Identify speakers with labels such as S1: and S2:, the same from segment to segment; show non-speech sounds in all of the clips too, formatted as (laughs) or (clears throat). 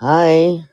S1: Hi.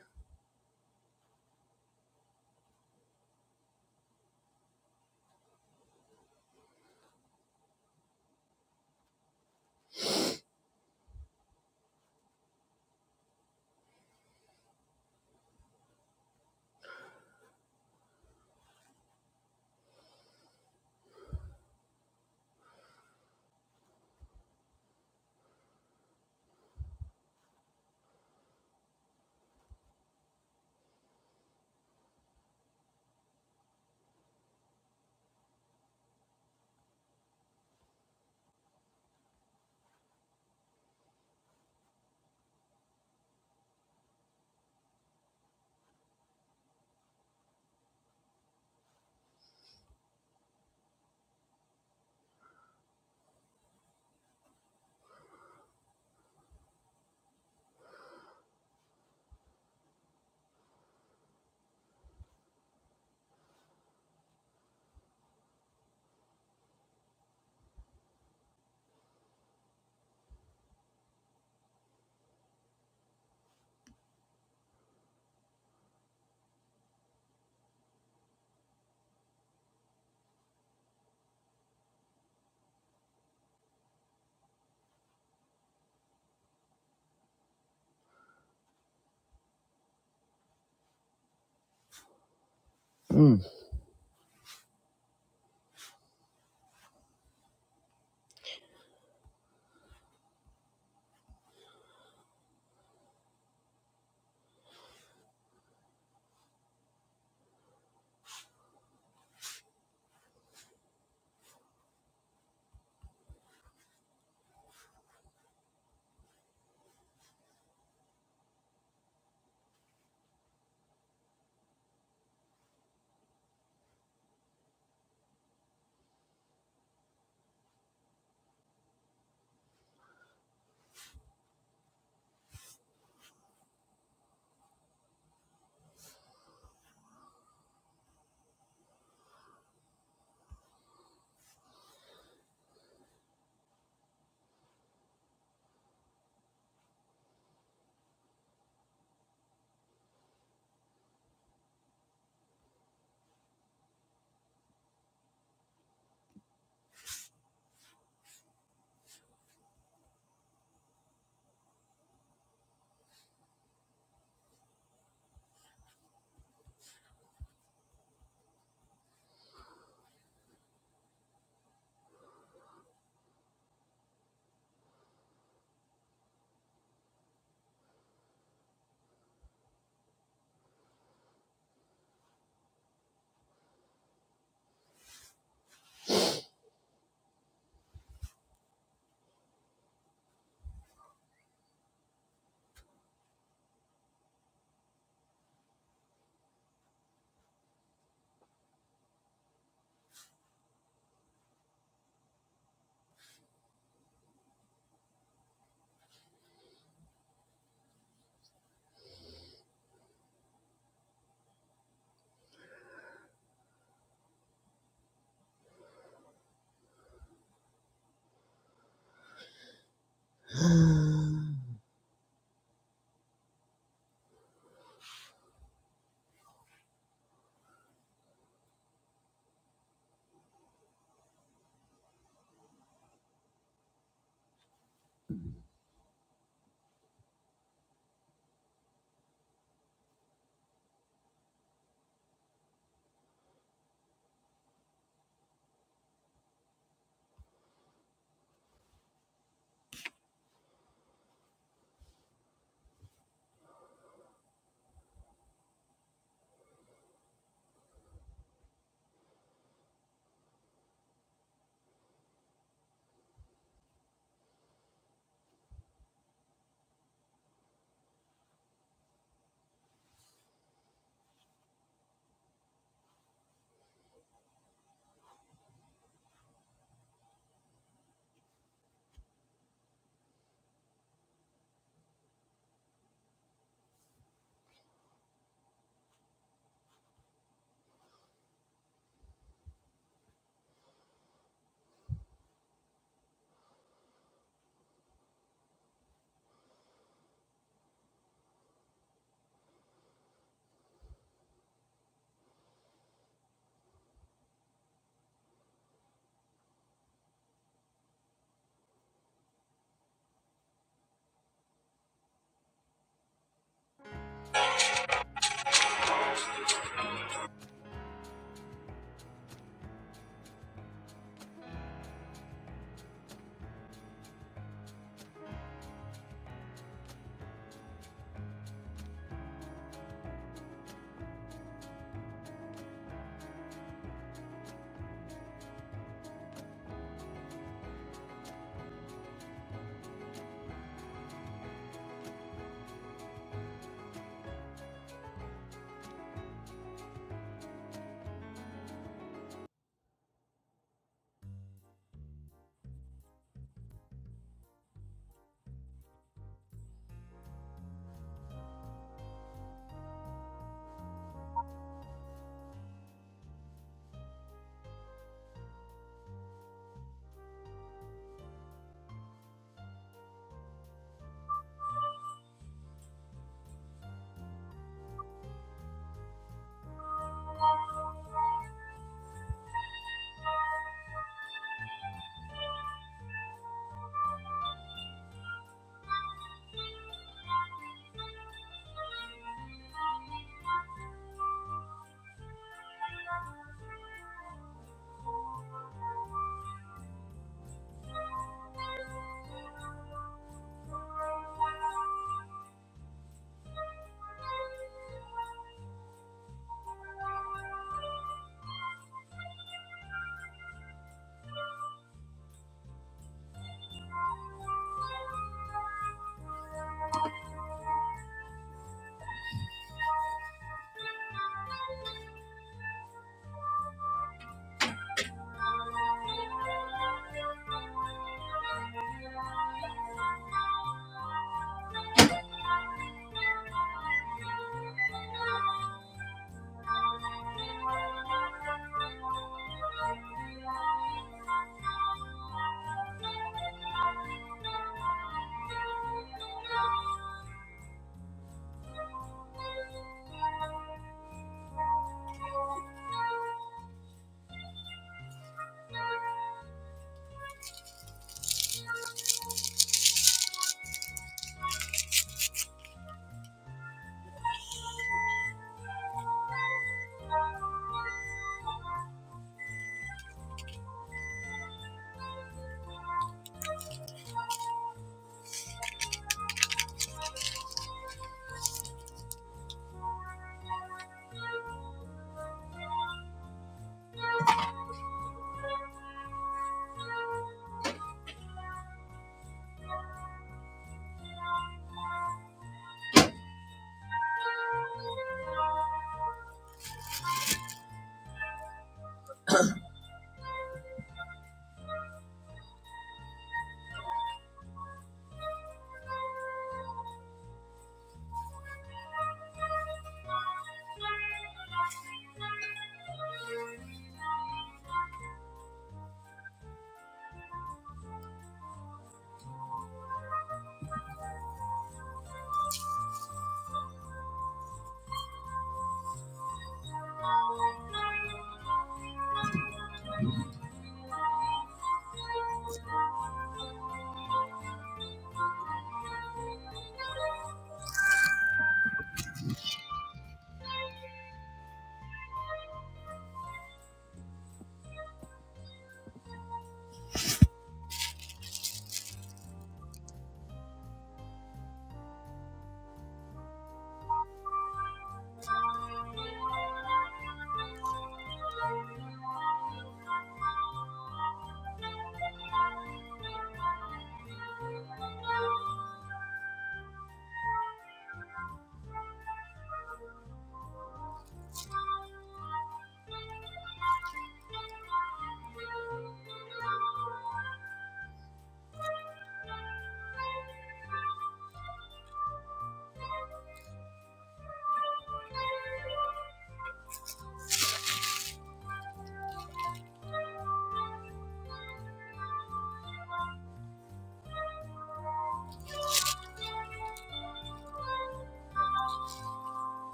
S1: Mm.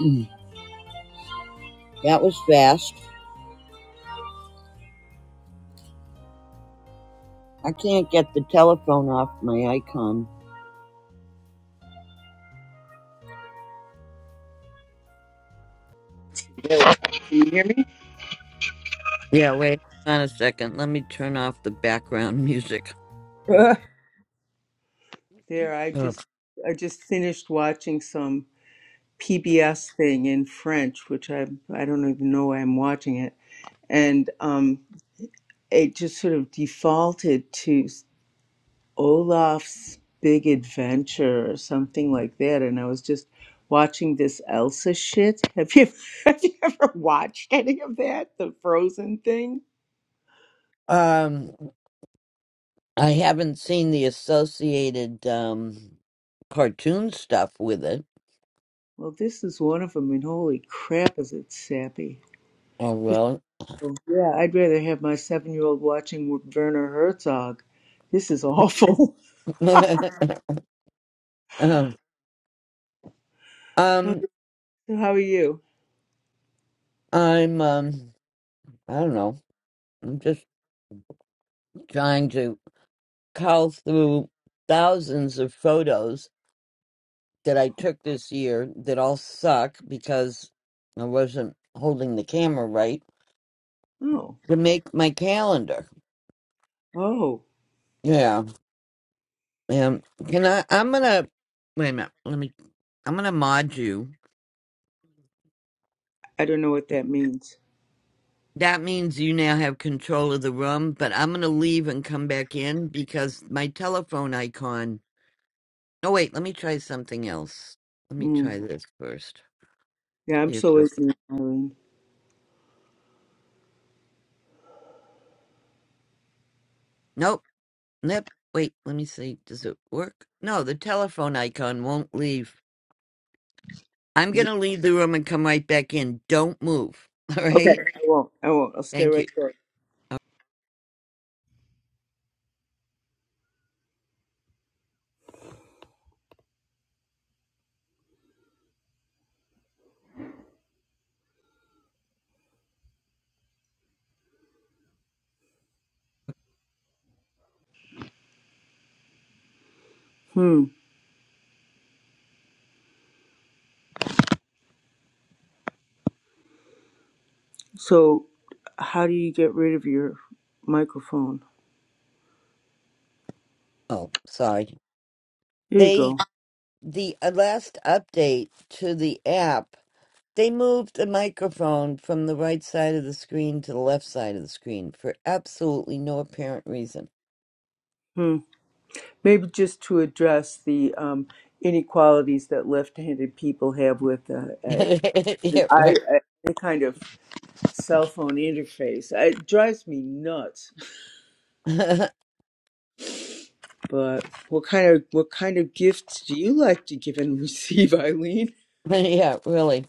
S1: Mm. That was fast. I can't get the telephone off my icon.
S2: Can you hear me? (laughs)
S1: Yeah, wait. On a second, let me turn off the background (laughs) music.
S2: Uh, There, I
S1: Ugh.
S2: just I just finished watching some PBS thing in French, which I I don't even know why I'm watching it, and um, it just sort of defaulted to Olaf's Big Adventure or something like that, and I was just watching this Elsa shit. Have you (laughs) have you ever watched any of that? The Frozen thing.
S1: Um, I haven't seen the associated um cartoon stuff with it.
S2: Well, this is one of them, and holy crap, is it sappy!
S1: Oh well.
S2: Yeah, I'd rather have my seven-year-old watching W- Werner Herzog. This is awful. (laughs)
S1: (laughs) um,
S2: Uh,
S1: um,
S2: so How are you?
S1: I'm um, I don't know. I'm just trying to cull through thousands of photos that I took this year that all suck because I wasn't holding the camera right
S2: Oh,
S1: to make my calendar.
S2: oh,
S1: Yeah. Um can I I'm gonna wait a minute, let me I'm gonna mod you.
S2: I don't know what that means.
S1: That means you now have control of the room, but I'm gonna leave and come back in because my telephone icon Oh wait, let me try something else. Let me
S2: Mm.
S1: try this first.
S2: Yeah, I'm
S1: See if
S2: so
S1: this
S2: ignorant, Irene.
S1: Nope. Nope. Wait, let me see. Does it work? No, the telephone icon won't leave. I'm
S2: Is
S1: going
S2: it,
S1: to leave the room and come right back in. Don't move. (laughs) All
S2: okay,
S1: right.
S2: I won't. I won't. I'll stay
S1: Thank you.
S2: right there. Hmm. So, how do you get rid of your microphone?
S1: Oh, sorry.
S2: There you
S1: They,
S2: go.
S1: the uh, last update to the app, they moved the microphone from the right side of the screen to the left side of the screen for absolutely no apparent reason.
S2: Hmm. Maybe just to address the um, inequalities that left-handed people have with uh,
S1: (laughs)
S2: uh,
S1: yeah,
S2: I,
S1: right.
S2: uh, any kind of cell phone interface. It drives me nuts. But what kind of what kind of gifts do you like to give and receive, (laughs) Eileen?
S1: (laughs) yeah, really.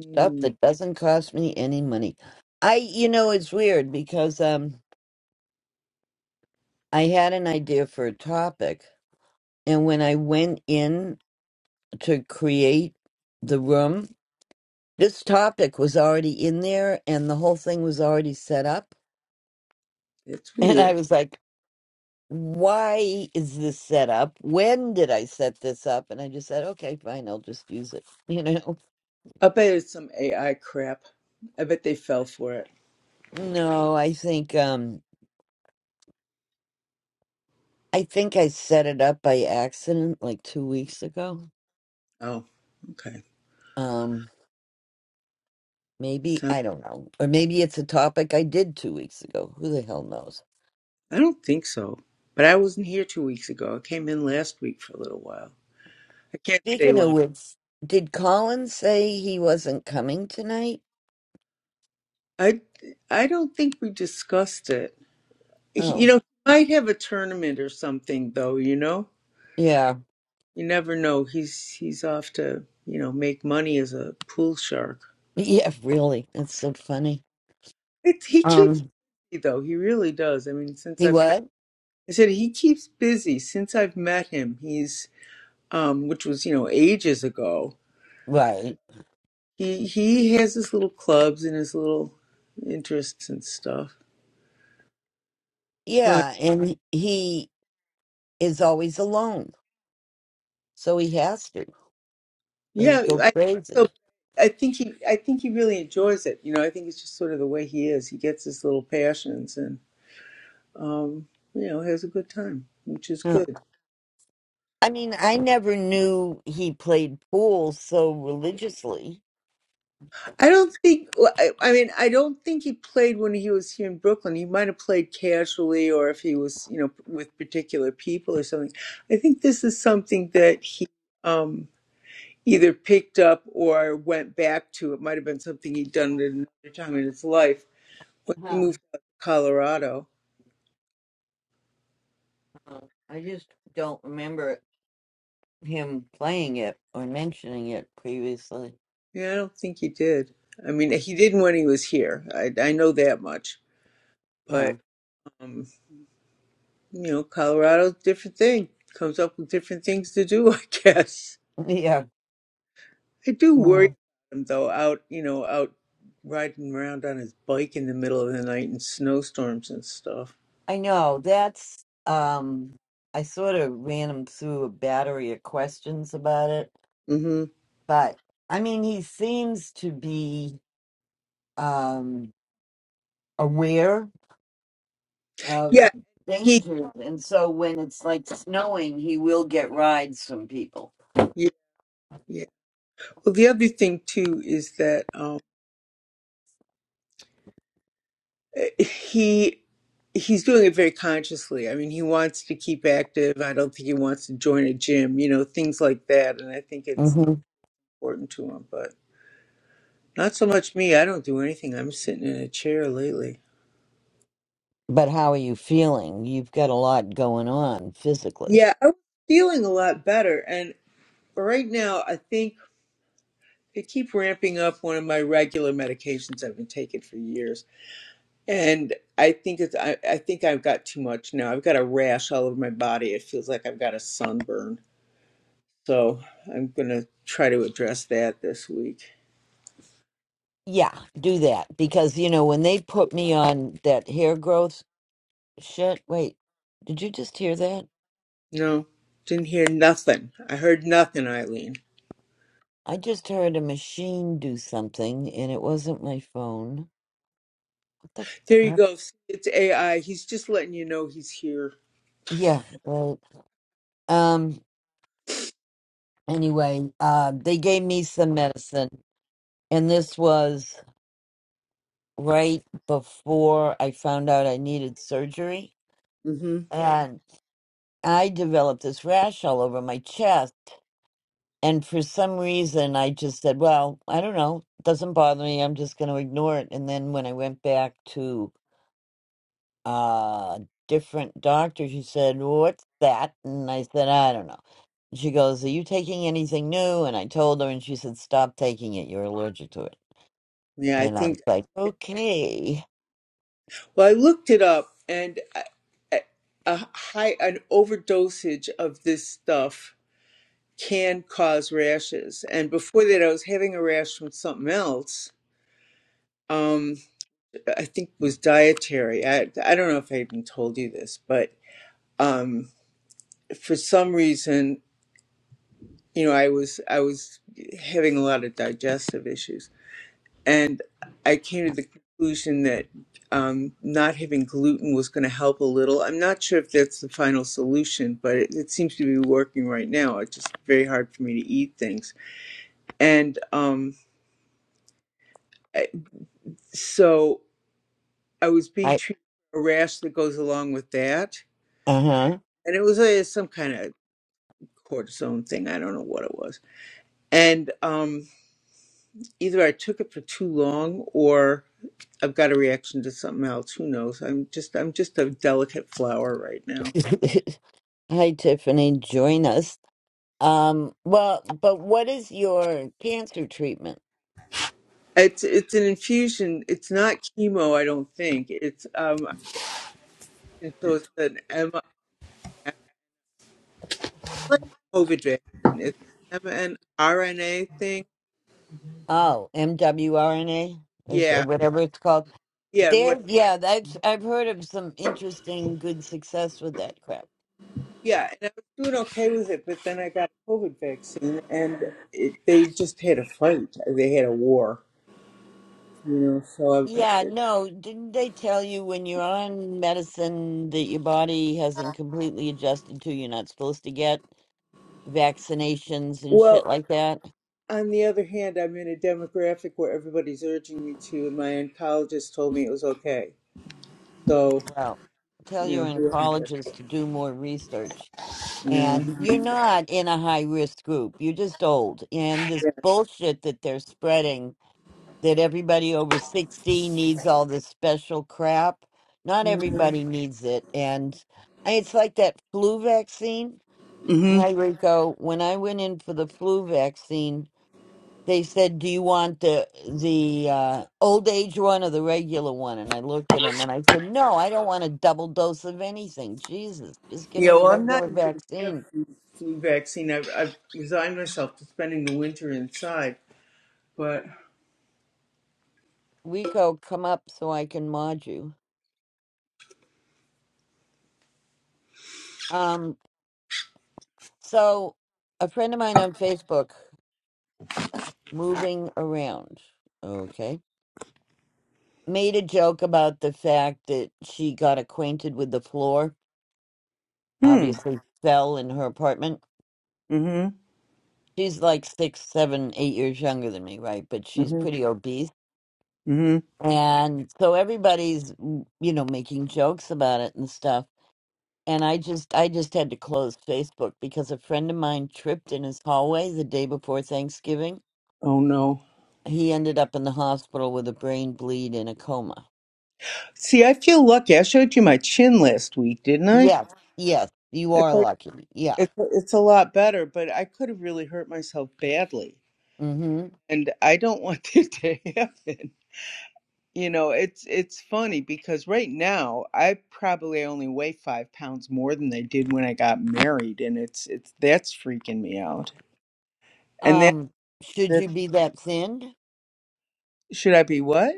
S1: Stuff
S2: Mm,
S1: that doesn't cost me any money. I, you know, it's weird because um, I had an idea for a topic, and when I went in to create the room. This topic was already in there and the whole thing was already set up. (laughs)
S2: it's
S1: And I
S2: weird.
S1: was like, why is this set up? When did I set this up? And I just said, okay, fine, I'll just use it. (laughs) You know?
S2: I bet it's some AI crap. I bet they fell for it.
S1: No, I think um I think I set it up by accident like 2 weeks ago.
S2: Oh, okay.
S1: Um maybe,
S2: So
S1: I don't know. Or maybe it's a topic I did 2 weeks ago. Who the hell knows?
S2: I don't think so. But I wasn't here two weeks ago. I came in last week for a little while. I can't stay
S1: Speaking of
S2: long.
S1: which, did Colin say he wasn't coming tonight?
S2: I I don't think we discussed it. You
S1: Oh,
S2: know, he might have a tournament or something though. You know.
S1: yeah.
S2: You never know. He's he's off to you know make money as a pool shark.
S1: Yeah, really. That's so funny.
S2: It, he keeps
S1: Um,
S2: busy though. He really does. I mean, since
S1: he
S2: I've met,
S1: what?
S2: I said he keeps busy. Since I've met him, he's um, which was you know ages ago.
S1: Right.
S2: He he has his little clubs and his little interests and stuff. But
S1: Yeah, and he is always alone. So he has to, or he'd
S2: yeah,
S1: go
S2: I so
S1: crazy.
S2: I think he I think he really enjoys it. You know, I think it's just sort of the way he is. He gets his little passions and um, you know has a good time, which is
S1: Huh.
S2: good.
S1: I mean, I never knew he played pool so religiously.
S2: I don't think. well, I I mean, I don't think he played when he was here in Brooklyn. He might have played casually, or if he was, you know, with particular people or something. I think this is something that he um, either picked up or went back to. It might have been something he'd done at another time in his life. Once he
S1: Huh.
S2: moved out to Colorado,
S1: Uh, I just don't remember him playing it or mentioning it previously.
S2: yeah, I don't think he did. I mean, he didn't when he was here. I I know that much.
S1: Huh.
S2: But um, you know, Colorado's a different thing. Comes up with different things to do, (laughs) I guess.
S1: Yeah.
S2: I do worry
S1: Mm.
S2: about him though, out, you know, out riding around on his bike in the middle of the night in snowstorms and stuff.
S1: I know that's um I sort of ran him through a battery of questions about it,
S2: hmm
S1: but I mean he seems to be um aware of
S2: Yeah, he,
S1: dangers and so when it's like snowing he will get rides from people.
S2: yeah, yeah. Well, the other thing too is that um, eh, he he's doing it very consciously. I mean, he wants to keep active. I don't think he wants to join a gym, you know, things like that. And I think it's
S1: hmm
S2: important to him, but not so much me. I don't do anything. I'm sitting in a chair lately.
S1: But how are you feeling? You've got a lot going on physically.
S2: Yeah, I was feeling a lot better, and right now I think. I keep ramping up one of my regular medications I've been taking for years, and I think it's I, I think I've got too much now. I've got a rash all over my body. It feels like I've got a sunburn. So I'm gonna try to address that this week.
S1: Yeah, do that because you know when they put me on that hair growth shit. Wait, did you just hear that?
S2: No, didn't hear nothing. I heard nothing, Eileen.
S1: I just heard a machine do something and it wasn't my phone. What
S2: There
S1: the
S2: you
S1: fuck?
S2: go. It's AI. He's just letting you know he's here.
S1: Yeah, right. Um anyway, uh they gave me some medicine and this was right before I found out I needed surgery
S2: hmm
S1: and I developed this rash all over my chest and for some reason I just said, well, I don't know, it doesn't bother me. I'm just going to ignore it and then when I went back to uh different doctor she said what's that and i said i don't know she goes are you taking anything new and i told her and she said stop taking it you're allergic to it
S2: Yeah, I
S1: and i was
S2: think.
S1: like okay
S2: Well, I looked it up, and I, I- a high an overdosage of this stuff can cause rashes. And before that, I was having a rash from something else. Um, I think it was dietary. I I don't know if I even told you this, but um, for some reason, you know, I was I was having a lot of digestive issues, and I came to the conclusion that um, not having gluten was going to help a little. I'm not sure if that's the final solution, but it, it seems to be working right now. It's just very hard for me to eat things, and um, So I was being
S1: i
S2: treated for a rash that goes along with that.
S1: uh-huh
S2: And it was uh, some kind of cortisone thing. I don't know what it was. And um, either I took it for too long or I've got a reaction to something else. Who knows? I'm just I'm just a delicate flower right now.
S1: (laughs) hi tiffany join us um well but what is your cancer treatment
S2: It's it's an infusion. It's not chemo, I don't think. It's um and so it's an M like COVID vaccine. It's M- N R N A thing.
S1: oh mwrna is or
S2: Yeah.
S1: whatever it's called
S2: Yeah. and
S1: there yeah that's i've heard of some interesting good success with that crap
S2: Yeah, and I was doing okay with it, but then I got a COVID vaccine, and it, they just had a fight. They had a war, you know. So,
S1: Yeah,
S2: I,
S1: no, didn't they tell you when you're on medicine that your body hasn't completely adjusted to, you're not supposed to get vaccinations and shit
S2: well,
S1: like that?
S2: on the other hand, I'm in a demographic where everybody's urging me to, and my oncologist told me it was okay. So,
S1: Well, tell
S2: you know,
S1: your
S2: who
S1: oncologists to do more research.
S2: am I?
S1: And you're not in a high risk group. You're just old. And this bullshit that they're spreading that everybody over 60 needs all this special crap, not
S2: yeah, yeah.
S1: everybody needs it. And it's like that flu vaccine.
S2: hmm
S1: Hi, Rico. When I went in for the flu vaccine, they said, "Do you want the the uh, old age one or the regular one?" And I looked at him and I said, "No, I don't want a double dose of anything. Jesus, just give
S2: Yeah,
S1: me the
S2: well, I'm not
S1: regular
S2: even going to get a
S1: vaccine."
S2: flu, flu vaccine. I've, I've resigned myself to spending the winter inside, but
S1: Rico, come up so I can mod you. Um, so a friend of mine on Facebook, moving around, okay, made a joke about the fact that she got acquainted with the floor.
S2: hmm,
S1: Obviously, fell in her apartment
S2: hmm,
S1: she's like six, seven, eight years younger than me, right? But she's
S2: hmm,
S1: pretty obese.
S2: hmm.
S1: And so everybody's, mm, you know, making jokes about it and stuff. And I just, I just had to close Facebook because a friend of mine tripped in his hallway the day before Thanksgiving.
S2: Oh no.
S1: He ended up in the hospital with a brain bleed and a coma.
S2: See, I feel lucky. I showed you my chin last week, didn't I?
S1: Yes, yes, you
S2: It's
S1: are
S2: like,
S1: lucky. Yeah.
S2: it's, it's a lot better, but I could have really hurt myself badly,
S1: Mm-hmm.
S2: and I don't want (laughs) that to happen. You know, it's it's funny because right now I probably only weigh five pounds more than I did when I got married, and it's it's that's freaking me out. And that,
S1: Um, should
S2: that
S1: you be that thin?
S2: should I be what?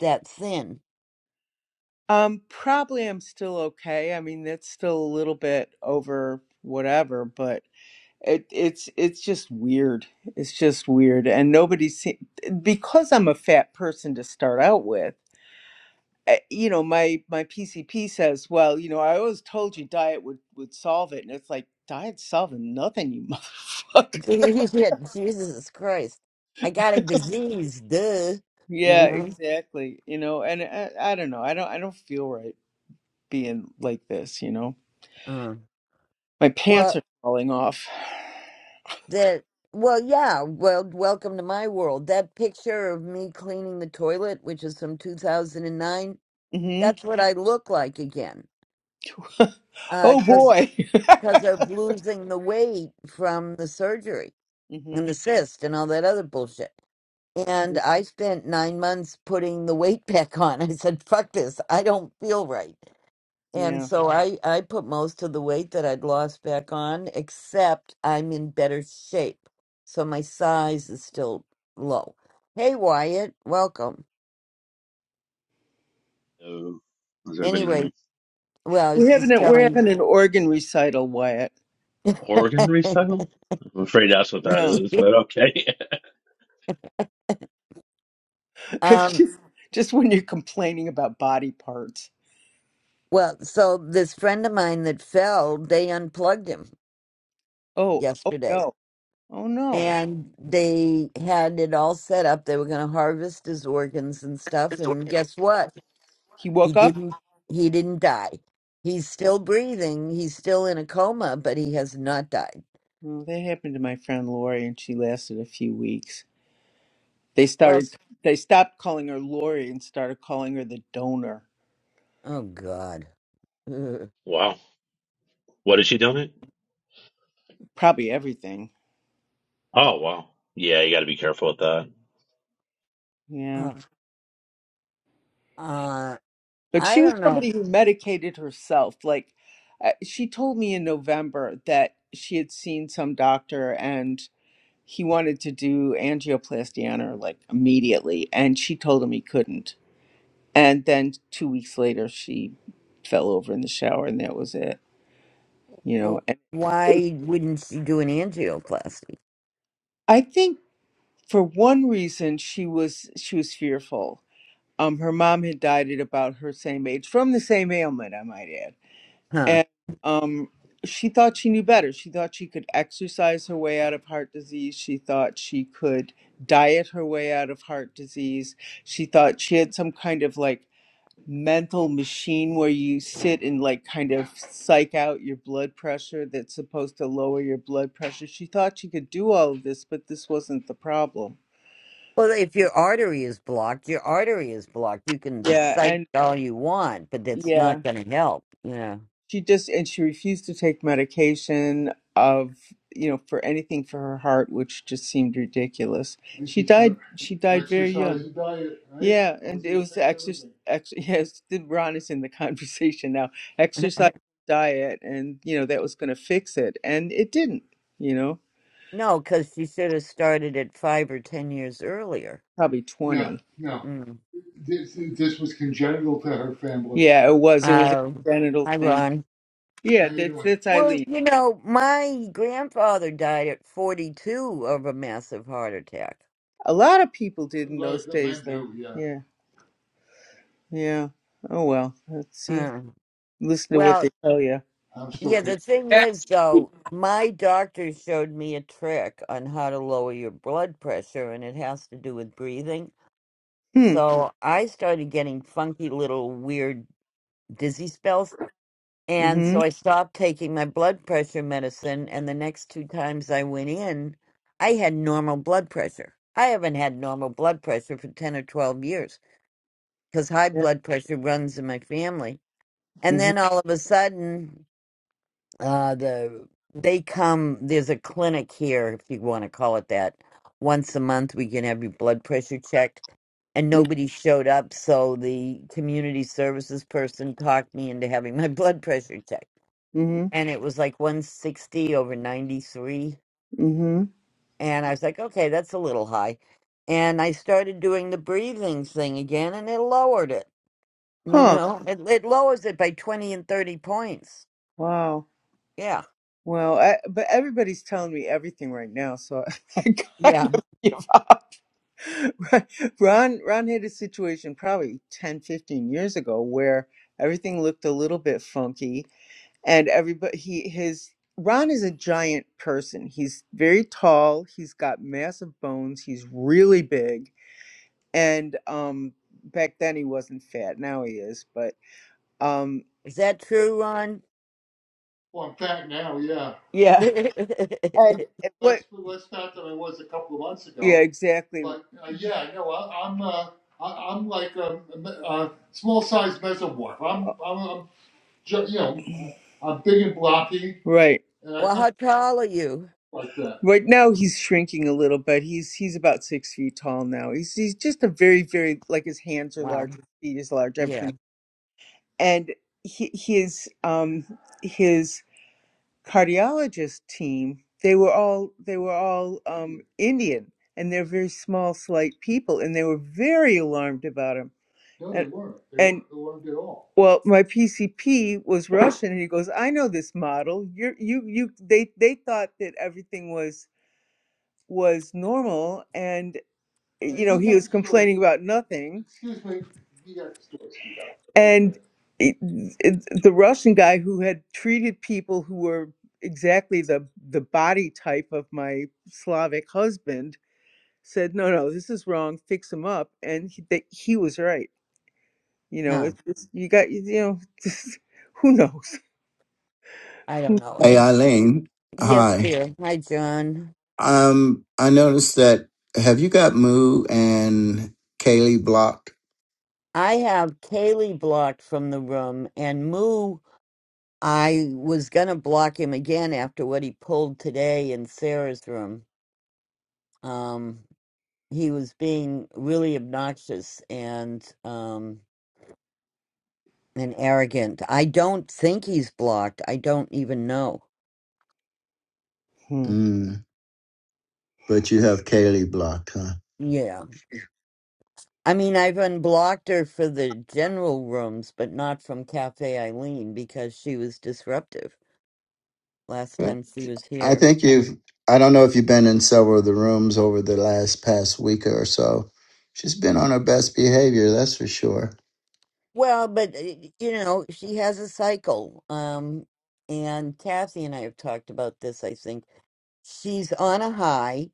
S1: That thin.
S2: Um, probably I'm still okay. I mean, that's still a little bit over whatever, but It, it's it's just weird. It's just weird, and nobody se- because I'm a fat person to start out with. eh, You know, my my PCP says, "Well, you know, I always told you diet would would solve it," and it's like diet's solving nothing, you (laughs) motherfucker.
S1: (laughs) yeah, Jesus Christ. I got a disease, duh. You
S2: Yeah,
S1: know?
S2: exactly. You know, and I, I don't know. I don't I don't feel right being like this. You know,
S1: Uh,
S2: my pants
S1: well,
S2: are falling off. (sighs)
S1: that, well, yeah, well, welcome to my world. That picture of me cleaning the toilet, which is from 2009,
S2: hmm
S1: that's what I look like again.
S2: (laughs)
S1: uh,
S2: Oh
S1: Because
S2: boy. (laughs)
S1: cause of losing the weight from the surgery
S2: hmm
S1: and the cyst and all that other bullshit. And I spent nine months putting the weight back on. (laughs) I said, fuck this. I don't feel right. And
S2: Yeah,
S1: so I, I put most of the weight that I'd lost back on, except I'm in better shape. So my size is still low. Hey, Wyatt, welcome.
S3: So, how's everybody doing?
S1: Anyway, well, I
S2: we're
S1: was
S2: having
S1: just
S2: a, we're
S1: telling.
S2: having an organ recital, Wyatt.
S1: (laughs)
S3: Oregon recycle? I'm afraid that's what that
S2: Yeah,
S3: is, but okay.
S2: (laughs) it's
S1: um,
S2: just just when you're complaining about body parts.
S1: well, so this friend of mine that fell, they unplugged him
S2: Oh, oh
S1: yesterday.
S2: no, oh no.
S1: And they had it all set up. They were going to harvest his organs and stuff. And guess what?
S2: He
S1: He
S2: woke up.
S1: didn't he didn't die. He's still breathing. He's still in a coma, but he has not died.
S2: Oh, that happened to my friend Lori, and she lasted a few weeks. They
S1: Well,
S2: started
S1: s-
S2: they stopped calling her Lori and started calling her the donor.
S1: oh god. Ugh.
S3: (laughs) wow. What did she donate?
S2: Probably everything.
S3: Oh, wow. Yeah, you got to be careful with that.
S2: Yeah,
S1: Uh, uh,
S2: but
S1: I
S2: she was
S1: don't know
S2: somebody who medicated herself. Like uh, she told me in November that she had seen some doctor and he wanted to do angioplasty on her like immediately and she told him he couldn't and then two weeks later she fell over in the shower and that was it you
S1: Oh,
S2: know and
S1: why wouldn't she do an angioplasty?
S2: i think for one reason she was she was fearful um her mom had died at about her same age from the same ailment i might add
S1: Huh?
S2: and um, she thought she knew better. She thought she could exercise her way out of heart disease. She thought she could diet her way out of heart disease. She thought she had some kind of like mental machine where you sit and like kind of psych out your blood pressure that's supposed to lower your blood pressure. She thought she could do all of this, but this wasn't the problem.
S1: Well, if your artery is blocked, your artery is blocked. You can
S2: Yeah,
S1: psych
S2: and
S1: all you want, but that's
S2: yeah,
S1: not going to help. Yeah.
S2: she just and she refused to take medication of you know for anything for her heart which just seemed ridiculous And she she died took she died very young exercise diet, right? yeah and Was it was exercise ex- (laughs) yes did ron is in the (laughs) conversation now
S1: (laughs)
S2: exercise diet and you know that was going to fix it and it didn't you know
S1: No, because she should have started it five or ten years earlier.
S2: probably 20 no, no.
S1: Mm.
S2: This, this was congenital to her family yeah it was it was a
S1: Um,
S2: congenital
S1: hi,
S2: thing
S1: Ron.
S2: yeah that's doing? that's
S1: Well,
S2: eileen
S1: you know, my grandfather died at 42 of a massive heart attack.
S2: a lot of people did in A lot of those people days though. do, yeah. yeah Yeah. Oh well. Let's see.
S1: Mm.
S2: Listen to what
S1: Well,
S2: they tell you. I'm still
S1: yeah,
S2: kicking.
S1: the thing is, though, my doctor showed me a trick on how to lower your blood pressure, and it has to do with breathing.
S2: Hmm. Yeah.
S1: So I started getting funky little weird dizzy spells. And
S2: Mm-hmm.
S1: so I stopped taking my blood pressure medicine, and the next two times I went in, I had normal blood pressure. I haven't had normal blood pressure for 10 or 12 years. because high
S2: Yeah.
S1: blood pressure runs in my family. And then
S2: Mm-hmm.
S1: all of a sudden, uh, the they come. There's a clinic here, if you want to call it that. Once a month, we can have your blood pressure checked, and nobody showed up. So the community services person talked me into having my (laughs) blood pressure checked,
S2: Mm-hmm.
S1: and it was like 160 over 93,
S2: Mm-hmm.
S1: and I was like, okay, that's a little high. And I started doing the breathing thing again, and it lowered it. You
S2: Huh.
S1: know, it, it lowers it by 20 and 30 points.
S2: Wow.
S1: Yeah.
S2: Well, I, but everybody's telling me everything right now, so (laughs) I
S1: Yeah.
S2: kind of give. Ron Ron had a situation probably 10, 15 years ago where everything looked a little bit funky, and everybody he his Ron is a giant person. He's very tall. He's got massive bones. He's really big and um back then he wasn't fat now he is but um
S1: Is that true, Ron?
S2: Well, I'm fat now, yeah.
S1: (laughs)
S2: yeah
S1: well,
S2: and and what Less, less fat than I was a couple of months yeah ago. exactly But uh, yeah, no, I, I'm uh, I, I'm like a, a small sized mesomorph. I'm I'm, I'm ju- you know I'm big and blocky, right and I come
S1: how tall are you?
S2: like that. right now he's shrinking a little bit he's he's about six feet tall now he's he's just a very very like his hands are
S1: Wow.
S2: large his feet is large everything
S1: Yeah.
S2: and he, his um his cardiologist team they were all they were all um indian and they're very small slight people and they were very alarmed about him No, they and weren't. They and weren't alarmed at all. well my pcp was russian and he goes i know this model you you you they they thought that everything was was normal and." you know, he was complaining about nothing. Excuse me. You got the story screwed up. And it, it, the Russian guy who had treated people who were exactly the the body type of my Slavic husband said, "No, no, this is wrong. Fix him up." And he, that he was right. You know,
S1: Huh.
S2: it's, it's you got you know, (laughs) who knows?
S1: I don't know.
S4: Hey,
S1: It's,
S4: Eileen.
S1: yes,
S4: Hi.
S1: dear. Hi, John.
S4: Um, I noticed that have you got Moo and Kaylee blocked?
S1: I have Kaylee blocked from the room, and Moo, I was going to block him again after what he pulled today in Sarah's room. Um, he was being really obnoxious, and um, and arrogant. I don't think he's blocked. I don't even know.
S2: Hmm.
S4: Mm, but you have Kaylee blocked, huh?
S1: Yeah. I mean, I've unblocked her for the general rooms, but not from Cafe Eileen because she was disruptive last
S4: Yeah.
S1: time she was
S4: I
S1: here.
S4: think
S1: I,
S4: you've, I don't know if you've been in several of the rooms over the last past week or so. She's been on her best behavior, that's for sure.
S1: well, but uh, you know, she has a cycle. Um and Kathy and I have talked about this, I think, she's on a high.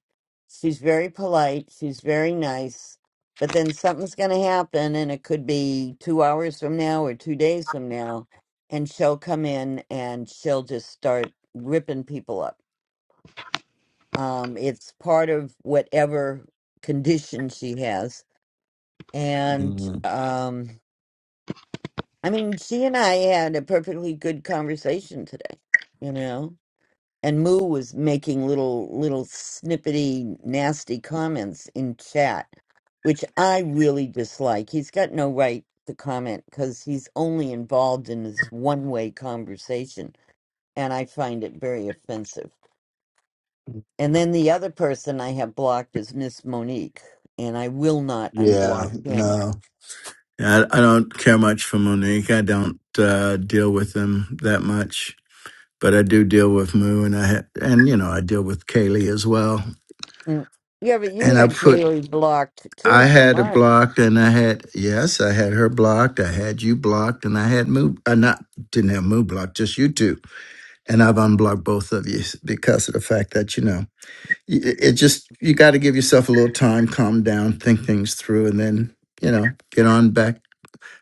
S1: She's very polite. She's very nice. But then something's going to happen, and it could be two hours from now or two days from now. And she'll come in and she'll just start ripping people up. Um, it's part of whatever condition she has. And
S4: Mm.
S1: um, I mean, she and I had a perfectly good conversation today, you know? and Moo was making little little snippety nasty comments in chat, which I really dislike. He's got no right to comment because he's only involved in this one way conversation, and I find it very offensive. And then the other person I have blocked is Miss Monique, and I will not
S4: Yeah,
S1: unblock him.
S4: no. Yeah, I, I don't care much for Monique. I don't uh, deal with them that much, but I do deal with Moo, and I ha- and you know I deal with Kaylee as well.
S1: Mm. Yeah, but you
S4: And I
S1: had
S4: put
S1: Gailey blocked too
S4: I
S1: from
S4: had her
S1: mine.
S4: blocked, and I had yes, I had her blocked. I had you blocked, and I had Moo. Uh, not didn't have Moo blocked, just you two. And I've unblocked both of you because of the fact that you know y- it it just you got to give yourself a little time, calm down, think things through, and then you know get on back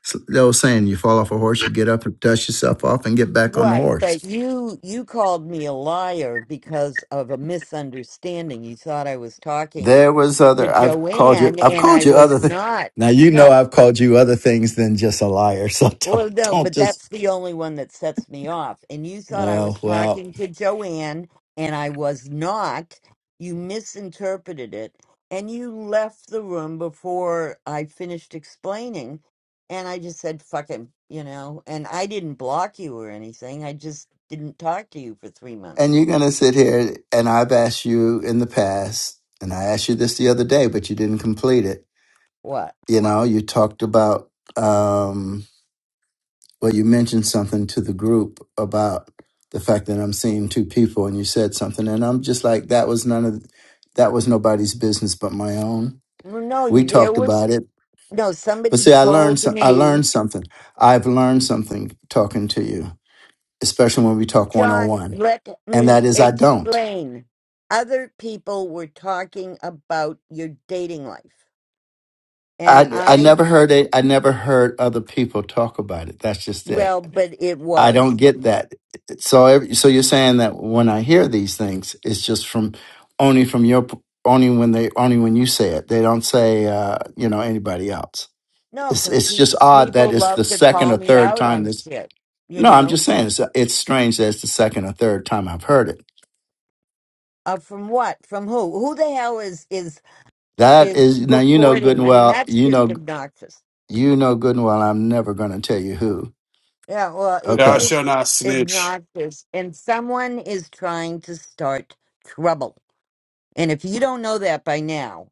S4: So the old saying, you fall off a horse, you get up and dust yourself off and get back on the
S1: Right, but
S4: horse.
S1: you you called me a liar because of a misunderstanding. You thought I was talking
S4: There was
S1: to
S4: other I've called you
S1: Joanne
S4: I've
S1: and
S4: called
S1: I
S4: you other
S1: was
S4: things.
S1: not.
S4: now you know
S1: No,
S4: I've called you other things than just a liar. So (laughs) don't
S1: well, no,
S4: don't
S1: but
S4: just
S1: that's the only one that sets me off. And you thought I
S4: oh
S1: was
S4: well.
S1: talking to Joanne, and I was not. You misinterpreted it, and you left the room before I finished explaining. And I just said, fuck him, you know? And I didn't block you or anything. I just didn't talk to you for three months.
S4: And you're gonna sit here and I've asked you in the past, and I asked you this the other day, but you didn't complete it.
S1: What?
S4: You know, you talked about um, Well, you mentioned something to the group about the fact that I'm seeing two people, and you said something, and I'm just like, that was none of that was nobody's business but my own.
S1: Well, no,
S4: We
S1: there
S4: talked
S1: was.
S4: about it,
S1: No,
S4: but
S1: somebody
S4: see, I learned
S1: told
S4: some, I
S1: me
S4: learned something. I've learned something talking to you, especially when we talk one on
S1: John,
S4: one,
S1: let
S4: and
S1: me
S4: that is I don't.
S1: explain. Other people were talking about your dating life. And
S4: I I
S1: I,
S4: never heard it. I never heard other people talk about it. That's just it.
S1: well, but it
S4: I don't
S1: was.
S4: get that. So, ev- so you're saying that when I hear these things, it's just from only from your p- only when they only when you say it. They don't say uh, you know anybody else.
S1: No,
S4: It's
S1: because
S4: it's
S1: pe-
S4: just odd
S1: people
S4: that it's the
S1: love to
S4: second
S1: call
S4: or
S1: me
S4: third
S1: out
S4: time
S1: on
S4: this.
S1: shit, you
S4: No, I'm
S1: know?
S4: just saying it's it's strange that it's the second or third time I've heard it.
S1: Uh, from what? From who? Who the hell is is
S4: That
S1: is
S4: is now you know good
S1: reporting?
S4: and
S1: I mean,
S4: well
S1: that's
S4: you
S1: just
S4: know
S1: obnoxious.
S4: you know good and well I'm never going to tell you who.
S1: Yeah, well, it's
S5: Thou
S4: Okay
S5: shall
S1: just
S5: not snitch.
S1: obnoxious. And someone is trying to start trouble. And if you don't know that by now,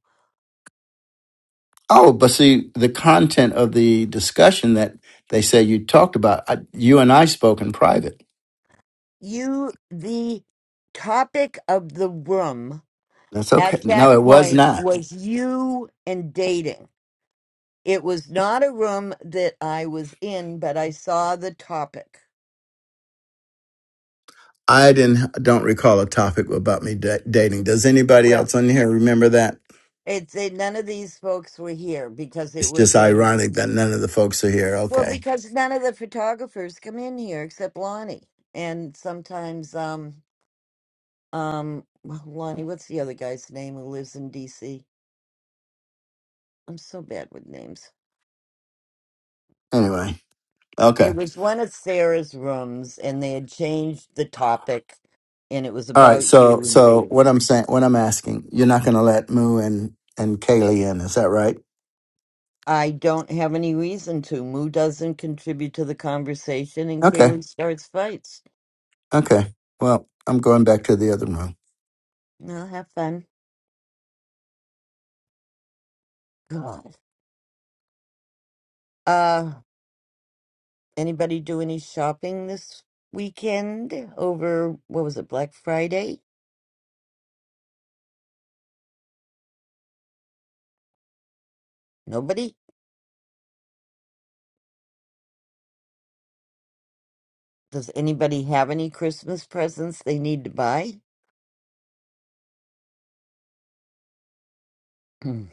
S4: Oh, but see, the content of the discussion that they say you talked about, I, you and I spoke in private.
S1: you the topic of the room
S4: That's
S1: at
S4: okay.
S1: that
S4: No, it was
S1: point
S4: not.
S1: was you and dating. It was not a room that I was in, but I saw the topic.
S4: I didn't. Don't recall a topic about me da- dating. Does anybody
S1: Well,
S4: else on here remember that?
S1: it's a, none of these folks were here because it
S4: It's just
S1: was a
S4: ironic that none of the folks are here.
S1: well
S4: Okay.
S1: because none of the photographers come in here except Lonnie and sometimes um um Lonnie what's the other guy's name who lives in DC? I'm so bad with names.
S4: Anyway.
S1: It
S4: Okay.
S1: was one of Sarah's rooms, and they had changed the topic, and it was
S4: All right.
S1: about
S4: So,
S1: you and
S4: so
S1: dating.
S4: what I'm saying, what I'm asking, you're not going to let Moo and and Kaylee in, is that right?
S1: I don't have any reason to. Moo doesn't contribute to the conversation, and
S4: Okay.
S1: Kaylee starts fights.
S4: Okay. Well, I'm going back to the other room.
S1: I'll have fun. God. Uh, anybody do any shopping this weekend over, what was it, Black Friday? Nobody? Does anybody have any Christmas presents they need to buy? (clears throat) Wait a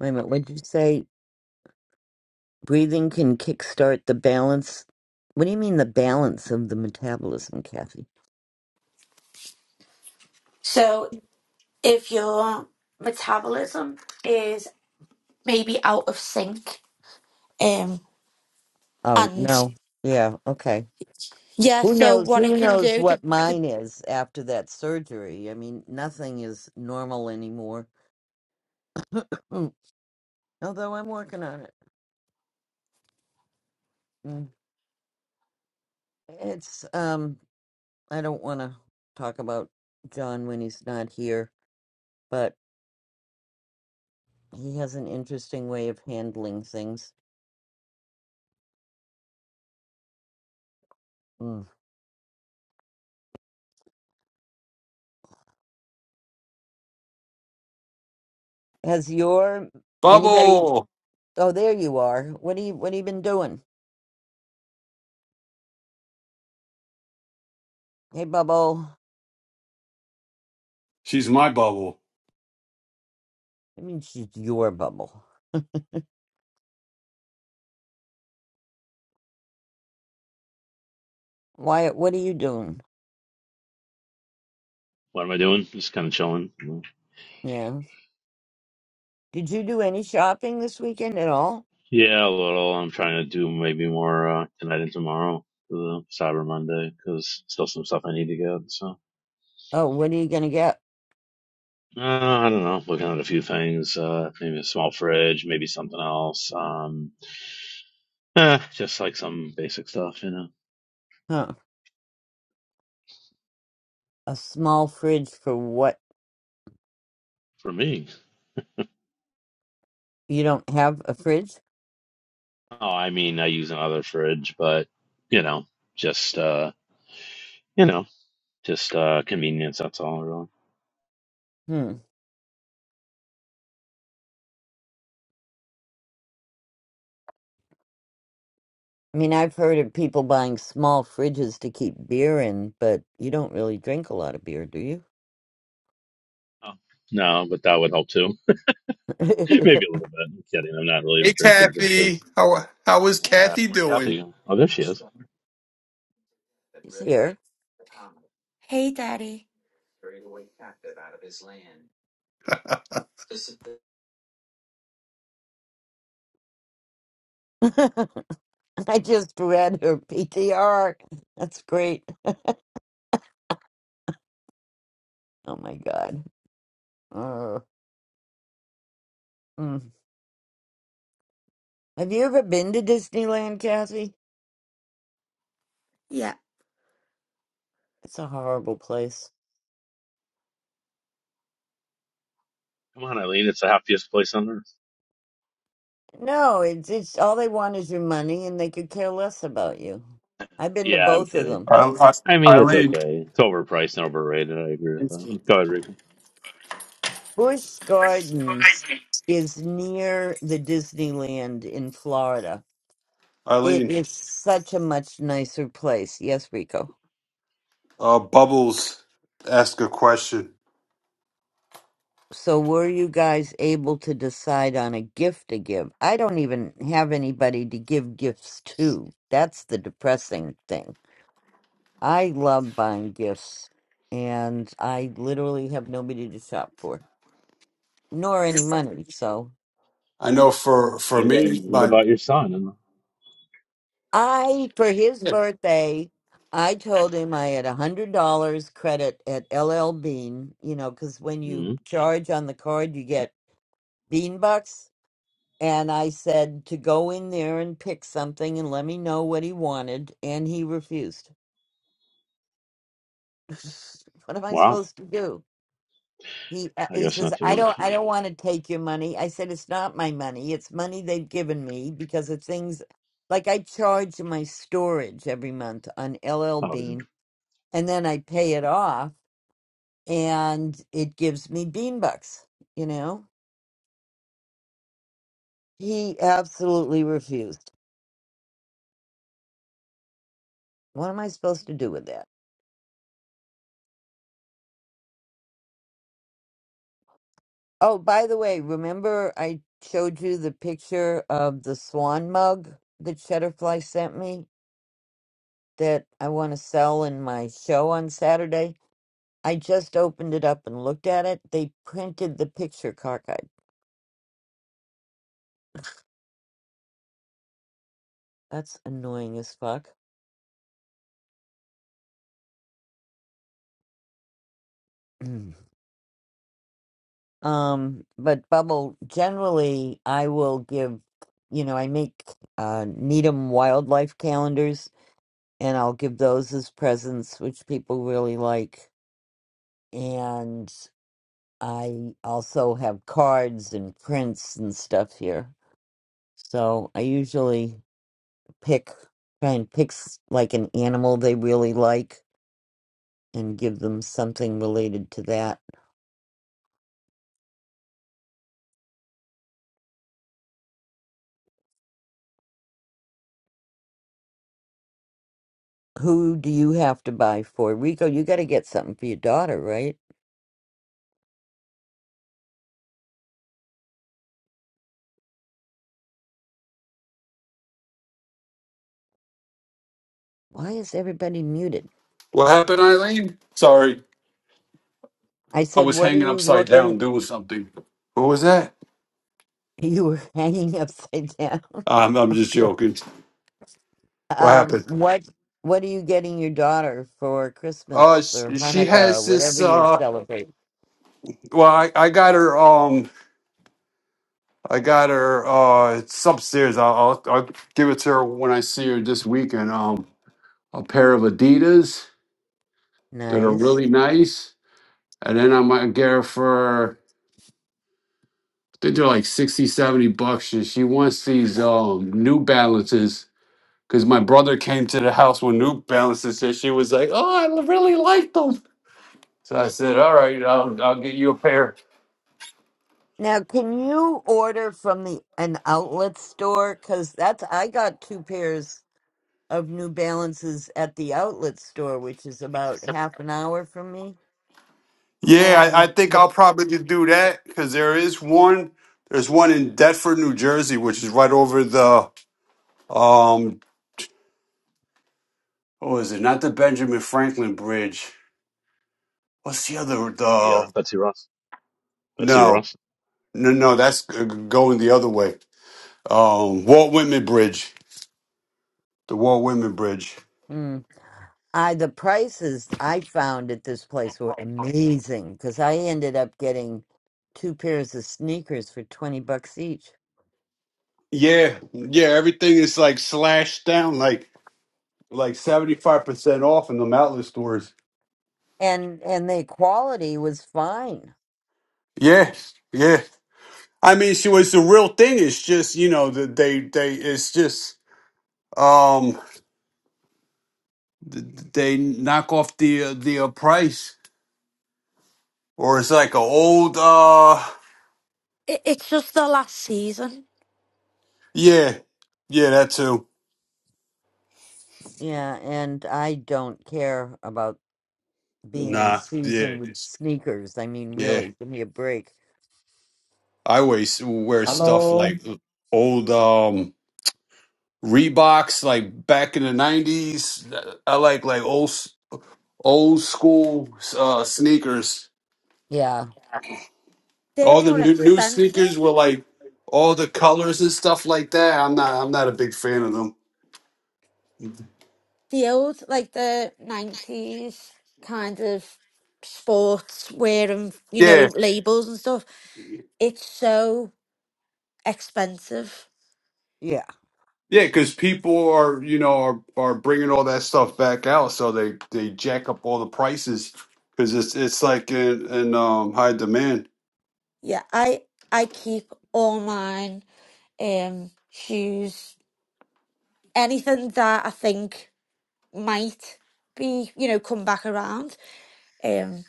S1: minute, what'd you say? Breathing can kickstart the balance. What do you mean the balance of the metabolism, Kathy?
S6: So if your metabolism is maybe out of sync, um,
S1: Oh,
S6: and
S1: no. Yeah, okay.
S6: yeah,
S1: Who
S6: so
S1: knows
S6: what
S1: who
S6: it can
S1: knows
S6: do, the
S1: what
S6: the
S1: mine is after that surgery? I mean, nothing is normal anymore. (clears throat) Mm, Although I'm working on it. Mm. It's um I don't want to talk about John when he's not here, but he has an interesting way of handling things. Mm. Has your anybody
S5: Bubble.
S1: Oh, there you are. What do you what have you been doing? Hey, Bubble.
S5: She's my bubble.
S1: I mean, she's your Bubble. Wyatt, what are you doing?
S3: What am I doing? Just kind of chilling.
S1: Yeah. Did you do any shopping this weekend at all?
S3: Yeah, a little. I'm trying to do maybe more uh, tonight and tomorrow for the Cyber Monday because still some stuff I need to get. So,
S1: Oh, what are you gonna get?
S3: uh, I don't know. Looking at a few things, uh, maybe a small fridge, maybe something else. Um, eh, just like some basic stuff, you know,
S1: Huh. A small fridge for what?
S3: for me.
S1: You don't have a fridge?
S3: Oh, I mean, I use another fridge, but you know, just uh, you know, just uh, convenience. That's all, really.
S1: Hmm. I mean, I've heard of people buying small fridges to keep beer in, but you don't really drink a lot of beer, do you?
S3: Oh. No, but that would help too.
S1: (laughs)
S3: (laughs) Maybe a little bit. I'm kidding. I'm not really a
S5: Hey,
S3: drink big drinker.
S5: Kathy. How how is
S3: Yeah,
S5: Kathy
S3: where
S5: doing?
S3: Kathy? go? Oh, there she is.
S1: She's here.
S6: hey daddy,
S5: I,
S1: (laughs) I just read her PTR. That's great. Oh my God. Uh, mm. Have you ever been to Disneyland, Kathy?
S6: yeah,
S1: It's a horrible place.
S3: Come on, Eileen. It's the happiest place on earth.
S1: No, it's it's all they want is your money, and they could care less about you. I've been to
S3: Yeah, I'm
S1: both of
S3: kidding.
S1: them.
S5: I,
S3: I mean, it's
S5: Eileen.
S3: okay. It's overpriced and overrated. I agree with that. Go ahead, Rico.
S1: Busch Gardens is near the Disneyland in Florida. It
S5: Eileen.
S1: is such a much nicer place. Yes, Rico.
S5: Uh, Bubbles, ask a question.
S1: So were you guys able to decide on a gift to give? I don't even have anybody to give gifts to. That's the depressing thing. I love buying gifts, and I literally have nobody to shop for, nor any money. So
S5: I know for for
S3: What about
S5: me,
S3: what
S5: my
S3: about your son? And
S1: I, for his birthday, I told him I had a hundred dollars credit at LL Bean. You know, because when
S3: hmm
S1: you charge on the card, you get bean bucks. And I said to go in there and pick something and let me know what he wanted, and he refused. (laughs) what am I
S3: wow,
S1: supposed to do? He uh,
S3: I
S1: he
S3: guess
S1: says,
S3: not too
S1: "I don't
S3: much.
S1: I
S3: huh?
S1: don't want to take your money." I said, "It's not my money. It's money they've given me because of things like I charge my storage every month on LL
S3: Oh, yeah.
S1: Bean, and then I pay it off, and it gives me bean bucks." You know, he absolutely refused. What am I supposed to do with that? Oh, by the way, remember I showed you the picture of the swan mug that Shutterfly sent me that I want to sell in my show on Saturday? I just opened it up and looked at it. They printed the picture cockeyed. That's annoying as fuck. Mm. um, but Bubble, generally, I will give, you know, I make uh, Needham wildlife calendars and I'll give those as presents, which people really like. And I also have cards and prints and stuff here. So I usually pick, try and pick s- like an animal they really like and give them something related to that. Who do you have to buy for? Rico, you got to get something for your daughter, right? Why is everybody muted?
S5: what happened, Eileen? Sorry,
S1: I
S5: I
S1: said,
S5: was
S1: what are
S5: hanging
S1: you
S5: upside
S1: looking?
S5: down doing something. What was that?
S1: You were (laughs) hanging upside down.
S5: I'm
S1: (laughs)
S5: I'm just
S1: Uncle.
S5: joking. What
S1: um,
S5: happened?
S1: what what are you getting your daughter for
S5: Uh,
S1: Christmas or
S5: she, she
S1: Hanukkah, or
S5: has this.
S1: whatever you
S5: Uh,
S1: celebrate?
S5: well, I, I got her. Um. I got her. Uh, it's upstairs. I'll, I'll I'll give it to her when I see her this weekend. Um, a pair of Adidas that are
S1: Nice.
S5: really nice, and then I might get her for. I think they're like 60, 70 bucks. She, she wants these um New Balances because my brother came to the house with New Balances and she was like, "Oh, I really like them." So I said, "All right, I'll I'll get you a pair."
S1: Now, can you order from the an outlet store? Cause that's I got two pairs of New Balances at the outlet store, which is about half an hour from me.
S5: Yeah, I, I
S1: And
S5: think
S1: the
S5: I'll probably just do that because there is one. There's one in Deptford, New Jersey, which is right over the um. What is it? Not the Benjamin Franklin Bridge. What's the other?
S3: The, uh,
S5: The
S3: Betsy Ross. Betsy
S5: no,
S3: Ross.
S5: no, no. That's uh, going the other way. Um, Walt Whitman Bridge. The Walt Whitman Bridge.
S1: mm, I the prices I found at this place were amazing because I ended up getting two pairs of sneakers for twenty bucks each,
S5: Yeah, yeah. Everything is like slashed down, like like seventy five percent off in the outlet stores.
S1: and and the quality was fine.
S5: Yeah, yeah. I mean, she was the real thing. It's just you know that they they it's just um th- they knock off the uh, the uh, price, or it's like a old uh
S6: it, it's just the last season.
S5: yeah yeah that too.
S1: Yeah, and I don't care about being in
S5: Nah, yeah
S1: season with
S5: it's-
S1: sneakers. I mean,
S5: yeah.
S1: really, give me a break.
S5: I always wear stuff
S7: Hello
S5: like old um Reeboks like back in the nineties. I like like old s- old school uh sneakers.
S1: Yeah,
S6: They're
S5: All the
S6: more
S5: new, new
S6: expensive.
S5: sneakers were like all the colors and stuff like that. I'm not I'm not a big fan of them.
S6: The old like the nineties kind of sports wear and you
S5: Yeah.
S6: know labels and stuff. It's so expensive.
S1: yeah.
S5: Yeah, because people are you know are, are bringing all that stuff back out, so they they jack up all the prices because it's it's like in, in um high demand.
S6: Yeah, I I keep all mine um shoes anything that I think might be, you know, come back around. Um,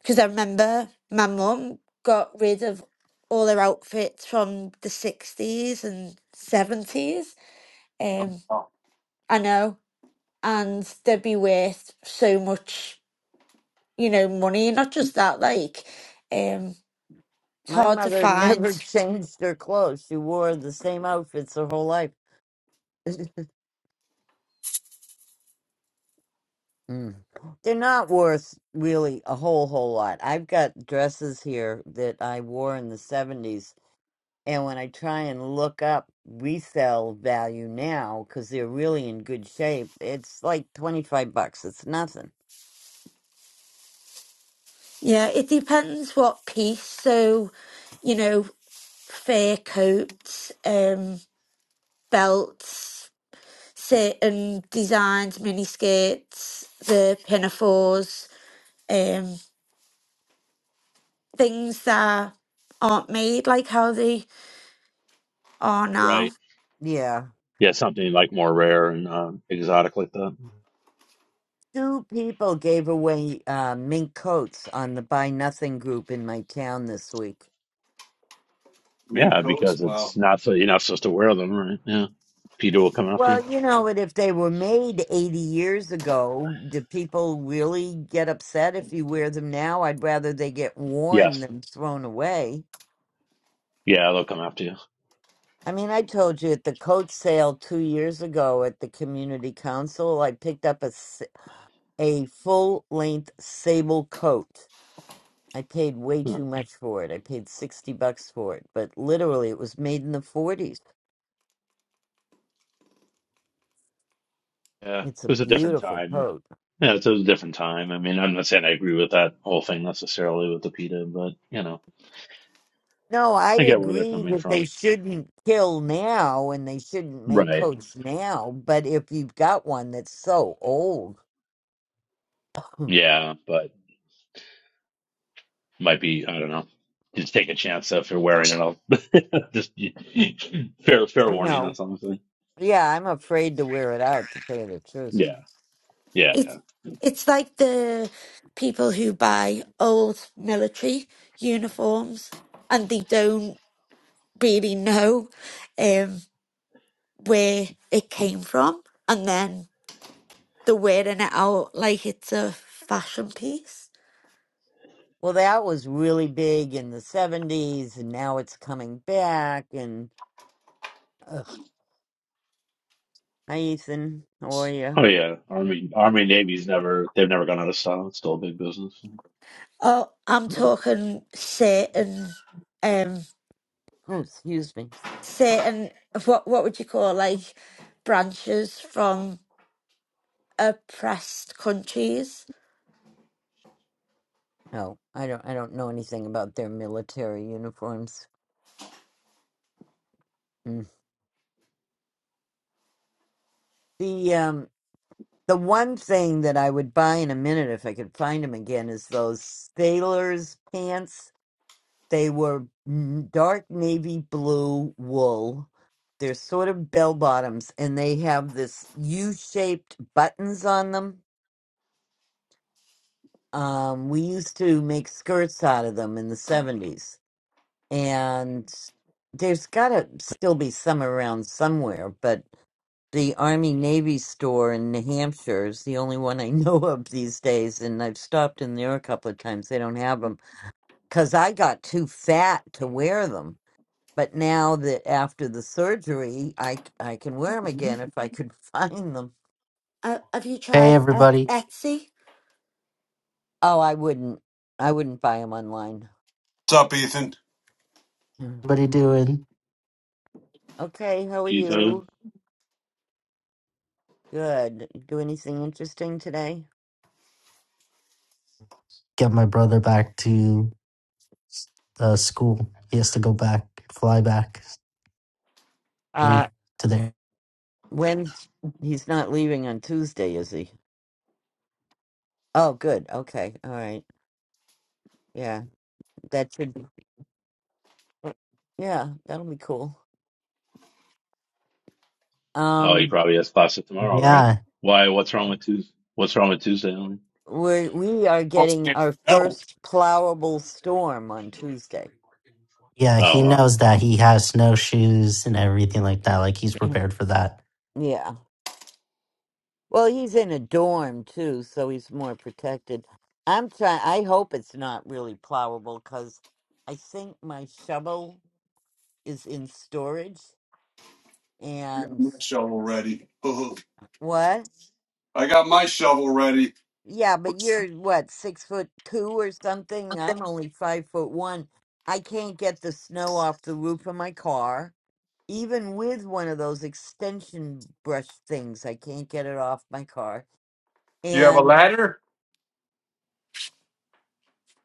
S6: because I remember my mum got rid of all her outfits from the sixties and seventies. Um, I know, and they'd be worth so much, you know, money. Not just that, like, um, it's
S1: My
S6: hard to
S1: mother never (laughs)
S6: find.
S1: changed her clothes. She wore the same outfits her whole life. (laughs) Mm. They're not worth really a whole whole lot. I've got dresses here that I wore in the 70s, and when I try and look up resale value now cuz they're really in good shape, it's like 25 bucks. It's nothing.
S6: Yeah, it depends what piece. So, you know, fur coats, um, belts. set and designs, mini skirts, the pinafores, um, things that aren't made like how they are
S3: Right.
S6: now.
S1: Yeah.
S3: yeah, something like more rare and um, exotic like that.
S1: Two people gave away uh, mink coats on the Buy Nothing group in my town this week.
S5: Mink
S3: Yeah,
S5: coats.
S3: because
S5: Wow.
S3: it's not so you're not supposed to wear them, right? Yeah, PETA will come after you.
S1: Well, you know, and if they were made 80 years ago, do people really get upset if you wear them now? I'd rather they get worn
S3: Yes,
S1: than thrown away.
S3: yeah, they'll come after you.
S1: I mean, I told you at the coat sale two years ago at the community council, I picked up a, s- a full length sable coat. I paid way
S3: Huh.
S1: too much for it. I paid 60 bucks for it, but literally it was made in the 40s.
S3: Yeah, it
S1: It's a
S3: was a different
S1: beautiful
S3: time.
S1: coat.
S3: Yeah, it's a different time. I mean, I'm not saying I agree with that whole thing necessarily with the PETA, but you know,
S1: No, I
S3: I get where they're
S1: agree
S3: coming
S1: that they
S3: from.
S1: shouldn't kill now and they shouldn't make
S3: Right.
S1: coats now, but if you've got one that's so old, (clears throat)
S3: Yeah, but might be I don't know. Just take a chance if you're wearing it. I'll (laughs) just fair fair
S1: I
S3: warning.
S1: know.
S3: That's all I'm saying.
S1: Yeah, I'm afraid to wear it out, to tell you the truth.
S3: Yeah. Yeah. yeah.
S6: It's it's like the people who buy old military uniforms and they don't really know um, where it came from, and then they're wearing it out like it's a fashion piece.
S1: Well, that was really big in the 70s, and now it's coming back. And ugh. hi, Ethan. How are you?
S3: Oh
S1: (laughs)
S3: yeah, Army, Army, Navy's never they've never gone out of style. It's still a big business.
S6: Oh, I'm
S1: (clears throat)
S6: talking certain. um.
S1: Oh, excuse me.
S6: certain of what what would you call like branches from oppressed countries.
S1: Oh, I don't. I don't know anything about their military uniforms. Mm. The um. The one thing that I would buy in a minute if I could find them again is those sailor's pants. They were n- dark navy blue wool. They're sort of bell bottoms and they have this U shaped buttons on them. Um, we used to make skirts out of them in the 70s. And there's got to still be some around somewhere, but the Army Navy store in New Hampshire is the only one I (laughs) know of these days, and I've stopped in there a couple of times. They don't have them because I got too fat to wear them. But now that after the surgery, I c- I can wear them again if I could (laughs) find them.
S6: Uh, have you
S8: Hey
S6: tried Et-
S8: everybody,
S6: Etsy?
S1: Oh, I wouldn't. I wouldn't buy them online.
S5: What's up, Ethan?
S1: Mm.
S8: everybody doing?
S1: Okay, how are
S3: Ethan,
S1: you? Good. Do anything interesting today?
S8: Get my brother back to uh, school. He has to go back, fly back, leave
S1: Uh,
S8: today.
S1: when he's not leaving on Tuesday, is he? Oh, good. Okay. All right. Yeah. That should be Well, Yeah, that'll be cool.
S3: oh, he
S1: Um,
S3: probably has classes tomorrow, right?
S8: Yeah,
S3: Why? What's wrong with Tuesday? What's wrong with Tuesday? Army?
S1: we we are
S5: What's
S1: getting
S5: up?
S1: our
S5: Oh,
S1: first plowable storm on Tuesday.
S8: yeah,
S3: Oh
S8: he
S3: wow,
S8: knows that he has snowshoes and everything like that. Like he's
S1: (clears throat)
S8: prepared for that.
S1: Yeah. Well, he's in a dorm too, so he's more protected. I'm trying. I hope it's not really plowable because I think my shovel is in storage.
S5: I got
S1: And
S5: my shovel ready. (laughs)
S1: what?
S5: I got my shovel ready.
S1: Yeah, but you're what six foot two or something. I'm only five foot one. I can't get the snow off the roof of my car even with one of those extension brush things. I can't get it off my car.
S5: You have a
S1: And
S5: ladder?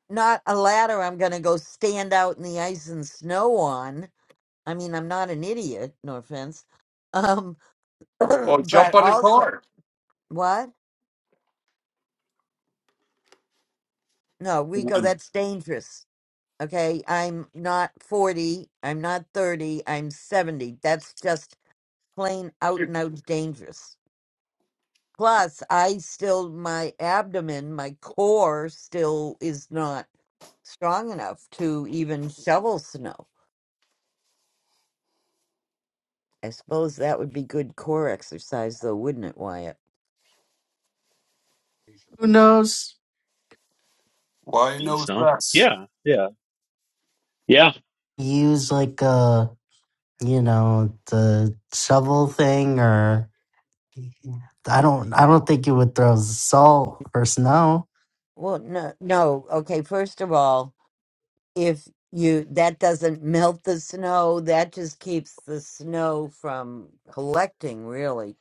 S1: not a ladder I'm going to go stand out in the ice and snow on. I mean, I'm not an idiot, no offense. Um, (clears throat)
S5: Well, jump
S1: but
S5: on the
S1: also,
S5: car.
S1: what? No, Rico,
S5: None.
S1: that's dangerous. Okay. I'm not 40. I'm not 30. I'm 70. That's just plain out and out dangerous. Plus, I still, my abdomen, my core still is not strong enough to even shovel snow. I suppose that would be good core exercise, though, wouldn't it, Wyatt?
S8: Who knows?
S5: Why
S3: holy
S5: no
S3: snow!
S5: stress?
S3: Yeah, yeah, yeah.
S8: Use like a you know the shovel thing or I don't I don't think you would throw salt or snow.
S1: Well, no, no. Okay, first of all, if you that doesn't melt the snow, that just keeps the snow from collecting, really.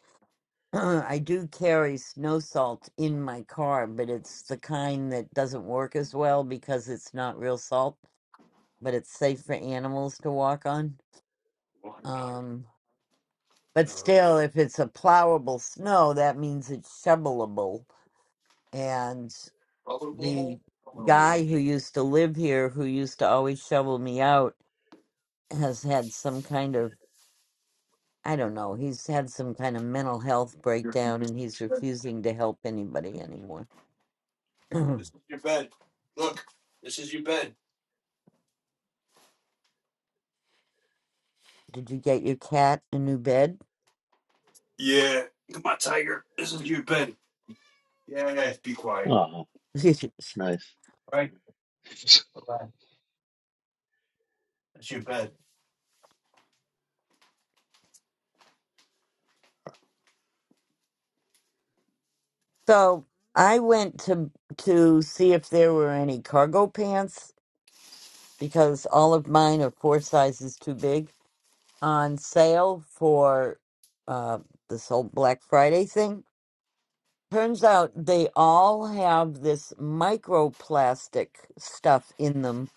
S1: (clears throat) I do carry snow salt in my car, but it's the kind that doesn't work as well because it's not real salt. but it's safe for animals to walk on. Um, but still, if it's a plowable snow, that means it's shovelable. And the guy who used to live here, who used to always shovel me out, has had some kind of, I don't know, he's had some kind of mental health breakdown and he's refusing to help anybody anymore. (clears throat) Did
S5: This is your bed.
S1: you get your cat a new bed?
S5: Yeah. Come on, Tiger. This is your bed. Yeah, yeah. Be quiet.
S3: Oh,
S1: (laughs)
S3: nice. (laughs)
S5: Relax. That's your bed.
S1: so I went to to see if there were any cargo pants because all of mine are four sizes too big on sale for uh, this whole Black Friday thing. Turns out they all have this microplastic stuff in them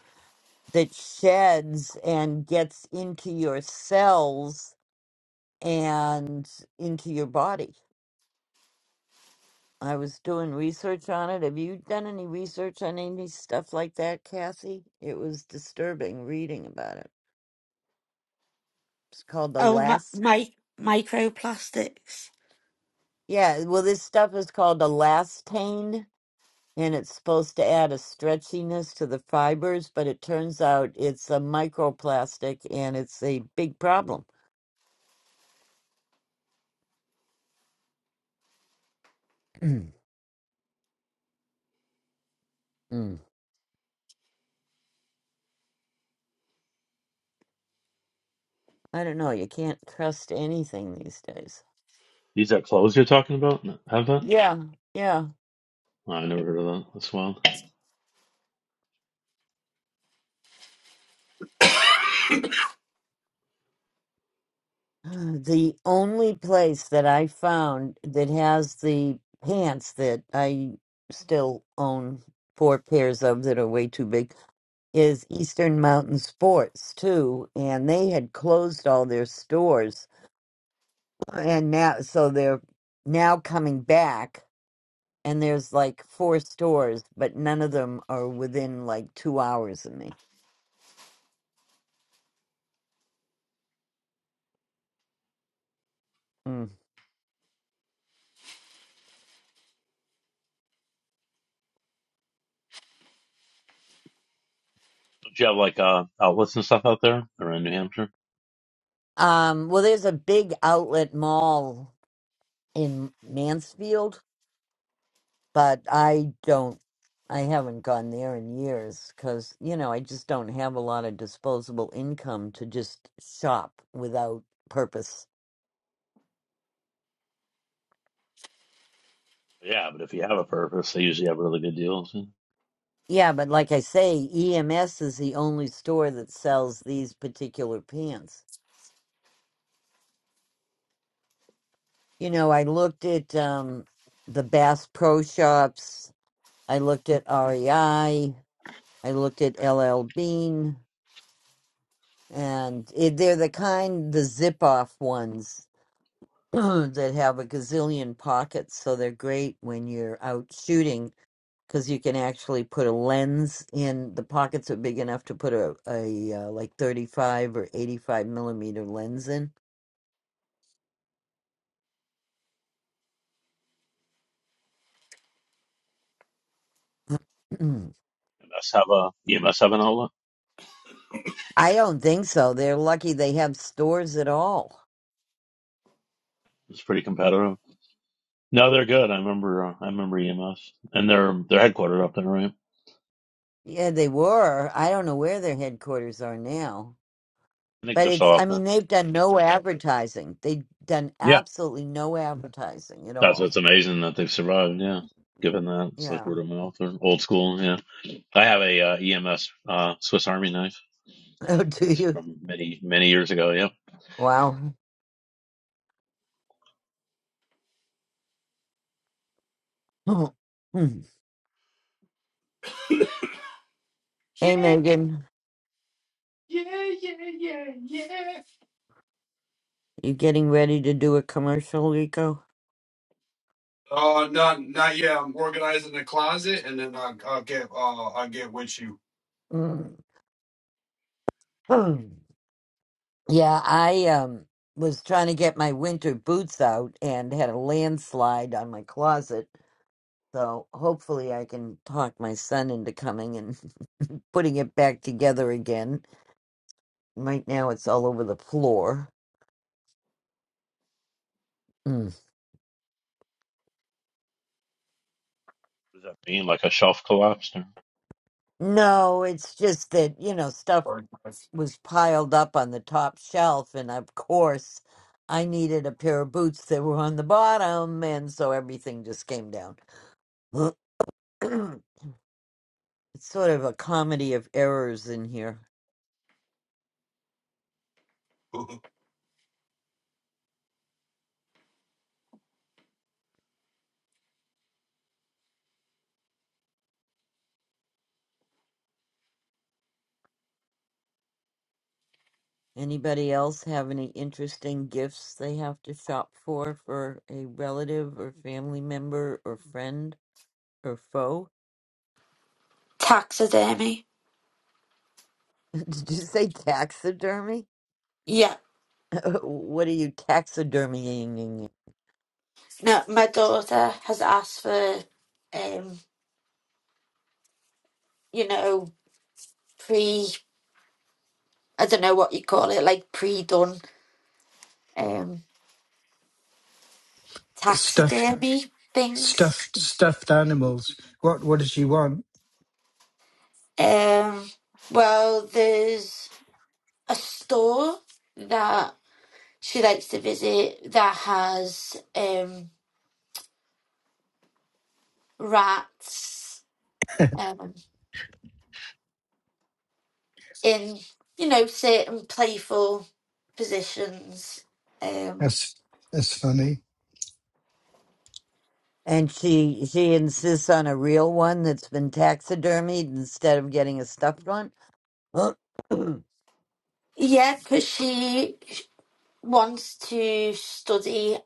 S1: that sheds and gets into your cells and into your body. I was doing research on it. Have you done any research on any stuff like that, Kathy? It was disturbing reading about it. It's called the
S6: Oh, my,
S1: last.
S6: my microplastics,
S1: Yeah, well, this stuff is called elastane, and it's supposed to add a stretchiness to the fibers, but it turns out it's a microplastic and it's a big problem. (clears throat) Mm. I don't know. You can't trust anything these days.
S3: These are clothes you're talking about? No, Have that?
S1: Yeah, yeah.
S3: Oh, I never heard of that. That's wild.
S1: (sighs) The only place that I found that has the pants that I still own four pairs of that are way too big is Eastern Mountain Sports too, and they had closed all their stores, and now so they're now coming back, and there's like four stores, but none of them are within like two hours of me. Mm.
S3: Do you have like uh, outlets and stuff out there around New Hampshire?
S1: Um, well, there's a big outlet mall in Mansfield, but I don't. I haven't gone there in years because, you know, I just don't have a lot of disposable income to just shop without purpose.
S3: Yeah, but if you have a purpose, they usually have really good deals. You
S1: Yeah, but like I say, EMS is the only store that sells these particular pants. You know, I looked at um the Bass Pro Shops, I looked at REI, I I looked at LL Bean, and it, they're the kind the zip off ones (clears throat) that have a gazillion pockets, so they're great when you're out shooting because you can actually put a lens in the pockets are big enough to put a, a uh, like 35 or 85 millimeter lens in (clears throat)
S3: must have a you must have an outlet.
S1: i don't think so they're lucky they have stores at all
S3: It's pretty competitive. No, they're good. I remember. Uh, I remember EMS, and they're they're headquartered up there, right?
S1: yeah they were i don't know where their headquarters are now
S3: I think
S1: but
S3: they're
S1: it's
S3: still
S1: i
S3: up there.
S1: mean they've done no advertising they've done
S3: Yeah,
S1: absolutely no advertising at
S3: that's
S1: all
S3: what's amazing that they've survived. Yeah, given that it's like
S1: yeah
S3: word of mouth or old school. Yeah, I have a uh, EMS uh, Swiss Army knife.
S1: (laughs) oh do
S3: It's
S1: you
S3: from many many years ago. Yeah.
S1: wow (laughs) (clears throat) hey megan you getting ready to do a commercial rico
S5: Uh, not not yet. I'm organizing the closet, and then I'll, I'll get uh, I'll get with you.
S1: (clears throat) yeah, I um was trying to get my winter boots out and had a landslide on my closet. So hopefully I can talk my son into coming and (laughs) putting it back together again. Right now it's all over the floor. Mm.
S3: What does that mean? Like a shelf collapsed? Or...
S1: No, it's just that, you know, stuff
S5: (laughs)
S1: was piled up on the top shelf and of course I needed a pair of boots that were on the bottom and so everything just came down. (clears throat) It's sort of a comedy of errors in here. Anybody else have any interesting gifts they have to shop for for a relative or family member or friend or foe?
S6: taxidermy.
S1: (laughs) Did you say taxidermy?
S6: Yeah,
S1: (laughs) what are you taxidermying?
S6: no, my daughter has asked for, um, you know, pre I don't know what you call it, like pre done um
S9: stuffed
S6: taxidermy things.
S9: stuffed stuffed animals. What what does she want?
S6: Um, well, there's a store that. she likes to visit that has um, rats um, in, you know, certain playful positions. Um,
S9: That's that's funny.
S1: And she she insists on a real one that's been taxidermied instead of getting a stuffed one. (clears throat)
S6: yeah, because she wants to study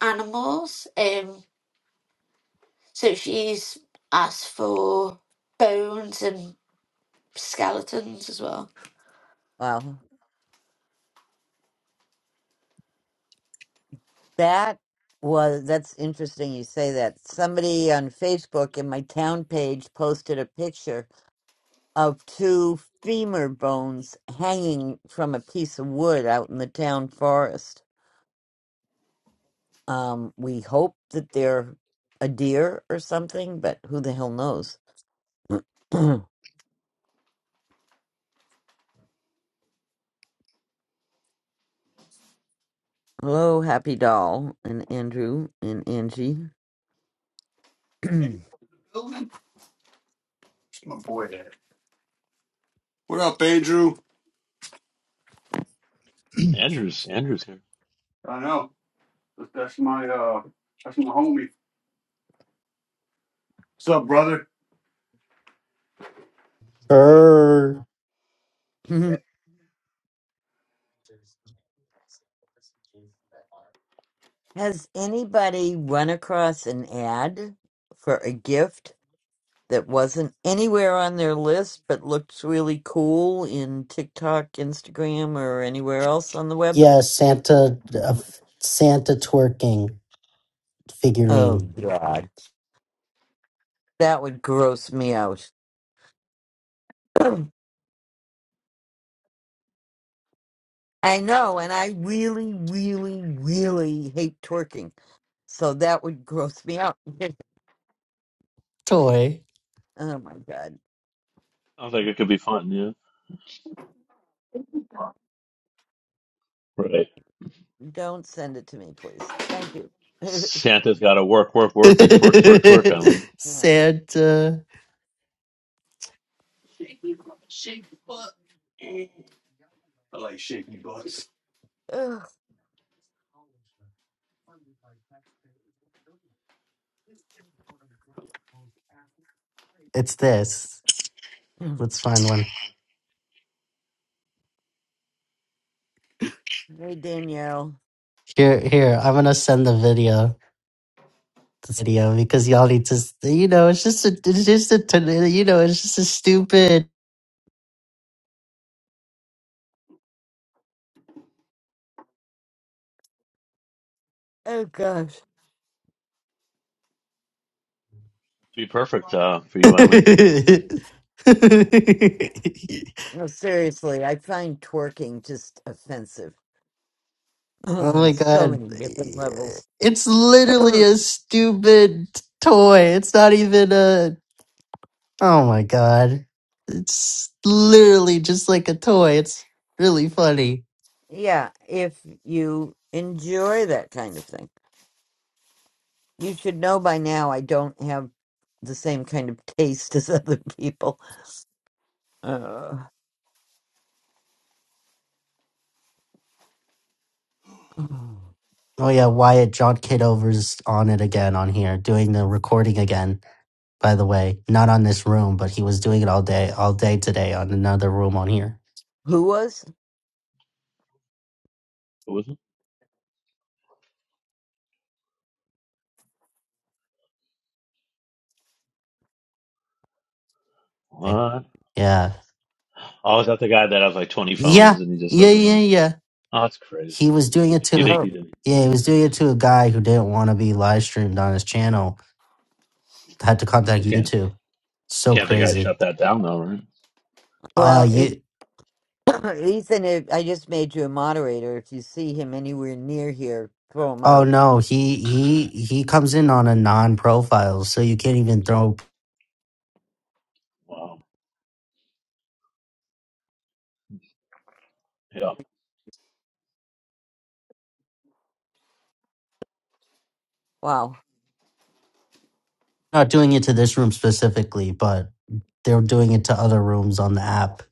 S6: animals. Um, so she's asked for bones and skeletons as well.
S1: wow, That was that's interesting you say that. Somebody on Facebook in my town page posted a picture of two femur bones hanging from a piece of wood out in the town forest. Um, we hope that they're a deer or something, but who the hell knows? (clears throat) Hello, Happy Doll and Andrew and Angie.
S5: Any building for that. What up, Andrew?
S3: Andrew's Andrew's here.
S5: I know. That- That's my uh, that's my homie. What's up, brother?
S8: Err.
S1: (clears throat) Has anybody run across an ad for a gift that wasn't anywhere on their list but looks really cool in TikTok, Instagram, or anywhere else on the web.
S8: Yeah, Santa, uh, Santa twerking
S1: Oh,
S8: figurine
S1: God. That would gross me out. (clears throat) I know, and I really, really, really hate twerking. So that would gross me out. (laughs)
S8: toy.
S1: oh, my God.
S3: Sounds like it could be fun, yeah. Right.
S1: Don't send it to me, please. Thank you. (laughs)
S3: Santa's gotta work, work, work, and twerk, twerk, twerk, Eileen.
S8: (laughs) Santa,
S5: I like shaky butts.
S1: Ugh.
S8: it's this. Let's find one.
S1: hey, Danielle.
S8: Here, here. I'm gonna send the video, the video, because y'all need to. s- You know, it's just a, it's just a, t- you know, it's just a stupid.
S1: Oh, gosh.
S3: Be perfect, uh, for you, Eileen.
S8: (laughs)
S1: No, seriously, I find twerking just offensive. (clears throat)
S8: Oh
S1: on
S8: my
S1: so
S8: god.
S1: many different levels.
S8: It's literally
S1: (clears throat)
S8: a stupid toy. It's not even a Oh my god. It's literally just like a toy. It's really funny.
S1: yeah, if you enjoy that kind of thing, you should know by now I don't have the same kind of taste (laughs) as other people. Uh, (clears throat) who
S8: Oh yeah, Wyatt John Kidover's on it again on here, doing the recording again, by the way. Not on this room, but he was doing it all day all day today on another room on here.
S1: was?
S3: What was it? What?
S8: Yeah.
S3: I was at the guy that has like twenty
S8: Yeah.
S3: phones and he just
S8: Yeah,
S3: does it
S8: yeah,
S3: on.
S8: yeah.
S3: Oh, that's
S8: he
S3: crazy.
S8: was doing it
S3: You
S8: to
S3: think
S1: Oh.
S3: he didn't
S8: yeah he was doing it to a guy who didn't want to be live streamed on his channel had to
S3: well
S8: contact
S3: can't
S8: youtube so
S3: can't the guy
S8: crazy
S3: shut that down though, right?
S8: uh
S1: Well, if
S8: you
S1: (clears throat) Ethan, if I just made you a moderator. If you see him anywhere near here, throw him
S8: oh
S1: out.
S8: no he he he comes in on a non-profile so you can't even throw
S3: Wow. Yeah.
S1: Wow.
S8: not doing it to this room specifically but they're doing it to other rooms on the app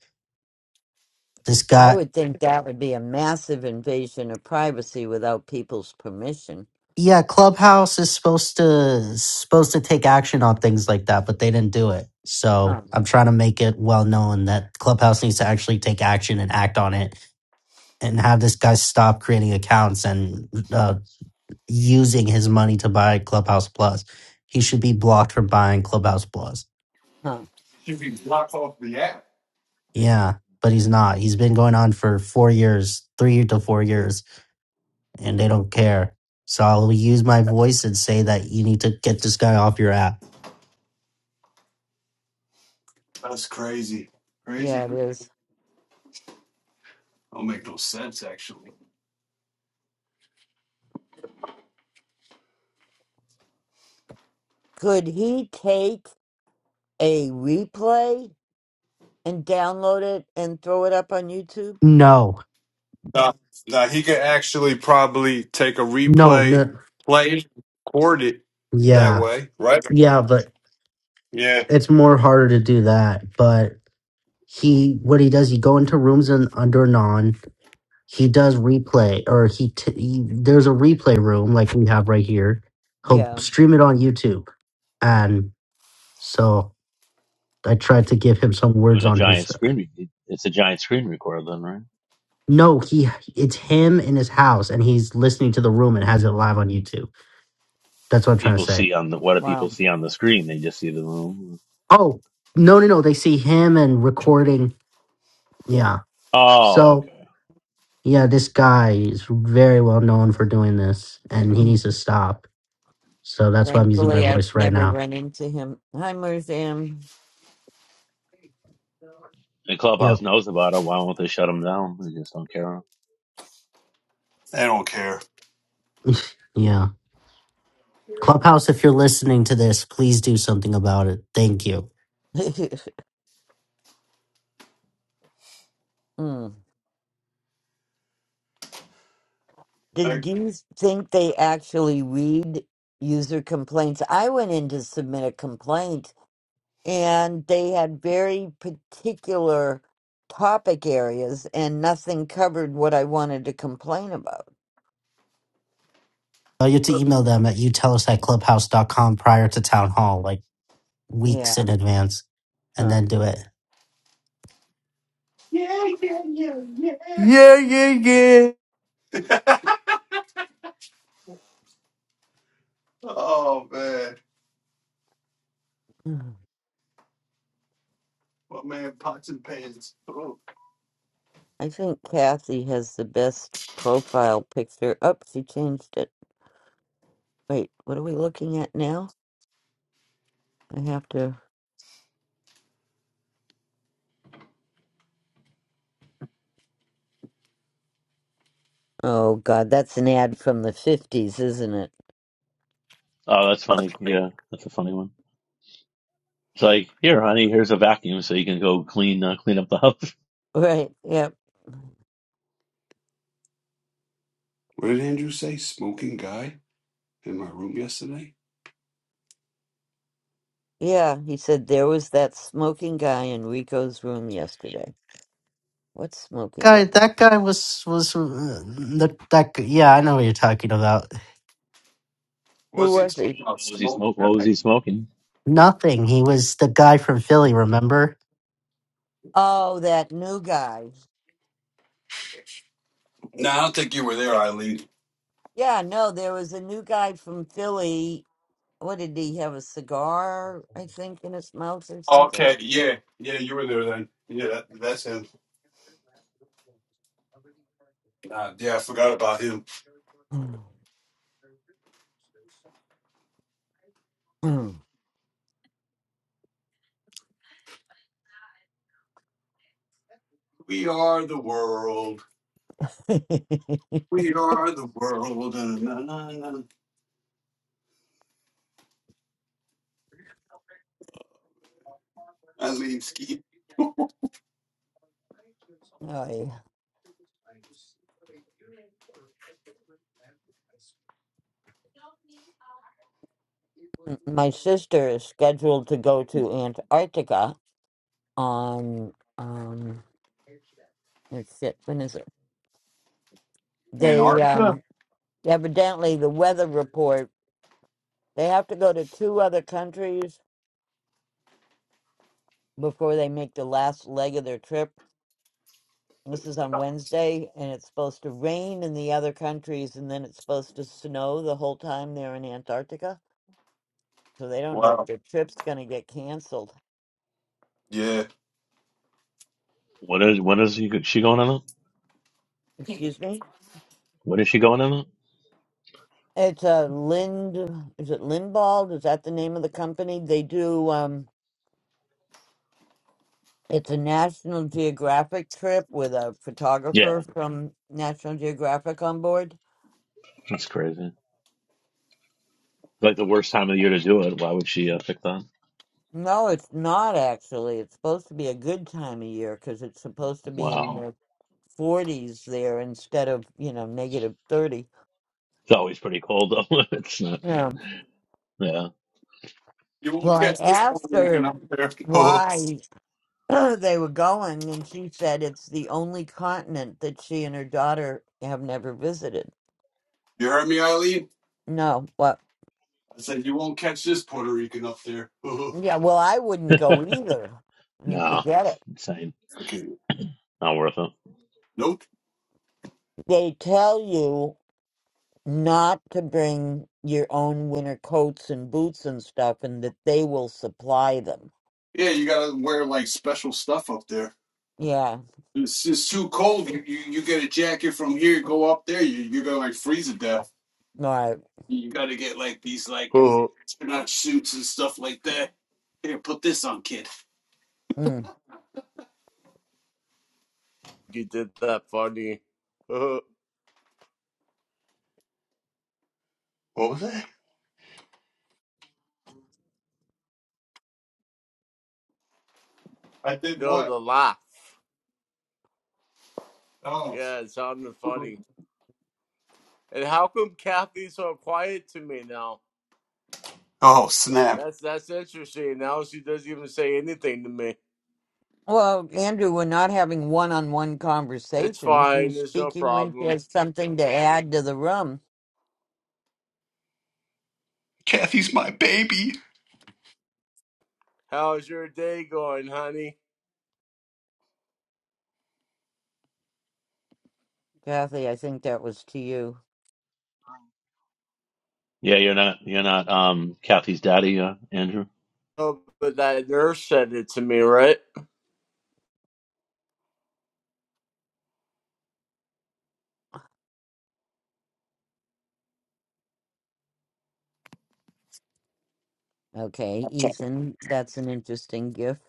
S8: this
S1: I
S8: guy
S1: would think that would be a massive invasion of privacy without people's permission.
S8: yeah, Clubhouse is supposed to supposed to take action on things like that, but they didn't do it.
S1: Huh.
S8: So I'm trying to make it well known that Clubhouse needs to actually take action and act on it, and have this guy stop creating accounts and uh, using his money to buy Clubhouse Plus. He should be blocked from buying Clubhouse Plus.
S1: Huh.
S5: You be blocked off the app.
S8: Yeah, but he's not. He's been going on for four years, three to four years, and they don't care. So I'll use my voice and say that you need to get this guy off your app.
S5: That's crazy. Crazy.
S1: Yeah, it is.
S5: Don't make no sense, actually.
S1: Could he take a replay and download it and throw it up on YouTube?
S8: No.
S5: Now, now he could actually probably take a
S8: No,
S5: replay,
S8: no,
S5: play, record it that
S8: yeah,
S5: way, right?
S8: yeah, but
S5: Yeah.
S8: it's more harder to do that. But he, what he does, he go into rooms and under non. He does replay, or he, t- he there's a replay room like we have right here. He'll
S1: Yeah.
S8: stream it on YouTube, and so I tried to give him some
S3: Doing
S8: words
S3: a
S8: on
S3: giant
S8: his.
S3: screen re- it's a giant screen recorder then, right?
S8: No, he, it's him in his house, and he's listening to the room and has it live on YouTube. That's what I'm trying to
S3: People
S8: say.
S3: see on the what do
S1: Wow.
S3: people see on the screen? They just see the room.
S8: Oh, no, no, no. They see him and recording. Yeah.
S3: Oh,
S8: So
S3: okay.
S8: yeah, this guy is very well known for doing this and he needs
S1: (clears throat)
S8: to stop. So that's why I'm using my
S1: Thankfully, I've
S8: voice right
S1: never
S8: now.
S1: run into him. Hi, Merzam.
S3: And Clubhouse
S8: Yep.
S3: knows about it. Why won't they shut them down? They just don't care.
S5: I don't care.
S8: Yeah. Clubhouse, if you're listening to this, please do something about it. Thank you.
S1: (laughs) mm. Did
S5: Like, (laughs)
S1: you think they actually read user complaints? I went in to submit a complaint, and they had very particular topic areas, and nothing covered what I wanted to complain about.
S8: Uh, you have to email them at you tell us at clubhouse.com prior to town hall, like weeks in
S1: Yeah.
S8: advance, and
S1: Huh.
S8: then do it.
S1: I think Kathy has the best profile picture. Up, she changed it. Wait, what are we looking at now? I have to. Oh God, that's an ad from the fifties, isn't it? (laughs)
S3: Oh, that's funny. Yeah, that's a funny one. It's like, here, honey, here's a vacuum so you can go clean uh, clean up the house. (laughs)
S1: Right. Yep.
S5: What did Andrew say? Smoking guy in my room yesterday?
S1: Yeah. He said there was that smoking guy in Rico's room yesterday. What smoking
S8: Guy,
S1: guy?
S8: that guy was, was, uh, that, that, g- yeah, I know what you're talking about.
S1: Who
S5: Was he
S1: was he?
S5: talking about?
S3: What was he
S5: Smoke
S3: smoke? What was
S5: guy.
S3: he smoking?
S8: Nothing. He was the guy from Philly, remember?
S1: Oh, that new guy.
S5: No, I don't think you were there, Eileen.
S1: Yeah. No, there was a new guy from Philly. What did he have? A cigar, I think, in his mouth or something.
S5: Okay. Yeah. Yeah, you were there then. Yeah, that, that's him. Nah, yeah, I forgot about him. We are the world.
S1: (clears throat) (laughs)
S5: We are the world. Na, na, na, na. Eileen Ski.
S1: Oh, yeah. My sister is scheduled to go to Antarctica on um let's when is it? They
S5: Antarctica.
S1: um evidently the weather report they have to go to two other countries before they make the last leg of their trip. This is on Wednesday and it's supposed to rain in the other countries and then it's supposed to snow the whole time they're in Antarctica. So they don't know
S5: Wow.
S1: if their trip's gonna get canceled.
S5: Yeah.
S3: What is what is he, she going on? it?
S1: Excuse me?
S3: What is she going on? it?
S1: It's a Lind. Is it Lindbald? Is that the name of the company? They do. Um, it's a National Geographic trip with a
S3: Yeah,
S1: photographer from National Geographic on board.
S3: that's crazy. Like the worst time of the year to do it. Why would she uh, pick that?
S1: No, it's not actually. It's supposed to be a good time of year because it's supposed to be in
S3: Wow,
S1: the 40s there instead of you know negative 30.
S3: it's always pretty cold though. (laughs) it's not.
S1: Yeah.
S3: Yeah,
S5: You
S1: Well,
S5: won't
S1: I
S5: catch this Puerto
S1: asked
S5: Rican
S1: her
S5: up there. (laughs)
S1: why (clears throat) they were going, and she said it's the only continent that she and her daughter have never visited.
S5: you heard me, Eileen?
S1: No, but
S5: I said you won't catch this Puerto Rican up there. (laughs)
S1: yeah, well, I wouldn't
S3: (laughs)
S1: go either. I mean,
S3: no,
S1: forget
S3: it's
S1: it.
S3: insane.
S5: okay.
S3: Not worth it.
S5: Nope.
S1: They tell you not to bring your own winter coats and boots and stuff, and that they will supply them.
S5: Yeah, you gotta wear like special stuff up there.
S1: Yeah,
S5: It's, it's too cold. You, you you get a jacket from here, go up there, you you're gonna like freeze to death.
S1: right.
S5: You gotta get like these
S10: (laughs)
S5: like astronaut suits and stuff like that. Here, put this on, kid.
S1: Mm.
S10: you did that funny. (laughs) no,
S5: What was that? I did what?
S10: the laugh.
S5: Oh.
S10: Yeah, it sounded funny. And how come Kathy's so quiet to me now?
S5: Oh, snap.
S10: That's that's interesting. Now she doesn't even say anything to me.
S1: Well, Andrew, we're not having one-on-one
S10: It's
S1: conversations.
S10: fine.
S1: She's
S10: There's no
S1: speaking when she
S10: problem.
S1: has something to add to the room.
S5: Kathy's my baby.
S10: How's your day going, honey?
S1: Kathy, I think that was to you.
S3: Yeah, you're not. You're not. Um, Kathy's daddy, uh, Andrew.
S10: Oh, but that nurse said it to me, right?
S1: Okay, Ethan, that's an interesting gift.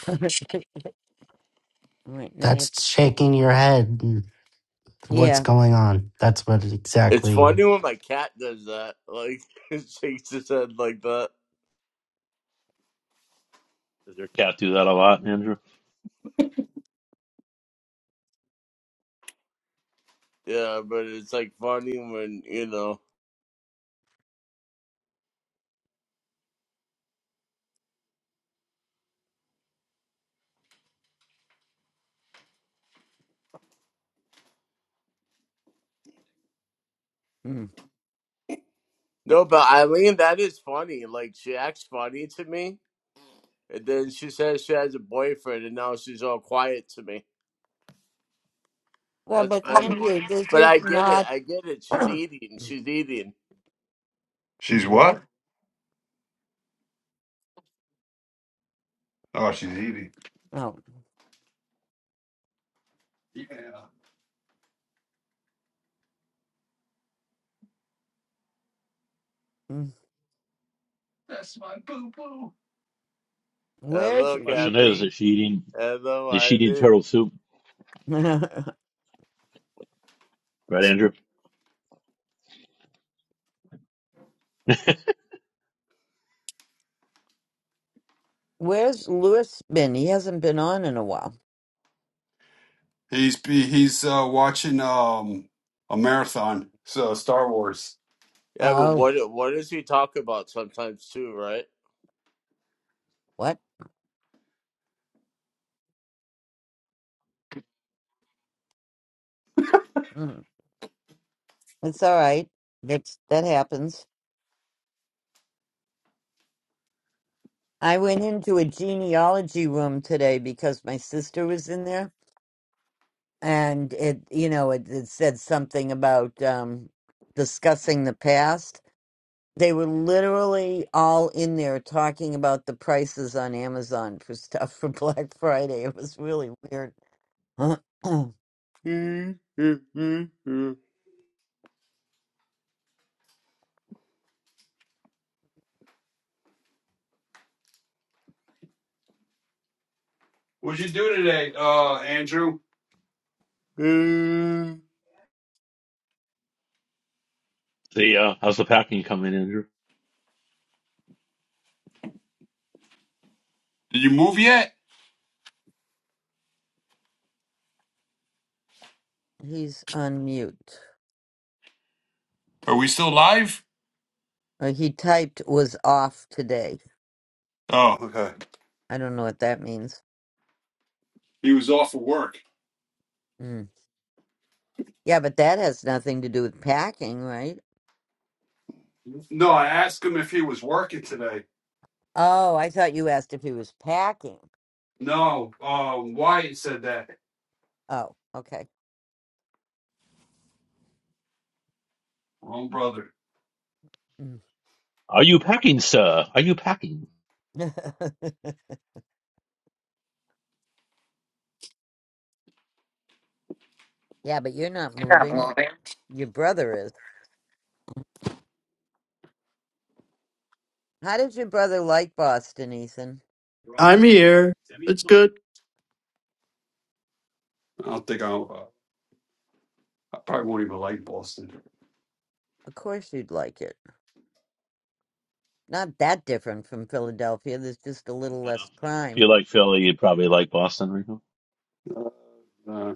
S1: (laughs) All right, now what?
S8: That's shaking your head. What's
S1: Yeah.
S8: going on? That's what
S10: It's
S8: exactly.
S10: funny when my cat does that. Like (laughs) shakes his head like that.
S3: Does your cat do that a lot, Andrew?
S10: Yeah, but it's like funny when you know.
S1: mm.
S10: No, but Eileen, that is funny. Like she acts funny to me, and then she says she has a boyfriend, and now she's all quiet to me.
S1: Well,
S10: That's
S1: but
S10: funny.
S1: Andrew, this
S10: But
S1: is
S10: I get it.
S1: not.
S10: I get it.
S1: (clears throat)
S10: She's eating. She's eating.
S1: He's
S5: She's
S1: what?
S5: what? Oh, she's eating.
S1: Oh, Mm. Where's
S10: Hello,
S3: Question is,
S10: Kathy.
S3: is she eating?
S10: Hello,
S3: Is she eating
S10: Eileen.
S3: turtle soup?
S1: (laughs)
S3: Right, Andrew.
S1: Where's Lewis been? He hasn't been on in a while.
S5: He's he's uh, watching um a marathon, so Star Wars.
S10: Yeah, but
S1: Oh,
S10: what what does he talk about sometimes too,
S1: what? Mm. It's all right. That's that happens. I went into a genealogy room today because my sister was in there, and it, you know, it, it said something about um, discussing the past. They were literally all in there talking about the prices on Amazon for stuff for (laughs) Black Friday. It was really weird. (clears throat)
S5: What'd you do today, uh, Andrew?
S10: right? (laughs)
S3: The uh, how's the packing coming, Andrew?
S5: Did you move yet?
S1: He's on mute.
S5: Are we still live?
S1: Uh, he typed was off today.
S5: Oh, okay.
S1: I don't know what that means.
S5: He was off of work.
S1: Mm. Yeah, but that has nothing to do with packing, right?
S5: No, I asked him if he was working today.
S1: Oh, I thought you asked if he was packing.
S5: No, um, Wyatt said that.
S1: Oh, okay.
S5: Wrong brother.
S1: Mm.
S3: Are you packing, sir? Are you packing?
S1: (laughs) yeah, but you're not moving. Your brother is. How did your brother like Boston, Ethan?
S8: here.
S5: Oh, I probably won't even like Boston.
S1: Of course you'd like it. not that different from Philadelphia. There's just a little
S3: Uh,
S1: less
S3: if
S1: crime.
S3: you like Philly, you probably like Boston, Rico.
S5: Uh,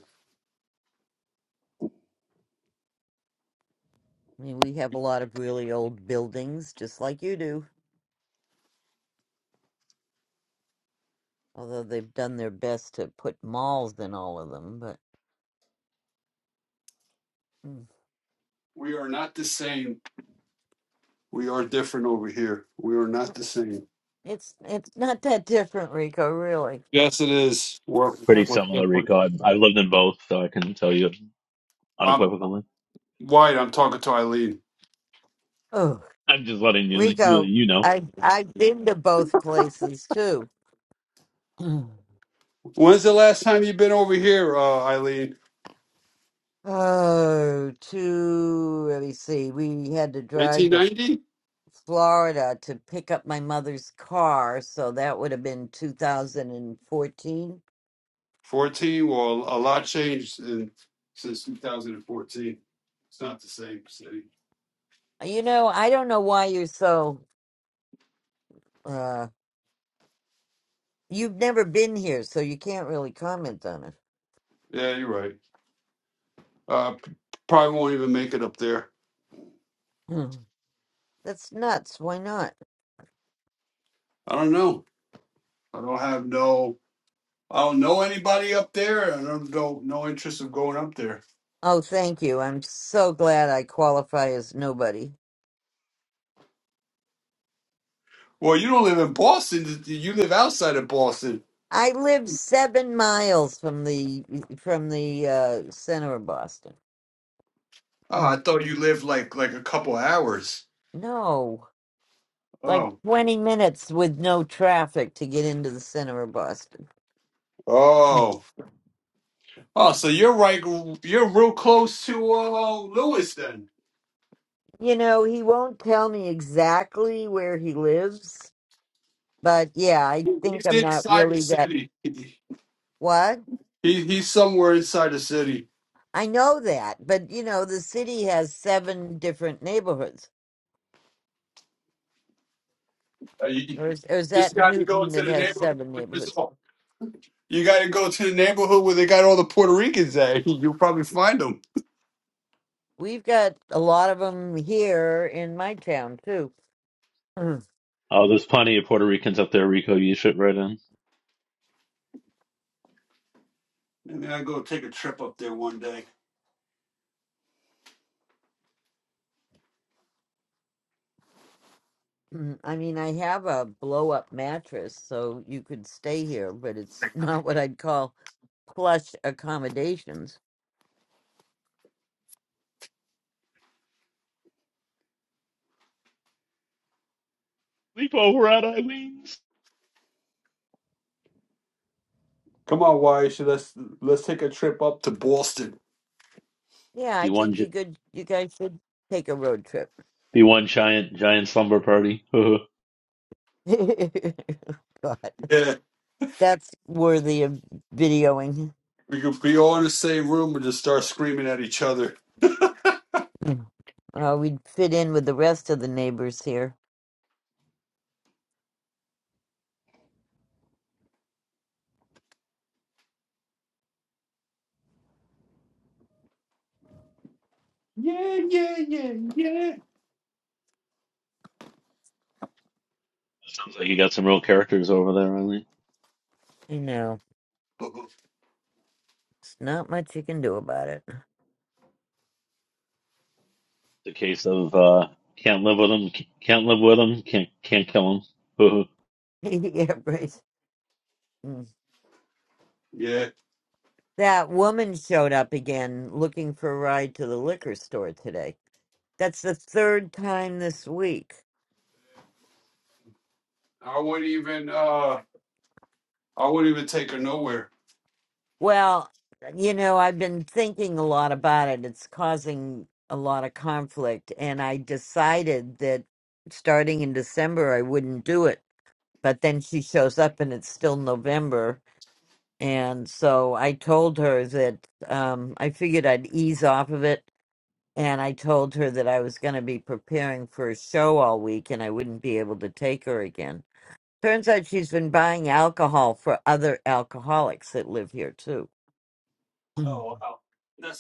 S1: I mean, we have a lot of really old buildings, just like you do, although they've done their best to put malls in all of them, but mm,
S5: we are not the same. We are different over here. We are not the same.
S1: it's it's not that different, Rico, really.
S5: Yes, it is. We're
S1: No.
S3: Pretty
S5: we're
S3: similar,
S5: different.
S3: Rico. i I've lived in both, so I can tell you
S5: Um,
S3: unequivocally.
S5: White, I'm talking to Eileen.
S1: Oh,
S3: I'm just letting you you,
S1: Rico,
S3: you know.
S1: I I've been to both places too. (clears throat)
S5: When's the last time you've been over here, uh, Eileen?
S1: Oh, to let me see. We had to drive to
S5: 1990?
S1: Florida to pick up my mother's car, so that would have been 2014.
S5: 14? Well, a lot changed in, since 2014. It's not the same city.
S1: You know, I don't know why you're so uh you've never been here, so you can't really comment on it.
S5: Yeah, you're right. Uh, p- probably won't even make it up there.
S1: Hmm. That's nuts. Why not?
S5: I don't know. I don't have no. I don't know anybody up there. I don't know no interest of going up there.
S1: Oh, thank you. I'm so glad I qualify as nobody.
S5: Well, you don't live in Boston. You live outside of Boston.
S1: I live 7 miles from the from the uh center of Boston.
S5: Oh,
S1: Hmm.
S5: I thought you lived like like a couple hours.
S1: No. Like
S5: Oh.
S1: 20 minutes with no traffic to get into the center of Boston. Hmm.
S5: Oh. Oh, so you're right. You're real close to uh, Lewis then.
S1: You know, he won't tell me exactly where he lives, but yeah, I think
S5: He's
S1: I'm not
S5: inside the
S1: really that.
S5: city. He
S1: What?
S5: he's somewhere inside the city.
S1: I know that, but you know, the city has seven different neighborhoods.
S5: Uh, you,
S1: Or
S5: you
S1: is, or is
S5: just
S1: that
S5: got to go
S1: Newton
S5: to
S1: that
S5: the
S1: has
S5: neighborhood.
S1: seven
S5: With this
S1: neighborhoods?
S5: all. You got to go to the neighborhood where they got all the Puerto Ricans at. (laughs) You'll probably find them.
S1: We've got a lot of them here in my town, too. Mm. (clears throat)
S3: Oh, there's plenty of Puerto Ricans up there, Rico. You should right in.
S5: Maybe I go take a trip up there one day.
S1: Mm, I mean, I have a blow up mattress, so you could stay here, but it's (laughs) not what I'd call plush accommodations.
S3: Sleep over at Eileen's.
S5: Come on, Wyatt. so Let's let's take a trip up to Boston.
S1: Yeah, I
S3: Be one,
S1: think you
S3: gi-
S1: could. You guys should take a road trip.
S3: be one giant, giant slumber party. (laughs)
S1: (laughs) God,
S5: Yeah,
S1: that's worthy of videoing.
S5: we could be all in the same room and just start screaming at each other.
S1: Mm. Uh, we'd fit in with the rest of the neighbors here.
S5: Yeah, yeah, yeah,
S3: Sounds like you got some real characters over there, Eileen.
S1: You know, it's not much you can do about it.
S3: The case of uh, can't live with them, can't live with them, can't can't kill them. (laughs)
S1: (laughs) yeah, right. Mm.
S5: yeah.
S1: That woman showed up again looking for a ride to the liquor store today. That's the third time this week.
S5: I wouldn't even uh I wouldn't even take her nowhere.
S1: Well, you know, I've been thinking a lot about it. It's causing a lot of conflict, and I decided that starting in December I wouldn't do it. But then she shows up and it's still November, and so I told her that um I figured I'd ease off of it, and I told her that I was going to be preparing for a show all week and I wouldn't be able to take her again. Turns out she's been buying alcohol for other alcoholics that live here too. (clears throat)
S5: Oh wow. That's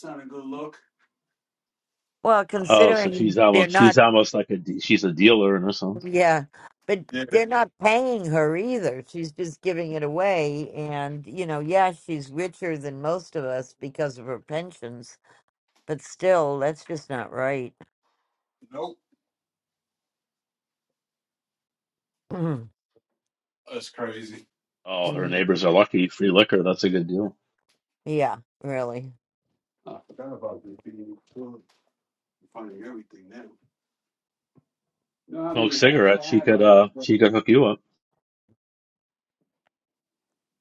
S1: Well,
S3: Oh, so
S1: considering
S3: she's
S1: they're
S3: almost
S1: not,
S3: she's almost like a de- she's a dealer in her sense.
S1: yeah, but
S5: Yeah.
S1: they're not paying her either. She's just giving it away. And, you know, yeah, she's richer than most of us because of her pensions, but still, that's just not right.
S5: Nope.
S1: (clears throat)
S5: That's crazy.
S3: Oh, her
S1: Mm,
S3: neighbors are lucky. Free liquor, that's a good deal.
S1: yeah, really.
S5: I forgot about this being cool. finding everything now. You know how
S3: Smoke
S5: many hats I
S3: cigarettes, she
S5: have? I
S3: could
S5: don't-
S3: uh she could hook you up.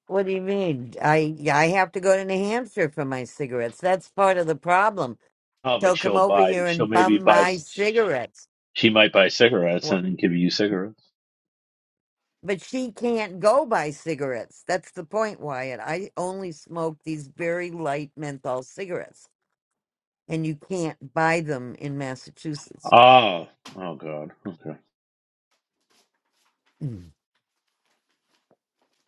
S1: What do you mean? I yeah, I have to go to New Hampshire for my cigarettes. That's part of the problem.
S3: Oh, but
S1: So come
S3: she'll
S1: over
S3: buy
S1: here
S3: she'll
S1: and
S3: maybe
S1: bum
S3: buy
S1: my cigarettes.
S3: she might buy cigarettes and then give you cigarettes.
S1: But she can't go buy cigarettes. That's the point, Wyatt. I only smoke these very light menthol cigarettes, and you can't buy them in Massachusetts.
S3: Oh, oh God. Okay.
S1: Mm.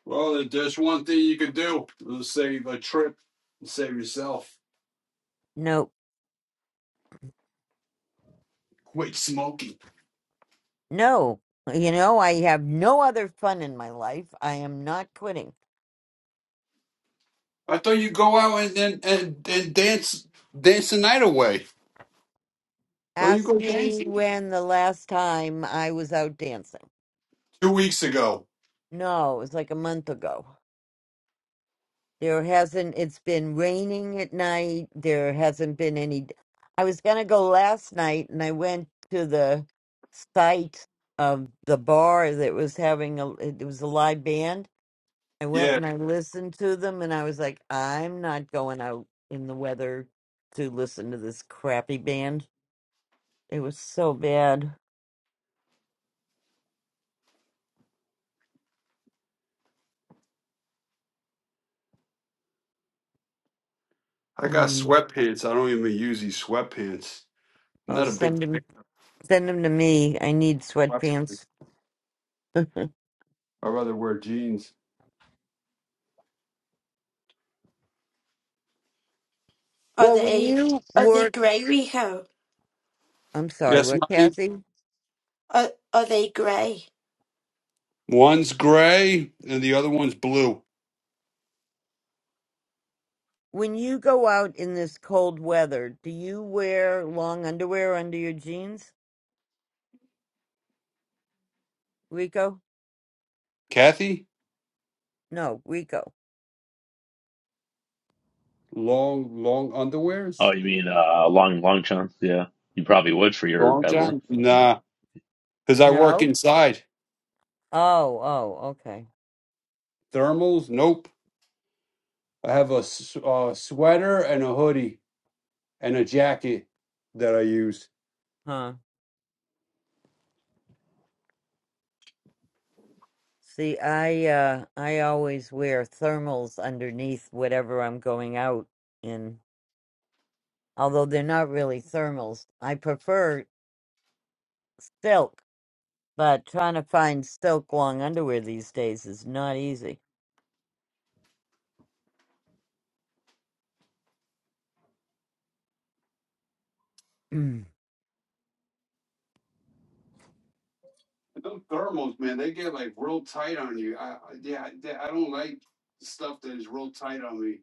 S5: well, if there's one thing you could do. It'll save a trip. and Save yourself.
S1: No,
S5: Quit smoking.
S1: no. You know, I have no other fun in my life. I am not quitting.
S5: I thought you go out and and, and and dance dance the night away. Don't you
S1: Ask
S5: go
S1: me
S5: dancing?
S1: when the last time I was out dancing.
S5: Two weeks ago.
S1: No, it was like a month ago. There hasn't, it's been raining at night. There hasn't been any. I was going to go last night and I went to the site of the bar that was having a, it was a live band. I went
S5: Yeah.
S1: and I listened to them and I was like, I'm not going out in the weather to listen to this crappy band. It was so bad.
S5: I got
S1: Mm.
S5: sweatpants. I don't even use these sweatpants. I'm
S1: Oh,
S5: not a big
S1: send them,
S5: fan.
S1: send them to me. I need
S5: Watches,
S1: sweatpants. (laughs)
S5: i rather wear jeans.
S6: Are
S1: well, when
S6: they
S1: you
S6: are they
S1: work,
S6: grey, Rico?
S1: I'm sorry,
S5: Yes,
S1: what,
S5: Bobby.
S1: Kathy?
S6: Are are they grey?
S5: One's gray and the other one's blue.
S1: When you go out in this cold weather, do you wear long underwear under your jeans, Rico?
S5: Kathy,
S1: No, Rico.
S5: Long, long
S3: Oh,
S5: underwears.
S3: you mean uh long long chance? Yeah, you probably would for your
S5: long
S3: at work
S5: john?
S3: stuff, right?
S5: Nah, because I work
S1: No?
S5: inside.
S1: Oh, oh, okay.
S5: Thermals? Nope. I have a, s- a sweater and a hoodie and a jacket that I use.
S1: Huh. See, I uh I always wear thermals underneath whatever I'm going out in. Although they're not really thermals. I prefer silk, but trying to find silk long underwear these days is not easy. (clears throat)
S5: Those thermals, man, they get like real tight on you. I, I yeah, I I don't like stuff that is real tight on me.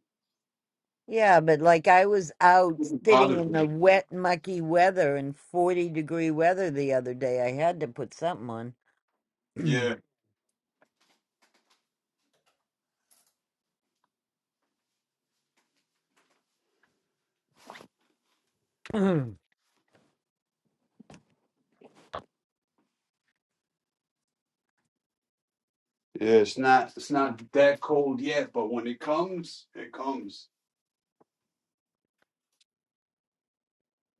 S1: Yeah, but like I was out
S5: It
S1: sitting
S5: bothers
S1: in the
S5: me.
S1: wet, mucky weather in 40 degree weather the other day. I had to put something on.
S5: Yeah.
S1: (clears throat) well, it
S5: Yeah, it's not it's not that cold yet, but when it comes, it comes.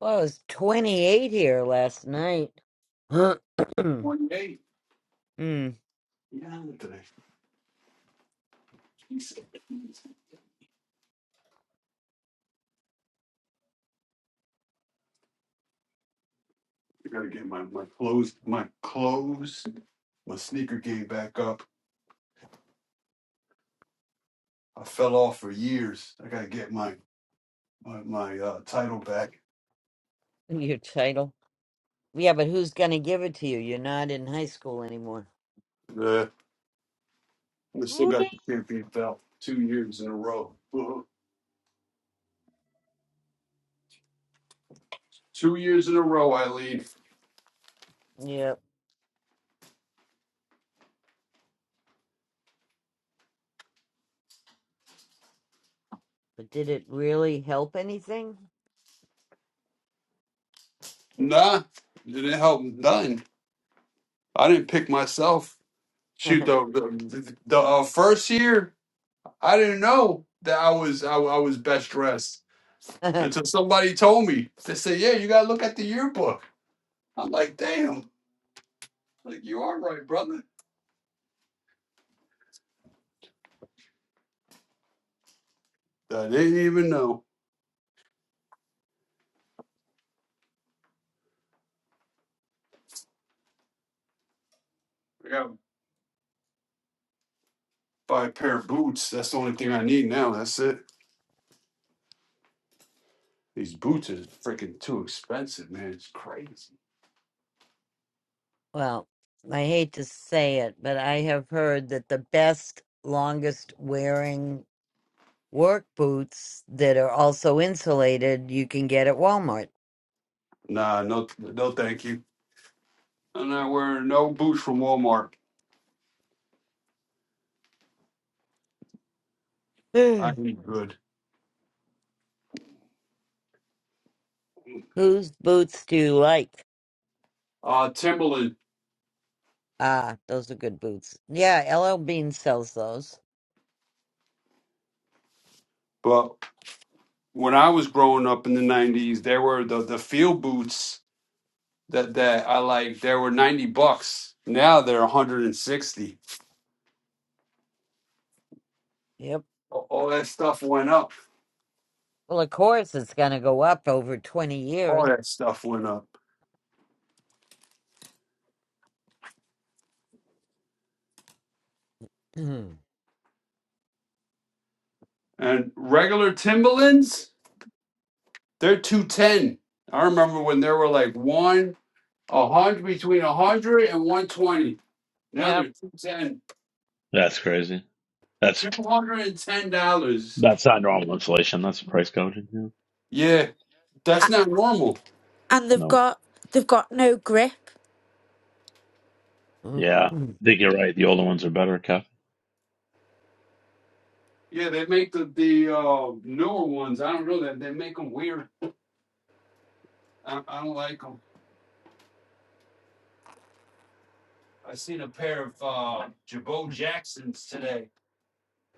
S1: was 28 here last night. (clears throat) mm,
S5: One day.
S1: your
S5: Yeah, today. Jeez, I gotta get my, my clothes my clothes, my sneaker game back up. I fell off for years. I gotta get my my, my uh, title back.
S1: title. Yeah, but who's going to give it to you? You're not in high school anymore.
S5: Yeah. I still got the champion belt two years in a row. uh Two years in a row, Eileen.
S1: Yep. But did it really help anything?
S5: Nah, didn't help. None. I didn't pick myself. Shoot, the the, the, the uh, first year I didn't know that I was I, I was best dressed
S1: (laughs)
S5: until somebody told me. They said, "Yeah, you gotta look at the yearbook." I'm like, "Damn, like you are right, brother." I didn't even know. I gotta buy a pair of boots. That's the only thing I need now. That's it. These boots are freaking too expensive, man. It's crazy.
S1: well, I hate to say it, but I have heard that the best, longest wearing work boots that are also insulated you can get at Walmart.
S5: Nah, no, no, thank you. I'm not wearing no boots from Walmart. I
S1: (sighs)
S5: need good.
S1: Whose boots do you like?
S5: Uh, Timberland.
S1: Ah, those are good boots. Yeah, LL Bean sells those.
S5: But when I was growing up in the '90s, there were the the field boots that that I like There were 90 bucks. Now they're 160.
S1: Yep.
S5: A- All all that stuff went up.
S1: Well, of course, it's going to go up over 20
S5: All
S1: years.
S5: that stuff went up.
S1: Mhm.
S5: And regular Timberlands, they're 210. I remember when there were like one, a hundred between a hundred and one twenty. Now
S1: yep.
S5: they're 210.
S3: That's crazy. That's
S5: $210.
S3: that's not normal inflation. That's price gouging. Yeah.
S5: Yeah, that's
S6: A-
S5: not normal.
S6: And they've
S3: No.
S6: got they've got no grip.
S1: (clears throat)
S3: Yeah,
S1: Mm,
S3: I think you're right. The older ones are better,
S5: Yeah, they make the the uh, newer ones. I don't know that they make them weird. I, I don't like like them. I seen a pair of uh, Jabot
S1: mm.
S5: Jacksons today.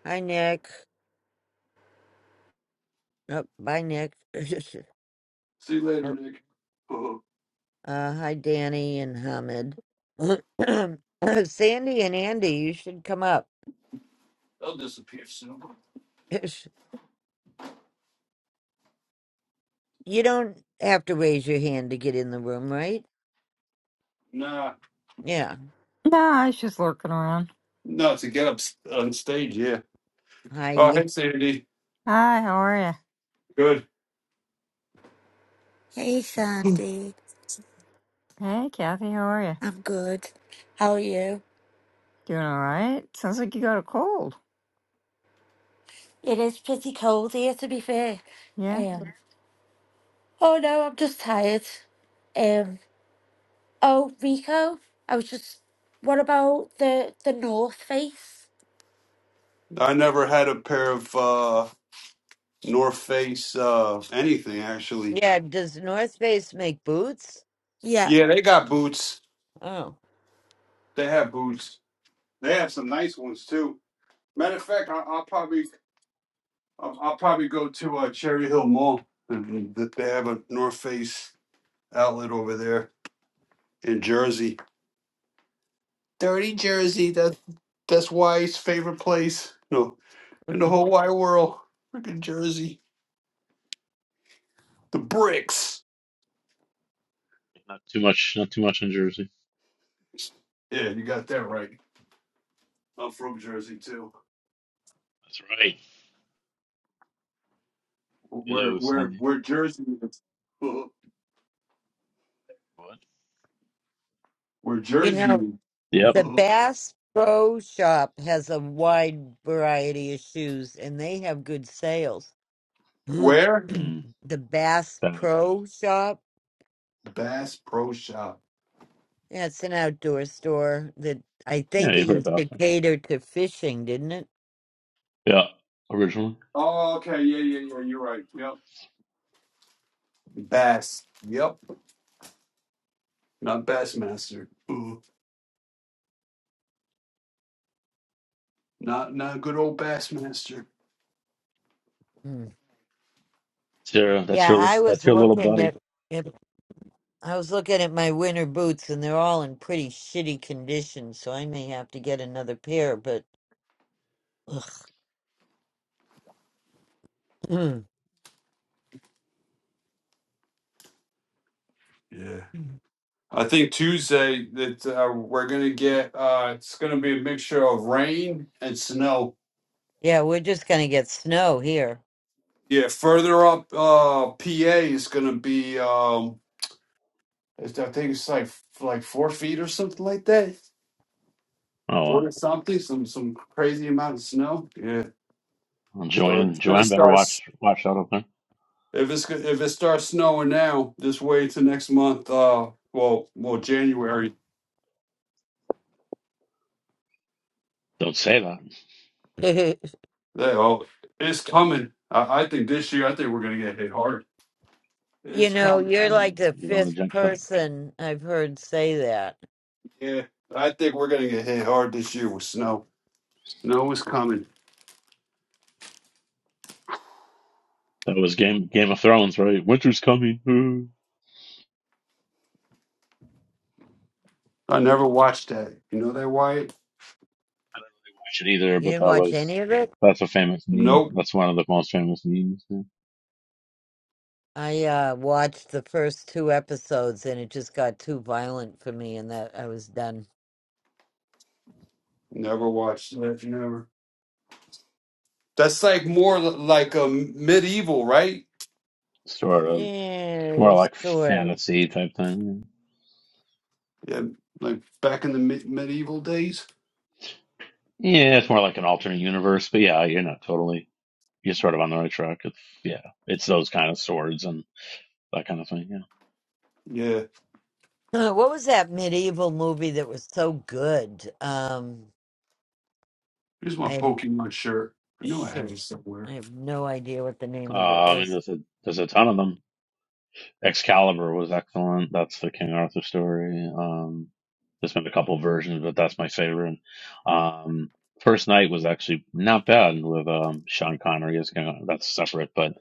S1: hi, Nick. Oh, bye, Nick. (laughs)
S5: See you later,
S1: Oh,
S5: Nick. Uh,
S1: uh, hi, Danny and Hamid. (clears throat) Sandy and Andy, you should come up.
S5: They'll disappear soon.
S1: (laughs) (clears throat) you don't have to raise your hand to get in the room, right?
S5: Nah,
S1: Yeah.
S11: No, I was just lurking around.
S5: no, to get up s- on stage. Yeah. Oh,
S1: I
S5: hey, Sandy.
S11: Hi, how are you?
S5: Good.
S6: Hey Sandy,
S11: Hey, Kathy, how are you?
S6: I'm good. How are you?
S11: Doing all right? Sounds like you got a cold.
S6: It is pretty cold here, to be fair.
S11: Yeah.
S6: Um, oh no, I'm just tired. Um, oh Rico, I was just. What about the the North Face?
S5: I never had a pair of uh, North Face uh, anything actually.
S1: yeah, does North Face make boots?
S6: Yeah,
S5: Yeah, they got boots.
S1: Oh.
S5: They have boots. They have some nice ones too. Matter of fact, I, I'll probably I'll, I'll probably go to uh, Cherry Hill Mall. Mhm. They have a North Face outlet over there in Jersey. Dirty Jersey. That that's Wyatt's favorite place. No,
S1: (laughs)
S5: in the whole wide world. Freaking Jersey. The bricks.
S3: Not too much. Not too much on Jersey.
S5: Yeah, you got that right. I'm from Jersey too.
S3: That's right.
S5: Where
S3: Hello,
S5: where
S3: Sandy.
S5: where Jersey is? (laughs)
S3: What?
S5: Where
S1: You
S5: Jersey
S1: know,
S3: Yep.
S5: is?
S1: the Bass Pro Shop has a wide variety of shoes and they have good sales. (clears throat)
S5: (laughs) Where?
S1: the
S3: Mm,
S1: Bass
S3: Bass.
S1: Pro Shop,
S5: Bass Pro Shop.
S1: that's an outdoor store that I
S3: Yeah,
S1: think
S3: you
S1: it
S3: heard
S1: used
S3: Bass.
S1: to cater to fishing, didn't it?
S3: Yeah, originally.
S5: Oh, okay. Yeah, yeah, yeah. You're right. Yep. Bass. Yep. Not Bassmaster. (laughs) Ooh. Not not good old Bassmaster.
S1: Mm.
S3: It's your- that's
S1: Yeah,
S3: your
S1: I
S3: that's
S1: was
S3: your little
S1: looking
S3: buddy.
S1: at at I was looking at my winter boots and they're all in pretty shitty condition, so I may have to get another pair, but ugh.
S5: Yeah.
S1: (clears throat)
S5: I think Tuesday that uh, we're gonna get uh, it's gonna be a mixture of rain and snow.
S1: yeah, we're just gonna get snow here.
S5: Yeah, further up uh, PA is gonna be um, it's, I think it's like f- like four feet or something like that,
S3: Oh
S5: four
S3: wow.
S5: or something, some some crazy amount of snow. Yeah,
S3: Well,
S5: so it's
S3: Joanne,
S5: gonna
S3: Joanne, better
S5: start s-
S3: watch watch out up there.
S5: if it's go- if it starts snowing now this way to next month. Uh, well, well January.
S3: Don't say that.
S1: (laughs) you
S5: That, oh, it's coming. I, I think this year I think we're gonna get hit hard. It's
S1: know,
S5: coming.
S3: You
S1: you're like
S3: know,
S1: the
S3: you don't
S1: fifth
S3: want to jinx that.
S1: person I've heard say that.
S5: Yeah, I think we're gonna get hit hard this year with snow. Snow is coming.
S3: That was Game Game of Thrones, right? Winter's coming. Ooh.
S5: I never watched that. You know that Wyatt?
S3: Watch it either,
S1: You
S3: but
S1: didn't
S3: that
S1: watch
S3: was
S1: any of it?
S3: that's a famous meme.
S5: Nope,
S3: That's one of the most famous memes. yeah.
S1: I uh watched the first two episodes and it just got too violent for me and that I was done.
S5: never watched that. Never. That's like more li- like a medieval, right?
S3: Sort of, it's
S1: Yeah,
S3: more like
S1: sort of.
S3: fantasy type thing.
S5: Yeah, like back in the me- medieval days.
S3: Yeah, it's more like an alternate universe, but yeah, you're not totally. You're sort of on the right track. It's yeah, it's those kind of swords and that kind of thing. Yeah,
S5: Yeah.
S1: (clears throat) What was that medieval movie that was so good? Um
S5: Here's my
S1: I.
S5: Pokemon shirt. I knew I had
S1: shoot,
S5: it
S1: I
S5: somewhere.
S1: have no idea what the name of it
S3: uh, I mean,
S1: was.
S3: there's a there's a ton of them. Excalibur was excellent. That's the King Arthur story. Um, there's been a couple versions, but that's my favorite. Um, First Night was actually not bad with um, Sean Connery as King. That's separate, but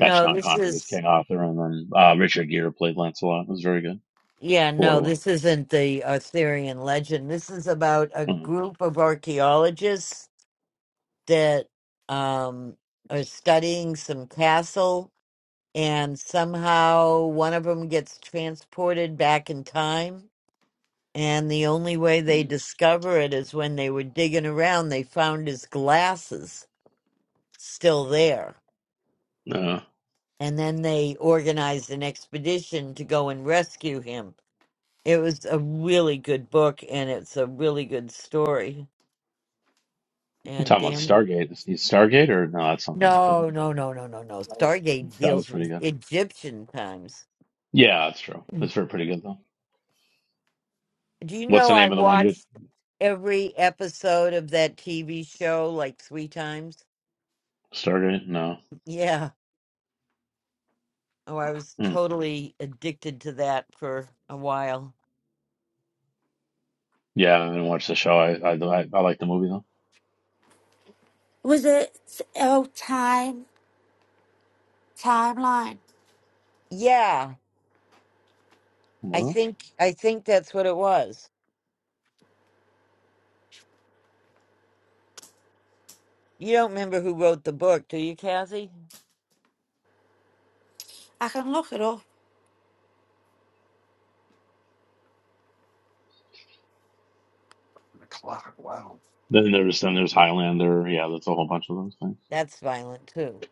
S3: that's Sean
S1: this
S3: Connery as
S1: is
S3: King Arthur, and then uh, Richard Gere played Lancelot. It was very good
S1: yeah,
S3: for what it
S1: no,
S3: was.
S1: this isn't the Arthurian legend. This is about a
S3: Mm-hmm.
S1: group of archaeologists that um are studying some castle and somehow one of them gets transported back in time and the only way they
S3: Mm-hmm.
S1: discover it is when they were digging around they found his glasses still there
S3: Yeah.
S1: and then they organized an expedition to go and rescue him. It was a really good book, and it's a really good story.
S3: I'm
S1: And
S3: talking about
S1: damn,
S3: Stargate. Is is Stargate or no? That's something else. Isn't
S1: no, no, no, no, no, no.
S3: it?
S1: Stargate
S3: That was
S1: deals
S3: pretty
S1: with
S3: good.
S1: Egyptian times.
S3: Yeah, that's true.
S1: Mm.
S3: That's very pretty good though.
S1: Do you
S3: What's
S1: know
S3: the
S1: I
S3: name of the one you
S1: watched every episode of that TV show like three times?
S3: Stargate? No.
S1: Yeah. Oh, I was
S3: Hmm.
S1: totally addicted to that for a while.
S3: Yeah, I didn't watch the show. I I I, I like the movie though.
S6: was it? Oh, time timeline.
S1: Yeah, I
S3: Well,
S1: think I think that's what it was. You don't remember who wrote the book, do you, Kathy?
S6: I can look it up.
S5: The clock. Wow.
S3: then there's then there's Highlander. Yeah, that's a whole bunch of those things.
S1: That's violent too.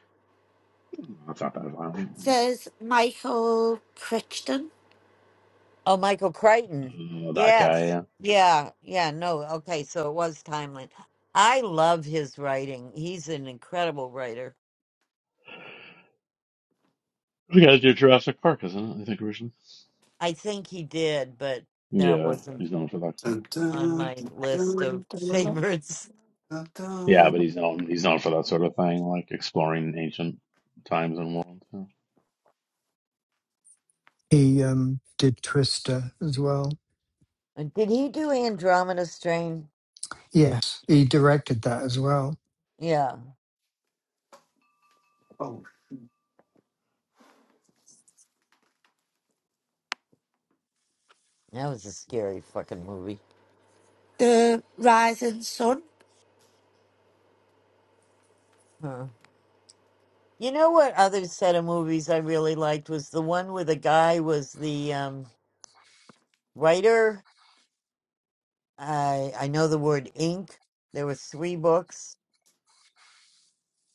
S3: That's not that violent.
S6: says Michael Crichton,
S1: Oh, Michael Crichton.
S3: Uh, that guy.
S1: Yes.
S3: Yeah,
S1: Yeah. Yeah. No. Okay. So it was timely. I love his writing. He's an incredible writer.
S3: the guy did Jurassic Park, isn't it? I think originally.
S1: I think he did, but that
S3: Yeah,
S1: wasn't
S3: he's known for that. Sort of.
S5: Dun, dun,
S1: on
S5: dun,
S1: my list of
S5: dun,
S1: (laughs)
S5: dun,
S1: favorites.
S5: dun,
S3: Yeah, but
S5: dun.
S3: he's known he's known for that sort of thing, like exploring ancient times and worlds. yeah.
S9: He um did Twister as well.
S1: And Did he do Andromeda Strain?
S9: Yes, he directed that as well.
S1: Yeah.
S5: Oh,
S1: That was a scary fucking movie.
S6: The Rising Sun,
S1: Huh. You know what other set of movies I really liked was the one where the guy was the um writer. I I know the word ink. There were three books,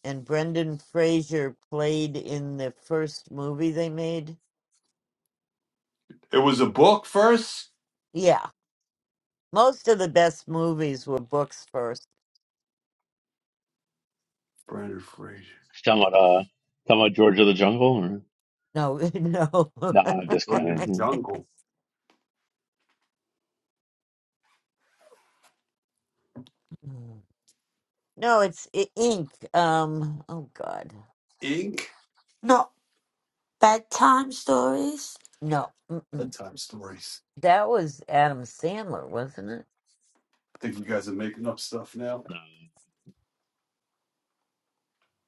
S1: and Brendan Fraser played in the first movie they made.
S5: it was a book first.
S1: Yeah, most of the best movies were books first.
S5: Brandon Fraser.
S3: Talking about uh, talking about George of the Jungle, or
S1: No, (laughs) no,
S3: nah, just
S5: George of
S3: kidding.
S5: the
S3: Hmm.
S5: Jungle.
S1: no. It's i- ink. Um. Oh God.
S5: Ink.
S6: not bedtime stories.
S1: No. Mm-mm.
S5: bedtime stories.
S1: That was Adam Sandler, wasn't it?
S5: Think you guys are making up stuff now.
S3: No.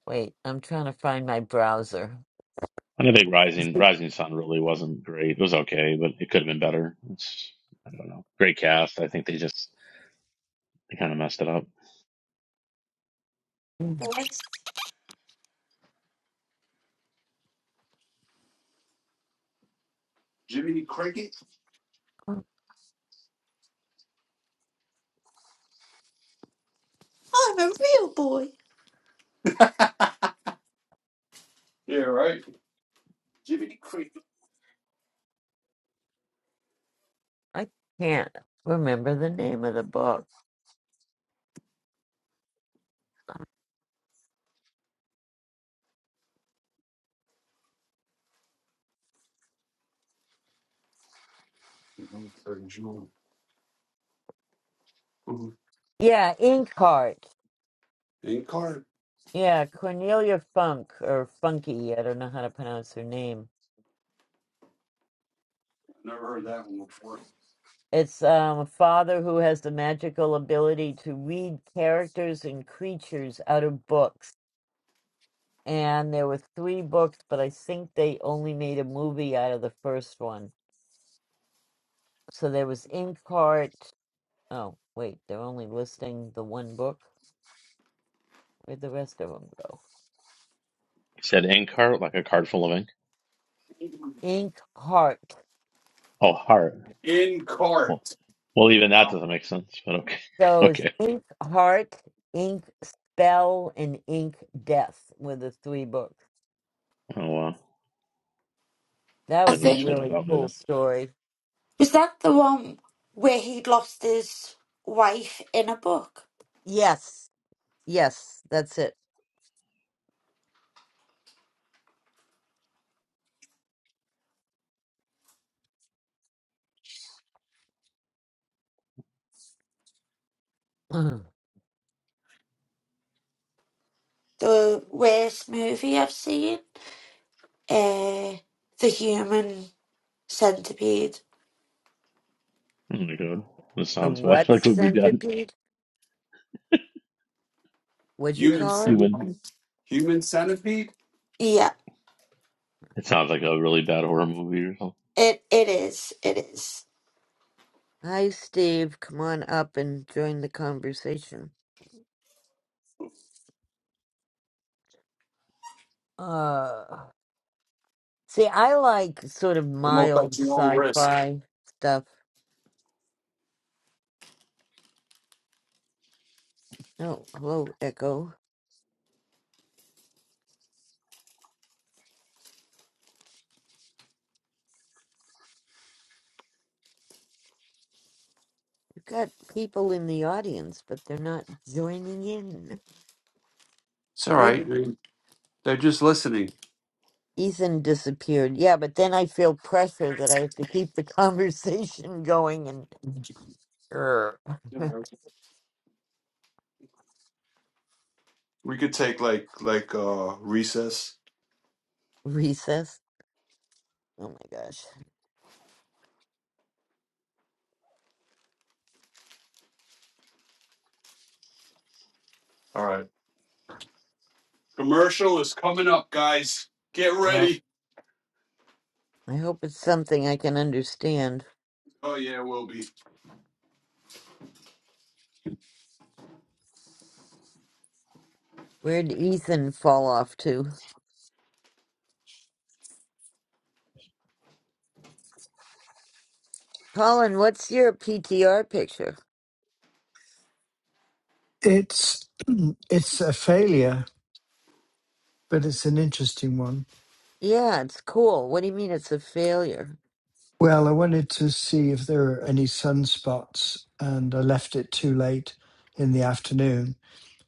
S1: Wait, I'm trying to find my browser.
S3: And I think Rising Rising Sun really wasn't great. It was okay, but it could have been better. It's I don't know. Great cast. I think they just they kind of messed it up.
S6: Yes,
S5: Jiminy Cricket?
S6: I'm a real boy.
S5: Yeah, right. Jimmy.
S1: I can't remember the name of the book.
S5: Heard Jewel.
S1: Yeah, Inkheart.
S5: In cart.
S1: Yeah, Cornelia Funk or Funky. I don't know how to pronounce her name.
S5: Never heard that one before.
S1: It's um, a father who has the magical ability to read characters and creatures out of books. And there were three books, but I think they only made a movie out of the first one. So there was Inkheart. Oh, wait, they're only listing the one book. Where'd the rest of them go?
S3: It said ink heart, like a card full of ink.
S1: Inkheart.
S3: Oh, heart.
S5: In
S3: Well,
S5: cart.
S3: well, even that doesn't make sense. But okay, (laughs)
S1: those
S3: okay.
S1: Ink Heart, Ink Spell, and Ink Death were the three books.
S3: Oh wow,
S1: That
S6: I
S3: I'm
S1: was
S3: having
S1: a
S3: enough
S6: think.
S3: fun
S1: really
S3: without me
S1: cool
S3: then.
S1: story.
S6: Was that the one where he lost his wife in a book?
S1: Yes, yes, that's it. (clears throat) the
S6: The worst movie I've seen? Uh, The Human Centipede.
S3: Oh my god, this sounds bad. (laughs)
S1: what
S3: Like what we got
S1: centipede? What'd you
S5: Human
S1: call it?
S3: human.
S5: centipede. Human centipede?
S6: Yeah,
S3: It sounds like a really bad horror movie or something.
S6: it, it is. It is.
S1: Hi, Steve. Come on up and join the conversation. Uh, see, I like sort of
S5: I'm up at
S1: mild
S5: your own risk.
S1: sci-fi stuff. Oh, hello, Echo. You've got people in the audience, but they're not joining in.
S5: It's all
S1: Where?
S5: right. They- They're just listening.
S1: Ethan disappeared. Yeah, but then I feel pressure that I have to keep the (laughs) conversation going and er,
S5: We could take like like uh recess.
S1: recess. Oh my gosh.
S5: All right. Commercial is coming up, guys. Get
S1: Uh,
S5: ready.
S1: I hope it's something I can understand.
S5: Oh yeah, we'll be.
S1: Where'd Ethan fall off to? Colin, what's your PTR picture?
S9: It's (clears throat) it's a failure, but it's an interesting one.
S1: Yeah, it's cool. What do you mean it's a failure?
S9: Well, I wanted to see if there are any sunspots, and I left it too late in the afternoon,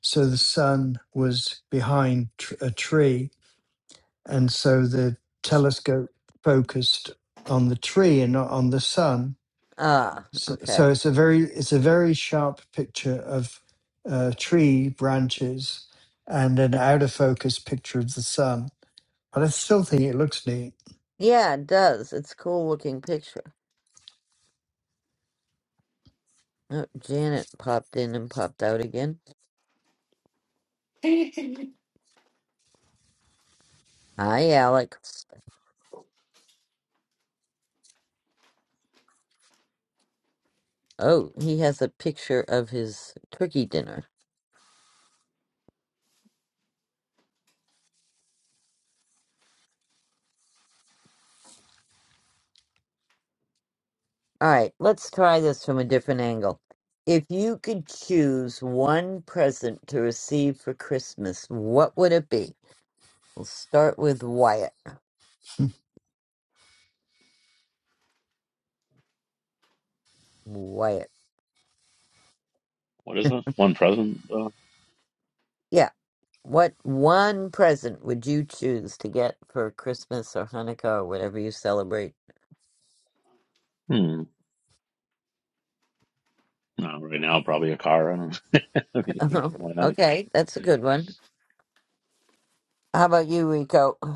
S9: so the sun was behind tr- a tree and so the telescope focused on the tree and not on the sun.
S1: Ah,
S9: So, so
S1: okay.
S9: it's a very it's a very sharp picture of uh, tree branches and an out of focus picture of the sun. But I still think it looks neat.
S1: Yeah, it does. It's a cool looking picture. Oh, Janet popped in and popped out again. Hi, Alec. Oh, he has a picture of his turkey dinner. All right, let's try this from a different angle. If you could choose one present to receive for Christmas, what would it be? We'll start with Wyatt.
S9: (laughs)
S1: Wyatt.
S3: What is it? One president. Uh,
S1: Yeah. What one present would you choose to get for Christmas or Hanukkah or whatever you celebrate?
S3: hmm. Uh, right now, probably a car. I don't know. (laughs) I mean, why
S1: (laughs)
S3: not?
S1: okay, that's a good one. How about you, Rico? Uh,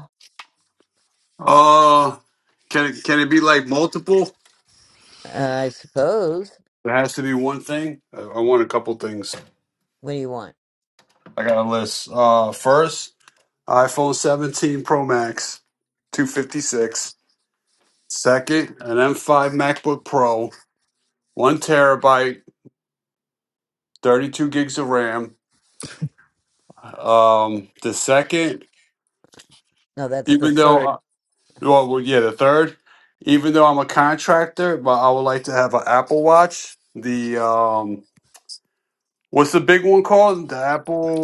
S5: Uh can it can it be like multiple?
S1: I suppose.
S5: It has to be one thing. I, I want a couple things.
S1: What do you want?
S5: I got a list. Uh, first, iPhone 17 Pro Max, 256. Second, an M5 MacBook Pro, one terabyte, 32 gigs of RAM. Um, the second,
S1: No, that's the
S5: even though,
S1: third.
S5: I, well, well, yeah, the third, even though I'm a contractor, but I would like to have an Apple Watch. The um, what's the big one called? The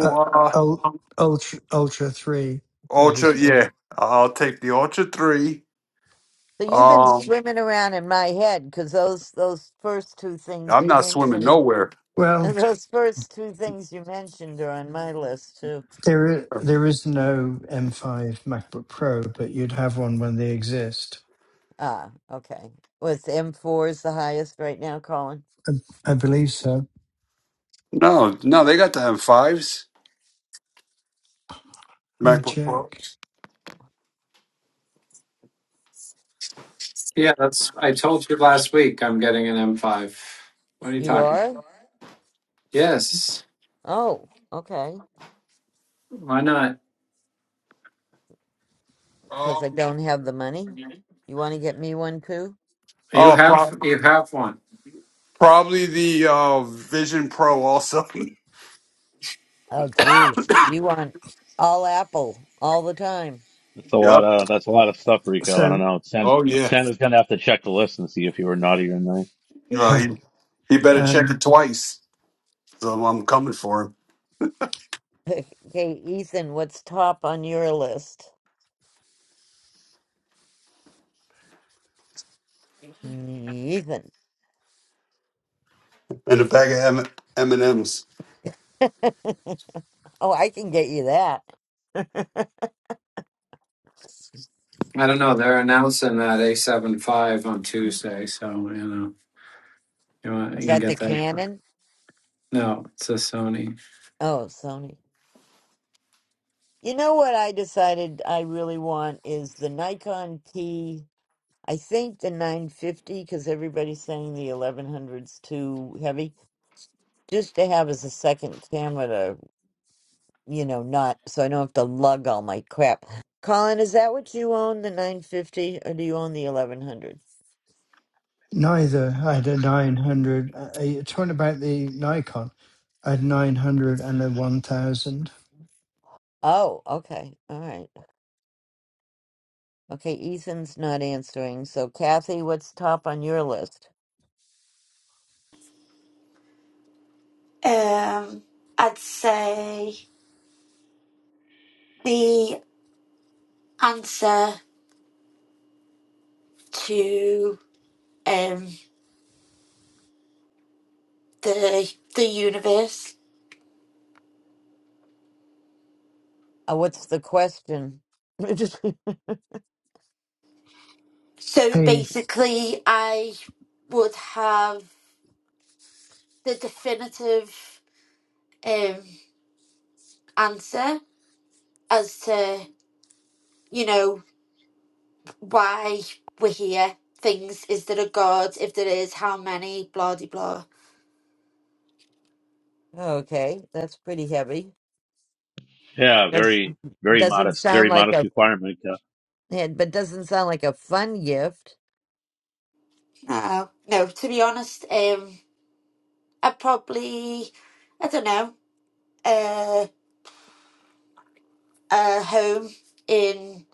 S9: Uh, ul-
S5: uh,
S9: ultra ultra three at this
S5: Ultra.
S9: point.
S5: Yeah, I'll take the Ultra Three
S1: So you've been
S5: Um,
S1: swimming around in my head because those those first two things
S5: I'm
S1: you
S5: not swimming
S1: mentioned,
S5: nowhere.
S1: (laughs)
S9: Well,
S1: those first two things you mentioned are on my list too.
S9: there i- there is no M5 MacBook Pro, but you'd have one when they exist.
S1: Ah, okay. Was M four is the highest right now, Colin?
S9: I, I believe so.
S5: No, no, they got the M5s.
S9: Let me
S5: MacBook
S9: check.
S5: Pros.
S12: Yeah, that's. I told you last week I'm getting an M5. What are you
S1: You
S12: talking?
S1: are?
S12: about? Yes.
S1: Oh, okay.
S12: Why not?
S1: Because I
S5: Um,
S1: don't have the money. You want to get me one too?
S12: You
S5: oh,
S12: have
S5: pro-
S12: you have one.
S5: probably the uh, Vision Pro also.
S1: Oh, geez, you want all Apple all the time?
S3: That's a
S5: (laughs)
S3: lot
S5: yep.
S3: of that's a lot of stuff, Rico. I don't
S9: So.
S3: know. Sam
S5: Oh yeah.
S3: Sam is gonna have to check the list and see if you were naughty or nice.
S9: (laughs)
S5: Uh, he he better check
S9: Um,
S5: it twice. So I'm coming for
S1: (laughs) Okay, Ethan, what's top on your list?
S5: him
S1: Mm,
S5: and a bag of M and M's.
S1: Ethan. (laughs) Oh, I can get you that. (laughs)
S12: I don't know. They're announcing that a 7 Five on Tuesday, so you know you, want,
S1: Is
S12: you can
S1: that the
S12: get that.
S1: Canon?
S12: No, it's a Sony.
S1: Oh, Sony. You know what I decided I really want is the Nikon T. I think the 950 because everybody's saying the eleven hundred's too heavy. Just to have as a second camera to, you know, not so I don't have to lug all my crap. Colin, is that what you own, the 950, or do you own the 1100?
S9: neither. I had a 900. Uh, uh, you're talking about the Nikon. I had 900 and a 1000.
S1: Oh, okay. All right. Okay, Ethan's not answering. So, Kathy, what's top on your list?
S6: Um, I'd say the answer to um, the the universe.
S1: Uh, what's the question? (laughs)
S6: So
S9: Hey,
S6: basically, I would have the definitive um, answer as to you know why we're here things is there a god if there is how many blah de blah
S1: okay, that's pretty heavy.
S3: Yeah,
S1: That's
S3: very very
S1: doesn't
S3: modest,
S1: sound
S3: very
S1: like
S3: modest
S1: a
S3: requirement. Uh,
S1: yeah, but doesn't sound like a fun gift.
S6: no no to be honest um i probably i don't know uh a home in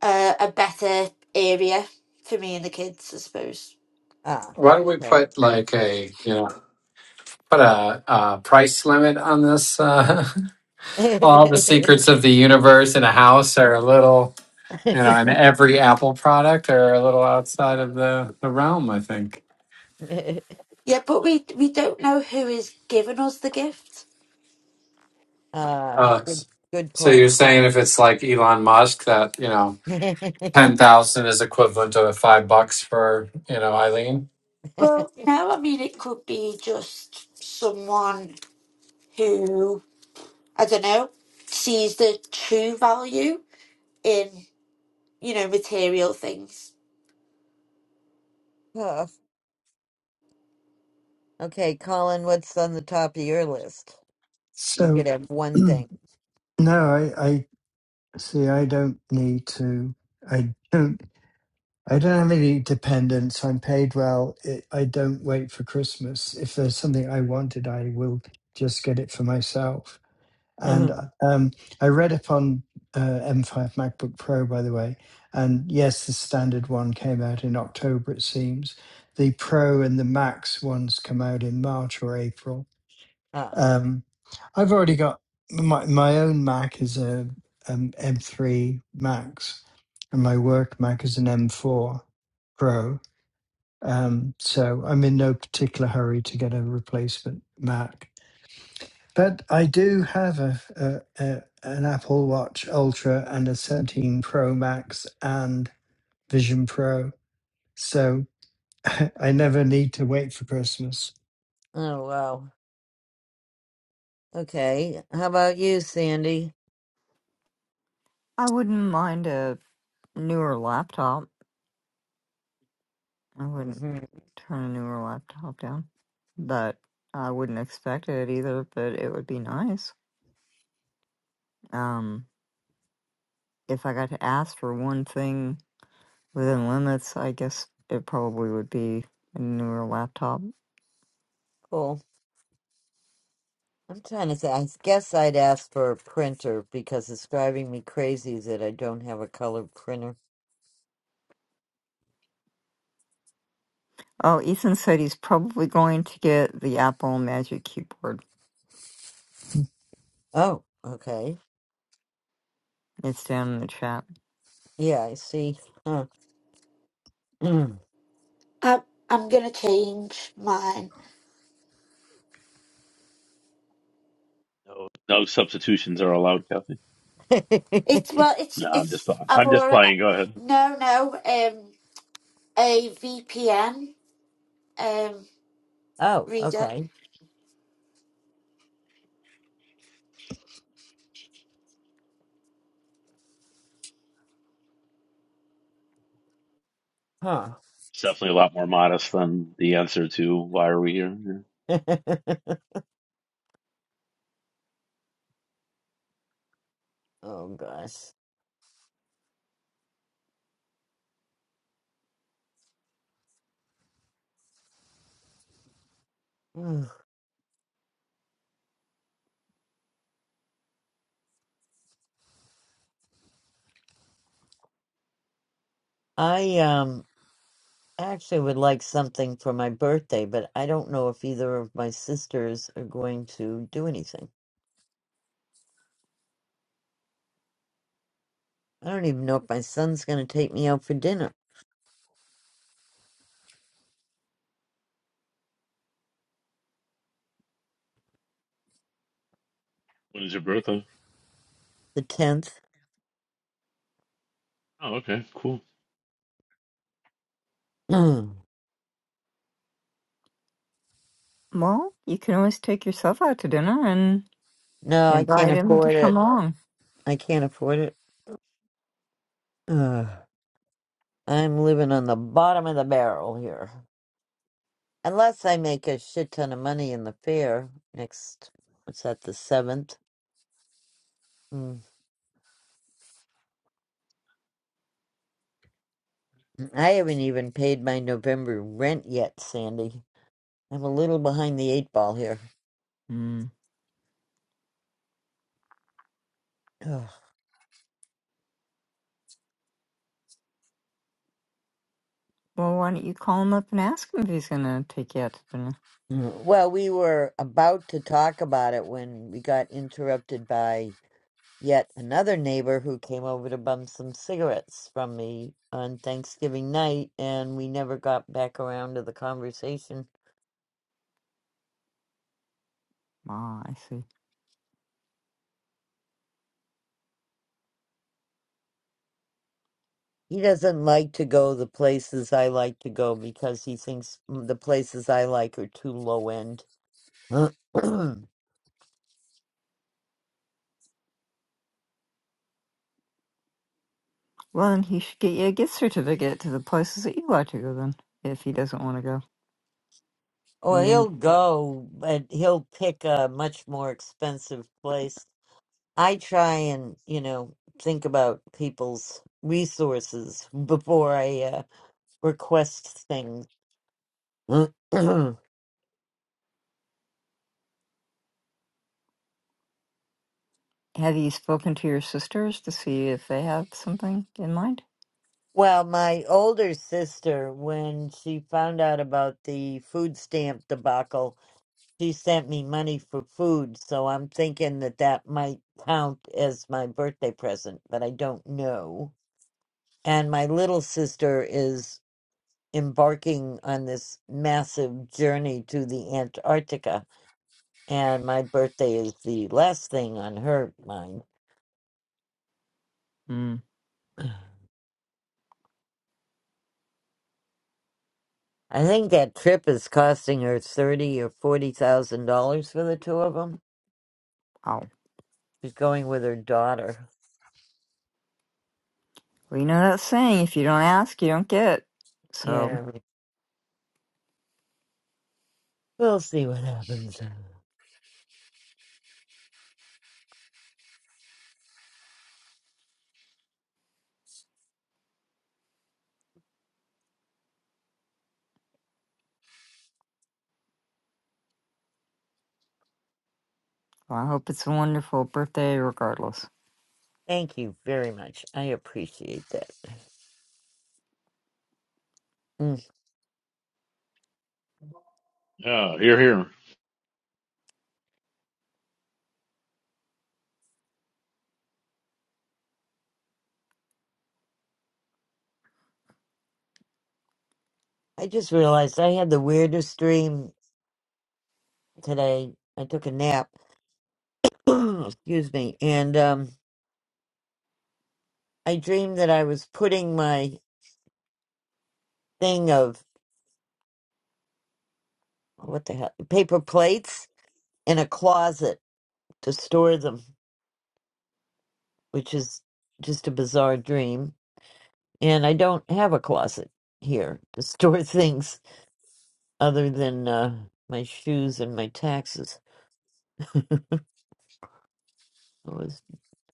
S6: uh, a better area for me and the kids i suppose
S1: Ah,
S12: Why don't we
S1: okay.
S12: put like a you know put a, uh price limit on this? Uh, (laughs) all the
S1: (laughs)
S12: secrets of the universe in a house are a little you know, and every Apple product are a little outside of the the realm. I think.
S6: yeah but we we don't know who is giving us the gift
S1: Ah,
S12: Uh,
S1: good, good
S12: so you're
S1: point.
S12: saying if it's like Elon Musk, that you know,
S1: (laughs)
S12: ten thousand is equivalent to five bucks for you know Eileen.
S6: well no i mean it could be just someone who I don't know, sees the true value in, you know, material things.
S1: Huh. okay, Colin, what's on the top of your list? You
S9: so
S1: could have
S9: (clears throat)
S1: one
S9: no,
S1: thing.
S9: I, I see. I don't need to. I don't. I don't have any dependents. I'm paid well. It, I don't wait for Christmas. If there's something I wanted, I will just get it for myself.
S1: (clears throat)
S9: And
S1: ah,
S9: um, I read up on uh, M5 MacBook Pro, by the way. And yes, the standard one came out in October, it seems. The Pro and the Max ones come out in March or April.
S1: oh
S9: Um, I've already got my, my own Mac is a um, M3 Max, and my work Mac is an M4 Pro. Um, so I'm in no particular hurry to get a replacement Mac. But I do have a, a, a an Apple Watch Ultra and a 17 Pro Max and Vision Pro, so (laughs) I never need to wait for Christmas.
S1: wow. Okay. How about you, Sandy?
S11: I wouldn't mind a newer laptop. I wouldn't
S1: hmm
S11: turn a newer laptop down, but I wouldn't expect it either, but it would be nice. Um, if I got to ask for one thing within limits, I guess it probably would be a newer laptop.
S1: Cool. I'm trying to say, I guess I'd ask for a printer because it's driving me crazy that I don't have a color printer.
S11: Oh, Ethan said he's probably going to get the Apple Magic Keyboard.
S1: Oh, okay.
S11: It's down in the chat.
S1: Yeah, I see. Huh. (clears throat) Mm.
S6: I'm, I'm gonna change mine.
S3: no no substitutions are allowed, Kathy.
S6: It's
S1: (laughs)
S6: well, it's
S3: No, I'm just
S6: it's. I've
S3: I'm just
S6: already
S3: playing. Go ahead.
S6: no no um a VPN um
S1: oh,
S6: reader.
S1: okay. Huh.
S3: It's definitely a lot more modest than the answer to why are we here. Yeah.
S1: (laughs) oh, gosh. Ugh. I, um, actually would like something for my birthday, but I don't know if either of my sisters are going to do anything. I don't even know if my son's going to take me out for dinner.
S3: When is your birthday?
S1: The 10th.
S3: Oh, okay, cool.
S1: Mm.
S11: Well, you can always take yourself out to dinner and
S1: No, I can't
S11: invite him to
S1: afford it.
S11: come along.
S1: I can't afford it. (sighs) Ugh. I'm living on the bottom of the barrel here. Unless I make a shit ton of money in the fair next, what's that, the 7th? Mm. I haven't even paid my November rent yet, Sandy. I'm a little behind the eight ball here.
S11: Mm.
S1: (sighs) Ugh.
S11: Well, why don't you call him up and ask him if he's going to take you out to dinner?
S1: Mm. Well, we were about to talk about it when we got interrupted by Yet another neighbor who came over to bum some cigarettes from me on Thanksgiving night, and we never got back around to the conversation.
S11: Ah, I see.
S1: He doesn't like to go the places I like to go because he thinks mm, the places I like are too low end. (clears throat)
S11: Well, then he should get you a gift certificate to the places that you like to go then, if he doesn't want to go.
S1: Or
S11: And
S1: he'll
S11: then
S1: go, but he'll pick a much more expensive place. I try and, you know, think about people's resources before I uh, request things. (clears throat)
S11: have you spoken to your sisters to see if they have something in mind?
S1: Well, my older sister, when she found out about the food stamp debacle, she sent me money for food. So I'm thinking that that might count as my birthday present, but I don't know. And my little sister is embarking on this massive journey to the Antarctica. And my birthday is the last thing on her mind.
S11: Mm.
S1: I think that trip is costing her thirty or forty thousand dollars for the two of them.
S11: Oh.
S1: She's going with her daughter.
S11: Well, you know that saying, if you don't ask, you don't get. So,
S1: Yeah, we'll see what happens.
S11: well, I hope it's a wonderful birthday regardless.
S1: Thank you very much. I appreciate that. Mm.
S3: Yeah, here, here.
S1: I just realized I had the weirdest dream today. I took a nap. (clears throat) Excuse me. And um, I dreamed that I was putting my thing of what the hell paper plates in a closet to store them, which is just a bizarre dream. And I don't have a closet here to store (laughs) things other than uh, my shoes and my taxes. (laughs) I was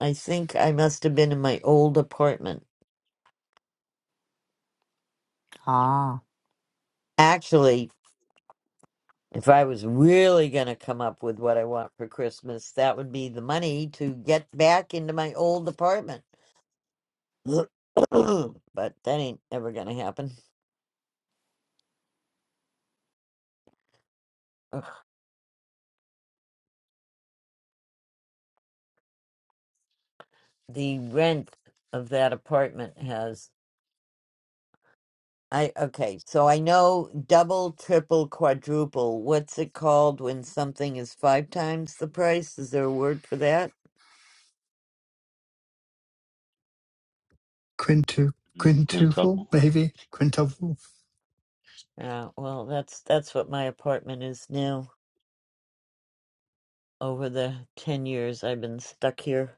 S1: I think I must have been in my old apartment.
S11: Ah.
S1: Actually, if I was really going to come up with what I want for Christmas, that would be the money to get back into my old apartment. (coughs) (clears throat) but that ain't ever going to happen. Ugh. The rent of that apartment has I okay, so I know double, triple, quadruple. What's it called when something is five times the price? Is there a word for that?
S9: Quintu
S3: Mm,
S9: quintuple,
S3: Quintuple.
S9: maybe quintuple.
S1: Yeah, well, that's that's what my apartment is now. Over the 10 years I've been stuck here.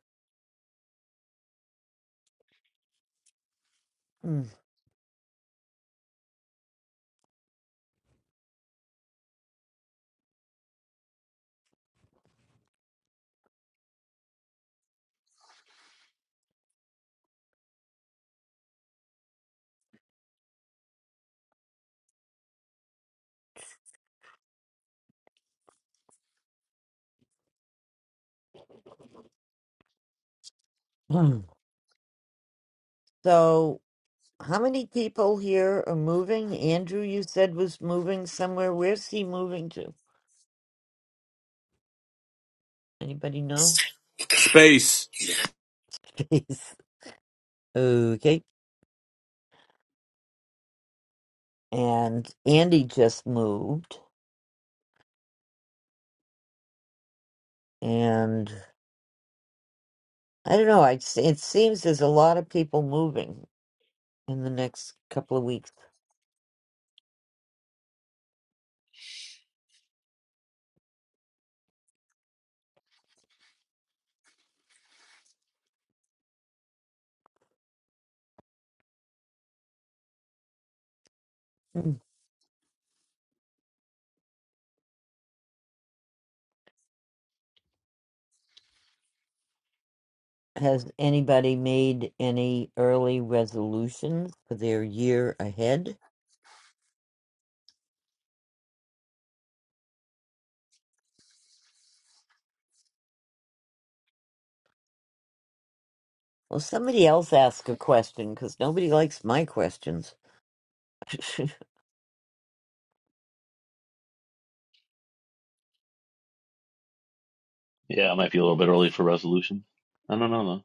S1: Mm. Mm. So, how many people here are moving? Andrew, you said was moving somewhere. Where's he moving to? Anybody know?
S5: Space.
S1: (laughs) Please. Okay. And Andy just moved. And I don't know. I s- it seems there's a lot of people moving in the next couple of weeks. Mm. Has anybody made any early resolutions for their year ahead? Well, somebody else ask a question because nobody likes my questions. (laughs)
S3: Yeah, it might be a little bit early for resolution. I don't know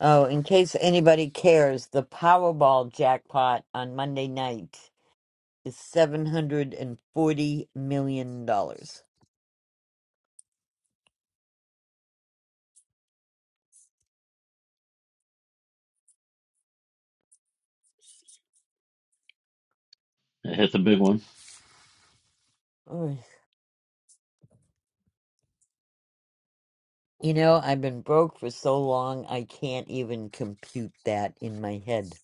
S1: oh, in case anybody cares, the Powerball jackpot on Monday night is seven hundred and forty million dollars.
S3: though. It hit the big one.
S1: You know, I've been broke for so long, I can't even compute that in my head.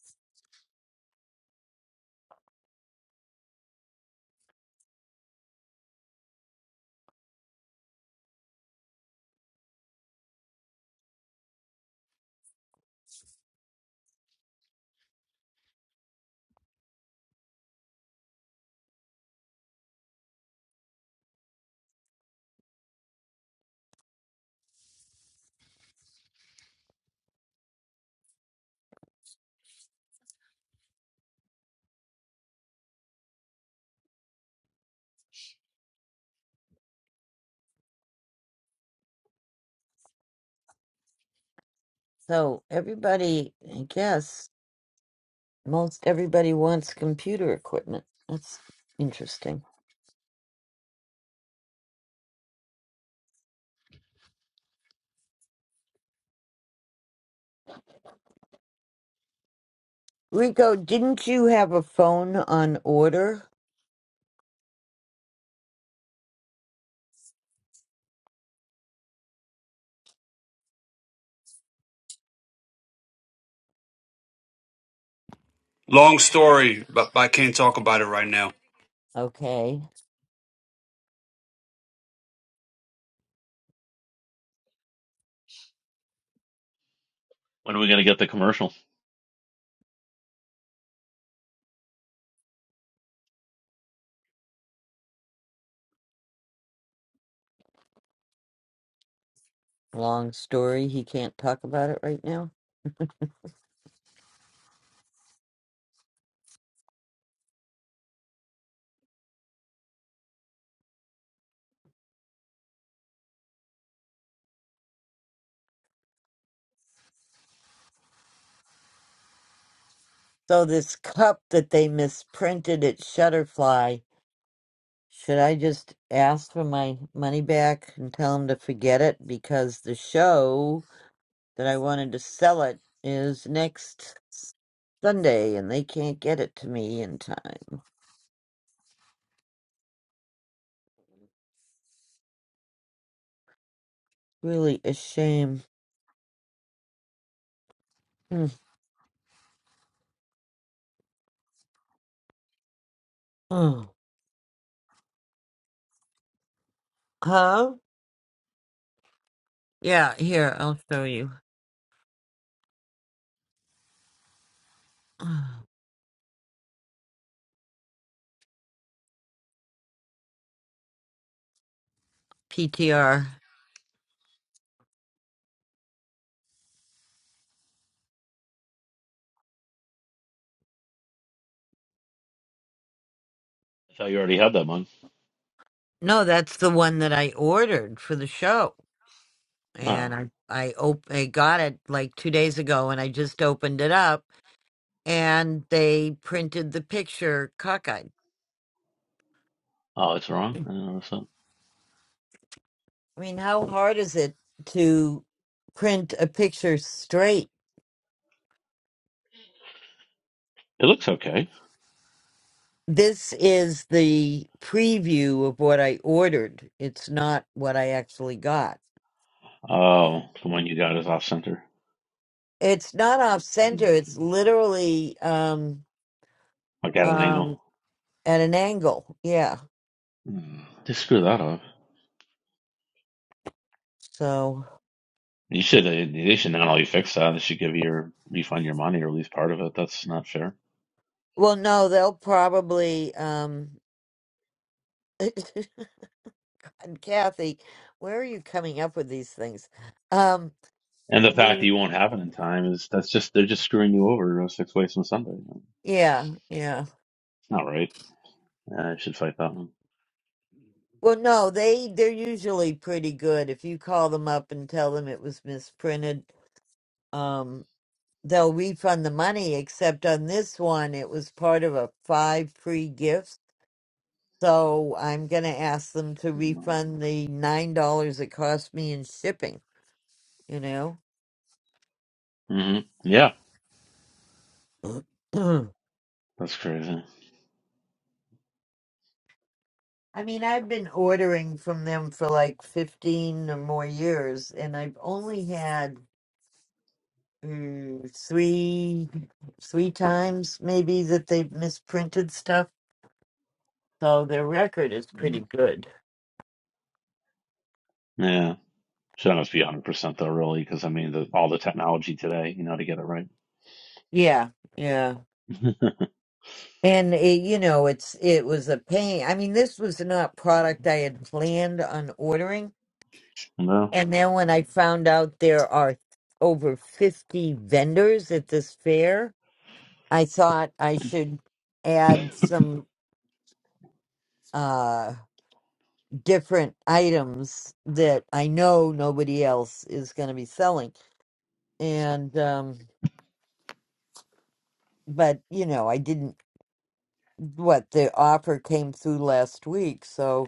S1: So, everybody, I guess, most everybody wants computer equipment. That's interesting. Rico, didn't you have a phone on order?
S5: Long story, but I can't talk about it right now.
S1: Okay,
S3: When are we going to get the commercial?
S1: long story. He can't talk about it right now. So, this cup that they misprinted at Shutterfly, should I just ask for my money back and tell him to forget it? Because the show. that I wanted to sell it is next Sunday, and they can't get it to me in time. Really a shame. Mm. Oh. Huh? Yeah, here, I'll show you. PTR.
S3: I thought you already had that one.
S1: No, that's the one that I ordered for the show. And
S3: Oh,
S1: I I, op- I got it like two days ago, and I just opened it up, and they printed the picture cockeyed.
S3: oh, it's wrong. I didn't notice that.
S1: I mean, how hard is it to print a picture straight?
S3: It looks okay.
S1: This is the preview of what I ordered. It's not what I actually got.
S3: Oh, the one you got is off center.
S1: It's not off center. It's
S3: Mm,
S1: literally um
S3: Like at an angle.
S1: um at an angle. Yeah.
S3: Mm. They screw that up.
S1: So,
S3: You should. They they should not only fix that. They should give you your refund your money or at least part of it. That's not fair.
S1: well, no, they'll probably um (laughs) and Kathy, where are you coming up with these things? Um
S3: And the fact that
S1: the-
S3: you won't have it in time is that's just they're just screwing you over uh, six ways from Sunday. It's
S1: yeah, yeah.
S3: not right. Yeah, I should fight that one.
S1: Well, no, they they're usually pretty good. If you call them up and tell them it was misprinted, um they'll refund the money, except on this one, it was part of a five free gifts. So I'm going to ask them to
S3: Mm-hmm.
S1: refund the $9 it cost me in shipping, you know?
S3: Mm-hmm. Yeah,
S1: (clears throat)
S3: that's crazy.
S1: I mean, I've been ordering from them for like 15 or more years, and I've only had mm, three three times maybe that they've misprinted stuff. So their record is pretty
S3: Mm.
S1: good.
S3: Yeah. Should almost be 100% though, really, because I mean, the, all the technology today, you know, to get it right.
S1: Yeah, yeah.
S3: (laughs)
S1: And it, you know, it's it was a pain. I mean, this was not product I had planned on ordering.
S3: no?
S1: And then when I found out there are over 50 vendors at this fair, I thought I should add some uh different items that I know nobody else is going to be selling. And um but, you know, I didn't what the offer came through last week, so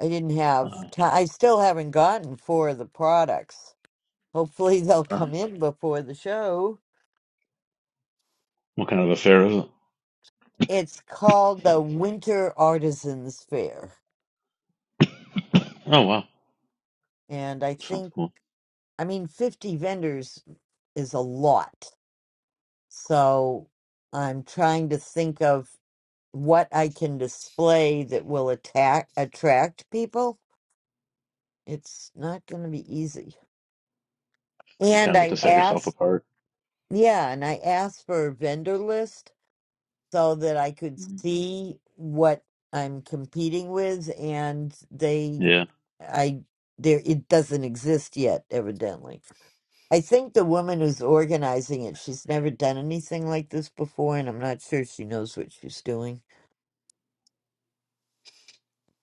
S1: I didn't have
S3: Uh,
S1: time. I still haven't gotten four of the products. Hopefully, (laughs) they'll
S3: uh,
S1: come in before the show.
S3: what kind of affair is it?
S1: It's called the
S3: Sorry.
S1: Winter Artisans Fair.
S3: (coughs) Oh, wow.
S1: And I
S3: Sounds
S1: think,
S3: cool.
S1: I mean, 50 vendors is a lot. So I'm trying to think of what I can display that will attack, attract people. It's not going to be easy.
S3: You kind
S1: And
S3: of have to
S1: I
S3: set yourself
S1: asked,
S3: apart.
S1: yeah, and I asked for a vendor list so that I could
S3: Mhm.
S1: see what I'm competing with, and they,
S3: Yeah.
S1: I, there, it doesn't exist yet, evidently. I think the woman who's organizing it, she's never done anything like this before, and I'm not sure she knows what she's doing.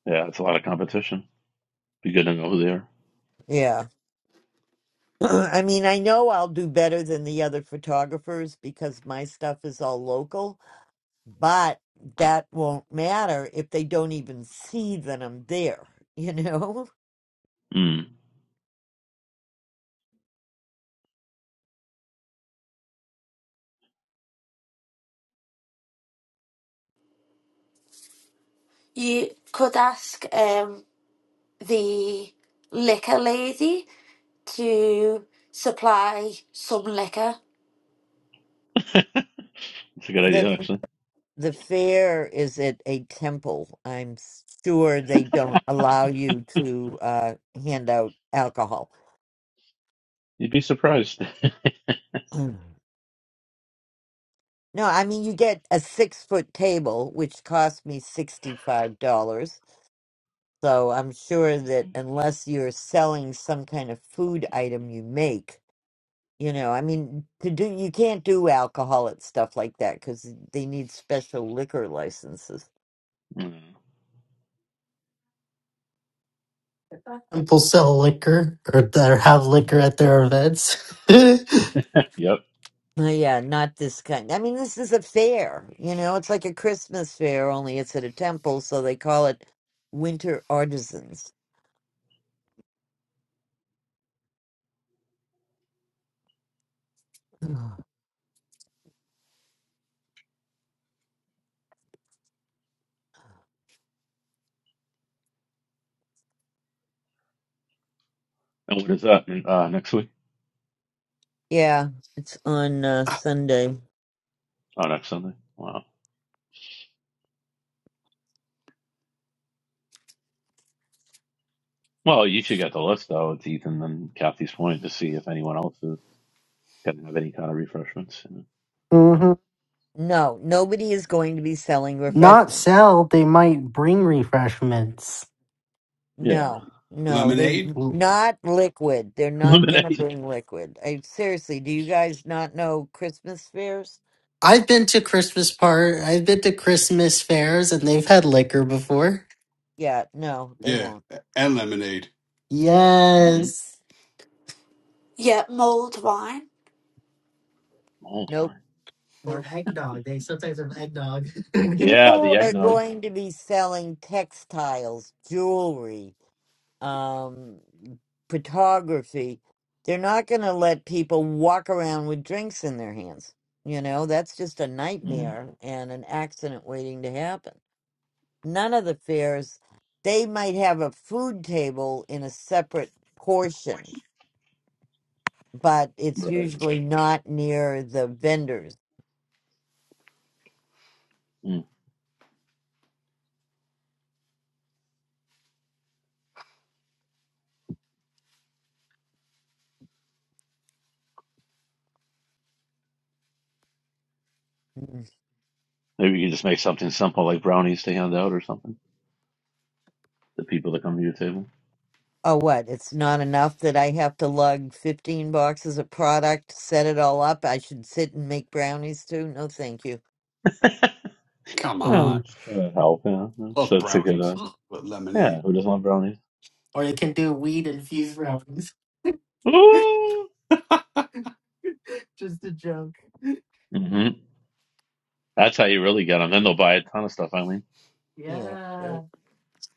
S3: Yeah, it's a lot of competition. Be good to know who they are.
S1: Yeah. (clears throat) I mean, I know I'll do better than the other photographers because my stuff is all local, but that won't matter if they don't even see that I'm there, you know?
S6: You could ask um the liquor lady to supply some liquor.
S3: Mm. (laughs) It's a
S1: (laughs)
S3: good
S1: That's
S3: idea, actually.
S1: The fair is at a temple. I'm sure they don't allow you to uh, hand out alcohol. (clears throat)
S3: You'd be surprised. (laughs)
S1: No, I mean, you get a six foot table, which cost me $65. So I'm sure that unless you're selling some kind of food item you make, you know, I mean, to do, you can't do alcohol at stuff like that because they need special liquor licenses.
S3: Mm.
S8: People sell liquor or that have liquor at their events. (laughs)
S3: Yep.
S1: Uh, Yeah, not this kind. I mean, this is a fair, you know, it's like a Christmas fair, only it's at a temple, so they call it Winter Artisans. Ugh.
S3: And what is that? Uh, next week?
S1: Yeah, it's on uh, Sunday.
S3: Oh, next Sunday. Wow. Well, you should get the list, though. It's Ethan and Kathy's point to see if anyone else is going to have any kind of refreshments.
S8: hmm
S1: No, nobody is going to be selling
S8: Not
S1: refreshments.
S8: sell, they might bring refreshments.
S3: Yeah.
S1: No, no, they
S5: Lemonade.
S1: not liquid. They're
S3: (laughs)
S1: not going to
S3: Lemonade.
S1: bring liquid. I seriously, do you guys not know Christmas fairs?
S8: I've been to Christmas part. I've been to Christmas fairs, and they've had liquor before.
S1: Yeah, no, they
S5: Yeah,
S1: won't.
S5: and lemonade.
S3: hmm
S8: Yes,
S6: Yeah, mulled wine,
S3: Mulled
S1: Nope,
S3: wine.
S1: nope.
S8: or eggnog. They sometimes have eggnog. (laughs)
S3: Yeah,
S1: people
S3: the
S1: are
S3: eggnog.
S1: going to be selling textiles, jewelry, um, photography. They're not going to let people walk around with drinks in their hands. You know, that's just a
S3: mm
S1: nightmare and an accident waiting to happen. None of the fairs, they might have a food table in a separate portion, but it's
S3: Right.
S1: usually not near the vendors.
S3: Mm. Maybe you can just make something simple like brownies to hand out or something. The people that come to your table.
S1: Oh, what? It's not enough that I have to lug 15 boxes of product, set it all up. I should sit and make brownies too. No, thank you.
S3: (laughs)
S5: Come
S3: Yeah,
S5: on,
S8: Oh.
S3: just try to help. Yeah, that's,
S5: love
S3: that's a good. Uh,
S5: brownies with, with lemonade.
S3: yeah, who doesn't want brownies?
S8: Or they can do weed infused rounds.
S3: Ooh.
S8: (laughs) Just a joke.
S3: hmm That's how you really get them. Then they'll buy a ton of stuff. I
S1: Yeah.
S8: Yeah.
S1: I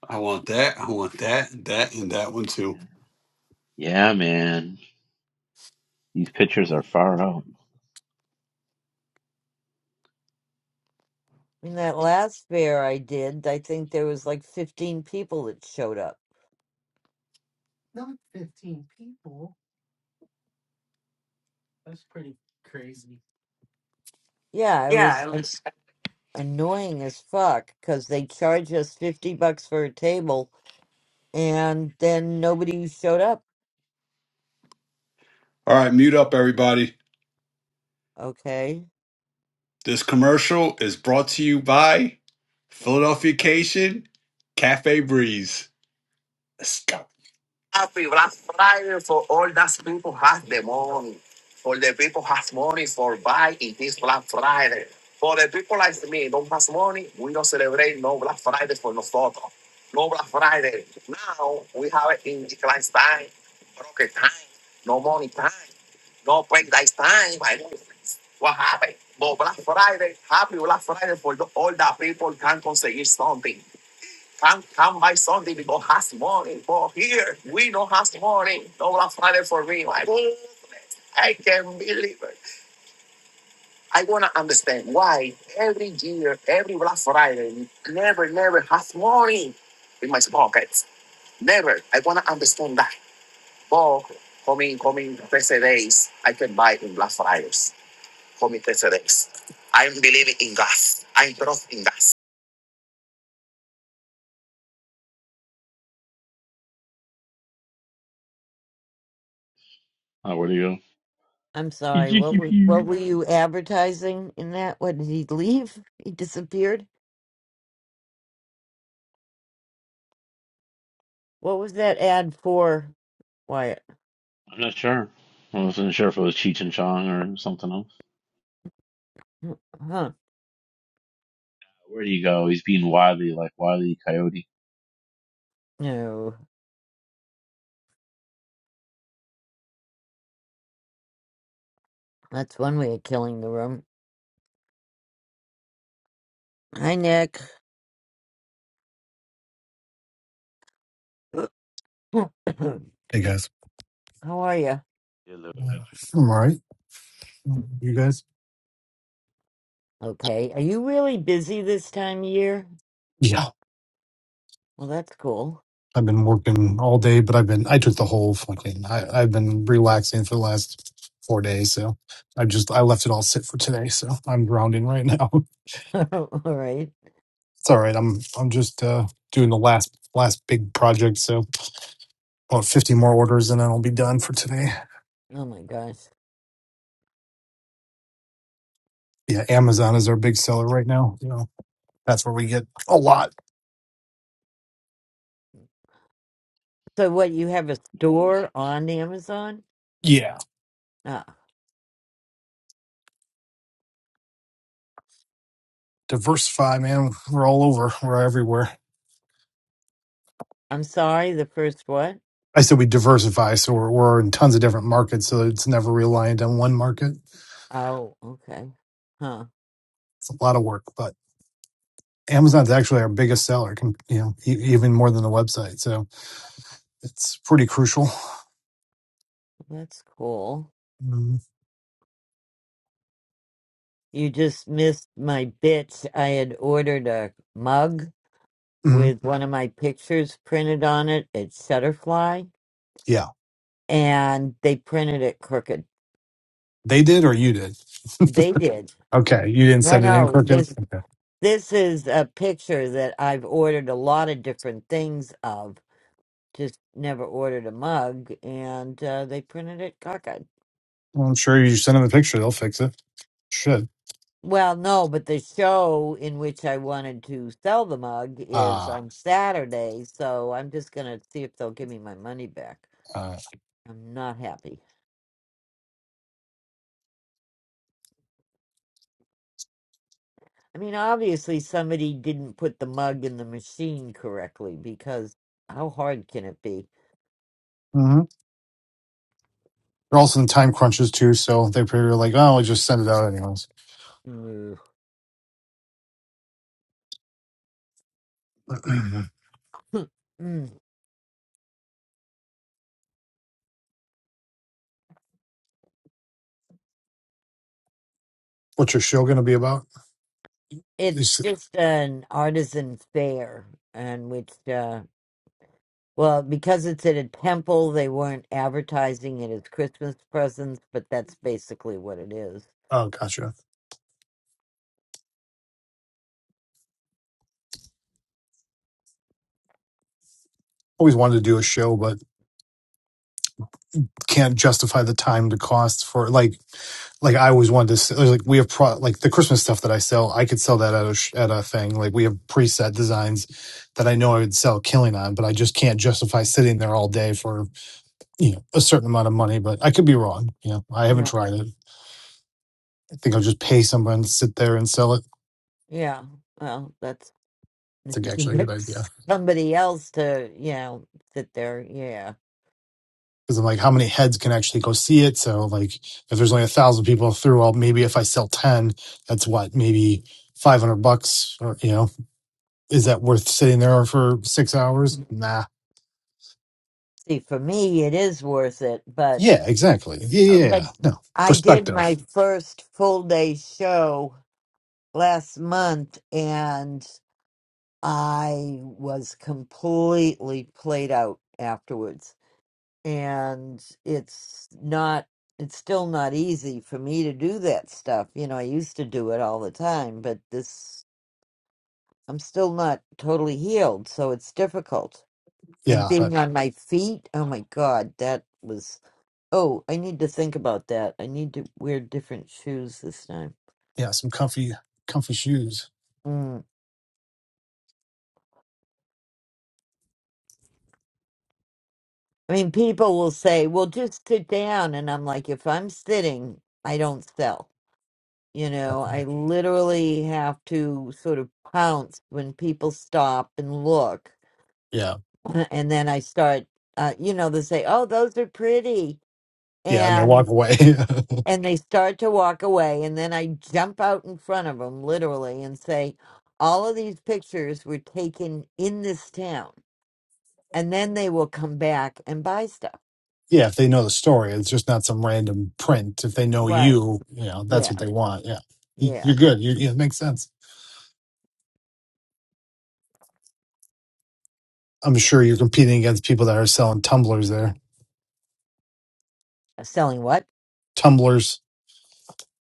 S5: I want that. I want that, that, and that one too.
S3: yeah, Yeah, man, these pictures are far out.
S1: mean, that last fair I did, I think there was like 15 people that showed up.
S8: Not 15 people. That's pretty crazy.
S1: Yeah, it was an- annoying as fuck because they charge us 50 bucks for a table and then nobody showed up.
S5: All right, mute up, everybody.
S1: Okay.
S5: This commercial is brought to you by Philadelphia Cation Cafe Breeze. Let's go. happy Black Friday for all those people has the money, for the people has money for buying this Black Friday. For the people like me, don't has money, we don't celebrate no Black Friday for nosotros. No Black Friday. Now we have it in decline time, broken time, no money time, no paradise time. My goodness. What happened? But Black Friday, happy Black Friday for the, all the people can conseguir something. Come, come by Sunday because has money. But here we don't have money. No one find it for me. Like, "Oh, I can't believe it. I wanna understand why every year, every Black Friday, never, never has money in my pockets. Never. I wanna understand that. But coming, coming 30 days, I can buy in Black Fridays. Coming 30 days. I'm believing in God. I'm trusting God.
S3: Oh, where do
S1: I'm sorry.
S3: you
S1: What were, what
S3: go?
S1: were you advertising in that? What did he leave? He disappeared? What was that ad for, Wyatt?
S3: (laughs) I'm not sure. I wasn't sure if it was Cheech and Chong or something else.
S1: Huh.
S3: Where do you go? He's being wily, like wily coyote.
S1: No. That's one way of killing the room. Hi, Nick. (coughs) How
S13: Hey guys.
S1: are you?
S3: Yeah, the
S13: I'm all right. You guys?
S1: Okay. Are you really busy this time of year?
S13: Yeah.
S1: Well, that's cool.
S13: I've been working all day, but I've been I took the whole fucking I, I've been relaxing for the last four days, so I just I left it all sit for today, so I'm grounding right now. (laughs)
S1: (laughs) All right.
S13: It's all right. I'm I'm just uh doing the last last big project, so about fifty more orders and then I'll be done for today.
S1: Oh, my gosh.
S13: Yeah, Amazon is our big seller right now. You know, that's where we get a lot.
S1: So, what, you have a
S3: noise.
S1: store on Amazon?
S13: Yeah.
S1: Uh,
S13: Diversify, man. We're all over. We're everywhere.
S1: I'm sorry, the first what?
S13: I said we diversify, so we're, we're in tons of different markets, so it's never reliant on one market.
S1: Oh, okay. Huh.
S13: It's a lot of work, but Amazon's actually our biggest seller, com- you know, e- even more than the website. So it's pretty crucial.
S1: That's cool.
S13: Mhm.
S1: You just missed my bits. I had ordered a mug
S13: Mhm.
S1: with one of my pictures printed on it at Shutterfly,
S13: Yeah,
S1: and they printed it crooked.
S13: they did or you did. (laughs)
S1: They did.
S13: okay, you didn't
S1: No,
S13: send it in,
S1: no.
S13: Crooked.
S1: This
S13: Okay,
S1: this is a picture that I've ordered a lot of different things of. Just never ordered a mug, and uh, they printed it crooked.
S13: well, I'm sure you send them the picture; they'll fix it. Should.
S1: Well, no, but the show in which I wanted to sell the mug is
S13: Ah,
S1: on Saturday, so I'm just gonna see if they'll give me my money back.
S13: uh,
S1: I'm not happy. I mean, obviously somebody didn't put the mug in the machine correctly because how hard can it be?
S13: hmm they're also in time crunches too, so they probably were like, "Oh, we'll just send it out anyways."
S1: Ugh.
S13: (clears throat)
S1: (laughs) Mm.
S13: What's your show going to be about? You
S1: It's
S13: s-
S1: just an artisan fair, and which, uh, well, because it's at a temple, they weren't advertising it as Christmas presents, but that's basically what it is.
S13: Oh, gotcha. always wanted to do a show, but can't justify the time, the cost for like, like I always wanted to s- like we have pro like the Christmas stuff that I sell, I could sell that at a sh- at a thing. Like we have preset designs that I know I would sell killing on, but I just can't justify sitting there all day for you know a certain amount of money. But I could be wrong. You know, I haven't
S1: Yeah.
S13: tried it. I think I'll just pay someone to sit there and sell it.
S1: Yeah. Well, that's if
S13: It's
S1: you
S13: like
S1: can
S13: actually a good
S1: get
S13: idea.
S1: somebody else to, you know, sit there. Yeah.
S13: because I'm like, how many heads can actually go see it? So like, if there's only a thousand people through, well, maybe if I sell ten, that's what maybe five hundred bucks, or you know, is that worth sitting there for six hours? Nah.
S1: See, for me, it is worth it, but.
S13: Yeah, exactly. Yeah, yeah, yeah.
S1: but
S13: no
S1: I did my
S13: perspective.
S1: first full day show last month and I was completely played out afterwards. And it's not, it's still not easy for me to do that stuff. You know, I used to do it all the time, but this, I'm still not totally healed. So it's difficult. And
S13: Yeah, that,
S1: being on my feet, oh my God, that was Oh, I need to think about that. I need to wear different shoes this time.
S13: yeah, some comfy, comfy shoes.
S1: Mm. I mean, people will say, well, just sit down. And I'm like, if I'm sitting, I don't sell. You know, I literally have to sort of pounce when people stop and look.
S13: Yeah,
S1: (clears throat) And then I start, uh, you know, they say, oh, those are pretty.
S13: yeah, and they walk
S1: And
S13: away. (laughs) yeah,
S1: and they start to walk away and then i jump out in front of them literally and say all of these pictures were taken in this town and then they will come back and buy stuff.
S13: if they know the story, it's just not some random print. If they know
S1: Right.
S13: you, you know, that's
S1: Yeah.
S13: what they want. Yeah, You-
S1: Yeah.
S13: you're good. You're, yeah, it makes sense. I'm sure you're competing against people that are selling tumblers there.
S1: Uh, Selling what?
S13: Tumblers.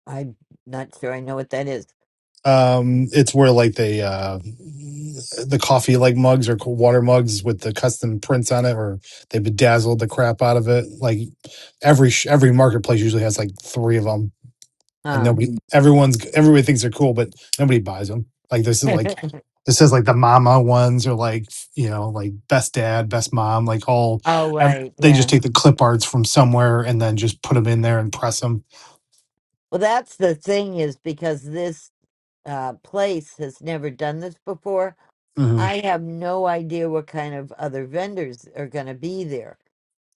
S1: I'm not sure I know what that is.
S13: Um, it's where like they uh, the coffee like mugs or co- water mugs with the custom prints on it, or they bedazzled the crap out of it. Like every sh- every marketplace usually has like three of them, and
S1: Huh.
S13: nobody, everyone's everybody thinks they're cool, but nobody buys them. Like this is
S1: (laughs)
S13: like this says like the mama ones are like you know like best dad, best mom, like all
S1: oh
S13: ev-
S1: right,
S13: they just
S1: yeah.
S13: take the clip arts from somewhere and then just put them in there and press them
S1: Well that's the thing is because this uh place has never done this before.
S13: hmm
S1: I have no idea what kind of other vendors are going to be there.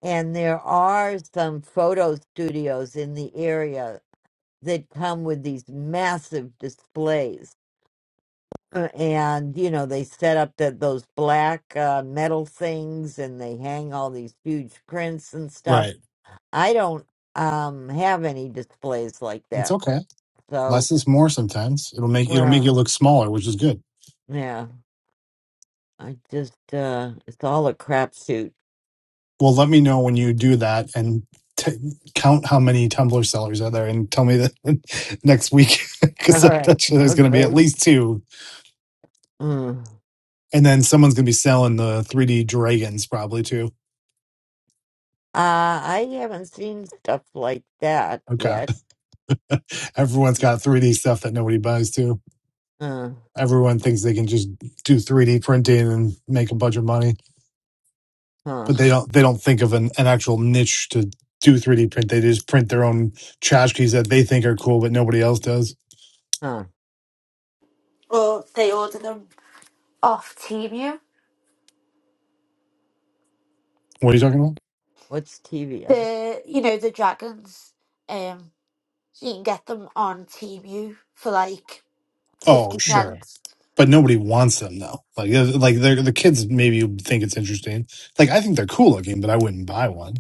S1: And there are some photo studios in the area that come with these massive displays Uh, and you know they set up that those black uh, metal things and they hang all these huge prints and stuff
S13: Right.
S1: i don't um have any displays like
S13: It's
S1: that
S13: okay.
S1: so
S13: Less is more sometimes. It'll make it'll make you
S1: well
S13: look smaller, which is good.
S1: yeah i just uh it's all a crapshoot
S13: Well, let me know when you do that and t- count how many Tumblr sellers are there, and tell me that (laughs) next week (laughs)
S1: (laughs) all
S13: because
S1: right
S13: that's sure there's going to be at
S1: okay
S13: least two,
S1: mm. uh
S13: and then someone's going to be selling the 3D dragons probably too.
S1: i haven't seen stuff like that
S13: Okay,
S1: yet
S13: (laughs) everyone's got 3D stuff that nobody buys too.
S1: uh
S13: Everyone thinks they can just do 3D printing and make a bunch of money.
S1: huh
S13: but they don't they don't think of an, an actual niche to do 3D print. They just print their own tchotchkes that they think are cool, but nobody else does.
S1: huh
S6: or they order them off Temu.
S13: What are you talking about?
S1: what's tv
S6: the you know the dragons um so you can get them on TeamU for like
S13: Oh,
S6: 50
S1: (laughs)
S13: sure,
S6: cents
S13: but nobody wants them though. Like uh, like they're, the kids maybe think it's interesting. Like I think they're cool looking, but I wouldn't buy one.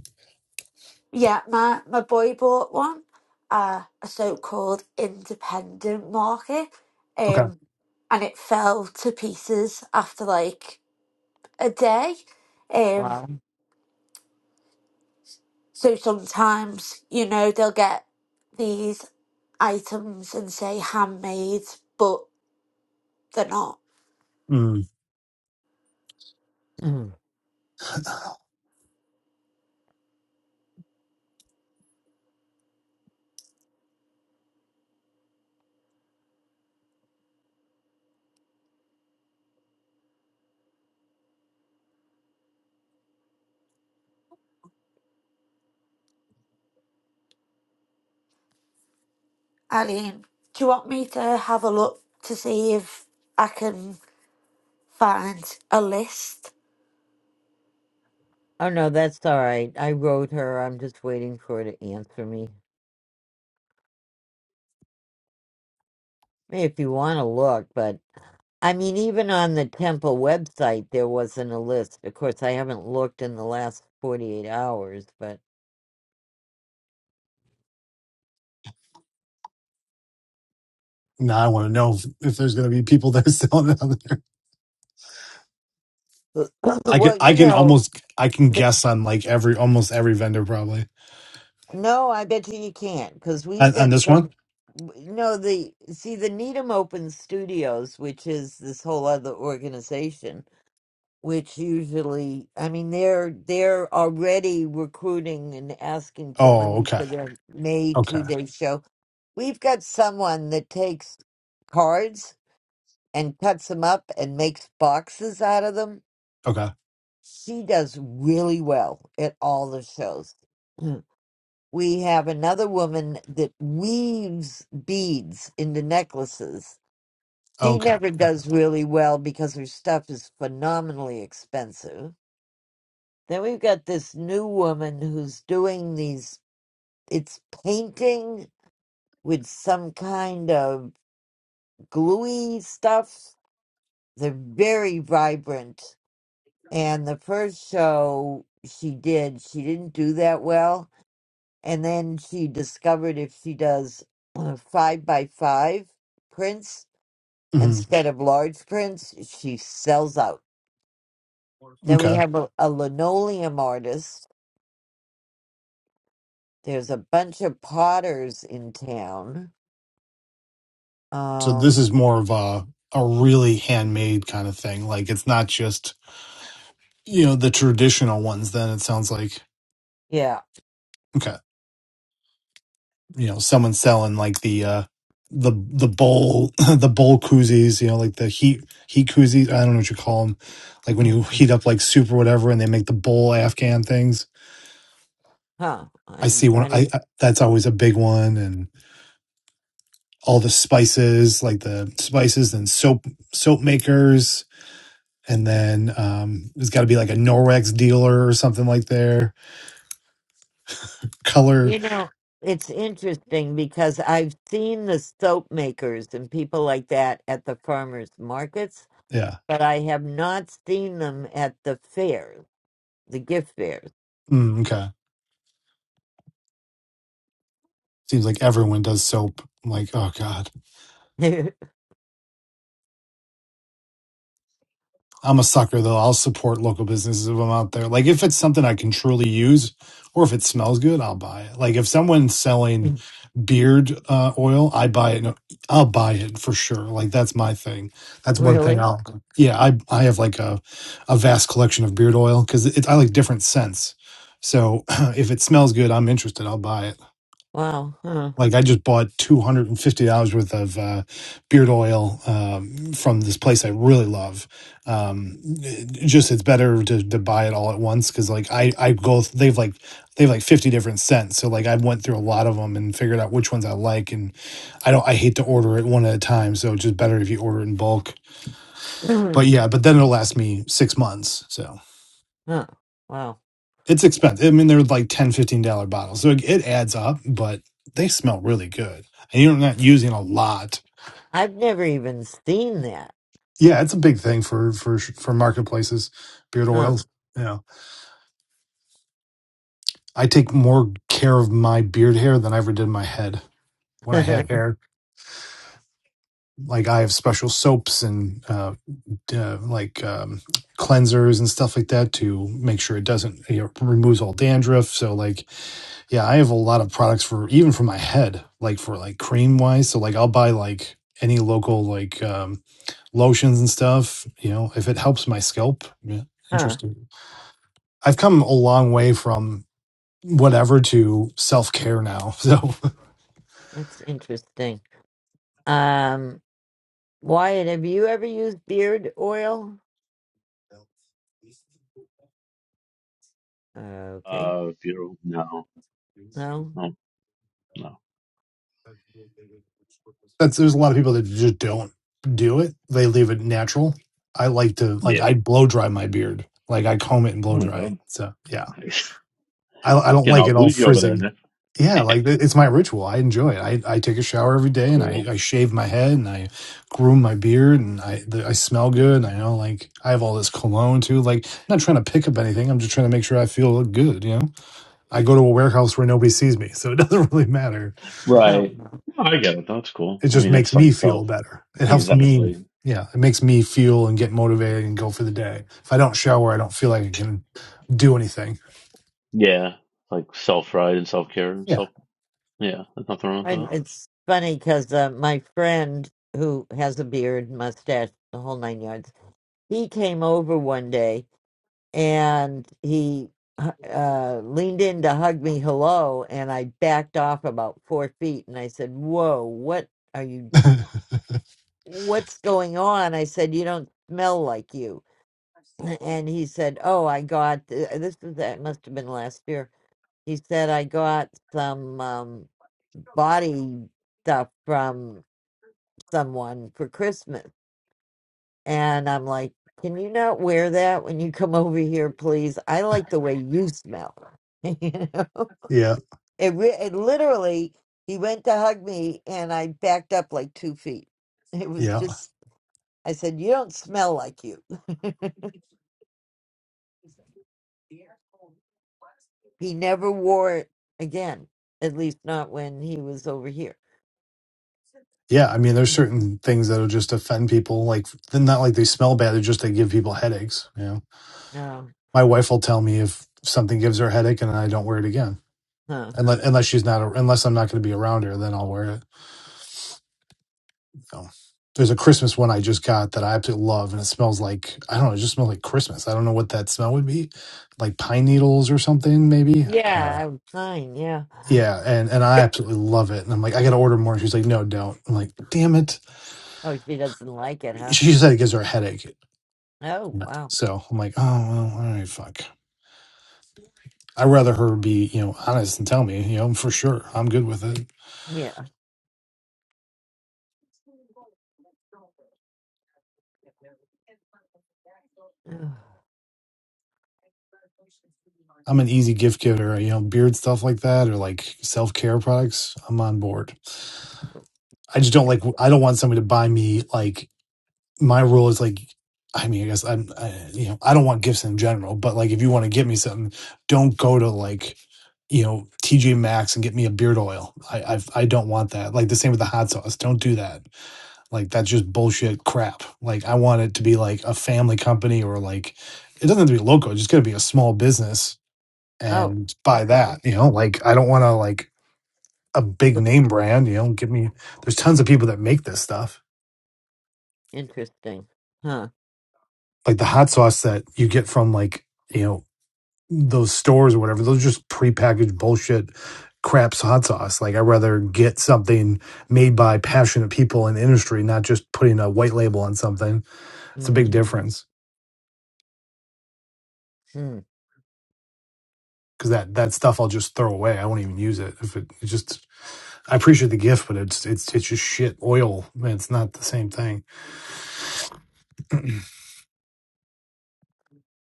S6: yeah my my boy bought one uh a so-called independent market
S13: Okay.
S6: um and it fell to pieces after like a day um
S1: wow
S6: so sometimes you know they'll get these items and say handmade but they're not
S13: Mm.
S6: Aline, do you want me to have a look to see if I can find a list?
S1: Oh no, that's all right. I wrote her. I'm just waiting for her to answer me. Hey, If you want to look, but I mean, even on the temple website, there wasn't a list. Of course, I haven't looked in the last 48 hours, but
S13: Now I want to know if, if there's going to be people (laughs) that are selling it out there.
S1: (clears throat)
S13: I can
S1: well,
S13: I
S1: you
S13: can
S1: know,
S13: almost I can guess on like every almost every vendor probably
S1: no, I bet you you can't because we've
S13: on, on
S1: got
S13: this one.
S1: some. w- No, the see the Needham Open Studios, which is this whole other organization. which usually i mean they're they're already recruiting and asking for
S13: Oh,
S1: money
S13: okay,
S1: for their may two
S13: okay,
S1: day show we've got someone that takes cards and cuts them up and makes boxes out of them
S13: okay,
S1: she does really well at all the shows (clears throat) we have another woman that weaves beads into necklaces
S13: okay,
S1: she never
S13: okay.
S1: does really well because her stuff is phenomenally expensive Then we've got this new woman who's doing these, it's painting with some kind of gluey stuff. They're very vibrant. And the first show she did, she didn't do that well. And then she discovered if she does uh, five by five prints
S13: hmm
S1: instead of large prints, she sells out. Then we
S13: Okay.
S1: have a, a linoleum artist. There's a bunch of potters in town
S13: So this
S1: Um,
S13: is more of a a really handmade kind of thing. Like it's not just you know the traditional ones. Then it sounds like
S1: yeah.
S13: okay, you know, someone's selling like the uh the the bowl (laughs) the bowl koozies. You know, like the heat heat koozies. I don't know what you call them. Like when you heat
S1: Mhm.
S13: up like soup or whatever, and they make the bowl Afghan things.
S1: Huh.
S13: I see
S1: I'm
S13: one.
S1: not
S13: I,
S1: even,
S13: I that's always a big one, and all the spices, like the spices and soap soap makers and then um, it's got to be like a Norwex dealer or something like there. Color,
S1: you know, it's interesting because I've seen the soap makers and people like that at the farmers markets,
S13: yeah.
S1: but I have not seen them at the fairs, the gift fairs.
S13: Mm, okay, seems like everyone does soap. I'm like, oh god.
S1: (laughs)
S13: I'm a sucker though. I'll support local businesses if I'm out there. Like if it's something I can truly use or if it smells good, I'll buy it. Like if someone's selling beard uh, oil, I buy it. No, I'll buy it for sure. Like that's my thing. That's one thing
S1: Really?
S13: I'll Yeah, I I have like a a vast collection of beard oil cuz it's I like different scents. So (clears throat) if it smells good, I'm interested. I'll buy it.
S1: Wow. Huh.
S13: Like I just bought two hundred and fifty dollars worth of uh, beard oil um, from this place I really love. Um, it- just it's better to, to buy it all at once because like I I go th- they've like they have like fifty different scents. So like I went through a lot of them and figured out which ones I like and I don't I hate to order it one at a time. So it's just better if you order it in bulk. But
S1: (clears throat)
S13: yeah, but then it'll last me six months. So
S1: huh. Wow.
S13: it's expensive. I mean they're like ten fifteen dollar bottles, so it, it adds up. But they smell really good and you're not using a lot
S1: I've never even seen that.
S13: Yeah, it's a big thing for for for marketplaces, beard
S1: Huh.
S13: oils. Yeah, I take more care of my beard hair than I ever did my head when I had
S1: (laughs)
S13: hair. Like I have special soaps and uh, uh, like um, cleansers and stuff like that to make sure it doesn't you know, removes all dandruff. So like, yeah, I have a lot of products for even for my head, like for like cream wise. So like, I'll buy like any local like um, lotions and stuff. You know, if it helps my scalp. Yeah,
S1: huh.
S13: interesting. I've come a long way from whatever to self care now. (laughs) So
S1: That's interesting. Um, Wyatt, have you ever used beard oil? Uh, Okay.
S3: Uh, Bureau. No,
S1: No.
S3: no, no.
S13: that's there's a lot of people that just don't do it. They leave it natural. I like to like
S3: Yeah.
S13: I blow dry my beard. Like I comb it and
S3: Oh
S13: blow
S3: my
S13: dry it.
S3: god.
S13: So yeah.
S3: Nice.
S13: I, I don't
S3: Getting
S13: like
S3: all
S13: it all
S3: bougie over there,
S13: frizzing.
S3: Nick.
S13: Yeah, like it- it's my ritual. I enjoy it. I, I take a shower every
S3: It's
S13: day and I,
S3: cool.
S13: I shave my head and I groom my beard and I the, I smell good.
S1: (laughs)
S13: And I know like I have all this cologne too. Like I'm not trying to pick up anything. I'm just trying to make sure I feel good. You know, I go to a warehouse where nobody sees me, so it (laughs) doesn't really matter.
S1: No.
S3: Right. No, I get it. That's cool.
S13: It
S3: I
S13: just
S3: mean,
S13: makes
S3: it's
S13: me
S3: like
S13: feel
S3: self.
S13: better. It helps me.
S3: Exactly.
S13: Yeah, it makes me feel and get motivated and go for the day. If I don't shower, I don't feel like I can do anything.
S3: Yeah. Like self pride and self care and
S13: Yeah.
S3: self. Yeah, there's nothing wrong with
S1: And
S3: that.
S1: it's funny because uh, my friend who has a beard, mustache, the whole nine yards, he came over one day and he uh, leaned in to hug me hello, and I backed off about four feet and I said, Whoa, what are you?
S13: (laughs)
S1: What's going on? I said, You don't smell like you. (clears throat) And he said, Oh, I got th- this. Was, that must have been last year He said I got some um, body stuff from someone for Christmas. And I'm like, can you not wear that when you come over here, please? I like the way you smell. (laughs) you know,
S13: yeah,
S1: it, re- it literally, he went to hug me and I backed up like two feet. It was
S13: yeah,
S1: just, I said, you don't smell like you. (laughs) he never wore it again, at least not when he was over here.
S13: yeah. I mean, there's certain things that'll just offend people. Like, they're not like they smell bad; they're just they give people headaches. You know,
S1: No.
S13: my wife will tell me if something gives her a headache, and I don't wear it again, unless unless she's not unless I'm not going to be around her, then I'll wear it. Um, there's a Christmas one I just got that I absolutely love, and it smells like I don't know. It just smells like Christmas. I don't know what that smell would be, like pine needles or something, maybe. Uh,
S1: Yeah, I'm fine. Yeah.
S13: yeah, and and I absolutely love it. And I'm like, I gotta order more. She's like, No, don't. I'm like, Damn it.
S1: Oh, she doesn't like it, huh?
S13: She said it gives her a headache.
S1: Oh, wow.
S13: So I'm like, Oh well, all right, fuck. I'd rather her be you know honest and tell me you know for sure. I'm good with it.
S1: Yeah. Oh,
S13: I'm an easy gift giver. You know, beard stuff like that or like self care products. I'm on board. I just
S1: Let's
S13: don't
S1: see.
S13: like. I don't want somebody to buy me like my rule is like. I mean, I guess I'm. I, you know, I don't want gifts in general, but like if you want to get me something, don't go to like you know TJ Maxx and get me a beard oil. I I've, I i do not want that. Like the same with the hot sauce. Don't do that. Like that's just bullshit crap. Like I want it to be like a family company or like it doesn't have to be local. It's just got to be a small business
S1: Oh,
S13: and buy that.
S1: okay.
S13: You know, like I don't want to like a big name brand. You know, give me. There's tons of people that make this stuff
S1: Interesting. Huh.
S13: like the hot sauce that you get from like you know those stores or whatever those are just prepackaged bullshit crap hot sauce like i'd rather get something made by passionate people in the industry not just putting a white label on something it's a big
S1: Hmm.
S13: difference
S1: Hmm.
S13: because that that stuff i'll just throw away i won't even use it if it, it just i appreciate the gift but it's it's it's just shit oil man it's not the same thing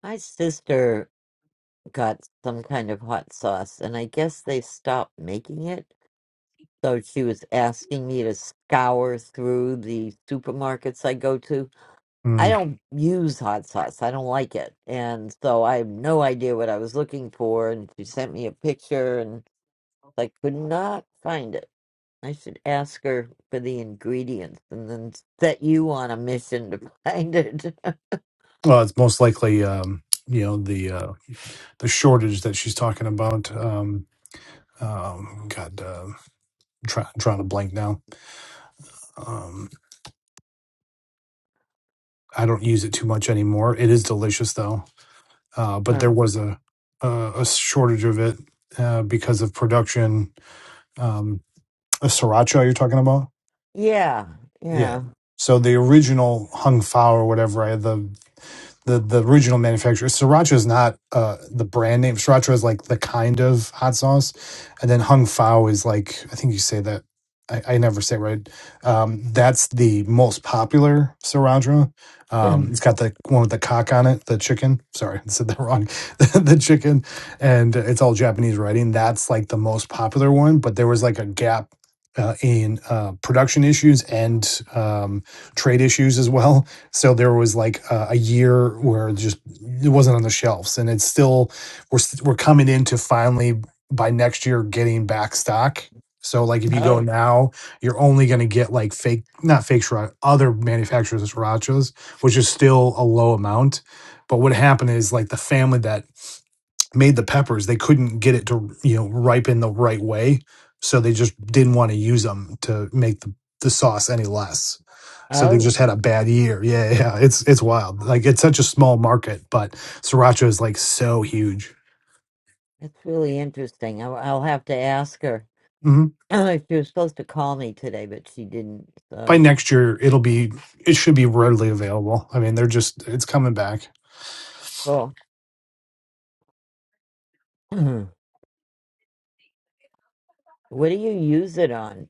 S1: My sister got some kind of hot sauce, and I guess they stopped making it. So she was asking me to scour through the supermarkets I go to. I
S13: mm.
S1: don't use hot sauce. I don't like it. And so I have no idea what I was looking for. And she sent me a picture, and. I could not find it. I should ask her for the ingredients and then set you on a mission to find it. (laughs)
S13: well it's most likely um you know the uh the shortage that she's talking about um um god uh, try, trying to blank now. Um, I don't use it too much anymore. It is delicious though, uh, but there
S1: Um,
S13: was a a, a shortage of it uh, because of production. Um, a sriracha you're talking about?
S1: yeah,
S13: Yeah.
S1: yeah.
S13: So the original hung fao or whatever, I had the the the original manufacturer. Sriracha is not uh, the brand name. Sriracha is like the kind of hot sauce, and then Hung Fao is like I think you say that. I, I never say it right. Um, that's the most popular sriracha.
S1: (clears throat)
S13: Um, it's
S1: oh,
S13: got the one with the cock on it, the chicken. Sorry, I said that wrong. (laughs) the chicken, and it's all Japanese writing. That's like the most popular one. But there was like a gap uh, in uh, production issues and um, trade issues as well so there was like a, a year where just it wasn't on the shelves, and it's still we're st- we're coming into finally by next year getting back stock. So like if you go now, you're only going to get like fake, not fake sriracha, other manufacturers of srirachas, which is still a low amount. But what happened is like the family that made the peppers, they couldn't get it to you know ripen the right way, so they just didn't want to use them to make the, the sauce any less. So they
S1: oh,
S13: just had a bad year. Yeah, yeah, yeah, it's it's wild. Like it's such a small market, but sriracha is like so huge.
S1: that's really interesting. I'll, I'll have to ask her.
S13: hmm
S1: (clears throat) she was supposed to call me today, but she didn't.
S13: By
S1: So
S13: next year, it'll be it should be readily available. I mean, they're just it's coming back.
S1: cool. (clears throat) what do you use it on?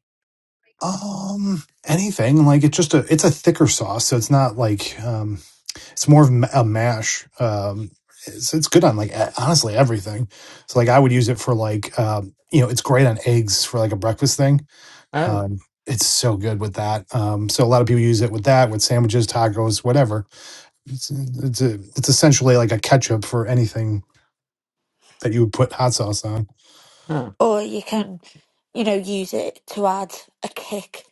S13: Um, anything like it's just a it's a thicker sauce, so it's not like um It's more of a mash. Um, it's, it's good on like e- honestly everything. So like I would use it for like um, you know it's great on eggs for like a breakfast thing.
S1: Oh,
S13: Um, it's so good with that. Um, so a lot of people use it with that with sandwiches, tacos, whatever. It's it's a, it's essentially like a ketchup for anything that you would put hot sauce on.
S1: huh.
S6: Or you can, you know, use it to add a kick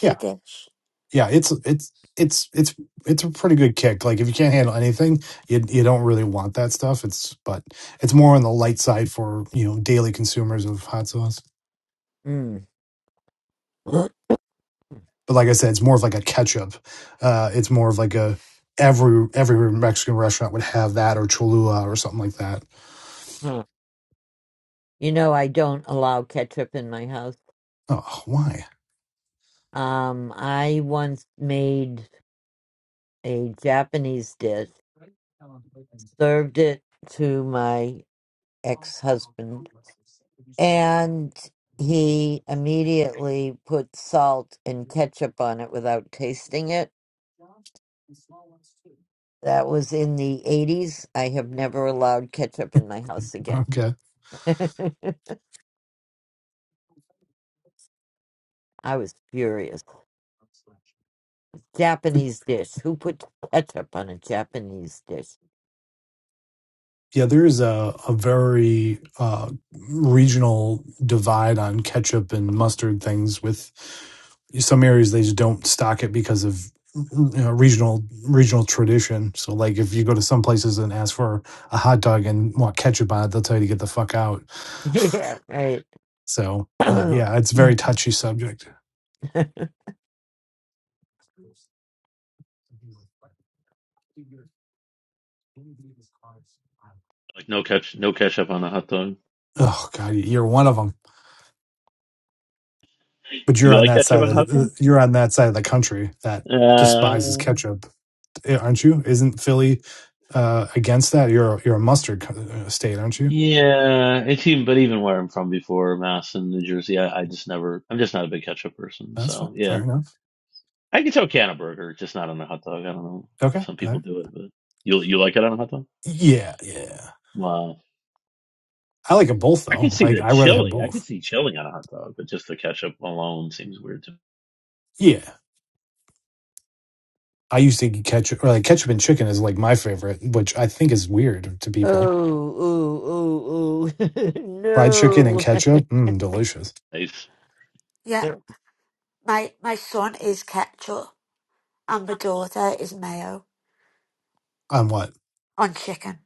S13: Yeah.
S6: a dish.
S13: yeah, it's it's it's it's it's a pretty good kick. Like if you can't handle anything, you you don't really want that stuff. It's but it's more on the light side for you know daily consumers of hot sauce.
S1: Mm. (clears throat)
S13: But like I said, it's more of like a ketchup. Uh, it's more of like a every every Mexican restaurant would have that or Cholula or something like that.
S1: Huh. You know, I don't allow ketchup in my house.
S13: Oh, why?
S1: Um, I once made. a Japanese dish, served it to my ex husband, and he immediately put salt and ketchup on it without tasting it. That was in the 80s. I have never allowed ketchup in my house again.
S13: Okay.
S1: (laughs) I was furious. Japanese dish. Who put ketchup on a Japanese dish? (laughs)
S13: Yeah, there is a, a very uh, regional divide on ketchup and mustard things. With some areas, they just don't stock it because of you know, regional regional tradition. So, like if you go to some places and ask for a hot dog and want ketchup on it, they'll tell you to get the fuck out. (laughs)
S1: Yeah, right.
S13: So, uh,
S1: (coughs)
S13: yeah, it's a very touchy subject.
S1: (clears throat)
S3: Like no catch, no ketchup on a hot dog.
S13: Oh God, you're one of them, but you're
S3: You
S13: on
S3: like
S13: that
S3: ketchup
S13: side
S3: on a
S13: of
S3: hot dog?
S13: the, you're on that side of the country that despises
S3: Uh.
S13: ketchup. eh, aren't you? Isn't Philly uh, against that? You're you're a mustard co- uh, state, aren't you?
S3: Yeah, it's even, but even where I'm from before, Mass and New Jersey, I, I just never, I'm just not a big ketchup person.
S13: That's fine.
S3: So yeah,
S13: Fair enough.
S3: I can tell can a burger, just not on a hot dog. I don't know.
S13: Okay.
S3: Some
S13: All
S3: people
S13: right.
S3: do it, but you you like it on a hot dog?
S13: Yeah, yeah.
S3: Wow.
S13: I like them both
S3: I could
S13: though.
S3: see
S13: Like
S3: the
S13: I rather have
S3: chili. I could
S13: both.
S3: see chili on a hot dog, but just the ketchup alone seems weird to me.
S13: Yeah. I used to eat ketchup or like ketchup and chicken is like my favorite, which I think is weird to
S1: Oh,
S13: people.
S1: ooh, ooh,
S13: Fried chicken and
S1: ooh. (laughs) No.
S13: ketchup, mm, delicious.
S3: Nice.
S6: Yeah,
S1: (laughs)
S6: my, my son is ketchup and my daughter is mayo
S13: On what?
S6: on chicken.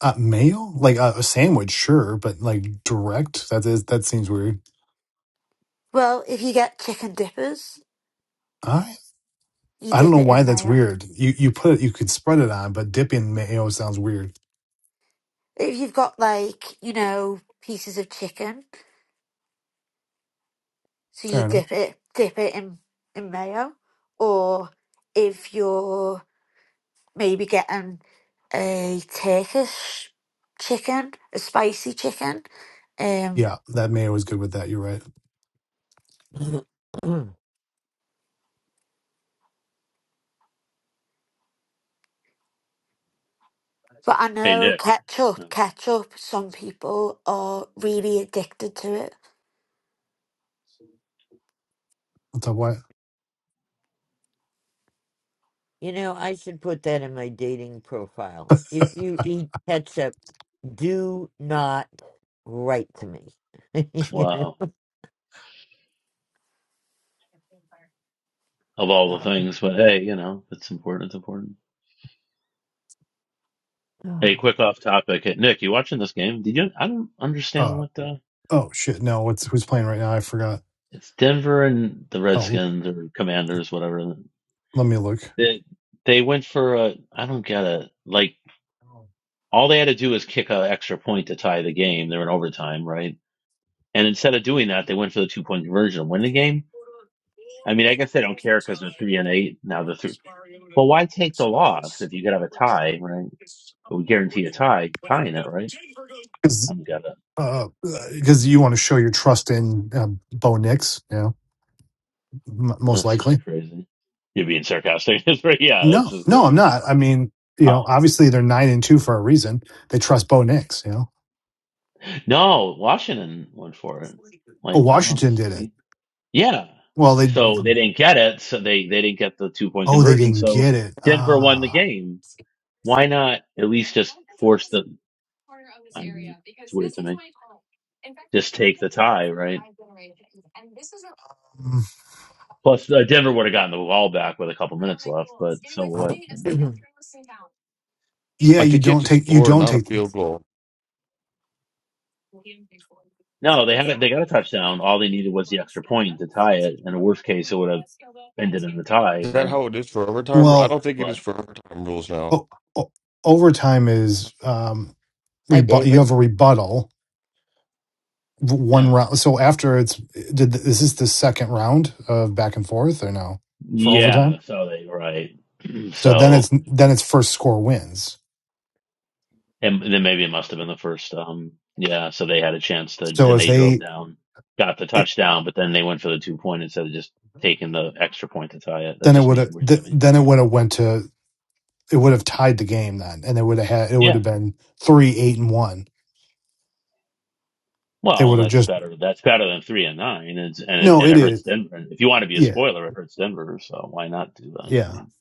S13: Uh, mayo? Like uh, a sandwich, sure, but like direct. That is that seems weird.
S6: Well, if you get chicken dippers,
S13: I
S6: you
S13: I don't
S6: dip
S13: know
S6: it
S13: why
S6: in
S13: that's
S6: mayo.
S13: weird. You you put it, you could spread it on, but dipping mayo sounds weird.
S6: If you've got like, you know, pieces of chicken, so you
S13: Fair enough.
S6: dip it, dip it in, in mayo. Or if you're maybe getting a Turkish chicken, a spicy chicken. Um,
S13: Yeah, that man was good with that. You're right.
S1: (clears throat) you
S6: but I
S3: Hey,
S6: know
S3: Nick.
S6: ketchup, ketchup, some people are really addicted to it.
S13: What's up, Wyatt?
S1: know, I should put that in my dating profile. If you eat ketchup, do not write to me. (laughs) You
S3: Wow. Of all the things, but hey, you know, if it's important. It's important. Hey,
S1: know?
S3: quick off topic. Hey, Nick, you watching this game? Did you? I don't understand
S13: Uh,
S3: what.
S13: oh shit. No, what's who's playing right now? I forgot.
S3: It's Denver and the
S13: Oh,
S3: Redskins or Commanders, whatever.
S13: let me look.
S3: They they went for a I don't get it. Like all they had to do was kick an extra point to tie the game. They're in overtime, right? And instead of doing that, they went for the two point conversion and win the game. I mean, I guess they don't care because there's three and eight now. The three. Well, why take the loss if you could have a tie, right? It would guarantee a tie, tying it, right?
S13: Because
S3: I'm gonna.
S13: because you want to show your trust in uh, Bo Nix, you know, m- most
S3: That's just
S13: likely.
S3: crazy. You're being sarcastic, (laughs) yeah. That's
S13: No,
S3: just
S13: no, I'm
S3: crazy.
S13: not. I mean, you
S3: Oh.
S13: know, obviously they're nine and two for a reason. They trust Bo Nix. You know,
S3: No, Washington went for it.
S13: oh,
S3: Like I don't
S13: Washington did it.
S3: see. Yeah.
S13: Well, they
S3: So they didn't get it. So they they didn't get the two point
S13: oh they
S3: conversion.
S13: didn't
S3: So
S13: get it.
S3: Denver won the
S13: Ah,
S3: game. Why not at least just force the? I don't know. It's weird to me. Just take the tie, right?
S13: Mm.
S3: Plus uh, Denver would have gotten the ball back with a couple minutes left. But so what? I mean,
S1: (clears throat)
S13: yeah,
S14: I
S13: you
S14: think you have
S13: don't
S14: to
S13: take you
S14: score,
S13: don't
S14: not a
S13: take.
S14: field goal.
S3: no, they haven't. They got a touchdown. All they needed was the extra point to tie it. In a worst case, it would have ended in the tie,
S14: Is that
S3: right?
S14: how it is for overtime? I
S13: Well,
S14: don't think it is
S3: But
S14: for overtime rules now.
S13: oh, oh, overtime is. Um,
S1: Hi,
S13: rebut. You
S1: David.
S13: have a rebuttal
S3: yeah.
S13: one round. So after it's did th- is this the second round of back and forth or no for overtime?
S3: Yeah, so they right. (clears throat)
S13: So then
S3: So
S13: it's then it's first score wins.
S3: and then maybe it must have been the first um yeah, so they had a chance to
S13: So
S3: and
S13: if
S3: they drove
S13: they
S3: down, got the
S13: it,
S3: touchdown, but then they went for the two point instead of just taking the extra point to tie it. That
S13: then it
S3: just
S13: would
S3: made it
S13: have
S3: weird to
S13: th-
S3: me.
S13: then it would have went to it would have tied the game then, and it would have had it would
S3: Yeah.
S13: have been three eight and one. They
S3: Well,
S13: would have
S3: that's
S13: just
S3: better. That's better than three and nine, and it's, and it,
S13: no.
S3: and
S13: It
S3: it hurts
S13: is
S3: Denver. And if you want to be a
S13: yeah
S3: spoiler, it hurts Denver. So why not do that? I
S13: yeah.
S3: mean,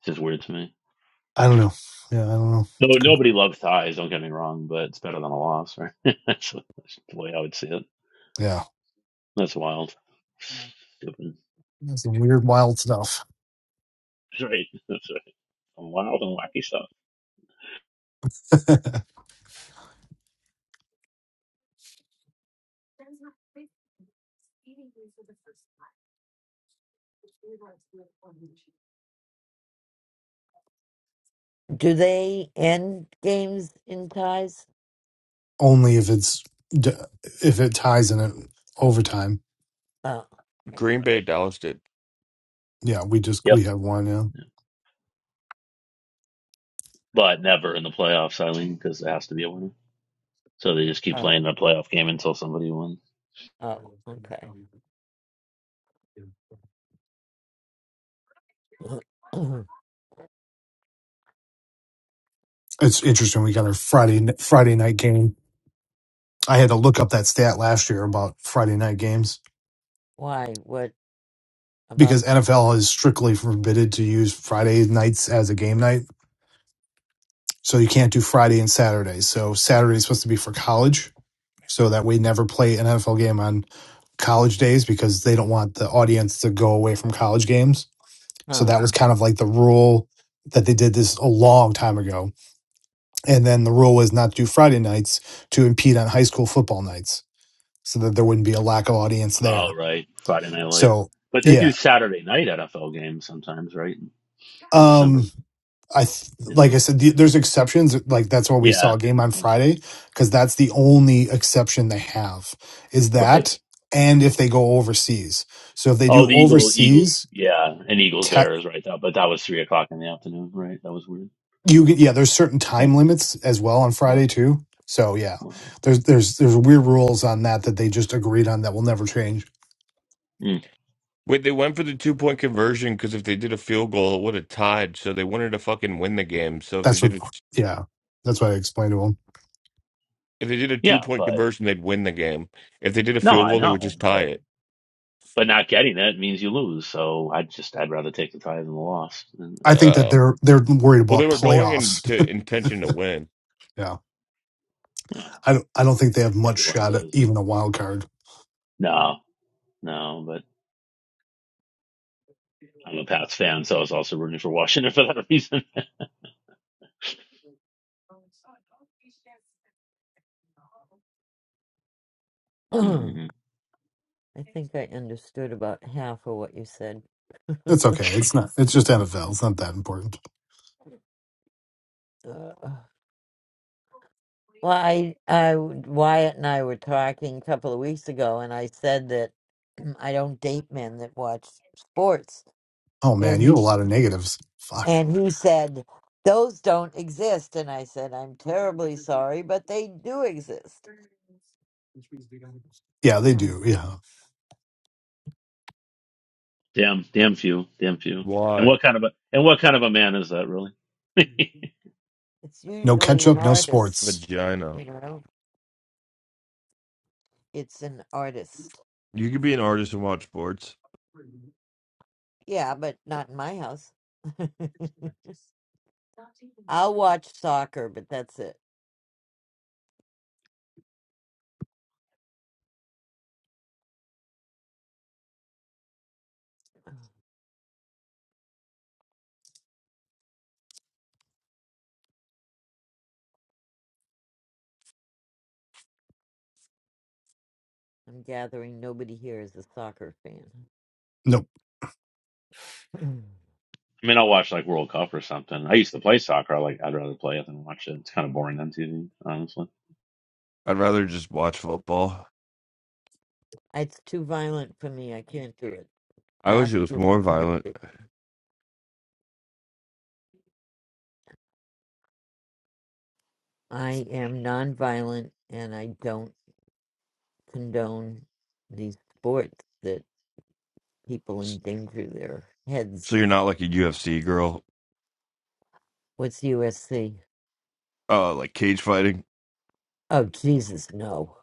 S3: it's just weird to me.
S13: I don't know. Yeah, I don't know.
S3: No,
S13: It's good.
S3: nobody loves ties. Don't get me wrong, but it's better than a loss, right? (laughs) that's, that's the way I would see it.
S13: Yeah.
S3: That's wild. Stupid. (laughs)
S13: That's some weird, wild stuff.
S3: Right. That's right. wild and wacky stuff.
S1: Do they end games in ties?
S13: Only if it's d- if it ties in it overtime.
S1: Oh,
S14: Green Bay,
S3: Right.
S14: Dallas did.
S13: Yeah, we just
S3: Yep.
S13: we have one. Yeah,
S3: Yeah. But never in the playoffs, Eileen, because there has to be a winner. So they just keep
S1: oh,
S3: playing the playoff game until somebody wins.
S1: oh, okay. (clears throat)
S13: it's interesting. We got our Friday n- Friday night game. I had to look up that stat last year about Friday night games
S1: Why? What about?
S13: because NFL is strictly forbidden to use Friday nights as a game night. So you can't do Friday and Saturday. So Saturday is supposed to be for college. So that we never play an NFL game on college days because they don't want the audience to go away from college games So
S1: Huh.
S13: that was kind of like the rule that they did this a long time ago. And then the rule was not to do Friday nights to impede on high school football nights so that there wouldn't be a lack of audience
S3: Oh,
S13: there.
S3: right. Friday Night Lights.
S13: So,
S3: But they
S13: yeah.
S3: do Saturday night NFL games sometimes, right? In December,
S13: Um, I th-
S3: you
S13: like
S3: know?
S13: I said, the,
S3: Yeah.
S13: there's exceptions. Like that's why we
S3: Yeah.
S13: saw a game on
S3: Yeah.
S13: Friday because that's the only exception they have is
S3: Right.
S13: that, and if they go overseas. So if they
S3: Oh,
S13: do
S3: the Eagles, Eagles,
S13: overseas,
S3: yeah, and Eagles
S13: te-
S3: Bears, right? That, but that was three o'clock in the afternoon, right? That was weird.
S13: you get- yeah there's certain
S3: Yep.
S13: time limits as well on
S3: Yep.
S13: friday too so yeah
S3: Wow.
S13: there's there's there's weird rules on that that they just agreed on that will never change
S3: Mm.
S14: Wait, they went for the two point conversion because if they did a field goal, it would have tied. So they wanted to fucking win the game. So if they
S13: that's what
S14: did a
S13: yeah that's what i explained to them
S14: if they did a two
S3: Yeah,
S14: point
S3: but
S14: conversion, they'd win the game. If they did a
S3: no,
S14: field
S3: I
S14: goal, they would
S3: know,
S14: just
S3: but
S14: tie it.
S3: but not getting it means you lose. So I just I'd rather take the tie than the loss. And,
S13: i think that
S14: Uh,
S13: they're they're worried
S14: well, they
S13: about
S14: were going
S13: playoffs
S14: into intention to win.
S13: (laughs) yeah
S3: you know,
S13: i don't i don't think they have much
S3: everyone
S13: shot at
S3: says "Well,
S13: even a wild card
S3: no, no, but I'm a Pats fan, so I was also rooting for Washington (laughs) for that reason.
S1: (clears throat)
S3: (laughs)
S1: I
S3: Mm-mm-mm.
S1: think I understood about half of what you said.
S13: It's okay. It's not. It's just NFL. It's not that important.
S1: (clears throat) Well, I, I, Wyatt and I were talking a couple of weeks ago, and I said that (clears throat) I don't date men that watch sports,
S13: Oh man,
S1: and
S13: you have
S1: he,
S13: a lot of negatives. Fuck.
S1: and he said those don't exist, and I said I'm terribly sorry, but they do exist.
S13: Yeah, they
S1: (clears throat)
S13: do. Yeah.
S3: Damn, damn few, damn few. And
S14: Why?
S3: what kind of a and what kind of a man is that really? (laughs) I
S1: It's
S13: No
S1: usually an
S13: ketchup. No
S1: artist,
S13: sports.
S14: Vagina.
S1: you know. It's an artist.
S14: You could be an artist and watch sports.
S1: Yeah, but not in my house. (laughs) I'll watch soccer, but that's it. I'm gathering nobody here is a soccer fan.
S13: Nope.
S1: (clears throat)
S3: mean, I'll watch like World Cup or something. I used to play soccer. I like I'd rather play it than watch it. It's kind of boring on TV, honestly.
S14: I'd rather just watch football.
S1: It's too violent for me. I can't do it.
S14: I wish it was
S1: Absolutely
S14: more
S1: can't
S14: violent.
S1: do it. I am nonviolent and I don't condone these sports that people endanger their heads.
S14: So you're not like a UFC girl,
S1: What's USC?
S14: uh, like cage fighting
S1: Oh, Jesus, no.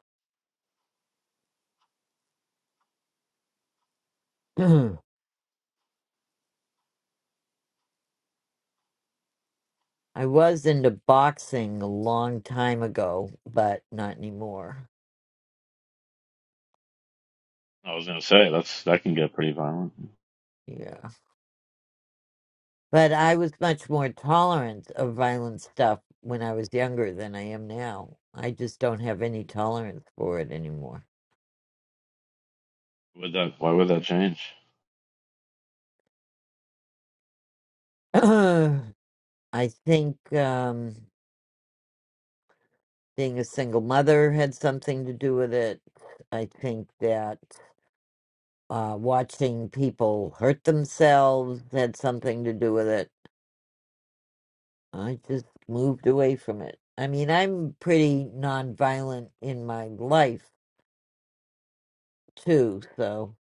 S1: (clears throat) I was into boxing a long time ago, but not anymore.
S3: I was gonna say that's that can get pretty violent.
S1: Yeah. But I was much more tolerant of violent stuff when I was younger than I am now. I just don't have any tolerance for it anymore.
S3: Would that? Why would that change?
S1: (clears throat) I think um, being a single mother had something to do with it. I think that uh, watching people hurt themselves had something to do with it. I just moved away from it. I mean, I'm pretty nonviolent in my life too, so.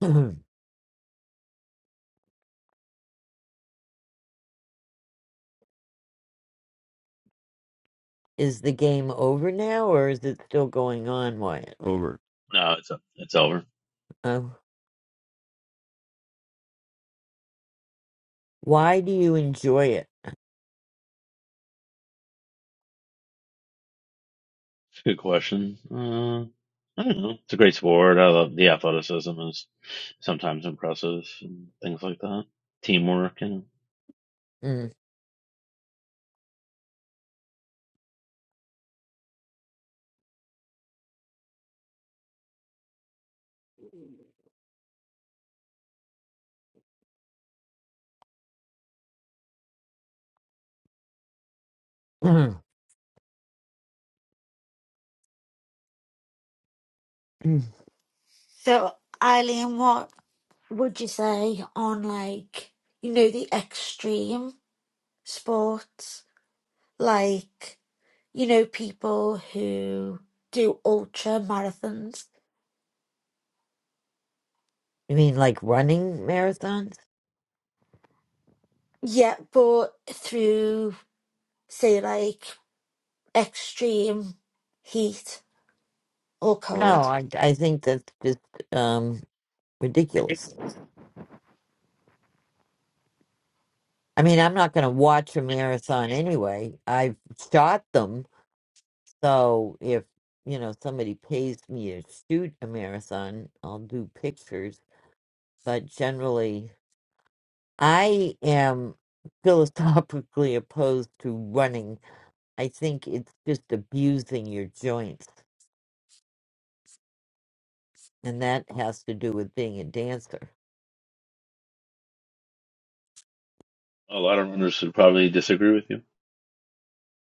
S1: (clears throat) is the game over now or is it still going on, Wyatt?
S14: over
S3: No, it's it's over.
S1: Uh, why do you enjoy it?
S3: It's a good question. Uh, I don't know. It's a great sport. I love the athleticism is sometimes impressive and things like that. Teamwork and
S1: Mm. (clears throat) you
S6: So, Eileen, what would you say on like, you know, the extreme sports? Like, you know, people who do ultra marathons.
S1: mean like running marathons?
S6: Yeah, but through, say, like extreme heat or
S1: No,
S6: cold.
S1: I I think that's just um ridiculous. I mean, I'm not going to watch a marathon anyway. I've shot them, so if you know somebody pays me to shoot a marathon, I'll do pictures. But generally, I am (laughs) philosophically opposed to running. I think it's just abusing your joints, and that has to do with being a dancer.
S3: a lot of runners would probably disagree with you.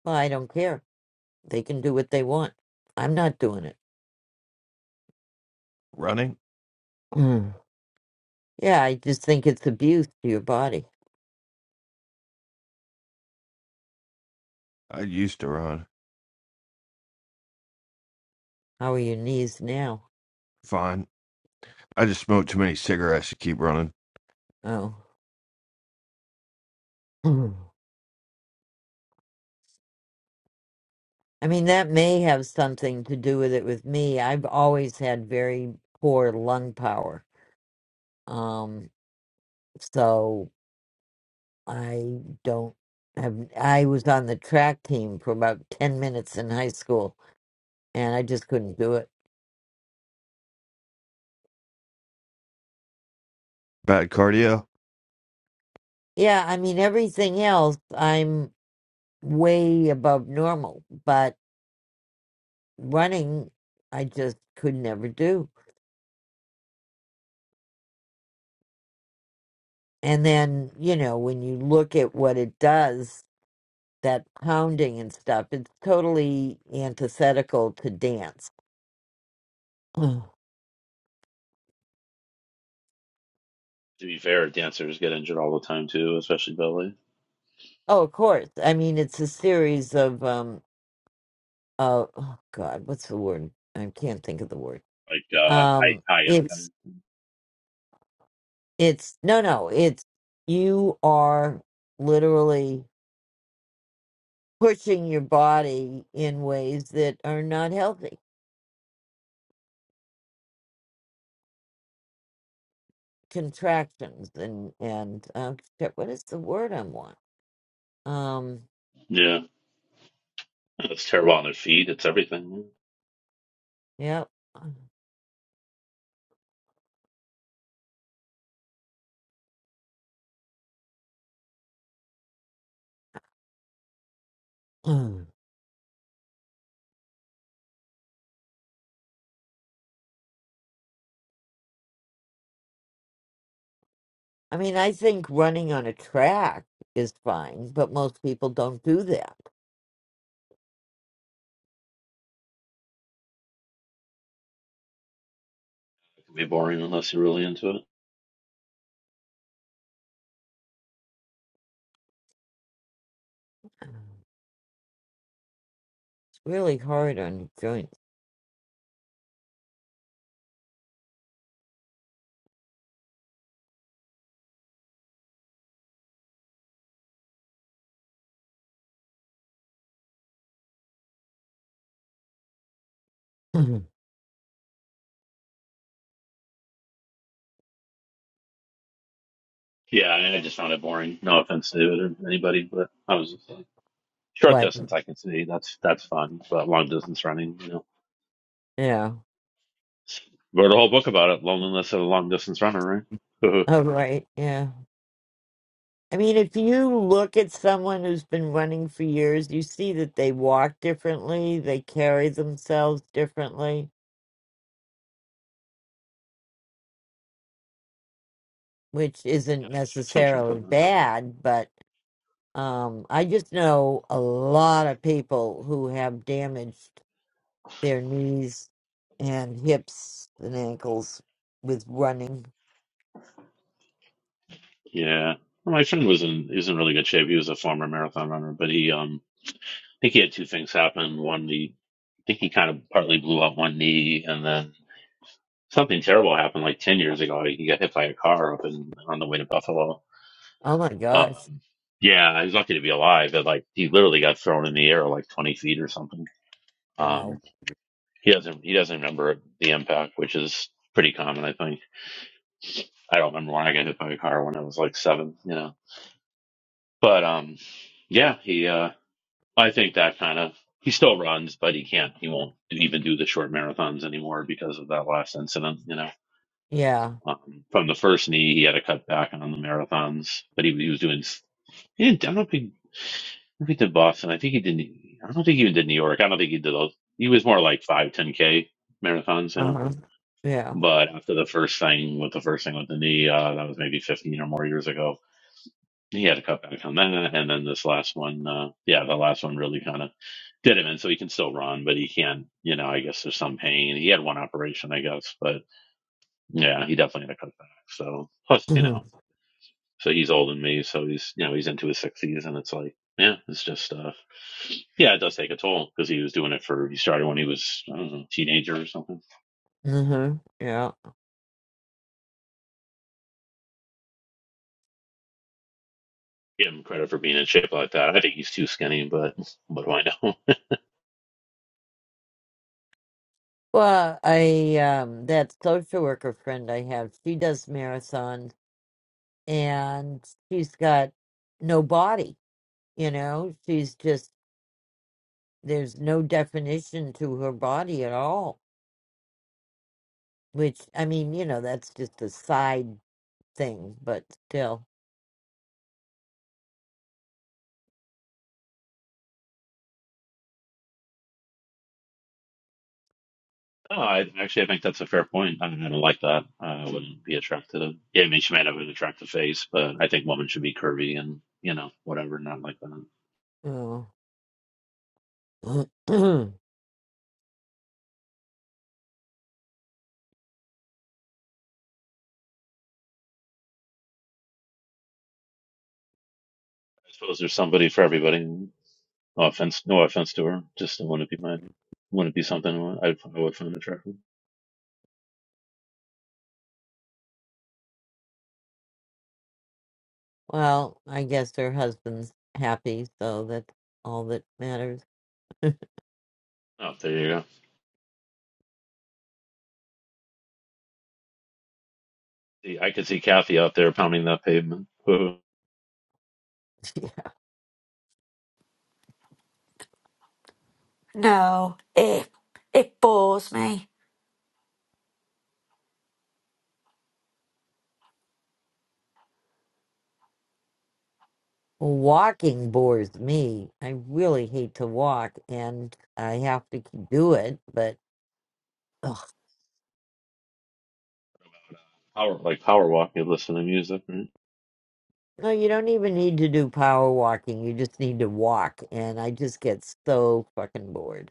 S1: Well, I don't care. They can do what they want. I'm not doing it.
S14: running.
S1: (clears throat) Yeah, I just think it's abuse to your body.
S14: I used to run
S1: How are your knees now?
S14: fine. I just smoked too many cigarettes to keep running.
S1: Oh. (clears throat) I mean, that may have something to do with it with me. I've always had very poor lung power. Um, so I don't have, I was on the track team for about 10 minutes in high school and I just couldn't do it.
S14: Bad cardio.
S1: Yeah, I mean, everything else, I'm way above normal, but running, I just could never do. And then, you know, when you look at what it does, that pounding and stuff, it's totally antithetical to dance. Mm.
S3: To be fair, dancers get injured all the time too, especially belly.
S1: Oh, of course. I mean, it's a series of um uh, oh God, what's the word? I can't think of the word.
S3: Like uh, high
S1: Um
S3: high
S1: it's
S3: impact.
S1: it's no no, it's you are literally pushing your body in ways that are not healthy. Contractions and and um shit, what is the word i want? Um
S3: Yeah, it's terrible on their feet. It's everything.
S1: Yep. Mm. I mean, I think running on a track is fine, but most people don't do that.
S3: It can be boring unless you're really into it.
S1: It's really hard on your joints. (clears throat) Mhm.
S3: Yeah, I mean, I just found it boring. No offense to it or anybody, but I was just like, short
S1: what?
S3: distance I can see that's that's fun, but long distance running, you know.
S1: Yeah.
S3: Wrote a whole book about it, loneliness of a long distance runner, right? (laughs)
S1: Oh, right. Yeah. I mean, if you look at someone who's been running for years, you see that they walk differently, they carry themselves differently, which isn't
S3: Yep. Some shit to
S1: necessarily
S3: that.
S1: bad, but um, I just know a lot of people who have damage their knees and hips and ankles with running.
S3: Yeah. Well, my friend was in he was in really good shape. He was a former marathon runner, but he um I think he had two things happen. One he I think he kind of partly blew out one knee and then something terrible happened like ten years ago. He got hit by a car up in on the way to Buffalo.
S1: Oh my gosh.
S3: Um yeah, he was lucky to be alive, but like he literally got thrown in the air like twenty feet or something.
S1: Wow.
S3: Um he doesn't he doesn't remember the impact, which is pretty common I think. I don't remember when I got hit by a car when I was like seven, you know. But um, yeah, he. Uh, I think that kind of he still runs, but he can't. He won't even do the short marathons anymore because of that last incident, you know.
S1: Yeah.
S3: Um, from the first knee, he had to cut back on the marathons, but he, he was doing. He didn't, I don't think I think he did Boston. I think he did. I don't think he even did New York. I don't think he did those. He was more like five, ten k marathons, you know.
S1: Uh-huh. Yeah.
S3: But after the first thing with the first thing with the knee, uh, that was maybe fifteen or more years ago he had to cut back on that. And then this last one, uh, yeah, the last one really kind of did him and So he can still run, but he can't, you know, I guess there's some pain. He had one operation, I guess, but yeah, he definitely had to cut back. So plus,
S1: (clears throat)
S3: you
S1: mm-hmm.
S3: know, so he's older than me. So he's, you know, he's into his sixties and it's like, yeah, it's just stuff. Uh, Yeah, it does take a toll because he was doing it for, he started when he was, I don't know, a teenager or something.
S1: (laughs) Yeah.
S3: Give him credit for being in shape like that. I think he's too skinny, but what do I know? (laughs)
S1: Well, I um that social worker friend I have, she does marathons and she's got no body, you know? She's just there's no definition to her body at all. Which I mean, you know, that's just a side thing, but still.
S3: No, I actually I think that's a fair point. I, mean, I don't like that. Uh, I wouldn't be attracted. Yeah, I mean, she might have an attractive face, but I think women should be curvy and you know whatever, not like that. I
S1: (clears throat) well,
S3: suppose there's somebody for everybody. No offense, no offense to her. Just wouldn't be my wouldn't be something I, I would find attractive.
S1: I guess her husband's happy, so that's all that matters.
S3: Oh, there you go. See, I could see Kathy out there pounding that pavement. Woo.
S1: (laughs) Yeah.
S6: No, it it bores me.
S1: Walking bores me. I really hate to walk, and I have to k- do it, but ugh.
S3: Power like power walking, listening to music. Right?
S1: no, you don't even need to do power walking. You just need to walk, and I just get so fucking bored.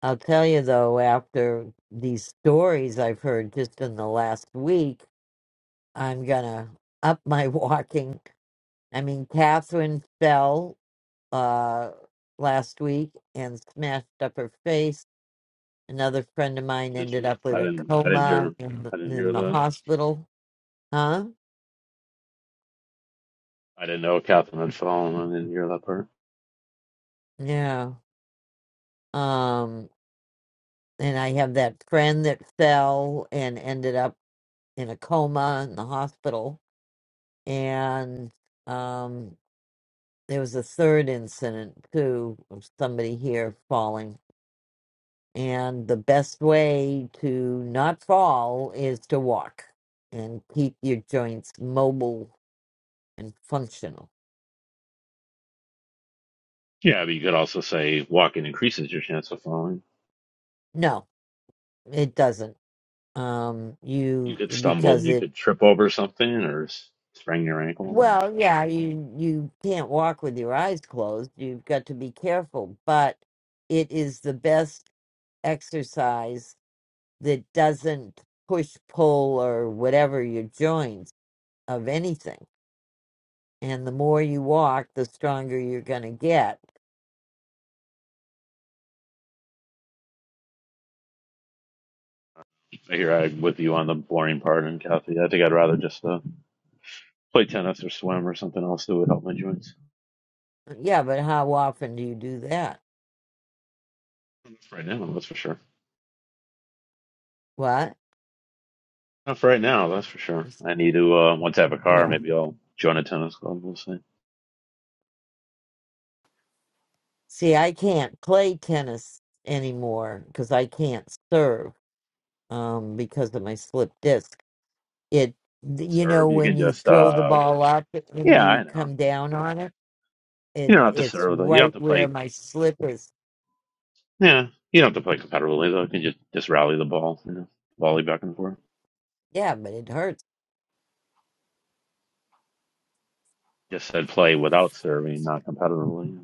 S1: I'll tell you though, after these stories I've heard just in the last week, I'm gonna up my (laughs) walking. I mean, Catherine fell. uh, last week and smashed up her face. Another friend of mine
S3: Did
S1: ended
S3: she?
S1: up
S3: I
S1: with a
S3: didn't. I didn't
S1: coma
S3: hear.
S1: in the,
S3: I didn't
S1: in
S3: hear
S1: the
S3: that.
S1: hospital. Huh?
S3: I didn't know Catherine had fallen. I didn't hear that part.
S1: Yeah. Um, and I have that friend that fell and ended up in a coma in the hospital. And um, there was a third incident too of somebody here falling And the best way to not fall is to walk and keep your joints mobile and functional.
S3: Yeah, but you could also say walking increases your chance of falling.
S1: No, it doesn't. Um,
S3: You
S1: you
S3: could stumble,
S1: because
S3: you
S1: it
S3: could trip over something or s- sprain your ankle.
S1: well, yeah, you you can't walk with your eyes closed. You've got to be careful, but it is the best exercise that doesn't push pull or whatever your joints of anything. And the more you walk, the stronger you're going to get
S3: I hear I with you on the boring part, and Kathy, I think I'd rather just uh, play tennis or swim or something else that would help my joints.
S1: Yeah, but how often do you do that?
S3: Not for right now, that's for sure.
S1: What?
S3: Not for right now, that's for sure. I need to uh, once I have a car,
S1: Yeah.
S3: maybe I'll join a tennis club. We'll see.
S1: See, I can't play tennis anymore because I can't serve um, because of my slip disc. It, you know,
S3: Serve, you
S1: when
S3: can
S1: you
S3: just
S1: throw the
S3: uh,
S1: ball up and
S3: yeah,
S1: you
S3: I know.
S1: come down on it, it
S3: You don't have to
S1: it's
S3: serve though. You don't
S1: right
S3: have to
S1: where
S3: play.
S1: my slip is.
S3: Yeah, you don't have to play competitively though. You can just just rally the ball, you know, volley back and forth.
S1: Yeah, but it hurts.
S3: Just said play without serving, not competitively.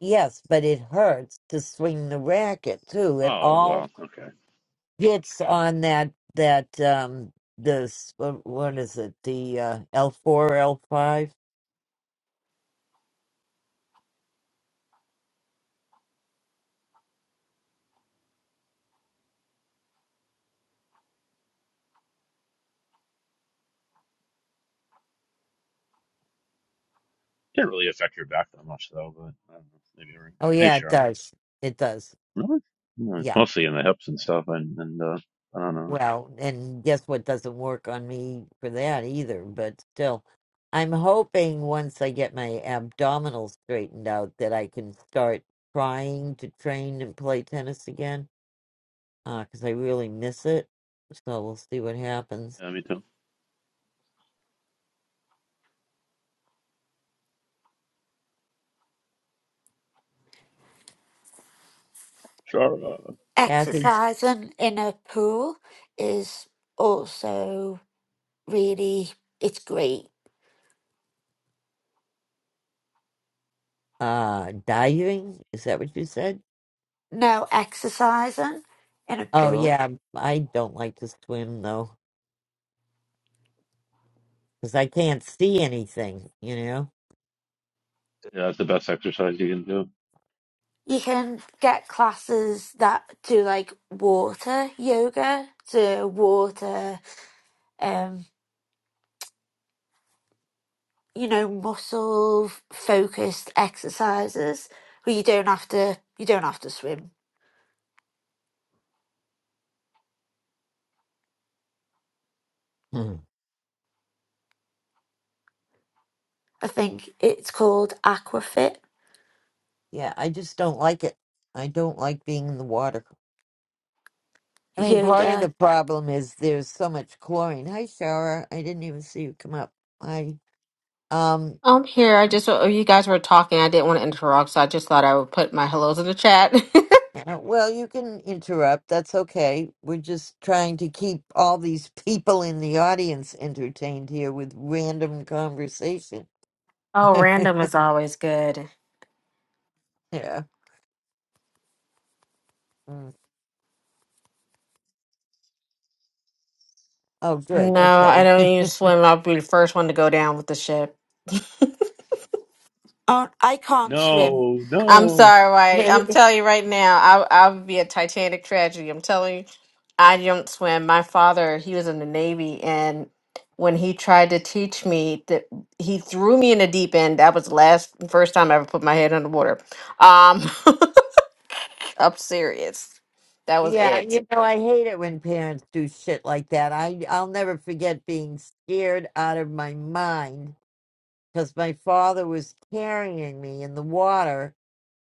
S1: Yes, but it hurts to swing the racket too. It
S3: Oh
S1: all
S3: well, okay.
S1: It's on that that um this what, what is it? The uh L four, L five?
S3: Can't really affect your back that much though, but I don't know, maybe you're right.
S1: Oh
S3: Hey,
S1: yeah, it
S3: sure.
S1: does. It does.
S3: Really? No, it's
S1: Yeah.
S3: mostly in the hips and stuff, and and uh, I don't know.
S1: Well, and guess what doesn't work on me for that either, but still I'm hoping once I get my abdominals straightened out that I can start trying to train and play tennis again because I really miss it. So we'll see what happens.
S3: Yeah, me too. Sure. Uh,
S1: Kathy,
S6: Exercising in a pool is also really it's great.
S1: uh, diving? Is that what you said?
S6: No exercising in a
S1: Oh
S6: pool.
S1: yeah, I don't like to swim though, because I can't see anything, you know?
S3: yeah, that's the best exercise you can do.
S6: You can get classes that do like water yoga, to water um you know muscle focused exercises where you don't have to you don't have to swim
S1: Hmm.
S6: I think it's called Aquafit
S1: Yeah, I just don't like it. I don't like being in the water. I mean, part of the
S6: Yoga.
S1: problem is there's so much chlorine. Hi, Sarah. I didn't even see you come up. Hi. Um,
S15: I'm here. I just, oh, you guys were talking. I didn't want to interrupt, so I just thought I would put my hellos in the chat. (laughs)
S1: (clears throat) uh, well, you can interrupt. That's okay. We're just trying to keep all these people in the audience entertained here with random conversation. (laughs)
S15: Oh, random is always good.
S1: Yeah. Mm. Oh, good.
S15: no, I
S1: Okay.
S15: don't even swim. I'll be the first one to go down with the ship.
S6: Oh, I can't swim.
S3: No,
S15: I'm
S3: no.
S15: sorry, right? I'm
S1: (laughs)
S15: telling you right now, I, I would be a Titanic tragedy. I'm telling you, I don't swim. My father, he was in the Navy, and when he tried to teach me, that he threw me in the deep end. That was the last, first time I ever put my head underwater. Um, (laughs) I'm serious. That was
S1: Yeah,
S15: it.
S1: you know, I hate it when parents do shit like that. I I'll never forget being scared out of my mind because my father was carrying me in the water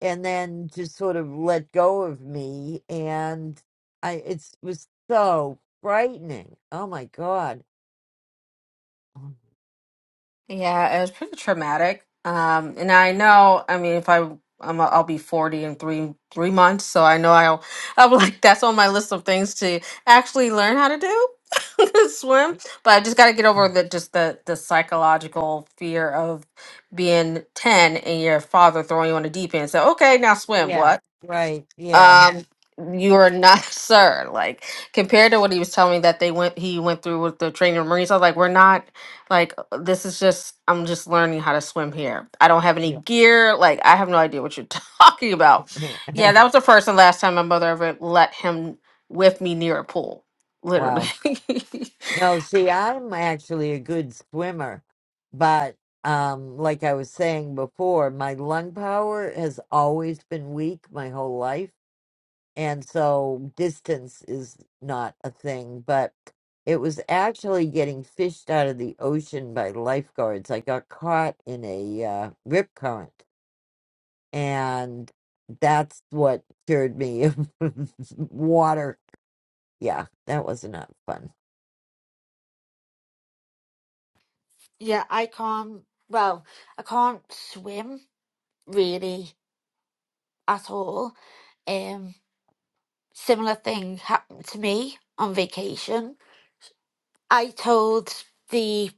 S1: and then just sort of let go of me and I it was so frightening. Oh my God.
S15: Yeah, it was pretty traumatic. Um, and I know, I mean, if I I'm a, I'll be 40 in three three months, so I know I'll I'm (laughs) like that's on my list of things to actually learn how to do (laughs) swim. But I just got to get over the just the the psychological fear of being 10 and your father throwing you on the deep end. So okay, now swim.
S1: Yeah,
S15: What?
S1: right. Yeah.
S15: um you are not (laughs) sir like compared to what he was telling me that they went he went through with the training of marines i was like we're not like uh, this is just i'm just learning how to swim here i don't have any
S1: Yeah.
S15: gear like i have no idea what you're (laughs) talking about yeah that
S1: (laughs)
S15: was the first and last time my mother ever let him with me near a pool literally
S1: wow.
S15: (laughs)
S1: No, see, I'm actually a good swimmer, but um, like I was saying before, my lung power has always been weak my whole life, and so distance is not a thing. But it was actually getting fished out of the ocean by lifeguards. I got caught in a uh, rip current, and that's what cured me of (laughs) water. Yeah, that was not fun.
S6: Yeah, I can't. Well, I can't swim really at all. Um, similar thing happened to me on vacation. I told the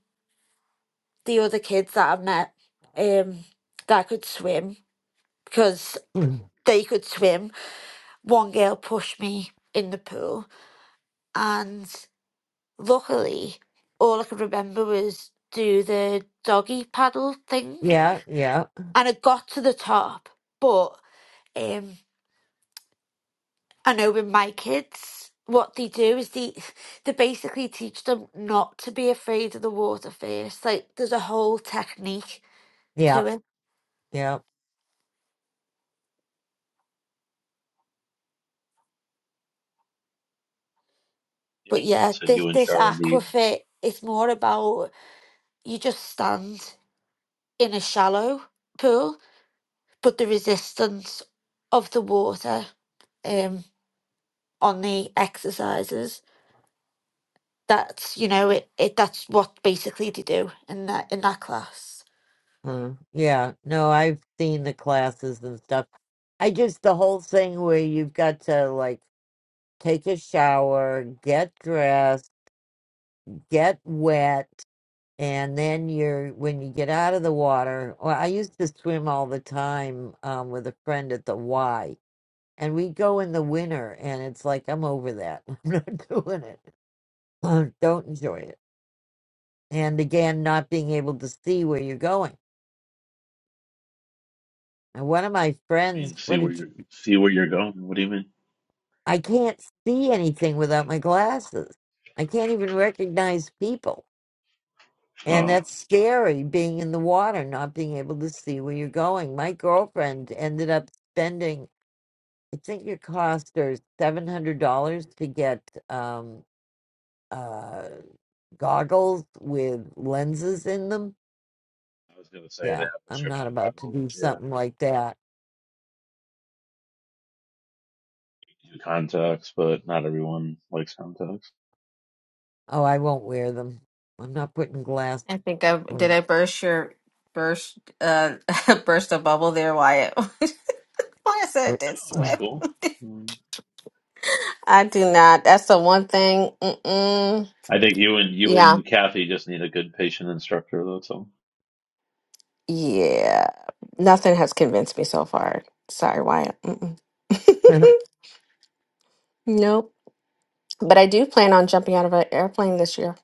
S6: the other kids that I met um, that I could swim because
S1: (clears throat)
S6: they could swim. One girl pushed me in the pool, and Luckily, all I could remember was do the doggy paddle thing,
S1: Yeah, yeah,
S6: and I got to the top. But um, I know with my kids, what they do is they (laughs) they basically teach them not to be afraid of the water first. Like there's a whole technique
S1: yeah.
S6: to it.
S1: Yep.
S6: But yeah,
S3: Said
S6: this
S3: you and
S6: this
S3: Shar need.
S6: aquafit, it's more about you just stand in a shallow pool, but the resistance of the water. um. on the exercises. That's you know it, it that's what basically they do in that in that class.
S1: Mm. Yeah. No, I've seen the classes and stuff. I just, the whole thing where you've got to like take a shower, get dressed, get wet, and then you're, when you get out of the water, well, I used to swim all the time um, with a friend at the Y, and we go in the winter, and it's like, I'm over that. (laughs) I'm not doing it. (clears throat) Uh, Don't enjoy it. And again, not being able to see where you're going. And one of my
S3: I
S1: friends,
S3: mean, see
S1: what
S3: where
S1: did
S3: you're see where you're going. What do you mean?
S1: I can't see anything without my glasses. I can't even recognize people. And
S3: Oh,
S1: that's scary being in the water, not being able to see where you're going. My girlfriend ended up spending, I think it cost her $700 to get um, uh, goggles with lenses in them.
S3: I was gonna say they
S1: Yeah,
S3: have
S1: I'm not
S3: prescription
S1: about to
S3: goggles.
S1: do
S3: Yeah,
S1: something like that.
S3: you do contacts, but not everyone likes contacts.
S1: Oh, I won't wear them. I'm not putting glasses.
S15: i think i did
S1: on.
S15: i burst your burst uh (laughs) burst a bubble there wyatt (laughs) why i said it did
S3: Oh, that's
S15: swim.
S1: (clears throat)
S3: cool. Mm.
S15: I do not. That's the one thing. Mm-mm.
S3: I think you and you
S15: Yeah.
S3: and Kathy just need a good patient instructor. That's all.
S15: Yeah. Nothing has convinced me so far. Sorry, Wyatt. Mm-mm. (laughs) nope. But I do plan on jumping out of an airplane this year.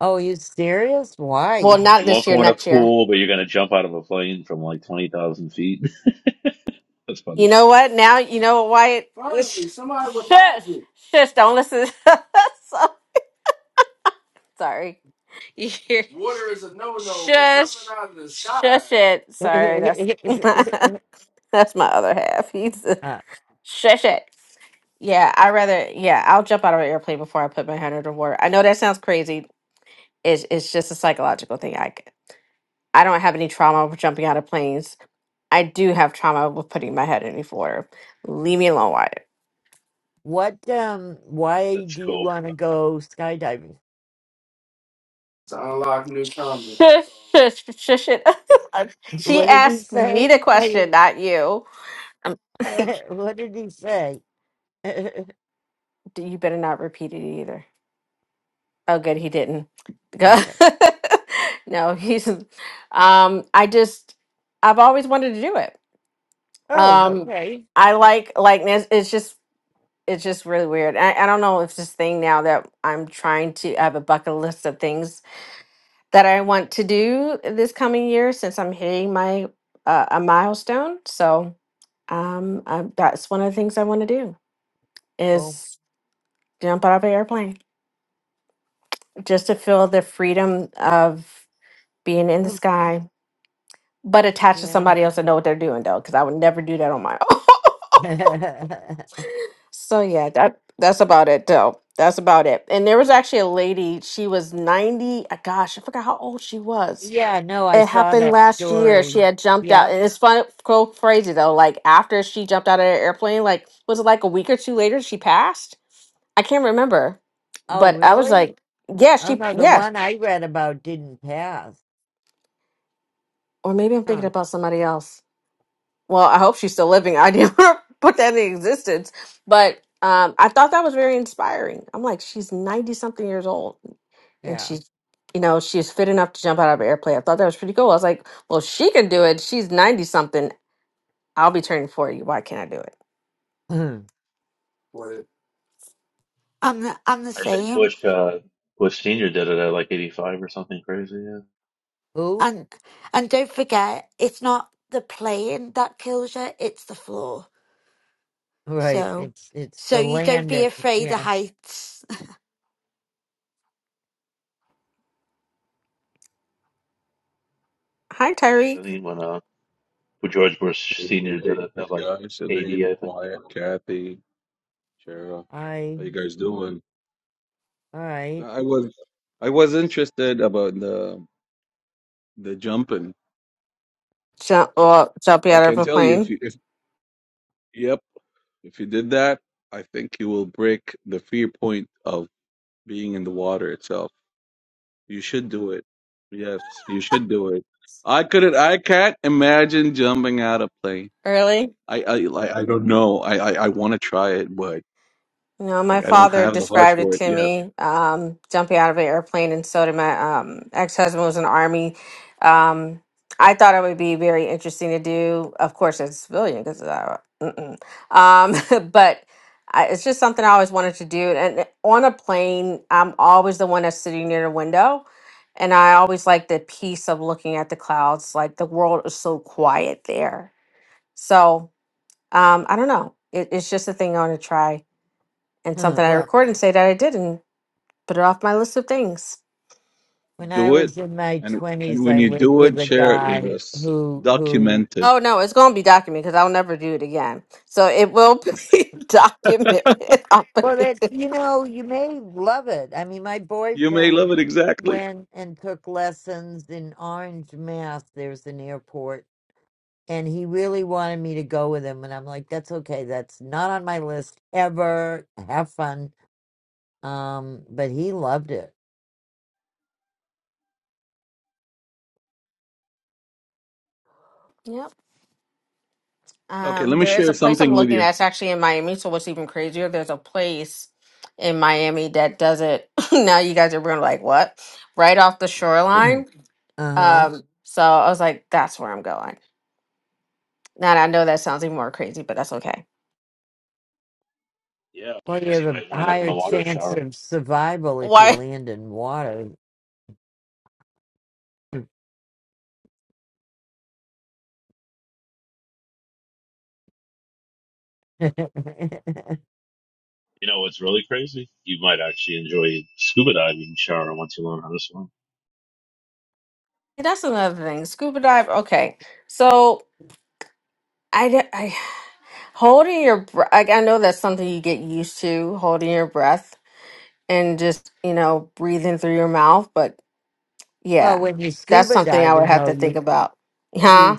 S1: oh, you serious? Why?
S15: Well,
S3: Uh, you
S15: not this
S3: won't
S15: year,
S3: go in a
S15: next year.
S3: pool, but you're gonna jump out of a plane from like twenty thousand feet. (laughs) That's
S15: You
S3: funny.
S15: know what? Now, you know what, Wyatt? Finally, somebody will shush, you. (laughs) shush, don't listen. (laughs) So- Sorry. You hear? Water is a no-no. but Shush. jumping out of the sky. Shush it.
S1: (laughs) uh,
S15: Sorry, that's (laughs) that's my other half. (laughs) Shush it. Yeah, I rather yeah, I'll jump out of an airplane before I put my head under water. I know that sounds crazy. It's it's just a psychological thing. I c- I don't have any trauma with jumping out of planes. I do have trauma with putting my head in water. Leave me alone, Wyatt.
S1: what um why
S3: That's
S1: do you
S3: cool.
S1: want to go skydiving
S15: To unlock new combo. Shush, shush, shush it. (laughs)
S1: (laughs)
S15: she
S1: what did he
S15: asked me the
S1: say I
S15: question,
S1: didn't-
S15: not you. Um, (laughs)
S1: (laughs) what did he say (laughs) okay
S15: you better not repeat it either. Oh, good, he didn't. Go- (laughs) no, he's. Um, I just, I've always wanted to do it.
S1: oh
S15: Um,
S1: okay
S15: I like like it's, it's just it's just really weird. I, I don't know if this thing now that I'm trying to I have a bucket list of things that I want to do this coming year since I'm hitting my uh, a milestone. So um, I, that's one of the things I want to do
S1: well
S15: is jump out of an airplane just to feel the freedom of being in the
S1: um,
S15: sky but attached to
S1: yeah
S15: somebody else and know what they're doing though, because I would never do that on my (laughs) own.
S1: (laughs)
S15: so yeah, that that's about it though. That's about it. And there was actually a lady. She was ninety. uh, Gosh, I forgot how old she was.
S1: yeah no i
S15: It
S1: saw
S15: happened
S1: that
S15: last year.
S1: story
S15: She had jumped
S1: yeah
S15: out, and it's fun, so crazy though. Like after she jumped out of the airplane, like was it like a week or two later she passed? I can't remember,
S1: oh
S15: but I was
S1: really
S15: like, yeah,
S1: oh
S15: she,
S1: no the
S15: yeah,
S1: one i read about didn't pass
S15: or maybe I'm thinking
S1: huh
S15: about somebody else well, I hope she's still living. I didn't (laughs) put that in existence, but um, I thought that was very inspiring. I'm like, she's 90 something years old and
S1: yeah
S15: she's, you know, she's fit enough to jump out of an airplane. I thought that was pretty cool. I was like, well, if she can do it. She's 90 something. I'll be turning 40. Why can't I do it?
S1: (clears throat) who
S15: What?
S6: I'm the, I'm the
S3: I think
S6: same,
S3: Bush uh, Bush Senior did it at like eighty five or something crazy. Yeah.
S6: and and don't forget it's not the plane that kills you; it's the floor.
S1: right
S6: So
S1: it's it's
S6: so
S1: the
S6: you don't be
S1: landing
S6: afraid of
S1: yeah
S6: heights. (laughs)
S15: Hi,
S3: I
S15: Tyreek.
S3: mean, when uh, when George Bush
S16: Hey, hey,
S3: Senior did
S16: hey,
S3: it
S16: hey,
S3: at like
S16: guys,
S3: eighty,
S16: Elaine,
S3: I think.
S16: Wyatt, Kathy, Shara,
S1: i
S16: how you guys doing?
S1: all right
S16: I was I was interested about the the jumping.
S15: Jump, well, jumping
S16: I
S15: out of
S16: can
S15: a
S16: tell you if
S15: plane
S16: you if yep, if you did that, I think you will break the fear point of being in the water itself. You should do it. Yes, you should do it. I couldn't I can't imagine jumping out of plane.
S15: early.
S16: I I like I don't know. I I, I want to try it, but
S15: You know,
S16: like
S15: my
S16: I don't
S15: father
S16: have the heart
S15: described
S16: for
S15: it
S16: it
S15: to
S16: yet.
S15: me, um, jumping out of an airplane, and so did my um, ex-husband was in the army. Um, I thought it would be very interesting to do, of course, as a civilian, because uh, mm-mm. um, (laughs) but I, it's just something I always wanted to do. And on a plane, I'm always the one that's sitting near the window, and I always like the peace of looking at the clouds. Like the world is so quiet there. So um, I don't know. It, it's just a thing I want to try
S1: (clears throat)
S15: and something I
S1: well
S15: record and say that I did and put it off my list of things.
S1: When I
S16: do it
S1: was in my
S16: and and
S1: twenties,
S16: when
S1: I
S16: you
S1: lived
S16: do
S1: with
S16: it
S1: a
S16: share it with
S1: guy
S16: us
S1: who who
S16: document it
S15: Oh no, it's gonna be documented because I'll never do it again. So it will (laughs) be documented. (laughs) I'll put
S1: well, that
S15: it-
S1: you know, you may love it. I mean, my
S16: you may love
S1: boyfriend
S16: it exactly
S1: went and took lessons in Orange, Mass. There's an airport, and he really wanted me to go with him, and I'm like, that's okay. That's not on my list ever. Have fun. Um, but he loved it.
S15: yep.
S16: okay let
S15: Um,
S16: me
S15: there is
S16: share
S15: a place I'm
S16: something with
S15: looking
S16: you
S15: at. It's actually in Miami. So what's even crazier? There's a place in Miami that does it. (laughs) now you guys are gonna be like, what? Right off the
S1: (clears throat) uh
S15: shoreline.
S1: huh.
S15: Um, so I was like, that's where I'm going. Now I know that sounds even more crazy, but that's okay.
S3: Yeah,
S1: Well, you
S3: because you
S1: have
S3: might
S1: a
S3: wind up in
S1: higher
S3: the water
S1: chance
S3: shower.
S1: of survival if you
S15: Why? (laughs)
S1: land in water. (laughs)
S3: You know what's really crazy? You might actually enjoy scuba diving shower once you learn how to swim.
S15: That's another thing. Scuba dive. Okay, so I, d- I- holding your breath. Like, I know that's something you get used to holding your breath and just you know breathing through your mouth. But
S1: Well,
S15: yeah,
S1: when you
S15: that's
S1: scuba
S15: something I would
S1: diving,
S15: have
S1: though,
S15: to
S1: you
S15: think about.
S1: you
S15: Huh?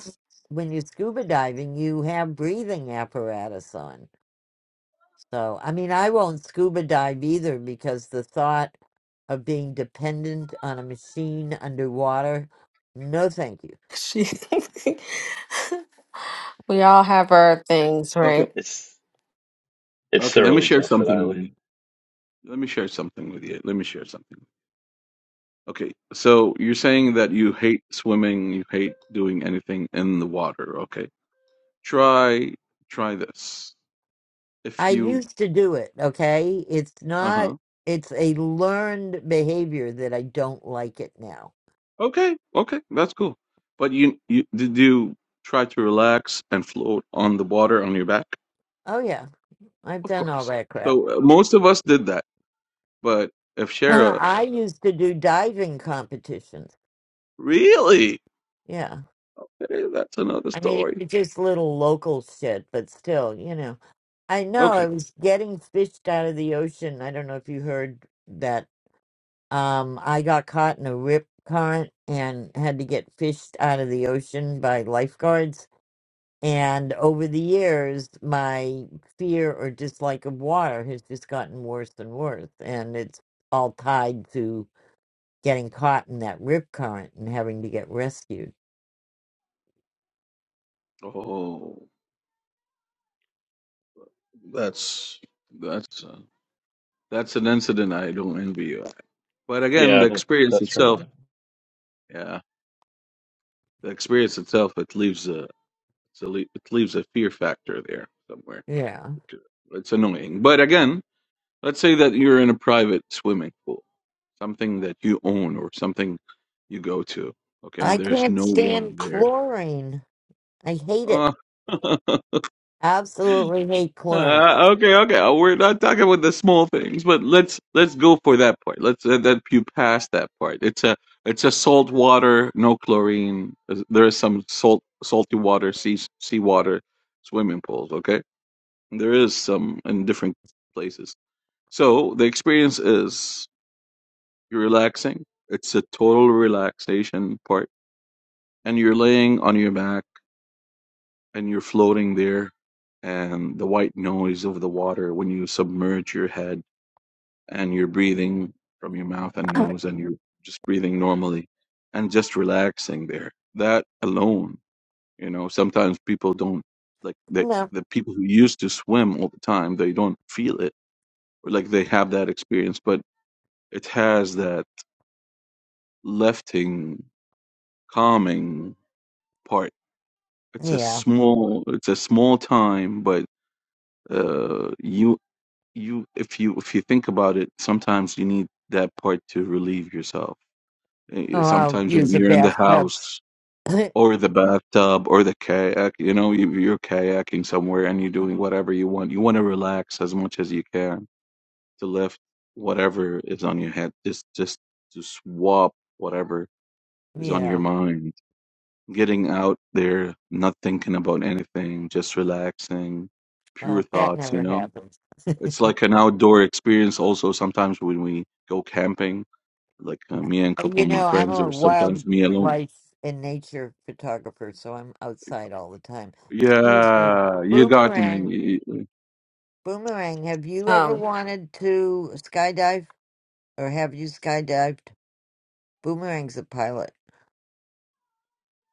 S1: when you scuba diving, you have breathing apparatus on. So, I mean, I won't scuba dive either because the thought of being dependent on a machine underwater, no, thank you.
S15: (laughs) She. (laughs) we all have our things,
S16: okay
S15: right?
S3: It's it's
S16: okay let me
S3: thoroughly
S16: share
S3: tested,
S16: something with you
S3: Eileen.
S16: let me share something with you let me share something okay so you're saying that you hate swimming you hate doing anything in the water okay try try this if
S1: I
S16: you
S1: used to do it. Okay, it's not.
S16: uh-huh
S1: It's a learned behavior that I don't like it now.
S16: okay okay that's cool but you you did you try to relax and float on the water on your back
S1: Oh yeah, I've
S16: Of
S1: done all
S16: course.
S1: that crap. (laughs)
S16: So uh, most of us did that, but if
S1: (clears throat)
S16: Shara
S1: I used to do diving competitions.
S16: really,
S1: Yeah.
S16: okay, that's another
S1: I mean,
S16: story.
S1: it's just little local shit, but still, you know. I know
S16: Okay.
S1: I was getting fished out of the ocean. I don't know if you heard that. Um, I got caught in a rip current and had to get fished out of the ocean by lifeguards. And over the years, my fear or dislike of water has just gotten worse and worse. And it's all tied to getting caught in that rip current and having to get rescued.
S16: Oh, that's that's uh, that's an incident I don't envy you. But again, the
S3: Yeah, that,
S16: experience
S3: that's
S16: itself,
S3: traumatic.
S16: yeah, the experience itself, it leaves a it's a le- it leaves a fear factor there somewhere.
S1: Yeah.
S16: It's annoying. But again, let's say that you're in a private swimming pool, something that you own or something you go to. Okay,
S1: I
S16: and there's
S1: can't
S16: no one
S1: stand
S16: there
S1: chlorine. I hate it.
S16: Uh, (laughs) uh,
S1: Absolutely hate chlorine.
S16: okay, okay. Uh, We're not talking about the small things, but let's let's go for that part. Let's uh, that you pass that part. It's a it's a salt water, no chlorine. There's- There is some salt salty water, sea sea water, swimming pools. Okay, there is some in different places. So the experience is you're relaxing. It's a total relaxation part, and you're laying on your back and you're floating there and the white noise of the water when you submerge your head and you're breathing from your mouth and nose and you're just breathing normally and just relaxing there that alone you know sometimes people don't like the
S1: Well,
S16: the people who used to swim all the time they don't feel it or like they have that experience but it has that lifting calming part it's a
S1: yeah.
S16: small it's a small time but uh, you you if you if you think about it sometimes you need that part to relieve yourself Eh,
S1: Oh,
S16: eh,
S1: I'll
S16: sometimes when
S1: use a
S16: you're in the
S1: bathtub.
S16: house
S1: (laughs)
S16: or the bathtub or the kayak you know you- you're kayaking somewhere and you're doing whatever you want you want to relax as much as you can to lift whatever is on your head just just to swap whatever is on your
S1: yeah.
S16: mind getting out there not thinking about anything just relaxing pure
S1: Well, that
S16: thoughts you
S1: never
S16: know
S1: happens.
S16: it's like an outdoor experience also sometimes when we go camping, like uh, me and a
S1: Uh,
S16: couple
S1: You
S16: of my
S1: know, I'm
S16: friends,
S1: a
S16: or sometimes me alone.
S1: wildlife and nature photographer, so I'm outside all the time. Excuse me.
S16: Yeah, you got
S1: Boomerang.
S16: me.
S1: Boomerang, have you ever
S15: Um,
S1: wanted to skydive or have you skydived? Boomerang's a pilot.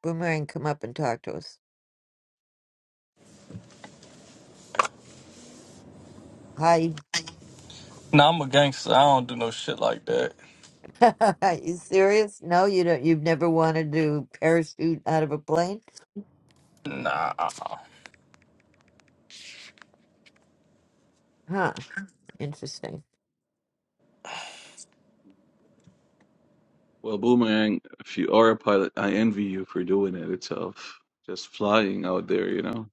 S1: Boomerang, come up and talk to us. Hi.
S17: Nah, I'm a gangster. I don't do no shit like that.
S1: (laughs) Are you serious? No, you don't. You've never wanted to parachute out of a plane?
S17: Nah.
S1: Huh. Interesting.
S16: Well, Boomerang, if you are a pilot, I envy you for doing it itself. Just flying out there, you know,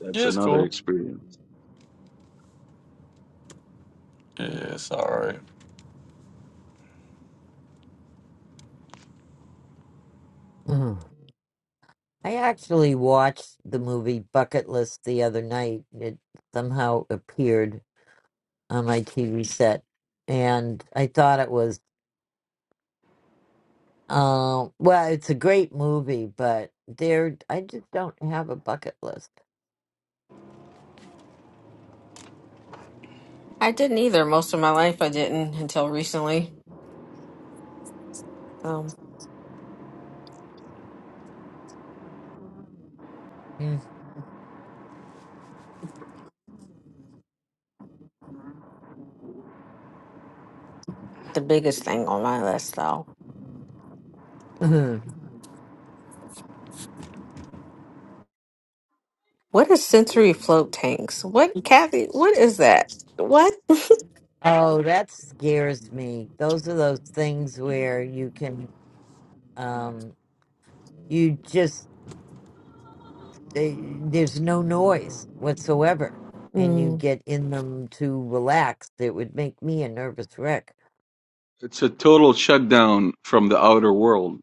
S16: that's
S17: Yeah, it's
S16: another
S17: cool.
S16: experience.
S17: Yeah, it's alright.
S1: Ugh. I actually watched the movie Bucket List the other night. It somehow appeared on my TV set, and I thought it was, uh, well, it's a great movie, but there, I just don't have a bucket list.
S15: I didn't either most of my life. I didn't until recently. Um,
S1: Mm.
S15: the biggest thing on my list though.
S1: (laughs)
S15: What is sensory float tanks? What Kathy, what is that? What? (laughs)
S1: (clears throat) oh, that scares me. Those are those things where you can, um, you just they, there's no noise whatsoever, and you
S15: Mm.
S1: get in them to relax. It would make me a nervous wreck.
S16: It's a total shutdown from the outer world.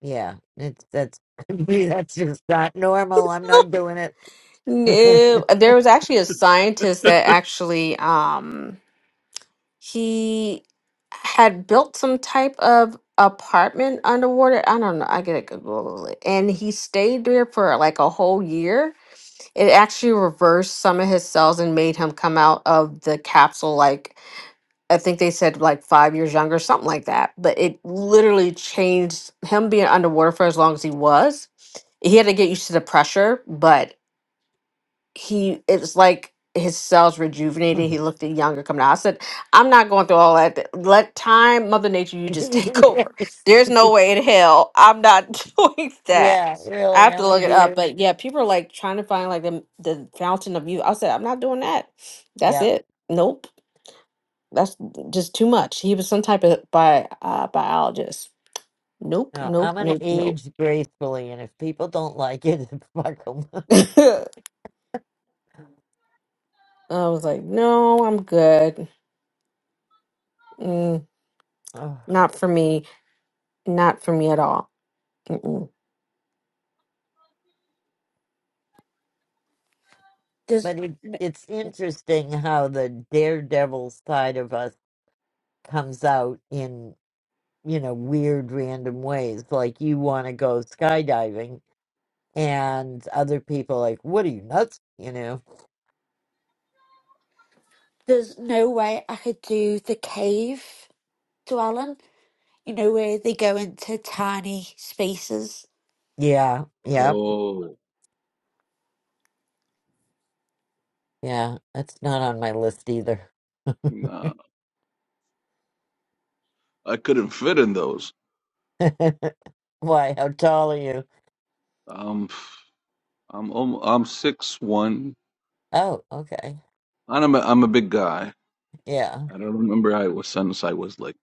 S1: Yeah, it's that's (laughs) me, that's just not normal. I'm not doing it.
S15: No,
S1: (laughs)
S15: there was actually a scientist
S16: (laughs)
S15: that actually um he had built some type of apartment underwater. I don't know. I gotta Google it. And he stayed there for like a whole year. It actually reversed some of his cells and made him come out of the capsule like I think they said like five years younger, something like that. But it literally changed him being underwater for as long as he was. He had to get used to the pressure, but he it was like his cells rejuvenated. He looked younger coming out. I said, I'm not going through all that. Let time, Mother Nature, you just take (laughs) over.
S1: Yes.
S15: There's no way in hell I'm not (laughs) doing that.
S1: Yeah,
S15: I
S1: really,
S15: have
S1: I'm
S15: to look
S1: with
S15: it up.
S1: you.
S15: But yeah, people are like trying to find like the the fountain of youth. I said, I'm not doing that. That's
S1: Yeah.
S15: it. Nope. That's just too much. He was some type of bi uh, biologist. Nope,
S1: No,
S15: nope,
S1: I'm gonna
S15: nope, nope.
S1: age gracefully, and if people don't like it, (laughs) fuck 'em.
S15: (laughs) I was like, no, I'm good. Mm,
S1: Ugh.
S15: not for me. Not for me at all. Mm-mm.
S6: There's
S1: But it, it's interesting how the daredevil side of us comes out in. you know, weird random ways. Like you want to go skydiving and other people like, what are you nuts? You know?
S6: there's no way I could do the cave to Alan. You know where they go into tiny spaces.
S1: Yeah, yeah,
S16: Oh,
S1: yeah. That's not on my list either.
S16: nah, I couldn't fit in those.
S1: (laughs) Why? How tall are you?
S16: Um, I'm almo- I'm six one.
S1: Oh, okay.
S16: I'm a, I'm a big guy.
S1: Yeah.
S16: I don't remember I was since I was like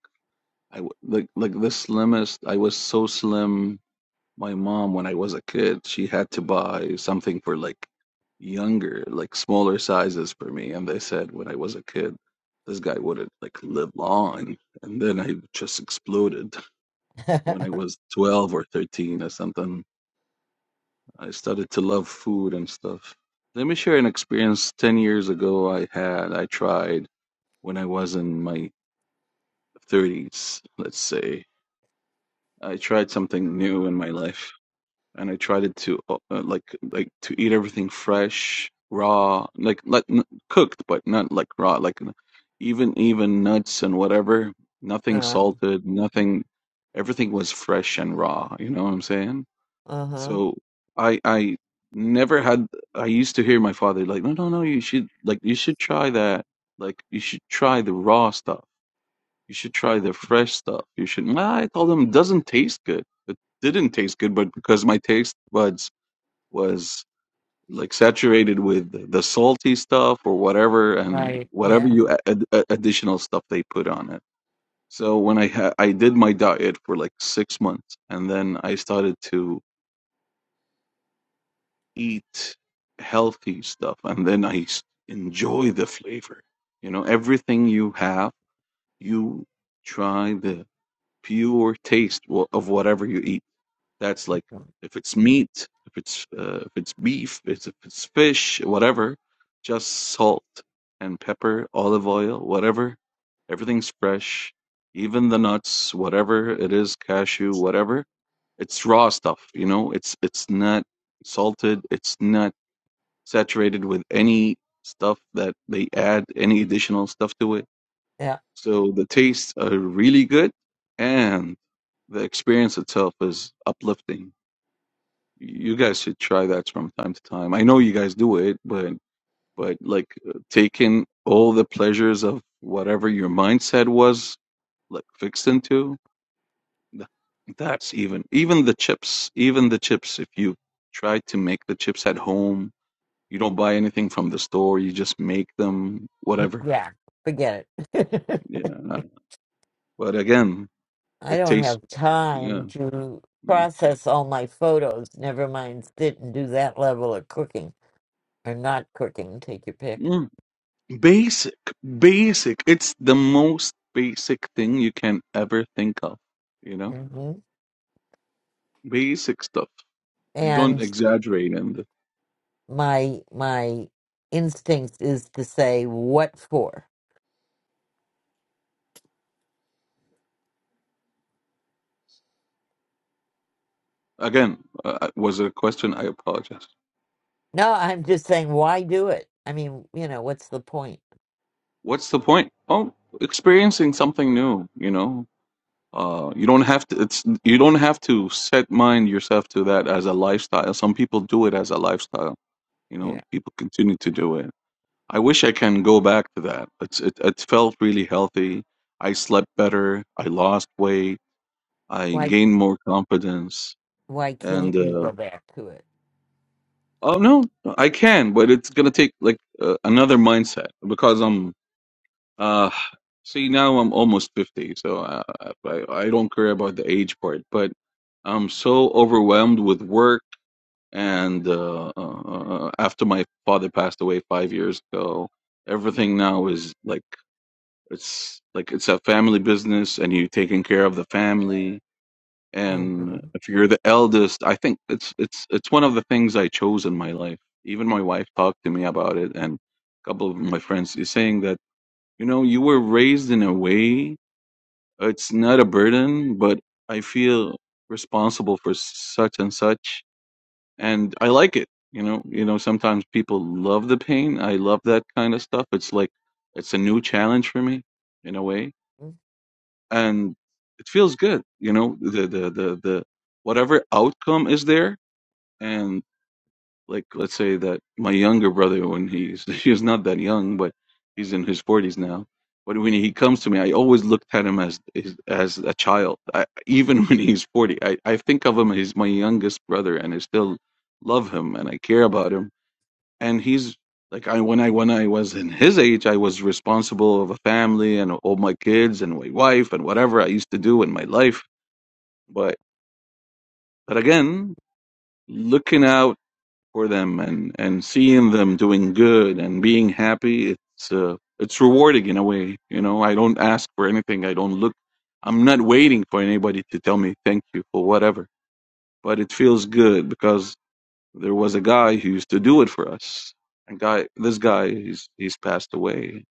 S16: I w- like like the slimmest. I was so slim. My mom, when I was a kid, she had to buy something for like younger, like smaller sizes for me. And they said when I was a kid, this guy wouldn't like live long. And then I just exploded
S1: (laughs)
S16: when I was 12 or 13 or something. I started to love food and stuff. Let me share an experience 10 years ago I had. I tried when I was in my 30s, let's say. I tried something new in my life, and I tried it to uh, uh, like like to eat everything fresh, raw, like like n cooked, but not like raw, like even even nuts and whatever, nothing
S1: um,
S16: salted, nothing, everything was fresh and raw, you know what I'm saying?
S1: uh-huh.
S16: So I I never had I used to hear my father like, no, no, no, you should like you should try that. Like you should try the raw stuff. You should try the fresh stuff. You should. Well, I told him it doesn't taste good. It didn't taste good, but because my taste buds was like saturated with the salty stuff or whatever, and
S1: Right.
S16: whatever
S1: Yeah.
S16: you a- ad- additional stuff they put on it. So when I ha- I did my diet for like six months, and then I started to eat healthy stuff, and then I s- enjoy the flavor. You know, everything you have, you try the pure taste wha- of whatever you eat. That's like if it's meat, if it's uh, if it's beef, it's if it's fish, whatever, just salt and pepper, olive oil, whatever. Everything's fresh, even the nuts, whatever it is, cashew, whatever. It's raw stuff, you know. It's it's not salted. It's not saturated with any stuff that they add any additional stuff to it
S1: Yeah.
S16: so the tastes are really good and the experience itself is uplifting. You guys should try that from time to time. I know you guys do it, but but like uh, taking all the pleasures of whatever your mindset was like fixed into th- that's even even the chips, even the chips if you try to make the chips at home, you don't buy anything from the store, you just make them whatever.
S1: Yeah. Forget it.
S16: Yeah. But again,
S1: (laughs) I
S16: it
S1: don't
S16: tastes
S1: have
S16: yeah.
S1: time to
S16: yeah.
S1: process all my photos, never mind sit and do that level of cooking. or not cooking, take your pick.
S16: Mm, basic, basic. It's the most basic thing you can ever think of, you know?
S1: hmm
S16: Basic stuff. You don't
S1: And
S16: exaggerate. And
S1: my my instinct is to say, "What for?"
S16: again, uh, uh, was it a question? I apologize.
S1: No, I'm just saying, why do it? I mean, you know, what's the point?
S16: What's the point? Oh, experiencing something new, you know? Uh, you don't have to, it's, you don't have to set mind yourself to that as a lifestyle. Some people do it as a lifestyle, you know?
S1: Yeah.
S16: People continue to do it. I wish I can go back to that. It's it, it felt really healthy. I slept better. I lost weight. I
S1: Why
S16: gained more confidence.
S1: why
S16: And
S1: can't you
S16: uh,
S1: go back to it?
S16: oh no, I can, but it's gonna take like uh, another mindset because I'm uh see now I'm almost fifty, so I, I I don't care about the age part, but I'm so overwhelmed with work. And uh, uh, uh, after my father passed away five years ago, everything now is like It's like it's a family business, and you're taking care of the family.
S1: Mm-hmm.
S16: And if you're the eldest, I think it's it's it's one of the things I chose in my life. Even my wife talked to me about it, and a couple of my friends is saying that you know you were raised in a way it's not a burden, but I feel responsible for such and such, and I like it. You know, you know. Sometimes people love the pain. I love that kind of stuff. It's like it's a new challenge for me in a way and it feels good you know the the the, the whatever outcome is there and like let's say that my younger brother when he's (laughs) he's not that young but he's in his 40s now but when he comes to me i always looked at him as is- as a child I, even (laughs) when he's 40 I, I think of him as my youngest brother and i still love him and i care about him and he's like I when I when I was in his age, I was responsible of a family and all my kids and my wife and whatever I used to do in my life. But but again, looking out for them and and seeing them doing good and being happy, it's uh, it's rewarding in a way. You know, I don't ask for anything. I don't look. I'm not waiting for anybody to tell me thank you for whatever. But it feels good because There was a guy who used to do it for us. A guy, this guy, he's he's passed away,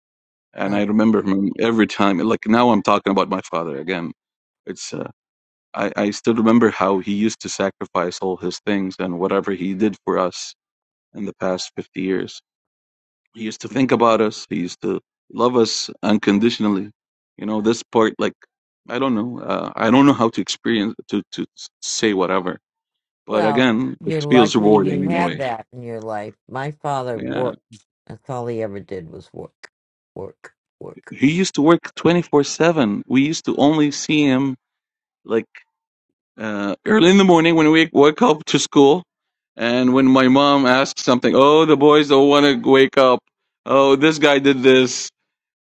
S16: and I
S1: Um,
S16: remember him every time. Like now, I'm talking about my father again. It's uh, I I still remember how he used to sacrifice all his things and whatever he did for us in the past 50 years. He used to think about us. He used to love us unconditionally. You know, this part, like I don't know, uh, I don't know how to experience to to say whatever. But
S1: well,
S16: again, it
S1: you're
S16: feels
S1: lucky
S16: rewarding
S1: you
S16: in a
S1: had
S16: way.
S1: that in your life. My father
S16: Yeah.
S1: worked. That's all he ever did was work, work, work.
S16: He used to work 24/7. We used to only see him like uh, early in the morning when we woke up to school, and when my mom asked something, oh, the boys don't want to wake up. Oh, this guy did this.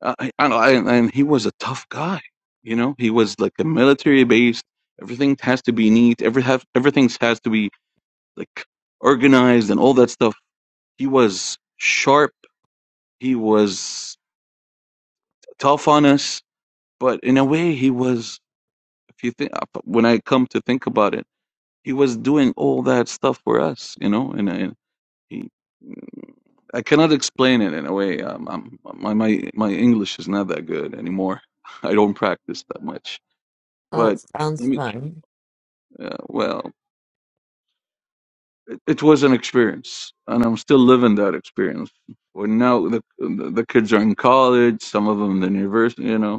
S16: Uh, I, I don't know, and, and he was a tough guy. You know, he was like a military base. Everything has to be neat. Every have everything has to be like organized and all that stuff. He was sharp. He was tough on us, but in a way, he was if you think uh, when I come to think about it, he was doing all that stuff for us, you know, and, and he, I cannot explain it in a way. Um, I'm, my my my English is not that good anymore. (laughs) I don't practice that much,
S1: Oh, it
S16: but I
S1: sounds
S16: mean,
S1: fun.
S16: uh, well, it, it was an experience, and I'm still living that experience. Well, now the the kids are in college, some of them in the university, you know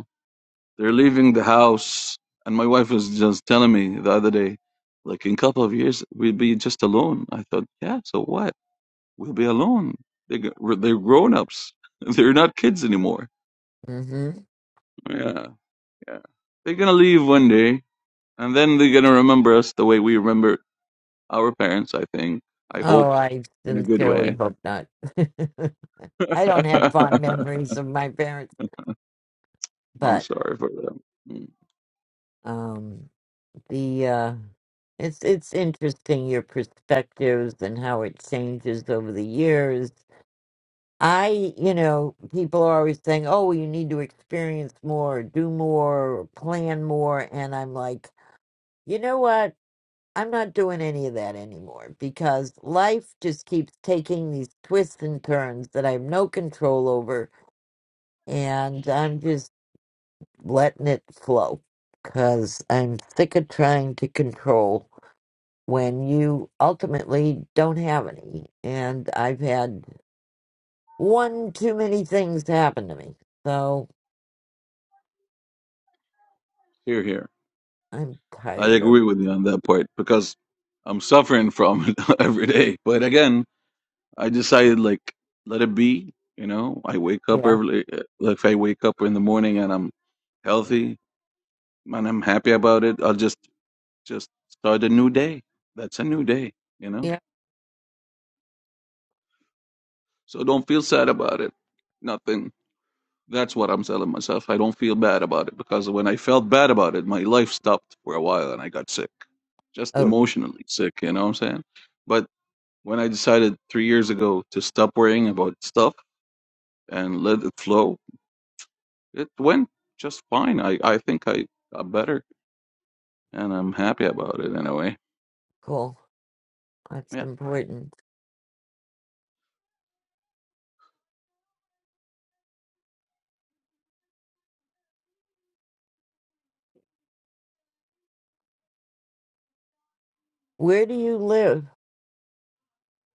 S16: They're leaving the house, and my wife was just telling me the other day, like in a couple of years we'll be just alone. I thought, yeah, so what? We'll be alone. They gr- they're grown ups. (laughs) They're not kids anymore.
S1: Mm-hmm.
S16: Yeah, yeah. They're gonna leave one day, and then they're gonna remember us the way we remember our parents. I think. I hope
S1: Oh, I
S16: in a good
S1: sincerely
S16: way.
S1: hope not. (laughs) I don't
S16: (laughs)
S1: have fond
S16: I'm
S1: memories of my parents, but
S16: sorry for them. Mm.
S1: um the uh it's it's interesting your perspectives and how it changes over the years. I, you know, people are always saying, "Oh, you need to experience more, do more, plan more." And I'm like, "You know what? I'm not doing any of that anymore because life just keeps taking these twists and turns that I have no control over and I'm just letting it flow because I'm sick of trying to control when you ultimately don't have any. And I've had one too many things happen to me, so
S16: Here, here.
S1: I'm
S16: I
S1: tired of.
S16: agree with you on that part because I'm suffering from it (laughs) every day. But again. I decided like let it be. You know, I wake up
S1: Yeah,
S16: early. Like if I wake up in the morning and I'm healthy and I'm happy about it, I'll just just start a new day. That's a new day. You know,
S1: yeah.
S16: so don't feel sad about it. Nothing. That's what I'm telling myself. I don't feel bad about it because when I felt bad about it, my life stopped for a while and I got sick, just
S1: Oh,
S16: emotionally sick. You know what I'm saying? But when I decided three years ago to stop worrying about stuff and let it flow, It went just fine. I, I think I got better, and I'm happy about it in a way.
S1: cool. That's
S16: Yeah.
S1: important. Where do you live?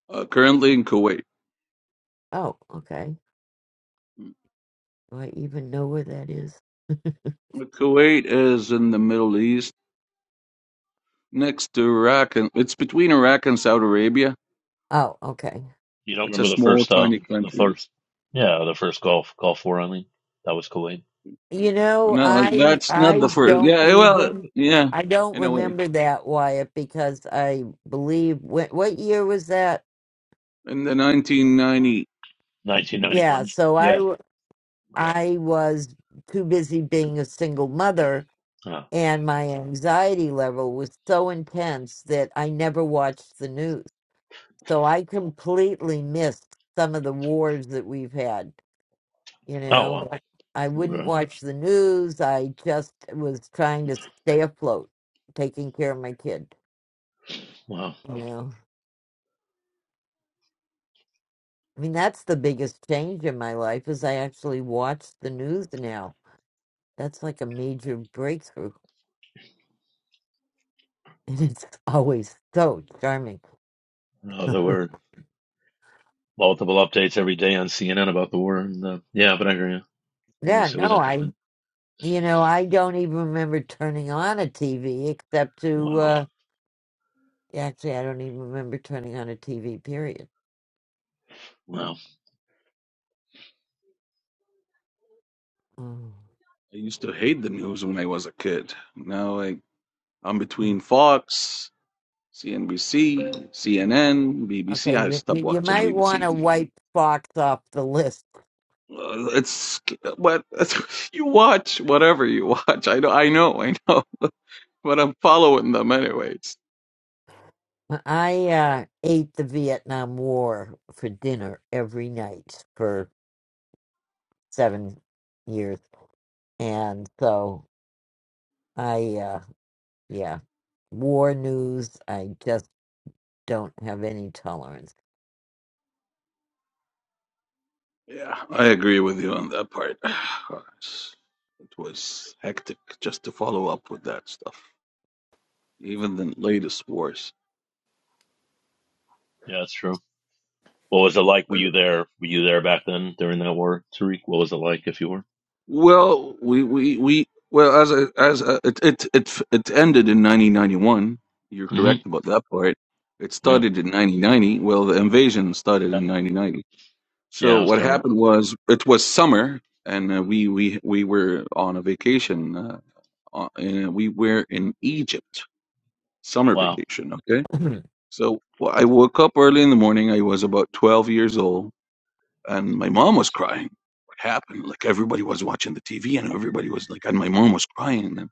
S16: Uh, currently in Kuwait.
S1: Oh, okay. Do I even know where that is? (laughs)
S16: Kuwait is in the Middle East, next to Iraq, and it's between Iraq and Saudi Arabia.
S1: Oh, okay.
S3: You don't
S16: It's a
S3: remember the
S16: small,
S3: first
S16: tiny
S3: um the
S16: country.
S3: first yeah, the first Gulf Gulf war I mean. That was Kuwait.
S1: You know,
S16: No,
S1: I
S16: that's not the
S1: I
S16: first.
S1: don't
S16: Yeah, eh, well,
S1: even
S16: yeah,
S1: I don't
S16: in a way.
S1: remember that Wyatt because I believe what what year was that?
S16: In the 1990,
S3: Nineteen ninety
S1: Yeah,
S3: one.
S1: so I
S3: Yeah.
S1: w- I was too busy being a single mother
S3: Yeah.
S1: and my anxiety level was so intense that I never watched the news. So I completely missed some of the wars that we've had. you
S3: Oh wow.
S1: know i wouldn't
S3: Okay.
S1: watch the news i just was trying to stay afloat taking care of my kid
S3: Wow.
S1: you know i mean that's the biggest change in my life is i actually watch the news now that's like a major breakthrough (laughs) and it's always so charming
S3: Oh, there
S1: (laughs)
S3: were multiple updates every day on CNN about the war and uh, yeah, but I hear you. It
S1: yeah
S3: was it
S1: no
S3: was
S1: i
S3: interesting.
S1: you know i don't even remember turning on a tv except to
S3: Wow.
S1: uh actually i don't even remember turning on a tv period
S3: Wow.
S1: Mm.
S16: I used to hate the news when I was a kid. Now I, I'm between Fox, CNBC, CNN, BBC.
S1: Okay,
S16: I
S1: you,
S16: stopped
S1: you you
S16: watching
S1: might want to
S16: BBC.
S1: wipe Fox off the list.
S16: Uh, It's what (laughs) you watch, whatever you watch. I know, I know, I know, (laughs) but I'm following them anyways.
S1: I uh, ate the Vietnam War for dinner every night for seven years, and so I, uh, yeah, war news. I just don't have any tolerance.
S16: Yeah, I agree with you on that part. (sighs) It was hectic just to follow up with that stuff, even the latest wars.
S3: Yeah, that's true. What was it like? Were
S16: But
S3: you there? Were you there back then during that war, Tariq? What was it like if you were?
S16: well, we we we well as a, as a, it it it it ended in 1991. You're
S3: hmm
S16: correct about that part. It
S3: Yeah.
S16: started in 1990. Well, the invasion started
S3: Yeah.
S16: in 1990.
S3: Yeah,
S16: So
S3: it was
S16: what
S3: terrible.
S16: happened was it was summer, and uh, we we we were on a vacation. Uh, uh, and we were in Egypt, summer
S3: Wow.
S16: vacation. Okay,
S1: (clears throat)
S16: so well, I woke up early in the morning. I was about twelve years old, and my mom was crying. What happened? Like everybody was watching the TV, and everybody was like, and my mom was crying, and,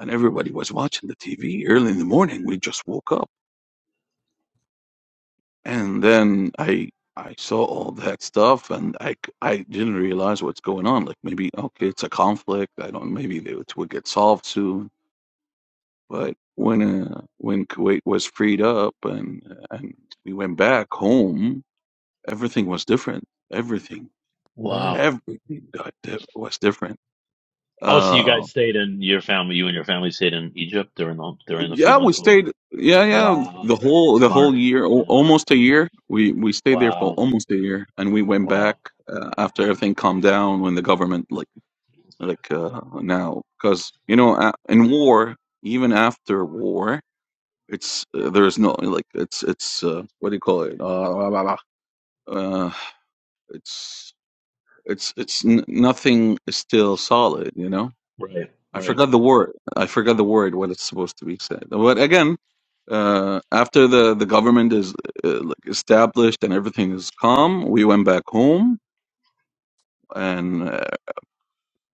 S16: and everybody was watching the TV early in the morning. We just woke up. and then I I saw all that stuff, and I c- I didn't realize what's going on. Like maybe okay, it's a conflict. I don't. Maybe they would, would get solved soon. But when uh, when Kuwait was freed up and and we went back home, everything was different. Everything
S1: Mm,
S3: Wow.
S16: everything got di- was different.
S3: Oh, so you
S16: Um,
S3: guys stayed in your family, you and your family stayed in Egypt during the during the few
S16: Yeah, we
S3: months over.
S16: stayed. Yeah, yeah, the
S3: Wow,
S16: whole the whole
S3: smart.
S16: year, al-
S3: Yeah.
S16: almost a year. We we stayed there for
S3: Wow.
S16: almost a year, and we went back
S3: Wow.
S16: uh, after everything calmed down when the government like like uh, now because you know a- in war, even after war, it's uh, there's no like it's it's uh, what do you call it? Uh, uh, it's it's it's n nothing is still solid, you know.
S3: Right.
S16: I
S3: Right.
S16: forgot the word. I forgot the word what it's supposed to be said. But again, uh, after the the government is uh, like established and everything is calm, we went back home, and uh,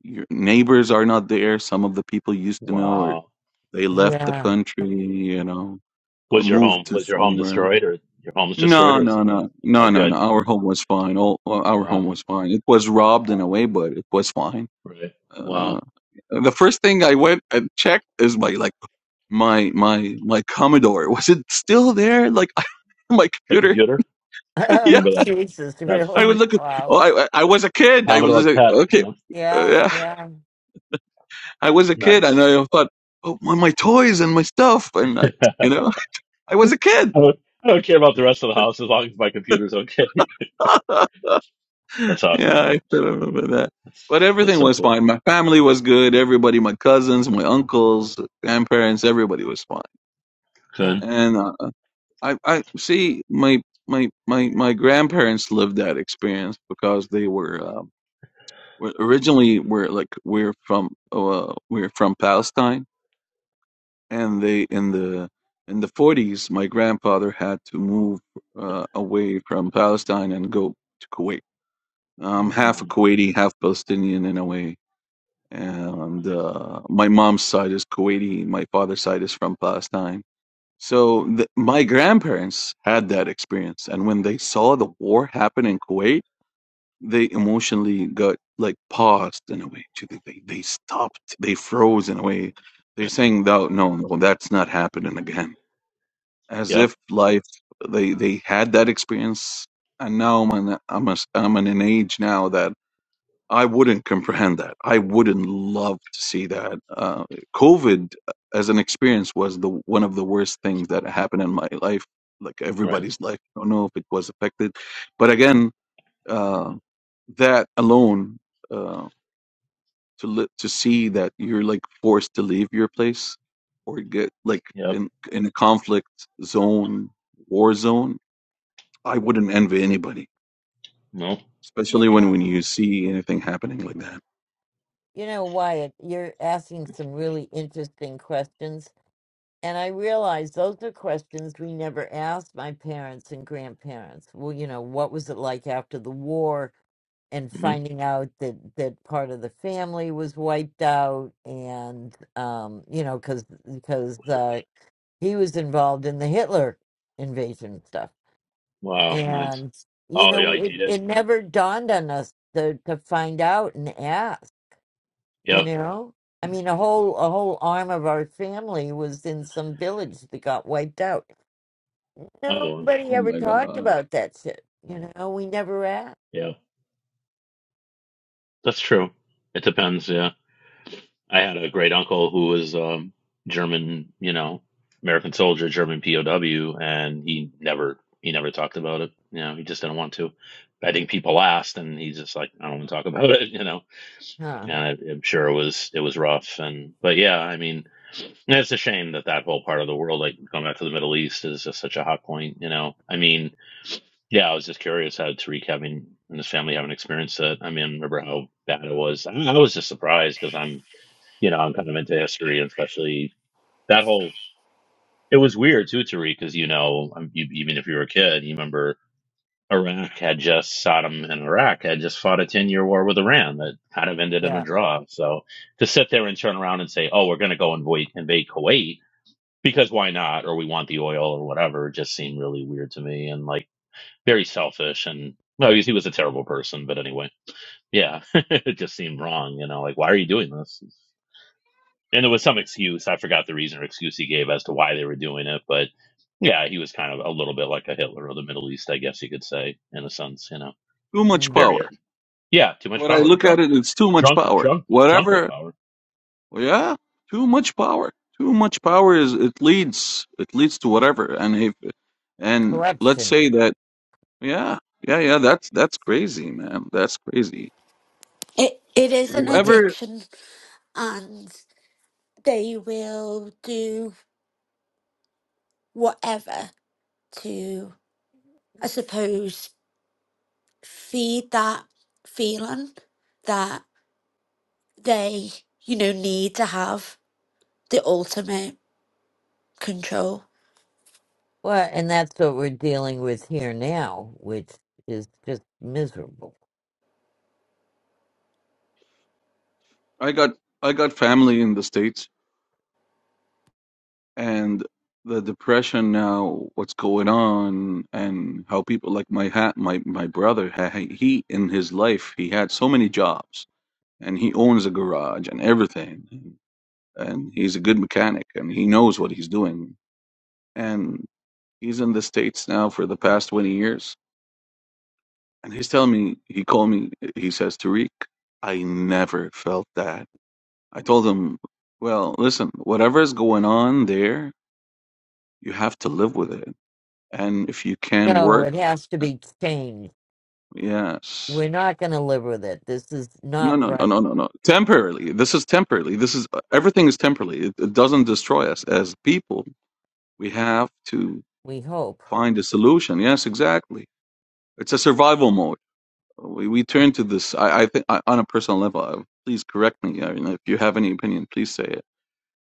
S16: your neighbors are not there. Some of the people you used to know, or
S3: Wow.
S16: they left the
S1: yeah.
S16: country. You know,
S3: Was your
S16: moved
S3: home
S16: to
S3: was your home
S16: somewhere else.
S3: destroyed or your home's destroyed
S16: No,
S3: or is
S16: no,
S3: it? survived?
S16: no, no,
S3: Oh,
S16: no, no.
S3: good.
S16: Our
S3: Good.
S16: home was fine. All our home
S3: Wow.
S16: was fine. It was robbed in a
S3: Wow.
S16: way, but it was fine.
S3: Right. Wow.
S16: Uh, the first thing I went and checked is my like my my my Commodore was it still there? Like (laughs) my
S3: The
S16: computer?
S3: computer.
S1: (laughs)
S16: (laughs)
S3: I
S16: yeah,
S1: Oh,
S3: remember that.
S1: Jesus,
S3: That's
S16: I
S1: really?
S16: would
S3: funny.
S16: look. At,
S1: Wow.
S16: Oh, I I I was a kid. I
S3: Commodore
S16: was like,
S3: PET.
S16: okay,
S3: Yeah.
S16: uh,
S1: Yeah,
S16: yeah,
S1: yeah.
S16: I was a kid, and
S3: Nice.
S16: I thought, oh, my, my toys and my stuff, and I,
S3: (laughs) I
S16: you know, (laughs) I was a kid.
S3: don't, I don't care about the rest of the house as long as my computer's okay.
S16: (laughs) yeah,
S3: (laughs) That's awesome, man.
S16: I still remember that. But
S3: That's that's
S16: everything
S3: so
S16: was
S3: cool.
S16: fine. My family was good. Everybody, my cousins, my uncles, grandparents, everybody was fine.
S1: Huh.
S3: Good.
S16: And uh, I, I see my my my my grandparents lived that experience because they were. uh, We're, originally, we're like we're from oh, uh, we're from Palestine, and they in the in the 40s, my grandfather had to move uh, away from Palestine and go to Kuwait. I'm
S1: Mm.
S16: half
S3: Mm-hmm.
S16: a Kuwaiti, half Palestinian in a way, and
S3: Nice.
S16: uh, my mom's side is Kuwaiti, my father's side is from Palestine. So
S1: mm.
S16: th my grandparents had that experience, and when they saw the war happen in Kuwait they emotionally got like paused in a way. too. They they they stopped. They froze in a way. They're saying that no, no, that's not happening again. As
S3: Yep.
S16: if life they they had that experience, and now I'm an, I'm a, I'm in an age now that I wouldn't comprehend that. I wouldn't love to see that. Uh, COVID uh, as an experience was the one of the worst things that happened in my life. Like
S3: Right.
S16: everybody's life. I don't know if it was affected, but again. uh, that alone uh to li- to see that you're like forced to leave your place or get like
S3: Yep.
S16: in in a conflict zone war zone i wouldn't envy anybody
S3: No.
S1: You
S16: especially when
S1: know,
S16: when you see anything happening like that
S1: you know, Wyatt, you're asking some really interesting questions And I realized those are questions we never asked my parents and grandparents. Well, you know, what was it like after the war? And
S3: hmm
S1: finding out that that part of the family was wiped out, and um, you know, because because uh, he was involved in the Hitler invasion stuff,
S3: Wow. Nice.
S1: and you
S3: Oh yeah,
S1: know,
S3: I
S1: it,
S3: did it.
S1: it never dawned on us to to find out and ask you
S3: Yep.
S1: know i mean a whole a whole arm of our family was in some village that got wiped out
S3: Another one.
S1: nobody
S16: oh
S1: ever
S16: my
S1: talked
S16: god
S1: about that shit you know we never asked
S3: Yeah. That's true. It depends. Yeah. I had a great uncle who was um, German. You know, American soldier, German POW, and he never he never talked about it. You know, he just didn't want to. I think people asked, and he's just like, I don't want to talk about it. (laughs) You know.
S1: huh
S3: and I, I'm sure it was it was rough. And but yeah, I mean, and it's a shame that that whole part of the world, like going back to the Middle East, is just such a hot point. You know, I mean, yeah, I was just curious how Tariq having and his family having experienced it. I mean, I remember how bad it was. I, I was just surprised because I'm, you know, I'm kind of into history, and especially that whole. It was weird too, Tariq, because you know, um, you, even if you were a kid, you remember Iraq had just Saddam and Iraq had just fought a 10 year war with Iran that kind of ended in a
S1: yeah
S3: draw. So to sit there and turn around and say, oh, we're going to go invade, invade Kuwait because why not? Or we want the oil or whatever just seemed really weird to me and like very selfish. And no, he, he was a terrible person. But anyway, yeah, (laughs) it just seemed wrong. You know, like, why are you doing this? And there was some excuse. I forgot the reason or excuse he gave as to why they were doing it. But yeah, he was kind of a little bit like a Hitler of the Middle East, I guess you could say, in a sense, you know.
S16: too much
S1: mm.
S3: Very
S16: power
S3: good. Yeah, too much
S16: when i
S3: power.
S16: look at
S3: Drunk,
S16: it it's too much
S3: drunk,
S16: power
S3: drunk, drunk with
S16: whatever
S3: power.
S16: well, yeah too much power too much power is it leads it leads to whatever and if and let's
S1: corruption
S16: say that Yeah, yeah, yeah. That's that's crazy, man. That's crazy.
S6: It it is an
S1: and w-
S16: Whoever
S6: addiction, and they will do. whatever to, I suppose, feed that feeling that they, you know, need to have the ultimate control.
S1: well and that's what we're dealing with here now which is just miserable
S16: I got, I got family in the States, and the depression now, what's going on, and how people like my hat, my my brother, ha- ha- he in his life, he had so many jobs, and he owns a garage and everything, and, and he's a good mechanic, and he knows what he's doing, and he's in the States now for the past 20 years And he's telling me, he called me, he says, Tariq, I never felt that. I told him, well, listen, whatever is going on there, you have to live with it. And if you can
S1: no
S16: work,
S1: it has to
S16: uh,
S1: be changed
S16: yes.
S1: we're not going to live with it this is
S16: No,
S1: not
S16: no, no,
S1: right
S16: no, no, no. Temporarily. This is temporarily. This is uh, everything is temporarily. It, it doesn't destroy us as people. We have to
S1: we hope
S16: find a solution. Yes, exactly. It's a survival mode. we, we turn to this. I, I think I, on a personal level, uh, please correct me. I mean, if you have any opinion, please say it.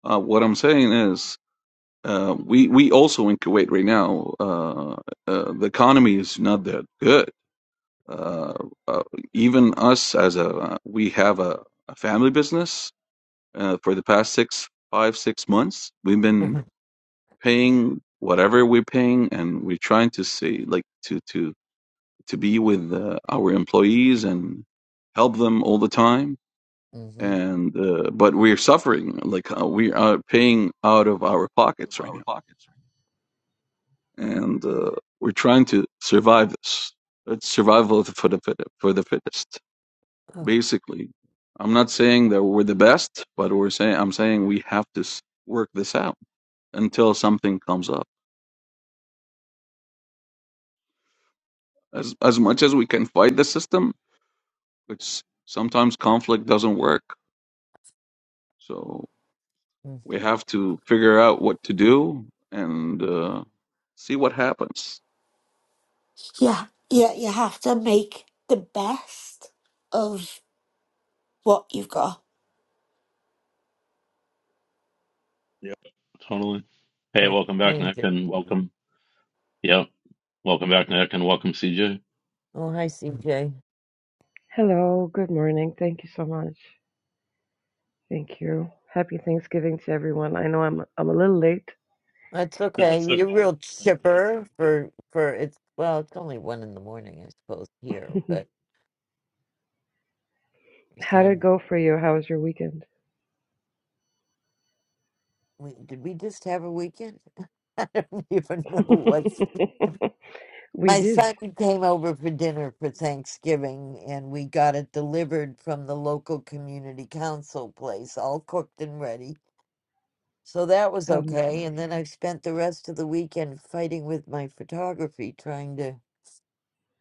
S16: Uh, what I'm saying is, uh, we we also in Kuwait right now, uh, uh, the economy is not that good. Uh, uh, even us as a uh, we have a, a family business. Uh, for the past six, five, six months, we've
S1: (laughs)
S16: been paying whatever we're paying, and we're trying to see like to to to be with uh, our employees and help them all the time
S1: hmm
S16: and uh, but we're suffering like uh, we are paying out of our pockets right now and uh, we're trying to survive this it's survival of the- for the fit, for the fittest basically i'm not saying that we're the best but we're saying i'm saying we have to s- work this out until something comes up as as much as we can fight the system which sometimes conflict doesn't work so We have to figure out what to do and uh, see what happens.
S6: Yeah, yeah, you have to make the best of what you've got.
S3: Yep, totally. Hey,
S1: or
S3: welcome back, Nick,
S1: change it
S3: and welcome. Yep, welcome back, Nick, and welcome, CJ.
S1: oh hi cj
S18: Hello, good morning. Thank you so much. Thank you. Happy Thanksgiving to everyone. I know I'm I'm a little late.
S1: That's
S3: (laughs)
S1: okay.
S3: That's
S1: You're
S3: okay.
S1: real
S3: Thank you.
S1: chipper for for it's well, it's only one in the morning, I suppose, here,
S18: (laughs)
S1: but your
S18: How did it
S1: son
S18: go for you? How was your weekend?
S1: we, did we just have a weekend? (laughs) I don't even know
S18: (laughs)
S1: what's
S18: we
S1: my
S18: did.
S1: son came over for dinner for Thanksgiving and we got it delivered from the local community council place, all cooked and ready. So that was
S18: Um,
S1: okay. And then I spent the rest of the weekend fighting with my photography, trying to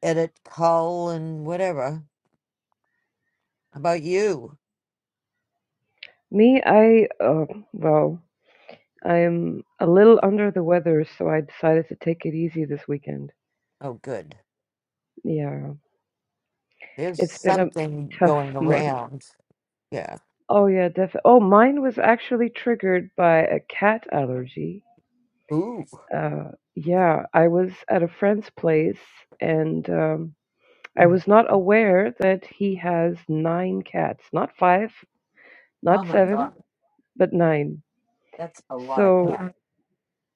S1: edit, cull, and whatever. How about you?
S18: me, I uh, well, I'm a little under the weather, so I decided to take it easy this weekend.
S1: Oh, good.
S18: Yeah,
S1: There's
S18: it's been a
S1: something
S18: tough (laughs)
S1: going
S18: month.
S1: around. Yeah.
S18: Oh yeah, definitely. Oh, mine was actually triggered by a cat allergy.
S1: Ooh.
S18: Uh, yeah, I was at a friend's place and um, I
S1: Mm.
S18: was not aware that he has nine cats. Not five,
S1: Oh
S18: not
S1: my god,
S18: seven, but nine.
S1: that's a lot of
S18: So,
S1: cat.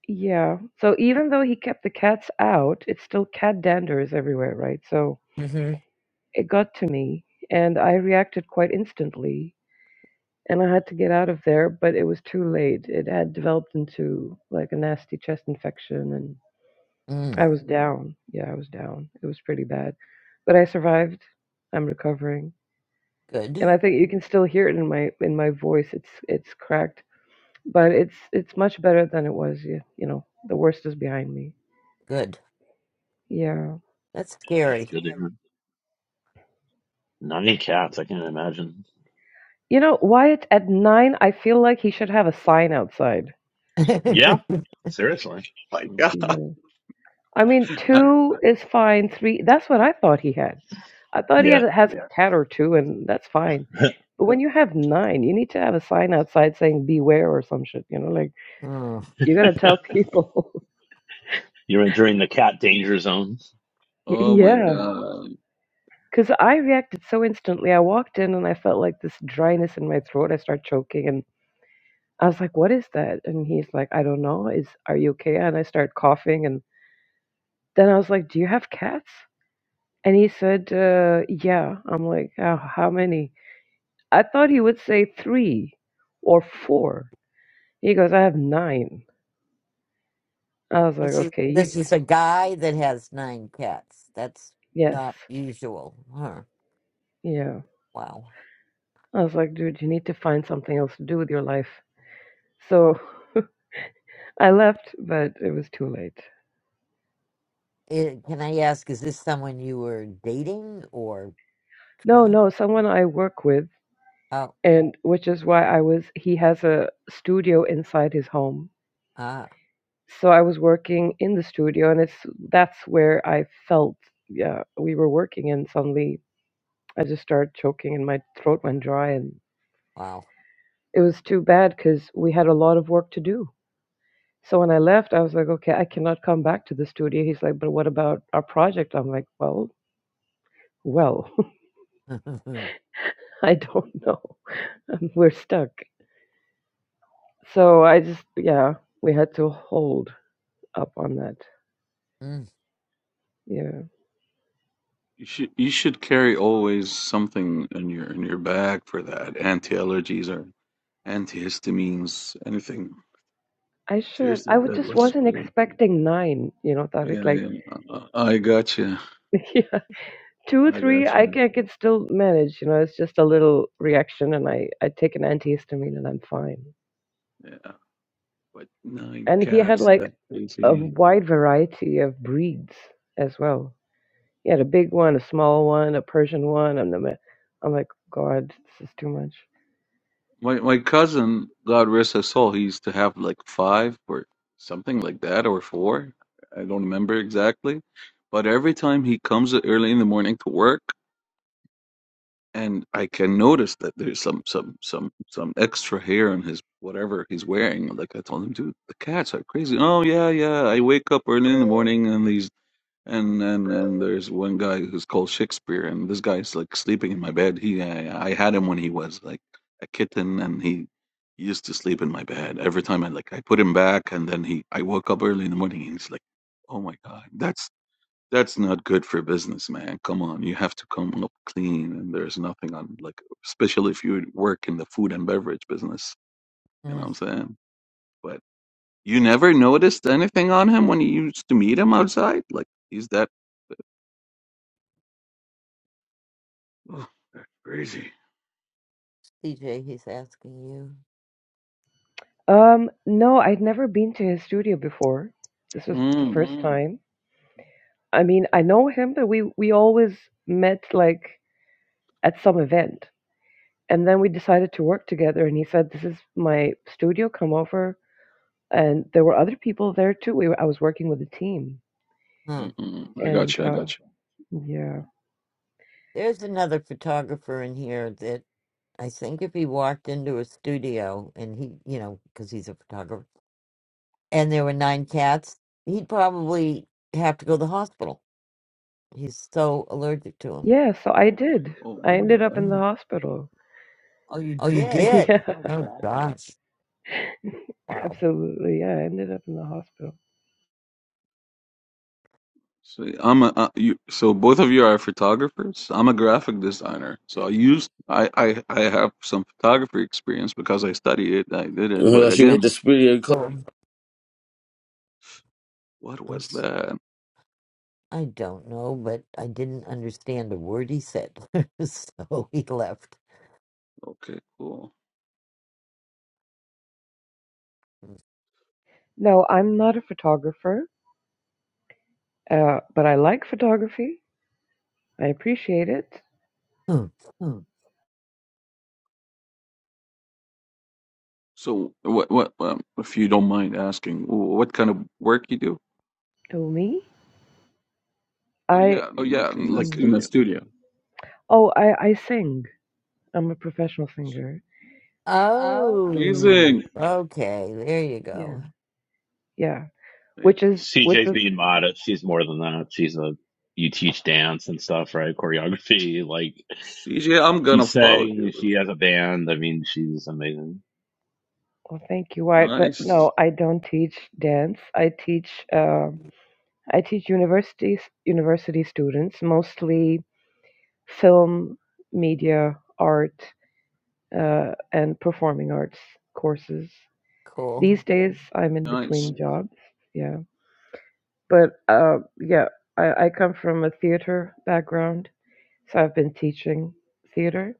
S18: yeah. So even though he kept the cats out, it's still cat dander is everywhere, right? So
S1: Mm-hmm.
S18: it got to me and I reacted quite instantly and I had to get out of there, but it was too late. It had developed into like a nasty chest infection and.
S1: Mm.
S18: I was down. Yeah, I was down. It was pretty bad, but I survived. I'm recovering, and
S1: Good.
S18: I think you can still hear it in my in my voice. It's it's cracked, but it's it's much better than it was. You, you know, the worst is behind me.
S1: Good.
S18: Yeah.
S1: That's
S3: Yeah, it's
S1: scary. (laughs)
S3: good to hear. Nine cats. I can't imagine.
S18: You know, Wyatt at nine, I feel like he should have a sign outside.
S3: Yeah, seriously.
S16: my God.
S18: Yeah. I mean,
S16: I-
S18: two is fine. Three, that's what I thought he had. I thought he had
S3: Yeah,
S18: has a cat or two, and that's fine. But when you have nine, you need to have a sign outside saying "Beware" or some shit. You know, like.
S1: Mm.
S18: You're going to
S3: (laughs)
S18: tell people.
S3: you're entering the cat danger zone.
S18: (laughs)
S16: oh my
S18: yeah.
S16: God.
S18: Because I reacted so instantly. I walked in and I felt like this dryness in my throat. I start choking and I was like, what is that? And he's like, I don't know. Is Are you okay? And I start coughing. And then I was like, do you have cats? And he said, uh, yeah. I'm like, oh, how many? I thought he would say three or four. He goes, I have nine." I was like,
S1: This is
S18: okay, you
S1: this
S18: just,
S1: is a guy that has nine cats. That's
S18: yes.
S1: not usual. Huh.
S18: Yeah.
S1: Wow.
S18: I was like, dude, you need to find something else to do with your life. So (laughs) I left, but it was too late.
S1: Eh, can I ask, is this someone you were dating or
S18: No,
S1: trying?
S18: no, someone I work with,
S1: Oh,
S18: and which is why I was, he has a studio inside his home.
S1: ah,
S18: So I was working in the studio, and it's that's where I felt, yeah, we were working, and suddenly I just started choking, and my throat went dry, and
S1: wow.
S18: it was too bad because we had a lot of work to do. So when I left, I was like, okay, I cannot come back to the studio. He's like, but what about our project? I'm like, well, well,
S1: (laughs) mm,
S18: (laughs) I don't know. (laughs) We're stuck. So I just, yeah, we had to hold up on that. Yeah.
S16: You should you should carry always something in your in your bag for that. Anti-allergies or antihistamines, anything.
S18: I should. I
S16: Seriously,
S18: was
S16: that
S18: just
S16: was
S18: wasn't expecting nine, you know, Tariq.
S16: yeah, yeah.
S18: Like,
S16: yeah. I I gotcha.
S18: (laughs) yeah, two,
S16: I
S18: three, I
S16: gotcha.
S18: can, I can still manage. You know, it's just a little reaction, and I, I take an antihistamine, and I'm fine.
S16: Yeah. But nine
S18: And he had
S16: cats,
S18: like
S16: that's
S18: a
S16: crazy.
S18: wide variety of breeds as well. He had a big one, a small one, a Persian one. I'm, the, I'm like, God, this is too much.
S16: My my cousin, God rest his soul, he used to have like five or something like that, or four. I don't remember exactly. But every time he comes early in the morning to work, and I can notice that there's some some some some extra hair on his whatever he's wearing. Like I told him, dude, the cats are crazy. Oh yeah, yeah. I wake up early in the morning and these and and and there's one guy who's called Shakespeare, and this guy's like sleeping in my bed. He I, I had him when he was like a kitten, and he used to sleep in my bed every time. I like I put him back, and then he I woke up early in the morning, and he's like, "Oh my God, that's that's not good for business, man. Come on, you have to come up clean." And there's nothing on like, especially if you work in the food and beverage business. You know what I'm
S1: mm.
S16: saying? But you never noticed anything on him when you used to meet him outside, like. He's that Oh, that's crazy.
S1: DJ, he's asking you.
S18: Um, no, I'd never been to his studio before. This was the
S16: Mm,
S18: first time. I mean, I know him, but we we always met like at some event, and then we decided to work together. And he said, "This is my studio. Come over. and there were other people there too. We were, I was working with a team,
S1: Hmm.
S16: mm, mm, mm. I got
S18: and
S16: you. I
S18: uh,
S16: got you.
S18: That's yeah,
S1: There's another photographer in here that I think if he walked into a studio and he, you know, because he's a photographer, and there were nine cats, he'd probably have to go to the hospital. He's so allergic to
S18: yeah. So I did.
S16: Oh
S18: I
S16: my
S18: ended up
S16: God.
S18: in the
S1: them.
S18: hospital. (laughs) oh,
S1: Oh, you
S16: Oh,
S18: yeah,
S1: did? Oh, gosh.
S18: Oh, (laughs)
S1: Wow.
S18: absolutely. Yeah, I ended up in the hospital.
S16: so I'm a uh, you. So both of you are photographers. I'm a graphic designer. So I used I I I have some photography experience because I studied it. I did it. But
S19: Uh, She would hit the
S16: again,
S19: spirit
S1: Um,
S16: what
S1: I'm,
S16: was
S1: s-
S16: that?
S1: I don't know, but I didn't understand a word he said. (laughs) so he left.
S16: Okay, cool.
S18: No, I'm not a photographer, uh, but I like photography. I appreciate it.
S1: Hmm.
S16: So what what um, if you don't mind asking, wh- what kind of work you do?
S18: Oh me, I
S16: Oh yeah,
S18: mm.
S16: like in the studio.
S18: oh I I sing. I'm a professional singer.
S1: Oh,
S16: Amazing.
S1: okay. There you
S18: Yeah,
S1: go.
S18: yeah. Which is
S16: Amazing.
S18: which
S3: CJ's being
S18: was.
S3: modest. She's more than that. She's a you teach dance and stuff, right? Choreography. Like
S16: CJ, I'm
S3: she
S16: gonna follow
S3: sang. She
S16: you.
S3: has a band. I mean, she's amazing.
S18: Well, thank you, Art. But
S16: Nice.
S18: no, I don't teach dance. I teach um I teach universities university students mostly film, media, art, uh, and performing arts courses.
S1: Cool.
S18: These days, I'm in
S16: Nice.
S18: between jobs. Yeah, but uh, yeah, I, I come from a theater background, so I've been teaching theater.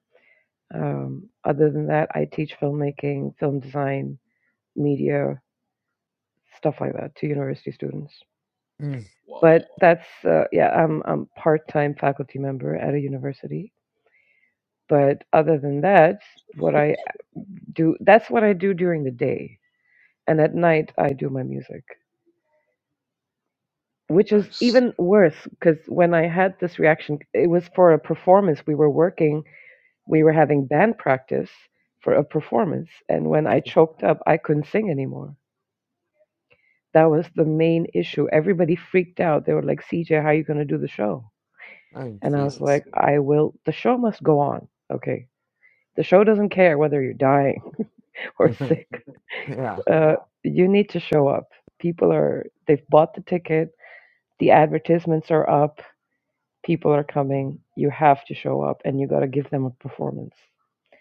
S18: Um, other than that, I teach filmmaking, film design, media, stuff like that to university students.
S1: Mm.
S16: Wow.
S18: But that's uh, yeah, I'm I'm part-time faculty member at a university. But other than that, what I do that's what I do during the day, and at night I do my music, which is
S16: Nice.
S18: even worse because when I had this reaction, it was for a performance. We were working, we were having band practice for a performance, and when I choked up, I couldn't sing anymore. That was the main issue. Everybody freaked out. They were like, "CJ, how are you going to do the show?"
S1: Oh
S18: And I was
S1: Jesus.
S18: like, I will, the show must go on. Okay. The show doesn't care whether you're dying (laughs) or
S1: (laughs)
S18: sick.
S1: yeah.
S18: Uh, you need to show up. People are, they've bought the ticket, the advertisements are up, people are coming. You have to show up and you got to give them a performance.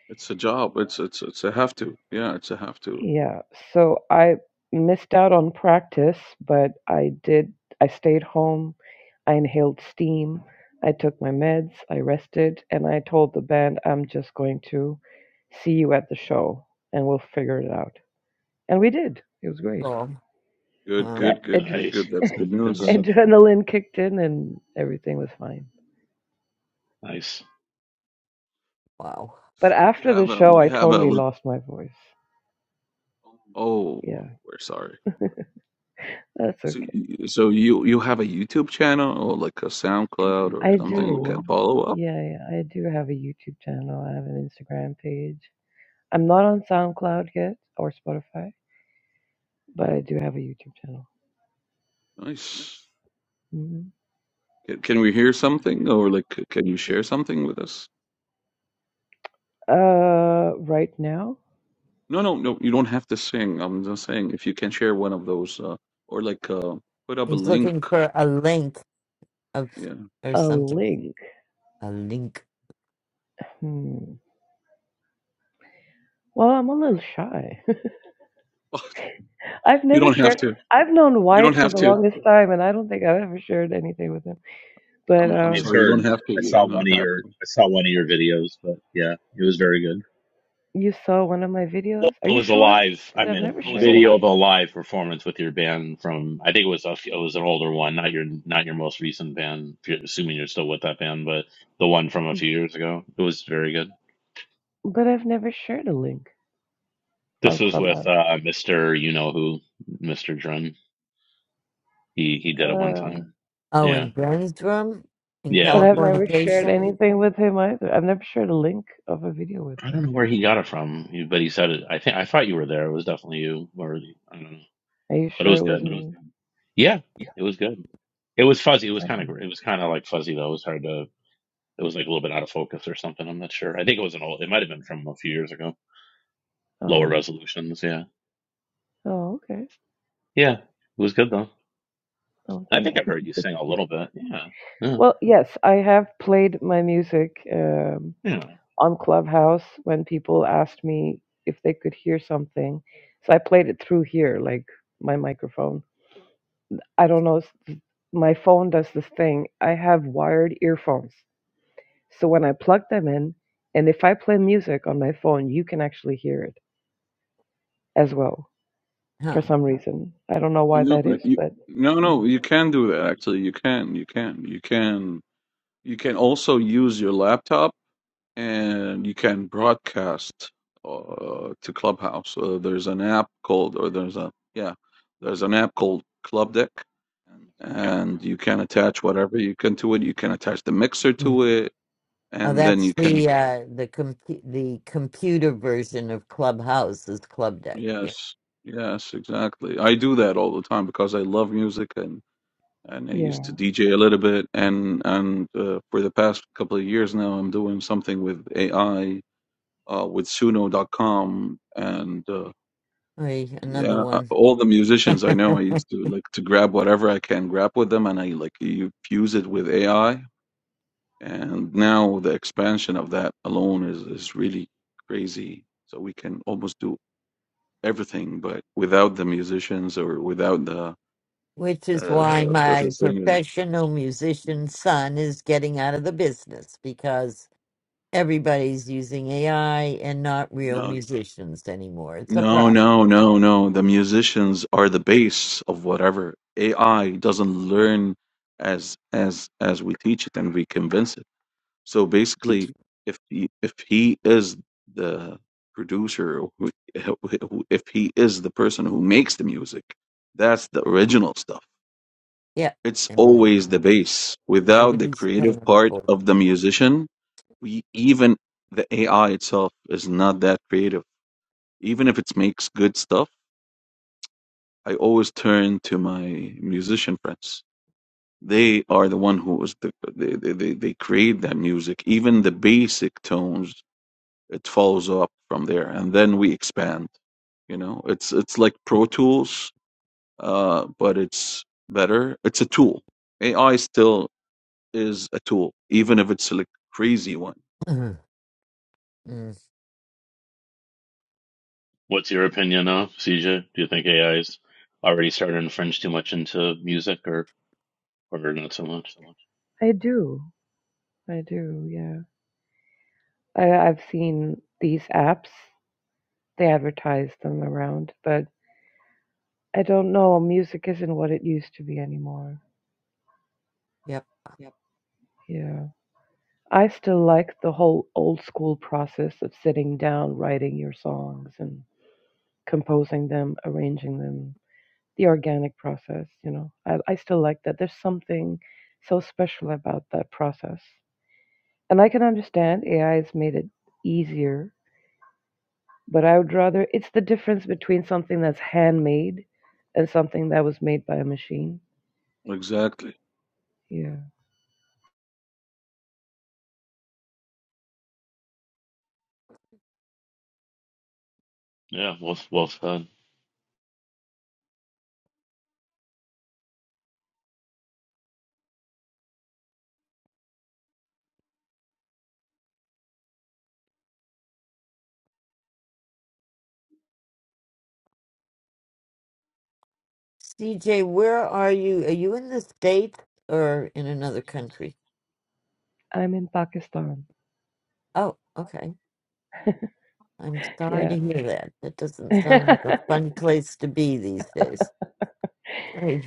S16: It's a job. It's it's it's a have to. Yeah, it's a have to.
S18: Yeah, so I missed out on practice, but I did, I stayed home. I inhaled steam. I took my meds. I rested. And I told the band, I'm just going to see you at the show and we'll figure it out. And we did. It was great.
S1: Cool.
S16: Good,
S1: Uh,
S18: Yeah,
S16: good, good,
S18: ad-
S16: good, good.
S3: Nice.
S18: (laughs)
S16: That's
S3: Mm,
S16: good news.
S3: Congrats.
S18: adrenaline kicked in and everything was fine.
S3: Nice.
S1: wow.
S18: But after Yeah, the but show,
S16: You
S18: like, I
S16: have a
S18: totally
S16: look.
S18: lost my voice.
S16: Oh,
S18: Yeah,
S16: um, we're sorry.
S18: that's okay.
S16: So, y- so you you have a YouTube channel or like a SoundCloud or
S18: I
S16: something we can
S18: do.
S16: follow up?
S18: Yeah, yeah, I do have a YouTube channel. I have an Instagram page. I'm not on SoundCloud yet or Spotify, but I do have a YouTube channel.
S16: Nice.
S18: hmm
S16: Can, can we hear something or like c- can you share something with us?
S18: Uh, right now,
S16: No, no, no. You don't have to sing. I'm just saying if you can share one of those uh, or like uh, put up a
S1: He's
S16: link.
S1: looking for a link of
S16: Yeah.
S1: or
S18: a
S1: something.
S18: link.
S1: A link.
S18: Hmm. Well, I'm a little shy.
S16: (laughs)
S18: (laughs) I've
S16: You
S18: never
S16: don't have
S18: shared.
S16: to.
S18: I've known
S16: You don't
S18: Wyatt for
S16: have
S18: the
S16: to.
S18: longest time, and I don't think I've ever shared anything with him. But
S16: I'm
S3: I've
S16: I'm
S18: um,
S16: sorry. You don't
S3: heard.
S16: have to.
S3: I
S16: You
S3: saw
S16: don't
S3: one
S16: not
S3: of
S16: have
S3: your.
S16: to.
S3: I saw one of your videos, but yeah, it was very good.
S18: you saw one of my
S3: Well,
S18: videos. Are
S3: it
S18: you
S3: was a
S18: sure?
S3: live. I
S18: Because I've
S3: mean,
S18: never
S3: video of a
S18: shared.
S3: live performance with your band from. I think it was a, it was an older one, not your not your most recent band. If you're, assuming you're still with that band, but the one from a few years ago. It was very good.
S18: But I've never shared a link
S3: This
S18: on
S3: was with
S18: Clubhouse.
S3: uh, Mister You Know Who, Mister Drum. He he did it one
S18: Uh.
S3: time.
S1: Oh,
S3: Yeah,
S1: in Ben's room in
S3: yeah.
S18: But I've never shared
S1: Californication.
S18: anything with him either. I've never shared a link of a video with
S3: I don't know
S18: him.
S3: where he got it from, he- but he said it. I think I thought you were there. It was definitely you, or I don't know,
S18: Are you
S3: but it
S18: sure
S3: was
S18: it was
S3: good.
S18: me?
S3: Yeah, it was good. It was fuzzy. It was
S18: Um,
S3: kind of it was kind of like fuzzy though. It was hard to. It was like a little bit out of focus or something. I'm not sure. I think it was an old. It might have been from a few years ago. Lower
S18: Oh,
S3: resolutions. Yeah,
S18: oh, okay.
S3: yeah. It was good though.
S18: Oh,
S3: I
S18: thank
S3: think I've
S18: you.
S3: heard you sing a little bit. Yeah, yeah,
S18: Well, yes, I have played my music um,
S3: yeah.
S18: on Clubhouse when people asked me if they could hear something. So I played it through here, like my microphone. I don't know. s- My phone does this thing. I have wired earphones. So when I plug them in, and if I play music on my phone, you can actually hear it as well.
S1: Huh.
S18: for some reason. I don't know why
S16: No,
S18: that is,
S16: you
S18: but
S16: no
S18: mm,
S16: no. You can do that. Actually, you can. You can. You can. You can also use your laptop, and you can broadcast uh, to Clubhouse. Uh, there's an app called, or there's a yeah, there's an app called Club Deck, and you can attach whatever you can to it. You can attach the mixer
S1: Mm.
S16: to it,
S1: Oh,
S16: and then you
S1: that's
S16: can.
S1: the uh, the compu- the computer version of Clubhouse is Club Deck. Yeah.
S16: Yes, yes, exactly. I do that all the time because I love music and. and I
S18: yeah,
S16: used to DJ a little bit. And and uh, for the past couple of years now, I'm doing something with AI uh, with Suno.com, and uh,
S1: Oy, another
S16: yeah, uh,
S1: one.
S16: all the musicians I
S1: (laughs)
S16: know, I used to like to grab whatever I can grab with them, and I like you fuse it with AI. And now the expansion of that alone is is really crazy. So we can almost do everything, but without the musicians or without the
S1: Which is why
S16: uh, the the
S1: my
S16: thing.
S1: professional musician son is getting out of the business because. everybody's using AI and not real
S16: No,
S1: musicians anymore. It's a
S16: No,
S1: problem.
S16: no, no, no. The musicians are the base of whatever. AI doesn't learn as as as we teach it and we convince it. So basically, if he, if he is the producer, or who- (laughs) who- if he is the person who makes the music, that's the original stuff.
S1: Yep.
S16: It's
S1: And i
S16: always the base. Without the
S1: nobody's
S16: creative
S1: paying
S16: part
S1: for
S16: of the musician, we even the AI itself is not that creative. Even if it makes good stuff I always turn to my musician friends. They are the one who is the they they, they they create that music. Even the basic tones, it follows up from there, and then we expand. You know, it's it's like Pro Tools, uh, but it's better. It's a tool. AI still is a tool, even if it's a crazy one.
S1: it. (clears throat) Mm,
S3: What's your opinion of CJ? Do you think AI is already starting to infringe too much into music, or or not so much?
S18: I do. I do. Yeah, I, I've seen these apps. They advertise them around, but I don't know. Music isn't what it used to be anymore.
S1: Yep.
S18: Yeah, I still like the whole old school process of sitting down, writing your songs, and composing them, arranging them. The organic process, you know, I, I still like that. There's something so special about that process. And I can understand AI has made it easier, but I would rather it's the difference between something that's handmade and something that was made by a machine.
S16: Exactly.
S18: Yeah.
S3: Yeah, well, well said.
S1: CJ, where are you? Are you in the States or in another country?
S18: I'm in Pakistan.
S1: Oh, okay. I'm sorry
S18: Yeah.
S1: to hear that. That
S18: (laughs)
S1: doesn't sound like a
S18: yeah,
S1: fun place to be these days. All right,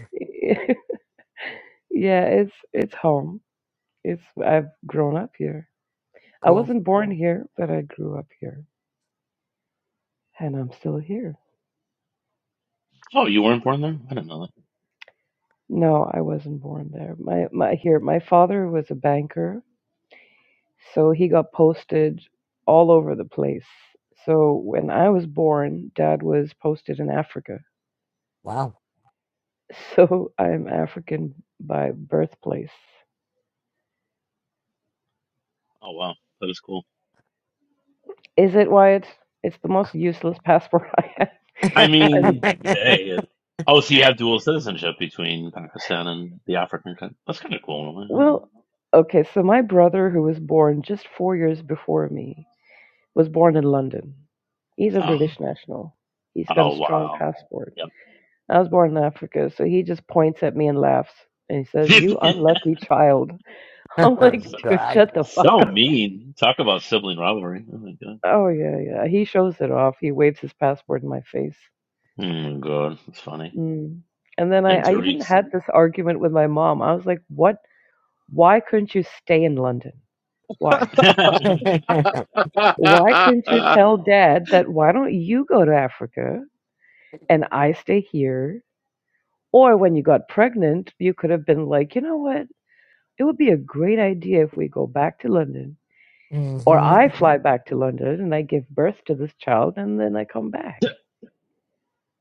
S18: it's it's home. It's I've grown up here. I
S1: cool.
S18: wasn't born here, but I grew up here. And I'm still here.
S3: Oh, you weren't born there? I didn't know that.
S18: No, I wasn't born there. My my here, my father was a banker So he got posted all over the place. So when I was born, dad was posted in Africa.
S1: Wow.
S18: So (laughs) I'm African by birthplace.
S3: Oh, wow. That is cool.
S18: Is it why it's it's the most useless passport (laughs) I have?
S1: (laughs)
S3: I
S18: I mean,
S3: mean, hey. It, oh, so you have dual citizenship between Pakistan and the African country. That's kind of cool. in a way. I don't know.
S18: well, okay, so my brother who was born just 4 years before me was born in London. He's a
S3: Oh,
S18: British national. He's got a
S3: oh
S18: strong
S3: wow.
S18: passport.
S3: Yep.
S18: I was born in Africa, so he just points at me and laughs and he says, "You unlucky child." I'm
S3: (laughs)
S18: like,
S1: oh,
S3: so,
S18: dude,
S1: God.
S18: shut the fuck
S3: so
S18: up.
S3: mean. Talk about sibling rivalry. Oh, my God.
S18: Oh yeah, yeah. He shows it off. He waves his passport in my face.
S3: Oh, my God. That's funny.
S18: Mm. And then I,
S3: And
S18: I even
S3: Tariq's.
S18: had this argument with my mom. I was like, what? Why couldn't you stay in London? Why?
S1: (laughs)
S18: Why couldn't you
S16: (laughs)
S18: tell dad that why don't you go to Africa and I stay here? Or when you got pregnant, you could have been like, you know what? It would be a great idea if we go back to London. Or
S1: hmm
S18: I fly back to London and I give birth to this child and then I come
S3: (laughs)
S18: back.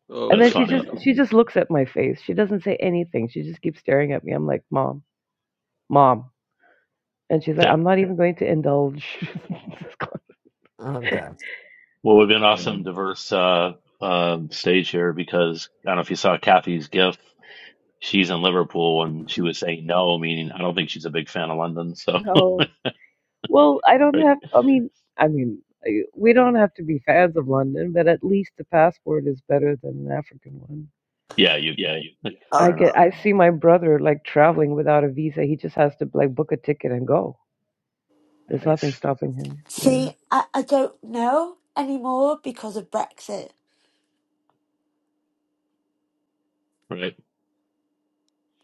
S16: Oh
S18: And
S3: That's
S16: my
S18: then she just
S3: funny.
S16: God.
S3: (laughs)
S18: she just looks at my face. She doesn't say anything. She just keeps staring at me. I'm like, "Mom, mom," and she's like, "I'm not even going to indulge." (laughs)
S1: Oh, God.
S3: Well, we've been awesome, diverse uh, um stage here because I don't know if you saw Kathy's gif. she's in Liverpool and she was saying no, meaning I don't think she's a big fan of London. So,
S18: No. well, I
S3: (laughs)
S18: don't
S3: right.
S18: have. I mean, I mean, I- we don't have to be fans of London, but at least the passport is better than an African one.
S3: yeah, UK. Like, (laughs)
S6: Oh,
S18: I
S3: fair enough.
S18: get. I see my brother like traveling without a visa. He just has to like book a ticket and go. There's nothing
S3: Nice.
S18: stopping him. Yeah.
S6: see, I, I don't know anymore because of Brexit.
S3: Right.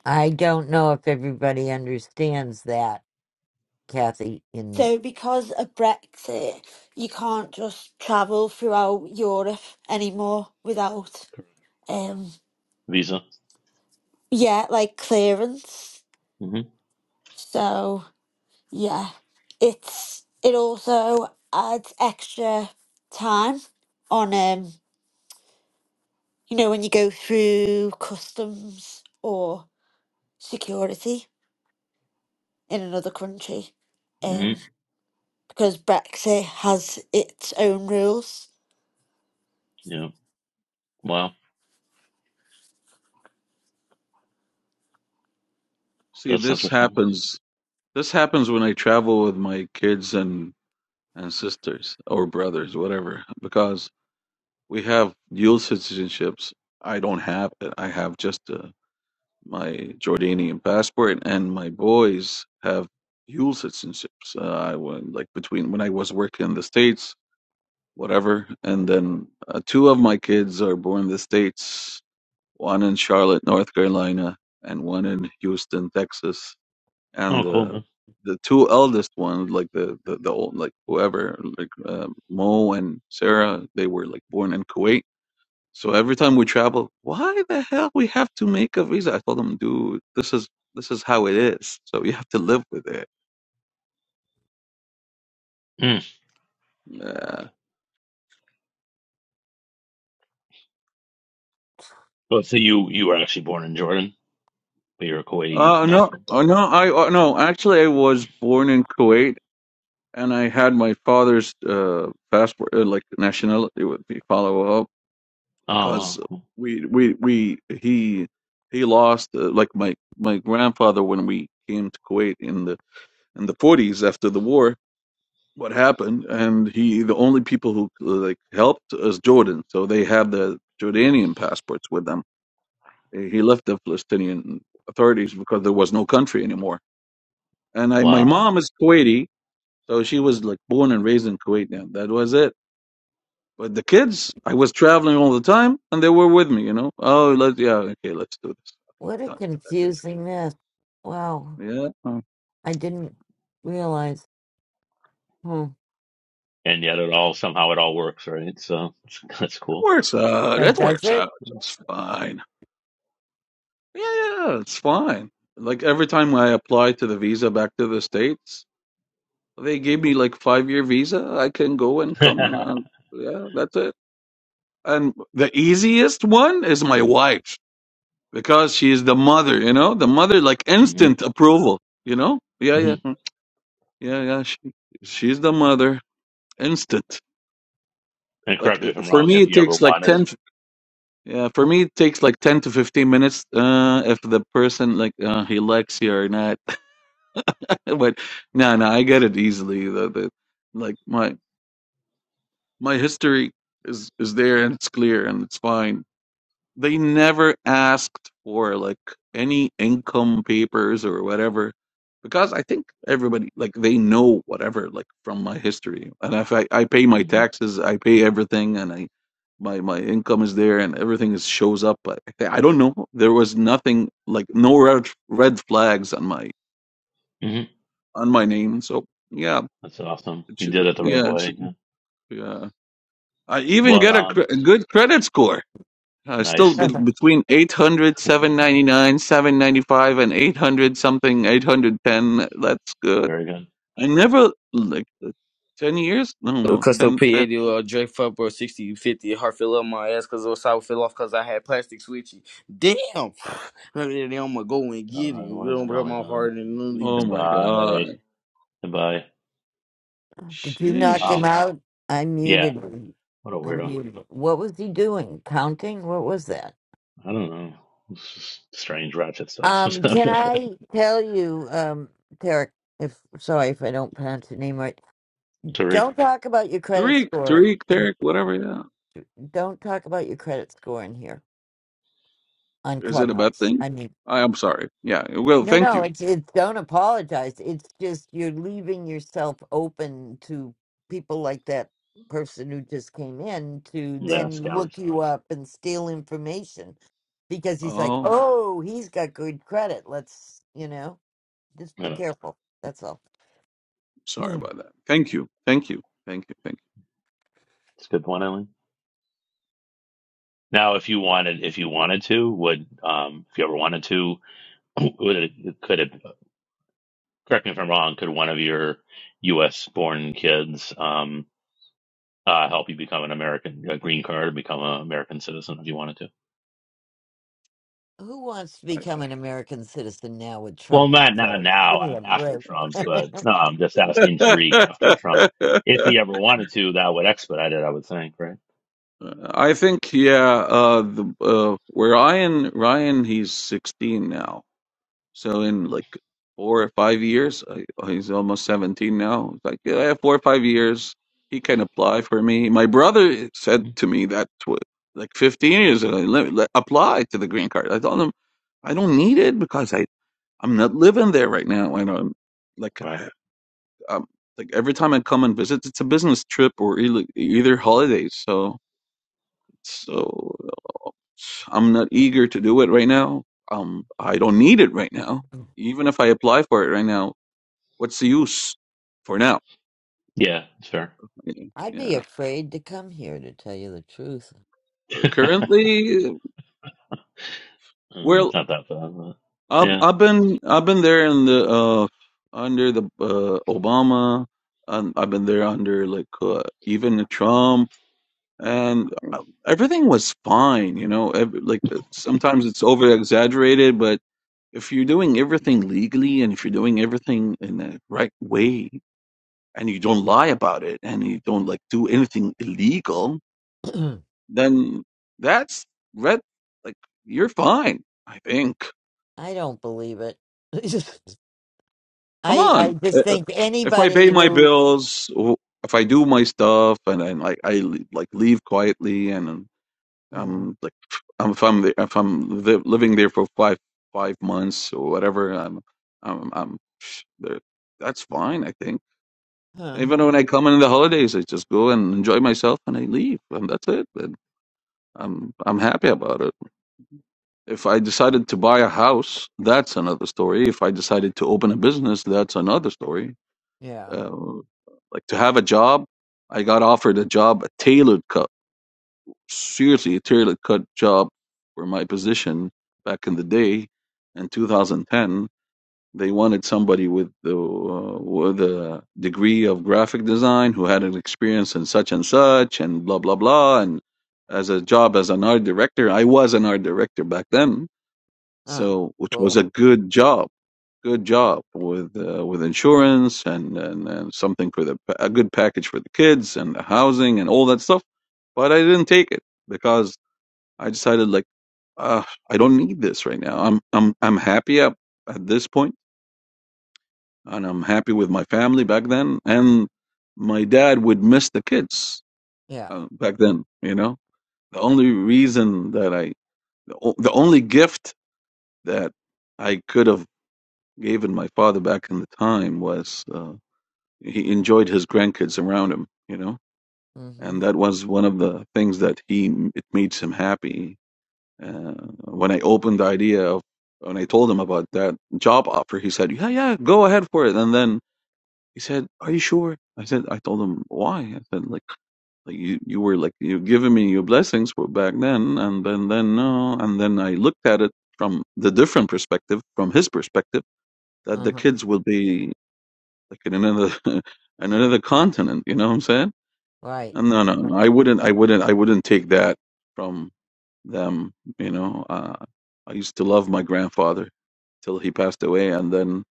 S1: I don't know if everybody understands that, Kathy. In
S6: So, because of Brexit, you can't just travel throughout Europe anymore without um,
S3: Visa.
S6: yeah, like clearance.
S3: hmm
S6: So yeah, it's it also adds extra time on um you know when you go through customs or security in another country,
S3: hmm
S6: um because Brexit has its own rules.
S3: Yeah. Wow.
S16: See,
S3: That's
S16: this
S3: interesting.
S16: happens. This happens when I travel with my kids and and sisters or brothers, whatever, because We have dual citizenships. I don't have it. I have just uh, my Jordanian passport, and my boys have dual citizenships. Uh, I went like between when I was working in the states, whatever, and then uh, two of my kids are born in the states. One in Charlotte, North Carolina, and one in Houston, Texas. And
S3: Oh, cool,
S16: the
S3: man.
S16: the two eldest ones, like the the, the old like whoever, like uh, Mo and Sarah, they were like born in Kuwait so every time we travel, why the hell we have to make a visa? I told him, dude, this is this is how it is. So you have to live with it.
S3: Mm.
S16: Yeah.
S3: But so you, you were actually born in Jordan, but you're a Kuwaiti
S16: Uh no,
S3: national.
S16: oh no, I uh, no. Actually, I was born in Kuwait, and I had my father's uh passport, uh, like nationality, would be follow up
S3: Oh, wow.
S16: because
S3: Cool.
S16: we we we he he lost uh, like my my grandfather when we came to Kuwait in the in the forties after the war what happened, and he the only people who uh, like helped is Jordan, so they had the Jordanian passports with them. He left the Palestinian authorities because there was no country anymore. And I, my
S3: Wow.
S16: mom is Kuwaiti, so she was like born and raised in Kuwait. Now that was it. But the kids, I was traveling all the time, and they were with me. You know, oh, let yeah, okay, let's do this.
S1: what a
S16: Done. That's it.
S1: confusing mess. Wow,
S16: Yeah, that
S1: I didn't realize. Hmm.
S3: And yet it all, somehow it all works, right? So (laughs) that's, that's cool.
S16: works out.
S1: That
S16: That
S1: does
S16: works
S1: it?
S16: out just fine. Yeah, yeah, yeah, it's fine. Like every time I apply to the visa back to the States, they give me like five year visa. I can go
S3: (laughs)
S16: and come and uh,
S3: hmm
S16: yeah, that's it. And the easiest one is my wife because she is the mother, you know, the mother like instant approval, you know? Yeah,
S3: hmm
S16: yeah. Yeah, yeah, she she's the mother. Instant.
S3: And
S16: Like
S3: correct me if
S16: uh,
S3: I'm
S16: for
S3: wrong,
S16: me
S3: if
S16: it
S3: you ever
S16: takes like
S3: wanted.
S16: 10 yeah, for me it takes like 10 to 15 minutes uh if the person like uh, he likes you or not (laughs) but no, no, I get it easily. The, the like my my history is is there and it's clear and it's fine. They never asked for like any income papers or whatever because I think everybody like they know whatever like from my history and if I I pay my
S3: hmm
S16: taxes, I pay everything and I my my income is there and everything is shows up. But I don't know. There was nothing like no red red flags on my
S3: hmm
S16: on my name. So yeah,
S3: That's awesome.
S16: It
S3: You
S16: should
S3: did
S16: be,
S3: it the right
S16: yeah, it
S3: way.
S16: should,
S3: Yeah.
S16: yeah. I even
S3: What
S16: get a, cre-
S3: um
S16: a good credit score. Uh, still
S1: (laughs)
S3: nice.
S16: be-
S1: Did
S16: between eight hundred seven ninety
S3: (laughs)
S16: 795, and 800 something, 810. That's good.
S3: Very good.
S16: I never, like, uh, 10 years? No,
S19: of
S16: no,
S19: custom
S16: 10, 10.
S19: P80 or Dre Fuck or 60 50. heart fell up my ass because it was sour fell off because I had plastic switchy. Damn! (sighs) I mean, I'm gonna go and get it.
S3: Uh
S19: You
S3: what is
S19: know, but
S3: going
S19: my
S3: on?
S19: heart and literally
S16: Oh
S3: And
S16: my God.
S3: bye. And bye.
S1: you knock
S16: Sheesh.
S1: him
S3: Wow.
S1: out? I
S3: Yeah.
S1: muted. him.
S3: What a
S1: I
S3: weirdo.
S1: muted. him. What was he doing? Counting? What was that?
S3: I don't know. It's just strange ratchet stuff.
S1: Um, can
S3: (laughs)
S1: I tell you, um, Tarek, if sorry if I don't pronounce your name right.
S3: Tariq.
S1: Don't talk about your credit
S16: Tariq,
S1: score.
S16: Tariq,
S1: In,
S16: Tariq, whatever, yeah.
S1: don't talk about your credit score in here on
S16: Is it a bad
S1: Clubhouse.
S16: thing?
S1: I mean
S16: I am sorry. Yeah, well,
S1: No,
S16: thank
S1: no,
S16: you.
S1: it's it's don't apologize. It's just you're leaving yourself open to people like that person who just came in to
S3: Yeah,
S1: then look
S3: scammers.
S1: you up and steal information because he's like,
S16: Oh,
S1: "Oh, he's got good credit. Let's, you know, just
S3: I
S1: be
S3: know.
S1: careful." That's all.
S16: sorry
S1: Mm.
S16: about that. Thank you. Thank you. Thank you. Thank
S3: It's a good point, Eileen. Now if you wanted if you wanted to, would um if you ever wanted to, (clears throat) would it could it correct me if I'm wrong, could one of your US born kids um uh help you become an American a green card, become an American citizen if you wanted to?
S1: Who wants to
S16: you.
S1: become an American citizen now with
S3: Well,
S1: Trump in
S3: not not
S1: charge? Give
S3: now
S1: me a
S3: a- after
S1: break.
S3: Trump,
S16: I,
S1: (laughs)
S3: but no, I'm just asking Tariq after Trump. If he ever wanted to, that would expedite it, I would think, right?
S16: I think yeah. Uh, the uh, where Ryan Ryan he's sixteen now, so in like four or five years, I, he's almost seventeen now. It's Like yeah, four or five years, he can apply for me. My brother said
S3: Mhm.
S16: to me that tw- like fifteen years ago, let, let apply to the green card. I told him I don't need it because I I'm not living there right now. I don't like.
S3: Right.
S16: um, like every time I come and visit, it's a business trip or either, either holidays. So so I'm not eager to do it right now. Um, I don't need it right now. Even if I apply for it right now, what's the use for now?
S3: Yeah, sure.
S1: I'd be
S16: Yeah.
S1: afraid to come here to tell you the truth.
S3: (laughs)
S16: Currently,
S3: Uh, it's
S16: well,
S3: not that bad. But
S16: I've
S3: yeah.
S16: I've been I've been there in the uh under the uh, Obama, and I've been there under like uh, even Trump. and uh, everything was fine, you know. Ev like uh, sometimes it's over exaggerated, but if you're doing everything legally and if you're doing everything in the right way and you don't lie about it and you don't like do anything illegal,
S1: (clears throat) I
S16: then that's red. Like you're fine, I think.
S1: don't believe it. (laughs)
S16: Come
S1: I
S16: on.
S1: I
S16: Uh,
S1: just
S16: uh,
S1: think
S16: If I pay
S1: anybody
S16: my
S1: who,
S16: bills, w- if I do my stuff and then like I l- like leave quietly and
S1: mm,
S16: I'm like I'm, if I'm there, if I'm li- living there for five five months or whatever, I'm I'm I'm psh, there. That's fine, I think.
S1: huh,
S16: Even when I come in the holidays, I just go and enjoy myself and I leave, and that's it. And I'm I'm happy about it. If I decided to buy a house, that's another story. If I decided to open a business, that's another story.
S1: yeah,
S16: Uh, like to have a job, I got offered a job, a tailored co- seriously tailor cut job for my position back in the day in 2010 they wanted somebody with the uh, with a degree of graphic design who had an experience in such and such and blah blah blah and as a job as an art director i was an art director back then
S1: uh,
S16: so which was
S1: cool,
S16: a good job good job with uh, with insurance and, and and something for the a good package for the kids and the housing and all that stuff but i didn't take it because I decided like uh, I don't need this right now. I'm I'm I'm happy at, at this point, and I'm happy with my family back then. And my dad would miss the kids
S1: yeah,
S16: uh, back then. You know, the only reason that I the, o- the only gift that I could have given my father back in the time was uh, he enjoyed his grandkids around him. You know,
S1: mm-hmm,
S16: and that was one of the things that he it made him happy Uh, when I opened the idea of, when I told him about that job offer, he said, "Yeah, yeah, go ahead for it." And then he said, "Are you sure?" I said, "I told him why." I said, "Like, like you, you were like you giving me your blessings for back then, and then, then no, and then I looked at it from the different perspective, from his perspective, that the
S1: uh-huh,
S16: kids will be like in another, (laughs) in another continent. You know what I'm saying?
S1: right,
S16: And no, no,
S1: right,
S16: no, I wouldn't, I wouldn't, I wouldn't take that." from them. You know, uh, I used to love my grandfather till he passed away, and then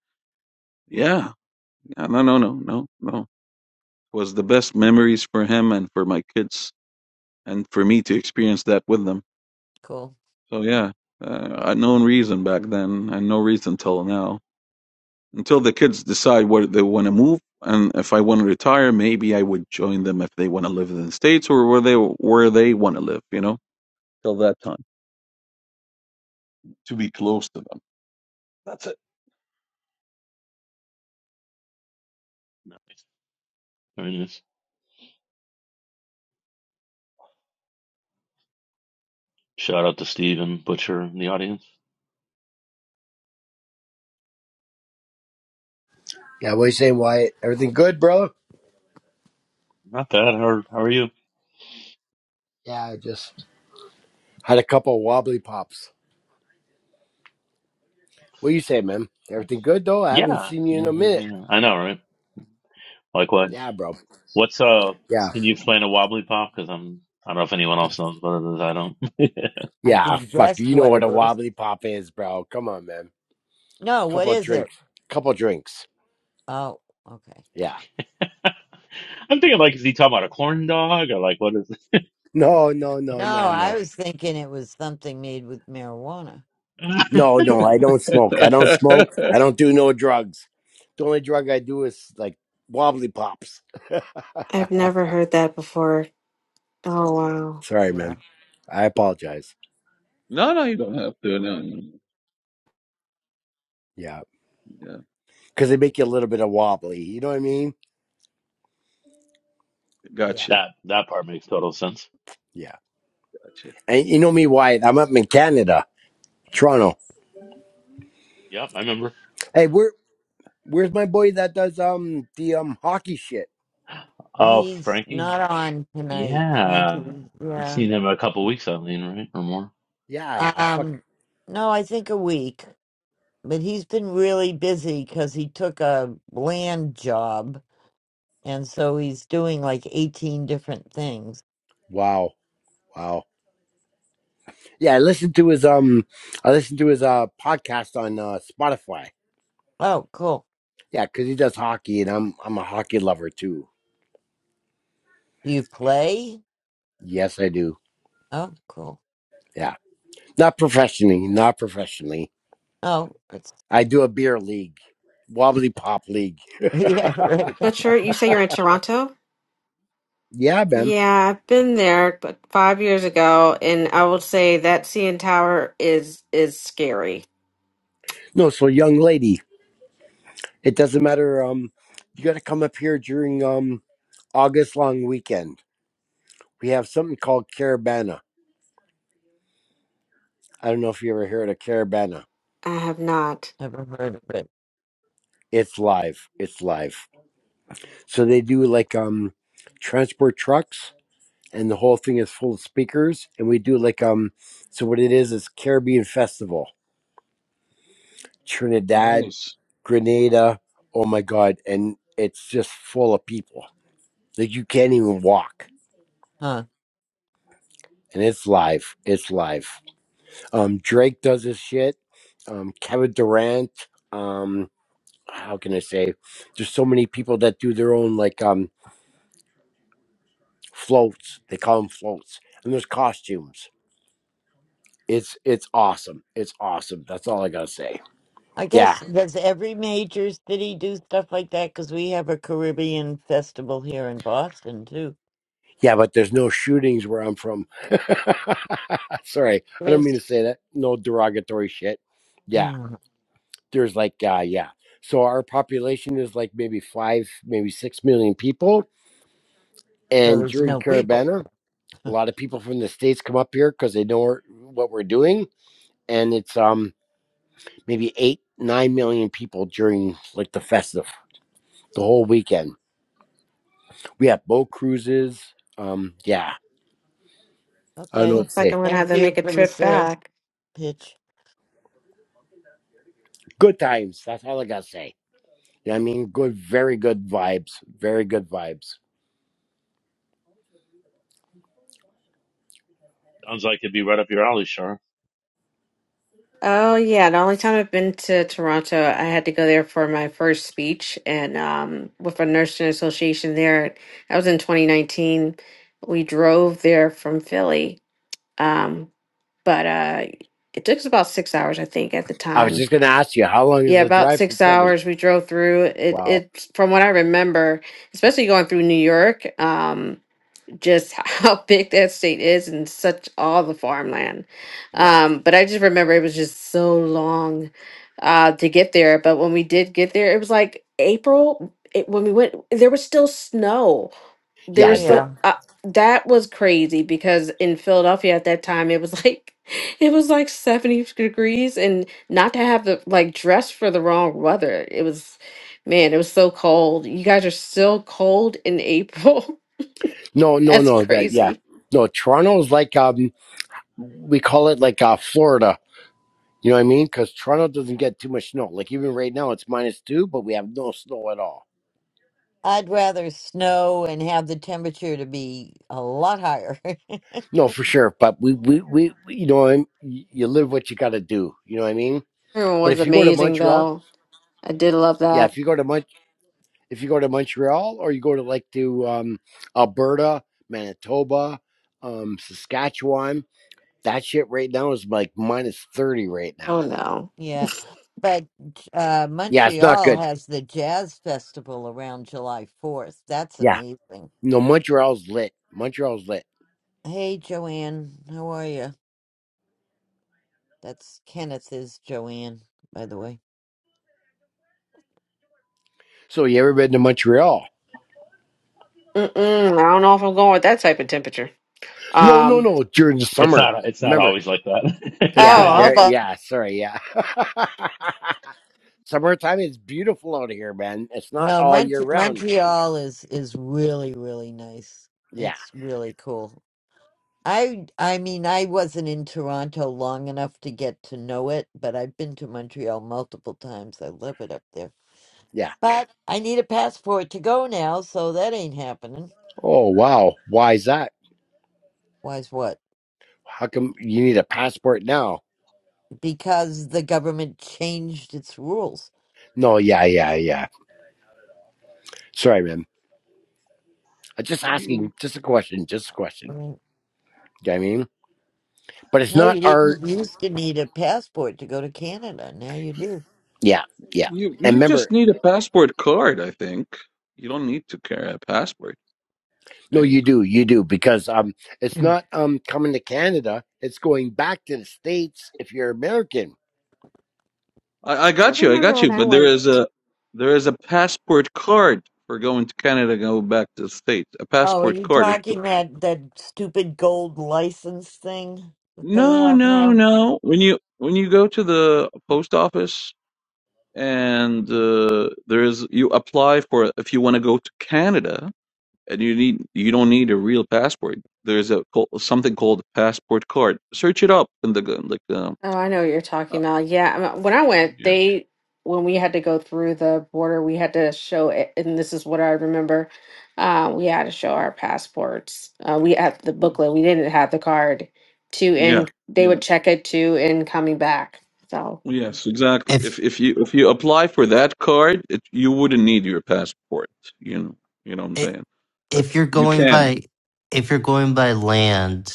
S16: yeah, yeah, no, no, no, no, no. It was the best memories for him and for my kids, and for me to experience that with them.
S1: cool.
S16: So yeah, uh, I had no reason back then, and no reason till now. Until the kids decide where they want to move, and if I want to retire, maybe I would join them if they want to live in the states or where they where they want to live. You know, till that time, to be close to them. That's
S3: Nice. Very nice. Shout out to Steve and Butcher in the audience.
S20: Yeah, what are you saying, Wyatt? Everything good, brother?
S3: Not bad. How are, how are you?
S20: Yeah, I just had a couple of wobbly pops. What you say, man? Everything good though? I haven't
S3: Yeah.
S20: seen you
S3: yeah.
S20: in a
S3: not
S20: minute.
S3: bad. I know, right? Likewise.
S20: Yeah, bro.
S3: What's uh?
S20: Yeah.
S3: Can you explain a wobbly pop? Because I'm I don't know if anyone else knows what it is. I don't.
S1: I
S20: Yeah,
S1: can
S20: fuck.
S1: guess
S20: You know
S1: what
S20: what
S1: it
S20: a
S1: is.
S20: wobbly pop is, bro. Come on, man.
S1: No, what
S20: Couple of
S1: is it?
S20: drinks. Couple of drinks.
S1: Oh, okay.
S20: Yeah.
S3: (laughs) I'm thinking like, is he talking about a corn dog or like what is?
S20: No, no,
S1: No,
S20: no, no,
S1: I
S20: no.
S1: was thinking it was something made with marijuana.
S3: (laughs)
S20: No, no, I don't smoke. I don't
S16: it.
S20: smoke.
S16: (laughs)
S20: I don't do no drugs. The only drug I do is like wobbly pops. (laughs)
S15: I've never heard that before. Oh wow.
S20: Sorry,
S1: Yeah,
S20: man. I apologize.
S16: No, no, you don't have to. No, no.
S20: Yeah.
S16: Yeah,
S20: because they make you a little bit of wobbly. You know what I mean?
S1: yeah.
S16: gotcha,
S3: that that part makes total sense.
S20: Yeah.
S16: gotcha.
S20: And you know me, Wyatt. I'm up in Canada, Toronto.
S3: Yep, I remember.
S20: Hey, where where's my boy that does um the um hockey shit?
S3: Oh,
S1: He's
S3: Frankie.
S1: not on tonight,
S3: Yeah,
S1: Frankie.
S3: I've
S1: Yeah.
S3: seen him a couple weeks, Eileen, right or more.
S20: Yeah, I fuck.
S1: Um, no, I think a week, but he's been really busy because he took a land job And so he's doing like 18 different things.
S20: Wow, wow. Yeah, I listened to his um, I listened to his uh podcast on uh Spotify.
S1: Oh, cool.
S20: Yeah, because he does hockey, and I'm I'm a hockey lover too.
S1: Do you play?
S20: Yes, I do.
S1: Oh, cool.
S20: Yeah, not professionally, not professionally.
S1: Oh, it's,
S20: I do a beer league, wobbly pop league.
S1: (laughs) yeah, right.
S20: (laughs)
S15: But you're, you say you're in Toronto?
S20: yeah, man.
S15: Yeah, I've been there, but five years ago, and I will say that CN Tower is is scary.
S20: No, so young lady. It doesn't matter. Um, you got to come up here during um August long weekend. We have something called Caravana. I don't know if you ever heard of Caravana.
S15: I have not.
S1: Never heard of it.
S20: It's live. It's live. So they do like um transport trucks and the whole thing is full of speakers and we do like um so what it is is Caribbean Festival. Trinidad,
S16: Nice.
S20: Grenada, oh my god, and it's just full of people. Like you can't even walk.
S1: Huh.
S20: And it's live. It's live. Um, Drake does his shit. Um, Kevin Durant. Um, how can I say? There's so many people that do their own like um floats. They call them floats, and there's costumes. It's it's awesome. It's awesome. That's all I gotta say.
S1: I
S20: Yeah,
S1: guess, does every major city do stuff like that? Because we have a Caribbean festival here in Boston, too.
S20: yeah, but there's no shootings where I'm from. (laughs) Sorry, I don't mean to
S1: There's,
S20: say that. No derogatory shit. Yeah,
S1: Mm,
S20: there's like uh, yeah. So our population is like maybe five, maybe six million people,
S1: so
S20: and
S1: there's
S20: during
S1: no people.
S20: Carabana. a
S1: Huh.
S20: lot of people from the states come up here because they know we're, what we're doing and it's um maybe eight nine million people during like the festive the whole weekend we have boat cruises um yeah i don't know
S1: Okay.
S20: what to
S15: Looks like
S20: say
S15: I'm gonna have
S1: Thank
S15: to
S1: you
S15: make a
S1: for the
S15: trip
S1: sales
S15: back.
S1: pitch.
S20: good times that's all i gotta say you know what i mean good very good vibes very good vibes
S3: Sounds like it'd be right up your alley, Shar.
S15: Oh yeah, the only time I've been to Toronto, I had to go there for my first speech and um with a nursing association there. That was in 2019. We drove there from Philly. Um but uh it took us about 6 hours I think at the
S20: i was
S15: time.
S20: just gonna ask you how long is
S15: Yeah,
S20: the
S15: about
S20: drive from
S15: 6
S20: philly
S15: hours we drove through. It
S20: wow
S15: It, from what I remember, especially going through New York. Um just (laughs) how big that state is and such all the farmland.
S20: yeah
S15: Um, but I just remember it was just so long uh, to get there. But when we did get there, it was like April. It, when we went, there was still snow. There
S1: Oh,
S20: yeah
S15: was
S20: there-
S15: still
S1: yeah.
S15: uh, that was crazy because in Philadelphia at that time it was like (laughs) it was like seventy degrees and not to have the like dress for the wrong weather. It was man, it was so cold. You guys are still cold in April.
S20: no
S15: (laughs)
S20: no
S15: That's
S20: no that
S15: crazy.
S20: yeah no toronto's like um we call it like uh florida You know what I mean? Because Toronto doesn't get too much snow. Like even right now, it's minus two, but we have no snow at all.
S1: I'd rather snow and have the temperature to be a lot higher. (laughs)
S20: No, for sure. But we, we, we you know, I'm- you live what you got to do. You know what I mean?
S15: Everyone
S20: But
S15: was
S20: if you go to
S15: amazing,
S20: Montreal,
S15: though. I did love
S20: yeah,
S15: that.
S20: if you go to Mon- if you go to Montreal or you go to like to um, Alberta, Manitoba, um, Saskatchewan, that shit right now is like minus thirty right
S15: Oh
S20: now.
S15: no.
S1: Yeah. But uh,
S20: Yeah, it's not
S1: Montreal
S20: good.
S1: has the Jazz Festival around July 4th. That's
S20: Yeah,
S1: amazing.
S20: no, Montreal's lit. Montreal's lit.
S1: Hey, Joanne. How are you? That's Kenneth's Joanne, by the way.
S20: So you ever been to Montreal?
S15: Mm-mm, I don't know if I'm going with that type of temperature.
S20: No, no,
S15: Um.
S20: no. During the
S3: It's
S20: summer.
S3: not. It's not
S20: Remember?
S3: always like that. (laughs) it's
S20: Yeah.
S15: Oh,
S3: pretty
S1: Yeah.
S15: I
S3: nice,
S20: There.
S3: actually.
S15: love-
S20: Yeah. Sorry. Yeah. (laughs) Summertime is beautiful out here, man. It's not
S1: No,
S20: all
S1: Mont-
S20: year round.
S1: Montreal is is really really nice.
S20: Yeah.
S1: It's really cool. I I mean, I wasn't in Toronto long enough to get to know it, but I've been to Montreal multiple times. I love it up there.
S20: Yeah.
S1: But I need a passport to go now, so that ain't happening.
S20: Oh wow. Why is that?
S1: Why is what?
S20: How come you need a passport now?
S1: Because the government changed its rules.
S20: No. Yeah. Yeah. Yeah. Sorry, man. I'm just asking.
S16: You,
S20: Just a question. Just a
S1: I
S20: question.
S1: mean,
S20: You know what I mean? But it's
S1: no,
S20: not
S1: you
S20: our.
S1: didn't used to need a passport to go to Canada. Now you do.
S20: Yeah. Yeah.
S16: you
S20: And
S16: you just
S20: remember.
S16: need a passport card, I think. You don't need to carry a passport. I
S20: No,
S16: think.
S20: you do, you do, because um, it's
S1: Mm.
S20: not um coming to Canada. It's going back to the states if you're American.
S16: I, I
S15: I
S16: got you, I
S15: remember
S16: got you.
S15: when I
S16: But there
S15: went.
S16: is a there is a passport card for going to Canada, go back to the States. A
S1: Oh, are
S16: passport
S1: you
S16: card. It's-
S1: talking that that stupid gold license thing that they
S16: No,
S1: have
S16: no,
S1: now?
S16: no. When you when you go to the post office and uh, there is you apply for if you want to go to Canada. and you need you don't need a real passport. There's a co- something called a passport card. Search it up in the g- like um,
S15: Oh, I know what you're
S16: uh,
S15: talking about. Yeah, I'm- when I went,
S16: yeah
S15: they when we had to go through the border, we had to show it, and this is what I remember. Uh, we had to show our passports. Uh, we had the
S16: yeah
S15: booklet. We didn't have the card. To
S16: yeah
S15: in, they
S16: yeah
S15: would check it to in coming back. So
S16: yes exactly. If
S8: if
S16: if you if you apply for that card, it, you wouldn't need your passport. You know you know what I'm
S8: i-
S16: saying. Uh,
S8: if you're
S16: you
S8: going
S16: can
S8: by if you're going by land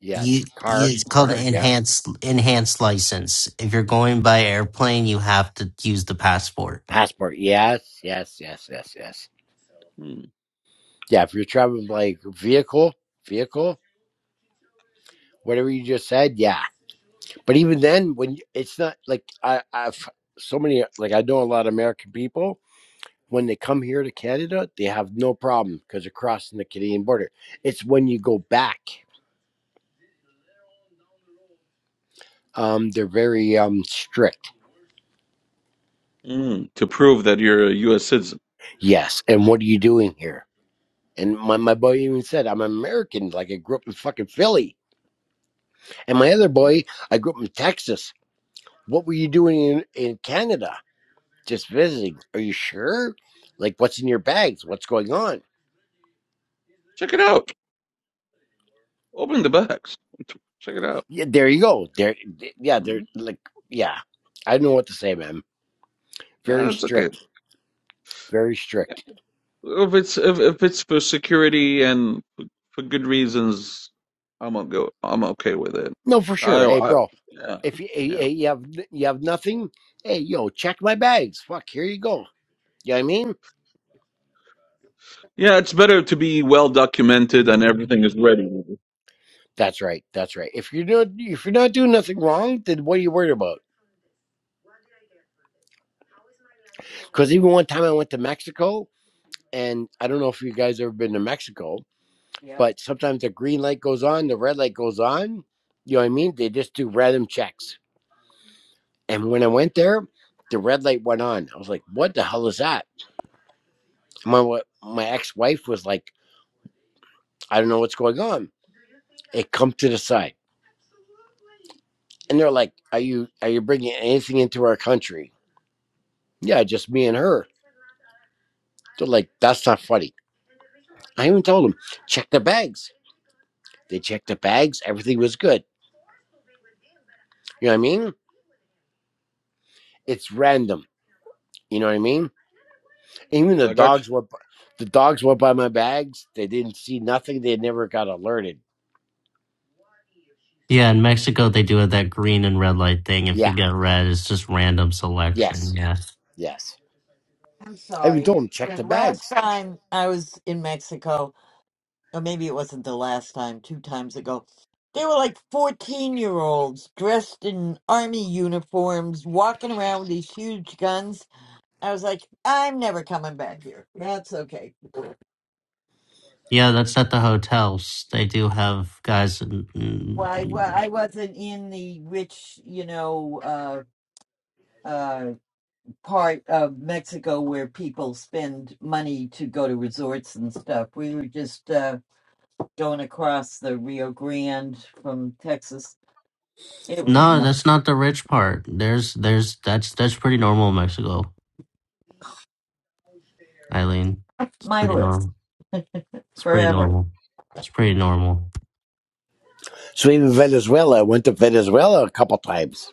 S20: Yes.
S8: you, you
S20: Car,
S8: it's called
S20: car,
S8: an
S20: yeah.
S8: enhanced enhanced license if you're going by airplane you have to use the passport
S20: Passport, yes, yes, yes, yes, yes.
S16: mm,
S20: Yeah, if you're traveling like vehicle, vehicle, whatever you just said, yeah. But even then, when you, it's not like I, I've so many, like I know a lot of American people, when they come here to Canada, they have no problem because they're crossing the Canadian border. It's when you go back, um, they're very um strict.
S16: mm, to prove that you're a U.S. citizen.
S20: Yes. And what are you doing here? And my, my boy even said, I'm American. Like I grew up in fucking Philly. And my other boy, I grew up in Texas. What were you doing in, in Canada? Just visiting. Are you sure? Like, what's in your bags? What's going on?
S16: Check it out. Open the bags. Check it out.
S20: Yeah, there you go. There, yeah, they're
S16: Mm.
S20: like, yeah. I don't know what to say, man.
S16: No,
S20: Very
S16: that's okay.
S20: strict. Very
S16: Yeah.
S20: strict.
S16: If it's if, if it's for security and for, for good reasons, I'm gonna go. I'm okay with it.
S20: No, for
S16: I,
S20: sure. Hey,
S16: I
S20: bro,
S16: yeah
S20: if you, hey,
S16: yeah
S20: hey, you have you have nothing, hey, yo, check my bags. Fuck, here you go. You know what I mean?
S16: yeah. It's better to be well documented and everything is ready.
S20: That's right. That's right. If you're not if you're not doing nothing wrong, then what are you worried about? Because even one time I went to Mexico And I don't know if you guys ever been to Mexico,
S1: Yeah,
S20: but sometimes the green light goes on, the red light goes on. You know what I mean? They just do random checks. And when I went there, the red light went on. I was like, "What the hell is that?" My my ex wife was like, "I don't know what's going on." It come to the side, and they're like, "Are you are you bringing anything into our country?" Yeah, just me and her. They're like, "That's not funny." I even told them, "Check the bags." They checked the bags. Everything was good. You know what I mean? It's random. You know what I mean? Even the
S16: I got you.
S20: dogs went. b- The dogs went by my bags. They didn't see nothing. They never got alerted.
S8: yeah in mexico they do that green and red light thing if you
S20: Yeah.
S8: get red it's just random selection
S20: Yes.
S8: yeah
S20: Yes.
S1: I'm
S20: I even
S1: sorry.
S20: told them check
S1: The
S20: the
S1: last
S20: bags.
S1: time I was in Mexico, or maybe it wasn't the last time, two times ago, they were like 14 year olds dressed in army uniforms walking around with these huge guns I was like, I'm never coming back here. That's okay.
S8: yeah that's at the hotels they do have guys in-
S1: Well, I, well,
S8: in-
S1: I wasn't in the rich, you know, uh, uh, part of Mexico where people spend money to go to resorts and stuff. We were just uh, going across the Rio Grande from Texas. It was
S8: no
S1: not
S8: that's not the rich part there's there's that's that's pretty normal in mexico Eileen. It's
S1: my
S8: pretty
S1: list
S8: normal. It's pretty
S1: forever.
S8: normal. It's pretty normal.
S20: So even Venezuela. I went to Venezuela a couple times.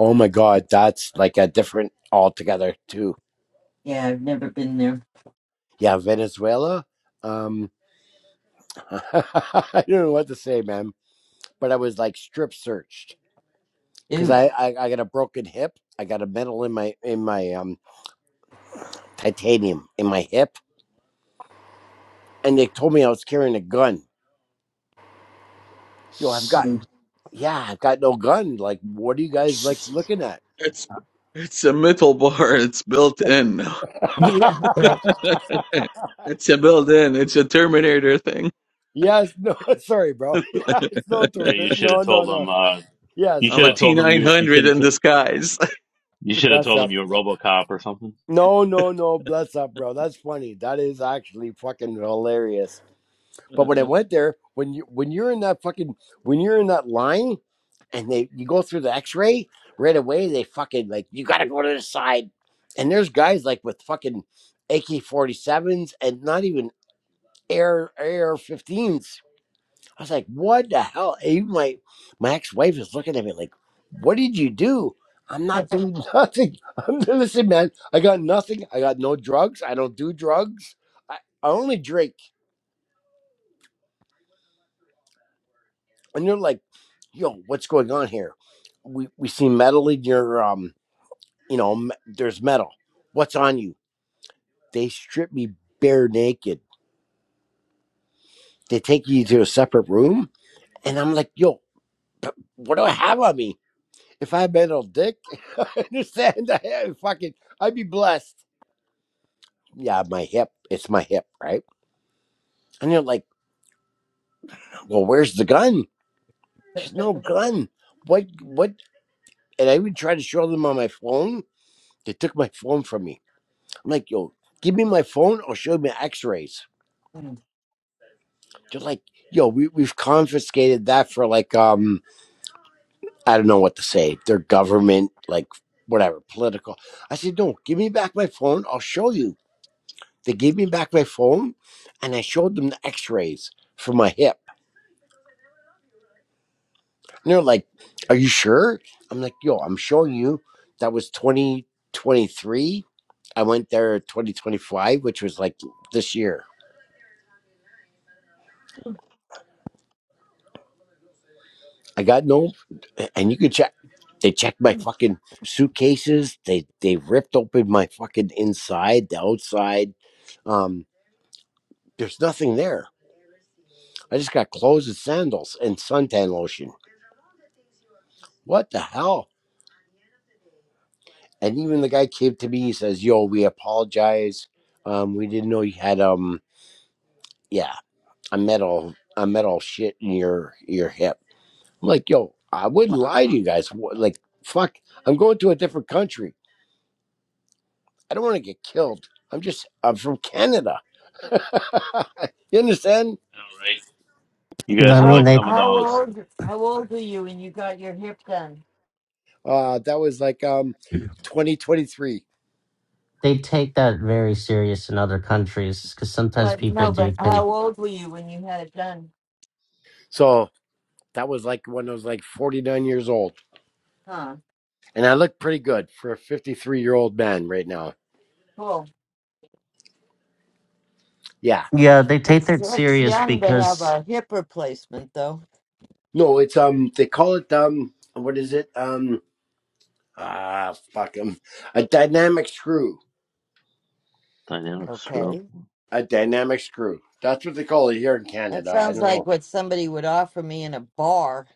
S20: Oh my God, that's like a different altogether too.
S1: Yeah, I've never been there.
S20: Yeah, Venezuela. Um, (laughs) I don't know what to say, man. But I was like strip searched because
S1: Ew. (laughs)
S20: I, I I got a broken hip. I got a metal in my in my um titanium in my hip, and they told me I was carrying a gun. Yo, I've got
S1: Mm.
S20: yeah, I've got no gun. Like, what are you guys like
S16: It's
S20: looking at?
S16: it's it's a metal bar. (laughs) It's built in.
S1: Yeah. right.
S16: (laughs)
S20: (laughs)
S16: it's a built in. It's a Terminator thing.
S20: yes, no, (laughs) sorry, bro. (laughs) Yeah, it's no
S16: (laughs)
S3: Yeah, you
S20: torture.
S3: should have
S20: No, no,
S3: told him.
S20: no.
S3: Uh, you
S20: Yes,
S16: I'm
S3: should
S16: a
S3: have
S20: bro.
S3: told him you. You should
S16: T900
S3: have.
S16: in
S3: To,
S16: disguise. (laughs)
S3: you should have
S20: Bless
S3: told him
S20: up.
S3: you were RoboCop or something.
S20: No, no, no. Bless up, bro. That's funny. That is actually fucking hilarious. But when I
S16: Uh,
S20: went there, when you when you're in that fucking when you're in that line and they you go through the x-ray, right away they fucking like you gotta go to the side. And there's guys like with fucking AK forty sevens and not even air air fifteens. I was like, what the hell? Even my my ex-wife is looking at me like, what did you do? I'm
S1: (laughs)
S20: not doing nothing. I'm (laughs) listen, man. I got nothing. I got no drugs. I don't do drugs. I, I only drink. and you're like, yo, what's going on here? We we see metal in your um, you know, m- there's metal. What's on you? They strip me bare naked. They take you to a separate room, and I'm like, yo, but what do I have on me? If I had metal dick, (laughs) I understand. I have fucking, I'd be blessed. Yeah, my hip. It's my hip, right? And you're like, well, where's the gun? There's no gun. What? What? And I even tried to show them on my phone. They took my phone from me. I'm like, yo, give me my phone or show me X-rays.
S1: Mm.
S20: They're like, yo, we we've confiscated that for like um I don't know what to say. Their government, like whatever, political. I said, no, give me back my phone. I'll show you. They gave me back my phone, and I showed them the X-rays for my hip. And they're like, are you sure? I'm like, yo, I'm showing you. That was 2023. I went there 2025, which was like this year. I got no, and you can check. They checked my fucking suitcases. They they ripped open my fucking inside, the outside. Um, there's nothing there. I just got clothes and sandals and suntan lotion. What the hell? And even the guy came to me. He says, "Yo, we apologize. Um, we didn't know you had um, yeah, a metal a metal shit in your your hip." I'm like, "Yo, I wouldn't
S1: wow.
S20: lie to you guys. What, like, fuck, I'm going to a different country. I don't want to get killed. I'm just I'm from Canada. (laughs) you understand?
S3: All right. You guys
S8: I
S3: are
S8: mean,
S3: like
S1: How
S8: they
S3: some of the
S1: how
S3: most
S1: old how old were you when you got your hip done?
S20: Uh that was like um 2023.
S8: they take that very serious in other countries because sometimes
S1: What?
S8: people
S1: No, but
S8: do can.
S1: how old were you when you had it done?
S20: So that was like when I was like 49 years old.
S1: Huh.
S20: And I look pretty good for a 53 year old man right now.
S1: Cool.
S20: Yeah.
S8: Yeah, they take
S1: It's
S8: that
S1: it's
S8: serious
S1: young to have
S8: because
S1: a hip replacement, though.
S20: No, it's um they call it um what is it? Um ah fuck fuck 'em. A dynamic screw.
S3: dynamic screw.
S1: Okay.
S20: A dynamic screw. That's what they call it here in
S1: That
S20: Canada. I
S1: sounds
S20: don't
S1: like
S20: know.
S1: what somebody would offer me in a bar.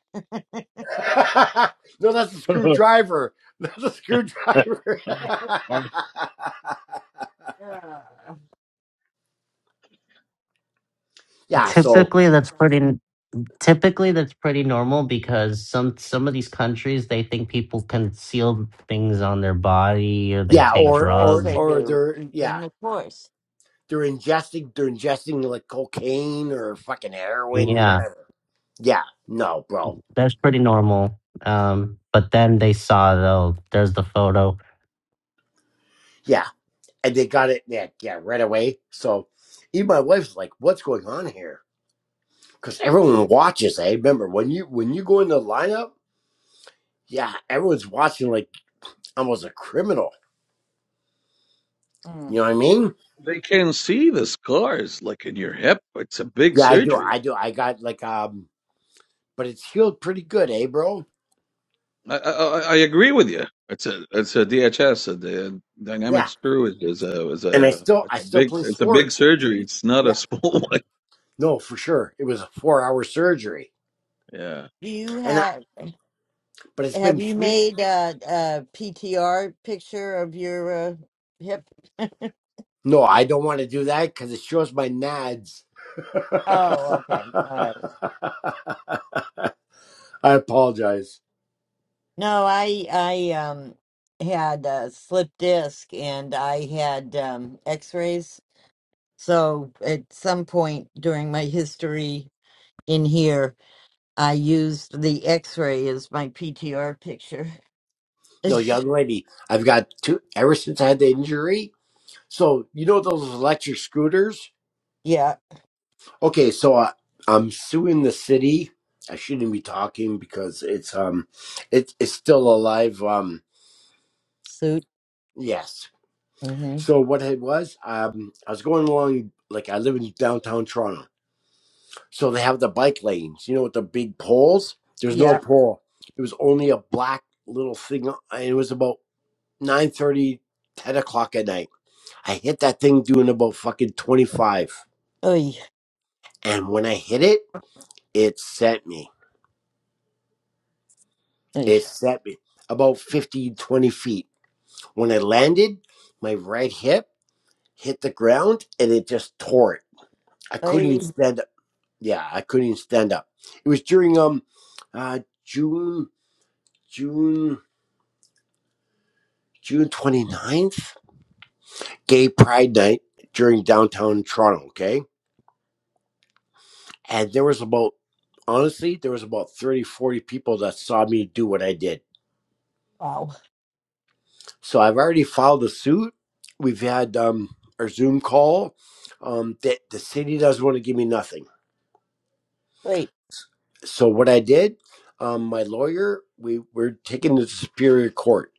S20: (laughs) no, that's a
S3: (laughs)
S20: screwdriver. (laughs) That's a screwdriver.
S1: (laughs)
S20: (laughs)
S1: Yeah.
S20: yeah. So
S8: typically that's pretty typically that's pretty normal because some some of these countries they think people conceal things on their body or they
S20: yeah,
S8: take
S1: Of
S20: or
S1: course
S20: or
S8: drugs.
S1: they
S20: or
S1: do,
S20: they're yeah
S1: Ethan. Of course.
S20: they're ingesting they're ingesting like cocaine or fucking heroin
S8: Yeah,
S20: whatever. Yeah. No, bro.
S8: that's pretty normal. Um, but then they saw though there's the photo
S20: Yeah, and they got it. Yeah, yeah, right away. So even my wife's like, "What's going on here?" Because everyone watches. I eh? remember when you when you go in the lineup. Yeah, everyone's watching like almost a criminal. You
S1: Mm.
S20: know what I mean?
S16: they can see the scars like in your hip. It's a big
S20: Yeah, I do.
S16: surgery.
S20: I do. I got like um, but it's healed pretty good, eh, bro?
S16: I, I, I agree with you. It's a it's a DHS. A, the dynamic
S20: Yeah,
S16: screw is, is a is
S20: and I
S16: a
S20: still
S16: it's
S20: I
S16: a
S20: still
S16: big
S20: play
S16: it's a big
S20: sports.
S16: surgery. It's not a
S20: Yeah,
S16: small (laughs) one.
S20: no, for sure. It was a four hour surgery,
S16: Yeah.
S1: Do you
S20: and I,
S1: have
S20: but it's
S1: have
S20: been
S1: you
S20: three.
S1: made a, a PTR picture of your uh, hip? (laughs)
S20: No, I don't want to do that because it shows my nads.
S1: Oh, okay. All right.
S20: (laughs) I apologize.
S1: No, I I um had a slip disc and I had um x-rays. So at some point during my history in here, I used the x-ray as my PTR picture.
S20: No,
S1: (laughs)
S20: young lady, I've got two ever since I had the injury. So you know those electric scooters.
S1: yeah,
S20: Okay, so I, I'm suing the city. I shouldn't be talking because it's um, it, it's still alive. Um,
S1: suit.
S20: yes.
S1: Mm-hmm.
S20: So what it was, um, I was going along like I live in downtown Toronto, so they have the bike lanes. You know, with the big poles. There's no
S1: Yeah.
S20: pole. It was only a black little thing, and it was about nine thirty, ten o'clock at night. I hit that thing doing about fucking 25,
S1: Oy,
S20: and when I hit it, it sent me.
S1: oy,
S20: It set me about 50, 20 feet. When I landed, my right hip hit the ground and it just tore it. I couldn't
S1: oy.
S20: even stand up. Yeah, I couldn't even stand up. It was during um uh June June June 29th, Gay Pride Night during downtown Toronto, okay? And there was about honestly, there was about 30, 40 people that saw me do what I did.
S1: Wow.
S20: So I've already filed a suit. We've had um, our Zoom call. Um, that the city doesn't want to give me nothing.
S1: Wait.
S20: So what I did, um, my lawyer, we we're taking it to Superior Court.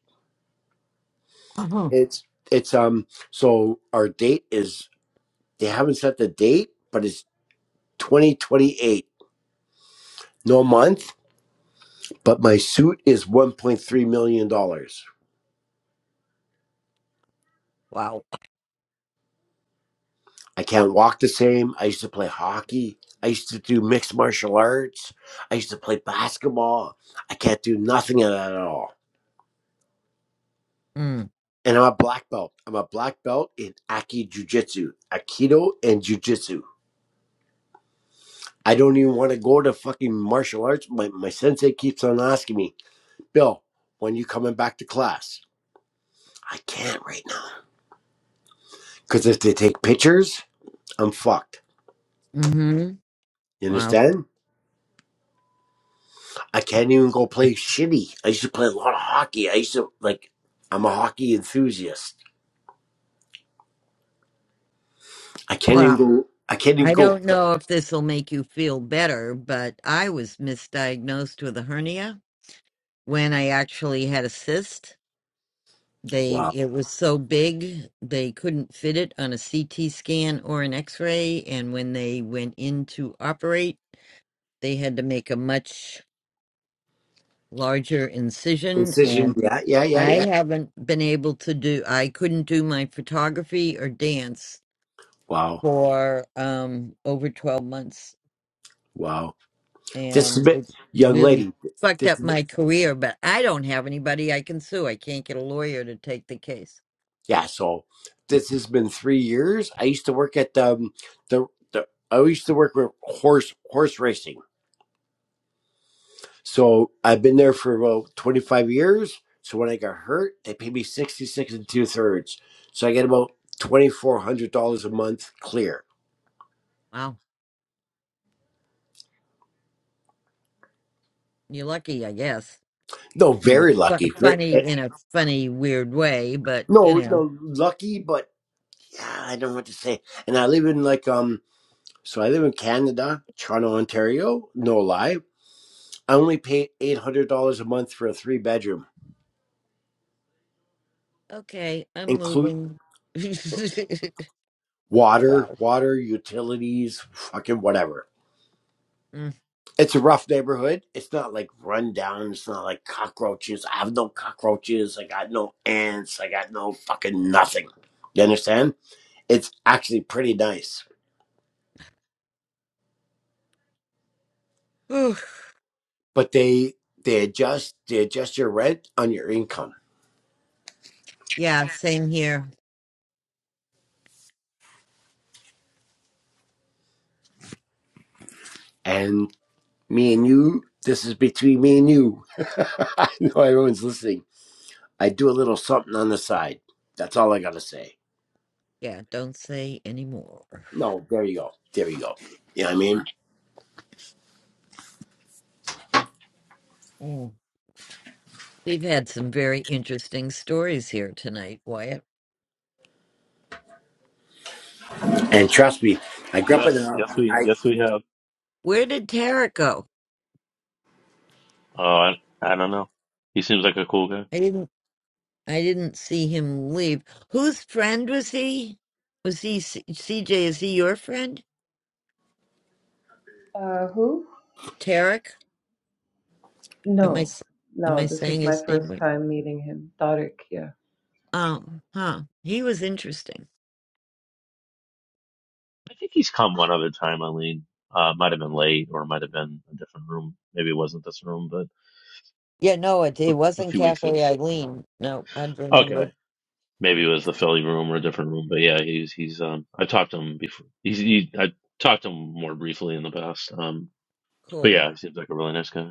S1: (clears throat) wow.
S20: It's it's um so our date is they haven't set the date, but it's 2028, no month. But my suit is 1.3 million dollars. I can't walk the same. I used to play hockey. I used to do mixed martial arts. I used to play basketball. I can't do nothing of that at all.
S1: Mm.
S20: And I'm a black belt. I'm a black belt in Aki Jiu Jitsu, Aikido, and Jiu Jitsu. I don't even want to go to fucking martial arts. My, my sensei keeps on asking me, Bill, when you coming back to class? I can't right now. Because if they take pictures, I'm fucked.
S1: Mm-hmm.
S20: You
S1: Wow.
S20: understand? I can't even go play shitty. I used to play a lot of hockey. I used to like. I'm a hockey enthusiast. I can't
S1: Wow.
S20: even go. I can't even
S1: I
S20: go.
S1: don't know if this will make you feel better, but I was misdiagnosed with a hernia when I actually had a cyst. They
S20: Wow.
S1: it was so big they couldn't fit it on a CT scan or an X-ray, and when they went in to operate, they had to make a much larger incision
S20: Incision.
S1: and
S20: Yeah, yeah, yeah,
S1: I
S20: yeah.
S1: haven't been able to do I couldn't do my photography or dance
S20: Wow,
S1: for um over 12 months
S20: wow. This has
S1: and
S20: been,
S1: it
S20: young
S1: really
S20: lady.
S1: fucked
S20: This
S1: up
S20: has been,
S1: my career. But I don't have anybody I can sue. I can't get a lawyer to take the case.
S20: yeah. So this has been three years. I used to work at um the the. I used to work with horse horse racing. So I've been there for about 25 years. So when I got hurt, they paid me 66 and two thirds. So I get about $2,400 a month clear.
S1: Wow, you're lucky, I guess.
S20: No,
S1: You know,
S20: very
S1: fu-
S20: lucky. Very,
S1: funny
S20: eh,
S1: in a funny, weird way, but you
S20: no,
S1: know,
S20: no, lucky, but yeah, I don't know what to say. And I live in like, um, so I live in Canada, Toronto, Ontario, no lie. I only pay $800 a month for a three bedroom,
S1: okay, I'm
S20: include
S1: moving. (laughs)
S20: water,
S1: wow.
S20: water, utilities, fucking whatever.
S1: Mm.
S20: It's a rough neighborhood. It's not like run down. It's not like cockroaches. I have no cockroaches. I got no ants. I got no fucking nothing. You understand? It's actually pretty nice.
S1: Whew.
S20: But they they adjust they adjust your rent on your income.
S1: Yeah, same here.
S20: And me and you, this is between me and you. (laughs) I know everyone's listening. I do a little something on the side. That's all I gotta say.
S1: Yeah, don't say anymore.
S20: No, there you go. There you go. You know what I mean?
S1: Mm. We've had some very interesting stories here tonight, Wyatt.
S20: And trust me, I grew up in
S3: yes, yes,
S20: an
S3: we,
S20: I
S3: yes, we have.
S1: Where did Tara go?
S3: Oh, I, I don't know. He seems like a cool guy.
S1: I didn't. I didn't see him leave. Whose friend was he? Was he C- CJ? Is he your friend,
S18: Uh, who?
S1: Tarek? Am I
S18: No.
S1: s- am I
S18: No, this was
S1: saying
S18: my
S1: his name
S18: first
S1: right?
S18: time meeting him. Tariq, yeah.
S1: Um, huh. He was interesting.
S3: I think he's come one other time, Eileen. Uh, might have been late or might have been a different room. Maybe it wasn't this room, but
S1: Yeah, no, it it
S3: a
S1: wasn't
S3: few weeks ago.
S1: Cafe Eileen. No, I'd remember.
S3: Okay. Maybe it was the Philly room or a different room, but yeah, he's, he's, um, I talked to him before. He's, he, I talked to him more briefly in the past. Um, but
S1: Cool,
S3: yeah, he seems like a really nice guy.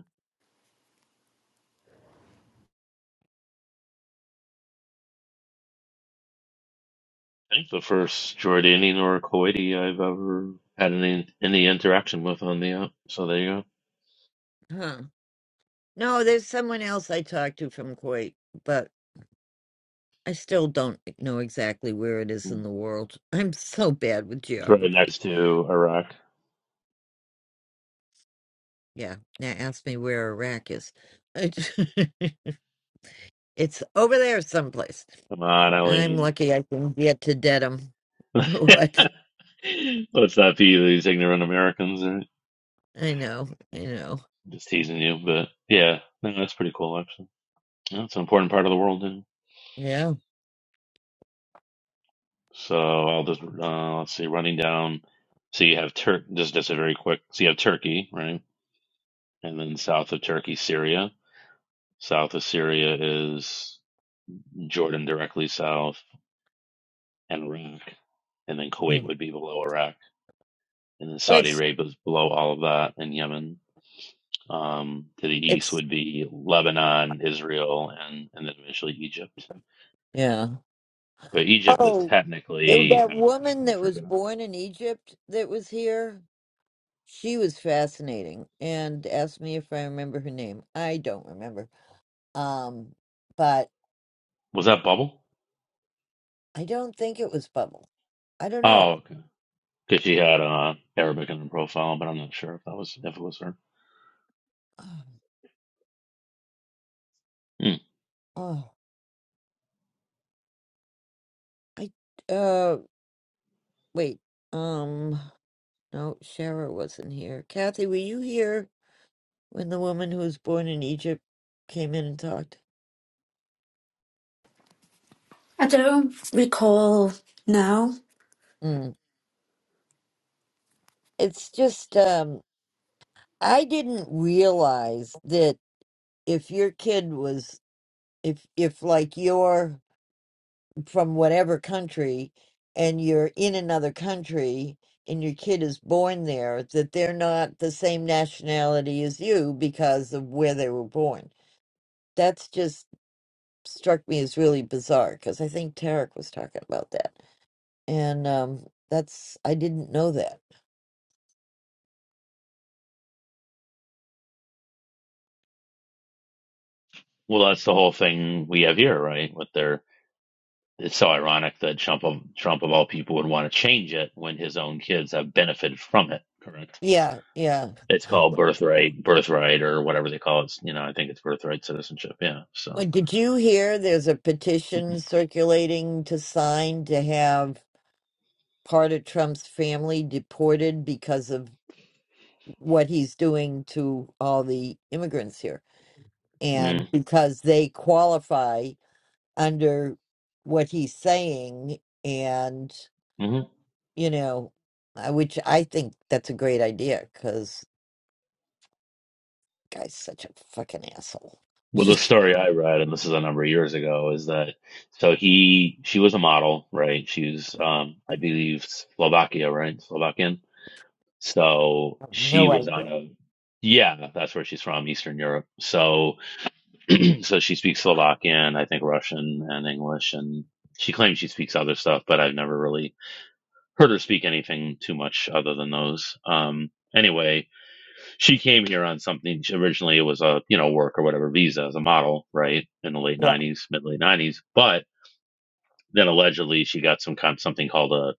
S3: I think the first Jordanian or Kuwaiti I've ever had any, any interaction with on the app. So there you go.
S1: huh? No, there's someone else I talked to from Kuwait, but I still don't know exactly where it is in
S3: Hmm.
S1: the world. (laughs) I'm so bad with
S3: It's right
S1: geography.
S3: next to Iraq.
S1: Yeah, now ask me where Iraq is. (laughs) It's over there someplace.
S3: Come on,
S1: I'm
S3: Eileen.
S1: lucky I can get to Dedham.
S3: (laughs)
S1: (laughs) What?
S3: Let's not be these ignorant Americans. Right?
S1: I know. I know.
S3: Just teasing you, but yeah, no, that's pretty cool actually. Yeah, it's an important part of the world. Too.
S1: Yeah.
S3: So I'll just uh, let's see, running down. So you have Turk, just just a very quick. So you have Turkey, right, and then south of Turkey, Syria. South of Syria is Jordan directly south, and Iraq, and then Kuwait
S1: Mm.
S3: would be below Iraq, and then
S1: Well,
S3: Saudi
S1: It's
S3: Arabia is below all of that, and Yemen. Um, to the east
S1: it's
S3: would be Lebanon, Israel, and, and then eventually Egypt.
S1: yeah.
S3: But Egypt is
S1: Oh, th-
S3: technically
S1: that woman
S3: Af-
S1: that was
S3: Africa.
S1: born in Egypt that was here. She was fascinating and asked me if I remember her name. I don't remember. Um, but
S3: Was that bubble?
S1: I don't think it was Bubble. I don't
S3: Oh,
S1: know.
S3: okay. Because she had uh, Arabic in her profile, but I'm not sure if that was if it was her.
S1: (sighs)
S3: Hmm.
S1: Oh, oh, I uh wait. Um. No, Shara wasn't here. Kathy, were you here when the woman who was born in Egypt came in and talked?
S6: I don't recall now.
S1: Mm. It's just, um, I didn't realize that if your kid was, if, if like you're from whatever country and you're in another country and your kid is born there, that they're not the same nationality as you because of where they were born. That's just struck me as really bizarre because I think Tarek was talking about that. and um, that's I didn't know that.
S3: Well, that's the whole thing we have here, right? With their, it's so ironic that Trump of Trump of all people would want to change it when his own kids have benefited from it. Correct.
S1: Yeah, yeah.
S3: It's called birthright, birthright, or whatever they call it. You know, I think it's birthright citizenship. Yeah.
S1: Well,
S3: So.
S1: did you hear there's a
S3: (laughs)
S1: petition circulating to sign to have part of Trump's family deported because of what he's doing to all the immigrants here?
S3: mm.
S1: And because they qualify under what he's saying, and,
S3: hmm
S1: you know, I- which I think that's a great idea because guy's such a fucking asshole. (laughs)
S3: Well, the
S1: Just
S3: story I read, and this is a number of years ago, is that so he she was a model, right? She's um, I believe Slovakia, right? Slovakian. So she
S1: no
S3: was
S1: idea.
S3: on a yeah, that's where she's from, Eastern Europe. So (clears throat) so she speaks Slovakian, I think Russian and English, and she claims she speaks other stuff, but I've never really heard her speak anything too much other than those. Um, anyway, she came here on something she- originally it was a you know work or whatever visa as a model right in the late
S1: Yeah.
S3: 90s mid late 90s but then allegedly she got some kind of something called a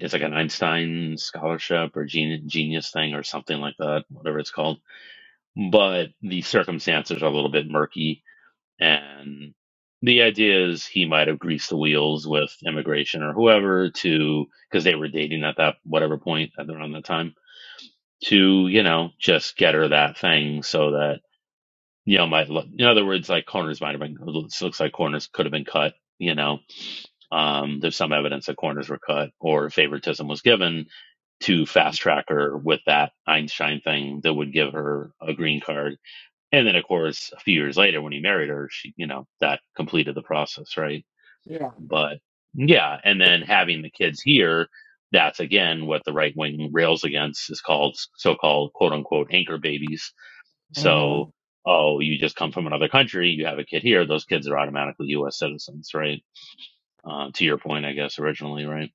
S3: it's like an Einstein scholarship or genius genius thing or something like that whatever it's called but the circumstances are a little bit murky and the idea is he might have greased the wheels with immigration or whoever to because they were dating at that whatever point at around that time to you know just get her that thing so that you know, my in other words, like corners might have been looks like corners could have been cut. You know, um, there's some evidence that corners were cut or favoritism was given to fast track her with that Einstein thing that would give her a green card. And then, of course, a few years later when he married her, she, you know, that completed the process, right?
S1: Yeah.
S3: But yeah, and then having the kids here, that's again what the right wing rails against is called so-called quote unquote anchor babies
S1: hmm
S3: so, oh, you just come from another country, you have a kid here, those kids are automatically U.S. citizens, right? Uh, to your point, I guess, originally, right?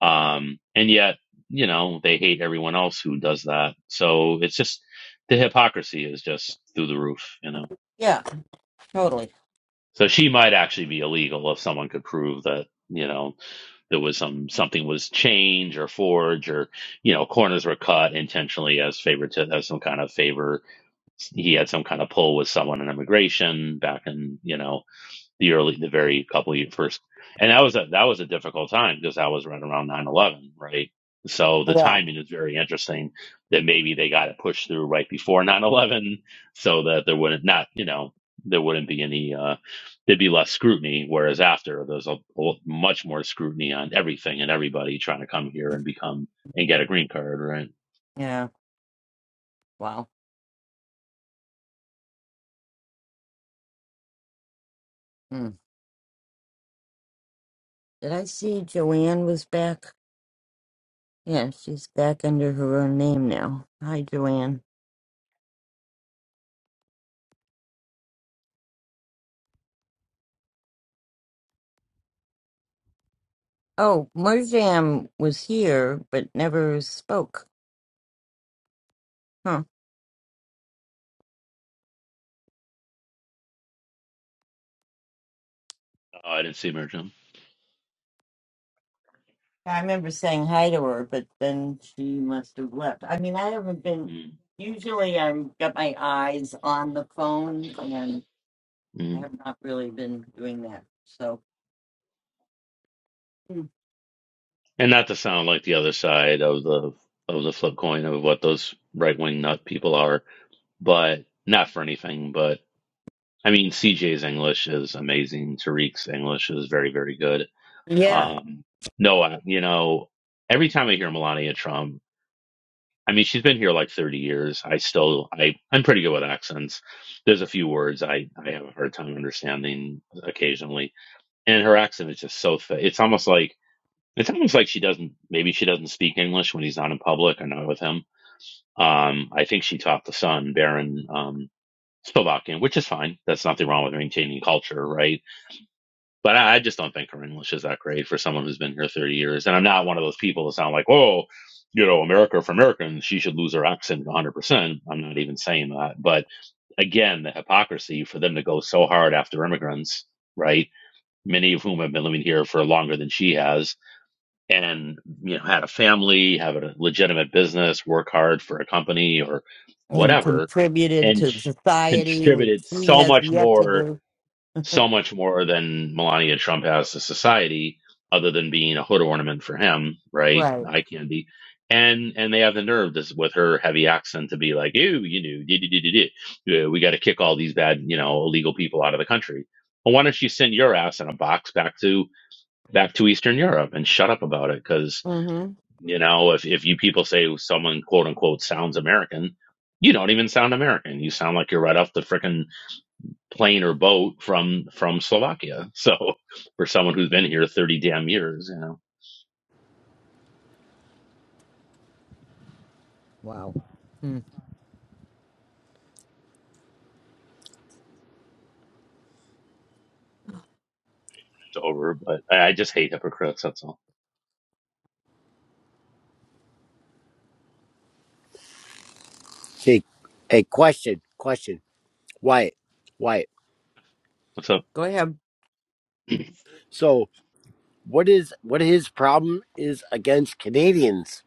S3: Um, and yet, you know, they hate everyone else who does that. So it's just the hypocrisy is just through the roof, you know?
S1: Yeah. Totally.
S3: So she might actually be illegal if someone could prove that, you know, there was some, something was changed or forged or, you know, corners were cut intentionally as favor to, as some kind of favor he had some kind of pull with someone in immigration back in you know the early the very couple of years first and that was a that was a difficult time because that was right around nine eleven, right so the
S1: Yeah.
S3: timing is very interesting that maybe they got it pushed through right before nine eleven, so that there wouldn't not you know there wouldn't be any uh there'd be less scrutiny whereas after there's a, a much more scrutiny on everything and everybody trying to come here and become and get a green card right
S1: Yeah. Wow. Hmm. Did I see Joanne was back? Yeah, she's back under her own name now. Hi, Joanne. Oh, Marjam was here but never spoke. Huh.
S3: oh, i didn't see merchant
S1: I remember saying hi to her, but then she must have left. I mean, I haven't been. Usually, I've got my eyes on the phone, and I have not really been doing that. So. Hmm.
S3: And not to sound like the other side of the of the flip coin of what those right wing nut people are, but not for anything. But I mean, CJ's English is amazing. Tariq's English is very very good.
S1: Yeah.
S3: Um, Noah, you know, every time I hear Melania Trump, I mean, she's been here like thirty years. I still I I'm pretty good with accents. There's a few words I I have a hard time understanding occasionally, and her accent is just so thick. It's almost like it's almost like she doesn't. Maybe she doesn't speak English when he's not in public or not with him. Um, I think she taught the son Baron um, Slovakian, which is fine. That's nothing wrong with maintaining culture, right? But I, I just don't think her English is that great for someone who's been here thirty years. And I'm not one of those people that sound like, oh, you know, America for Americans, she should lose her accent 100. percent I'm not even saying that. But again, the hypocrisy for them to go so hard after immigrants, right? Many of whom have been living here for longer than she has and you know had a family, have a legitimate business, work hard for a company or
S1: and
S3: whatever,
S1: contributed
S3: and
S1: to
S3: sh-
S1: society, which
S3: contributed
S1: she
S3: so
S1: has
S3: much
S1: yet to
S3: more,
S1: do.
S3: so much more than Melania Trump has to society, other than being a hood ornament for him, right?
S1: Right.
S3: Eye candy. And and they have the nerve this with her heavy accent to be like, ew, you know, dee, dee, dee, dee, dee. Uh, we got to kick all these bad, you know, illegal people out of the country. Well, why don't you send your ass in a box back to back to Eastern Europe and shut up about it? because."
S1: Mm-hmm.
S3: You know, if, if you people say someone quote unquote sounds American, you don't even sound American. You sound like you're right off the frickin' plane or boat from from Slovakia. (laughs) So for someone who's been here thirty damn years, you know,
S1: Wow. Hmm.
S3: it's over. But I, I just hate hypocrites. That's all.
S20: Hey, hey, question, question, Wyatt, Wyatt.
S3: So
S1: Go ahead.
S3: (clears throat)
S20: So, what is what his problem is against Canadians?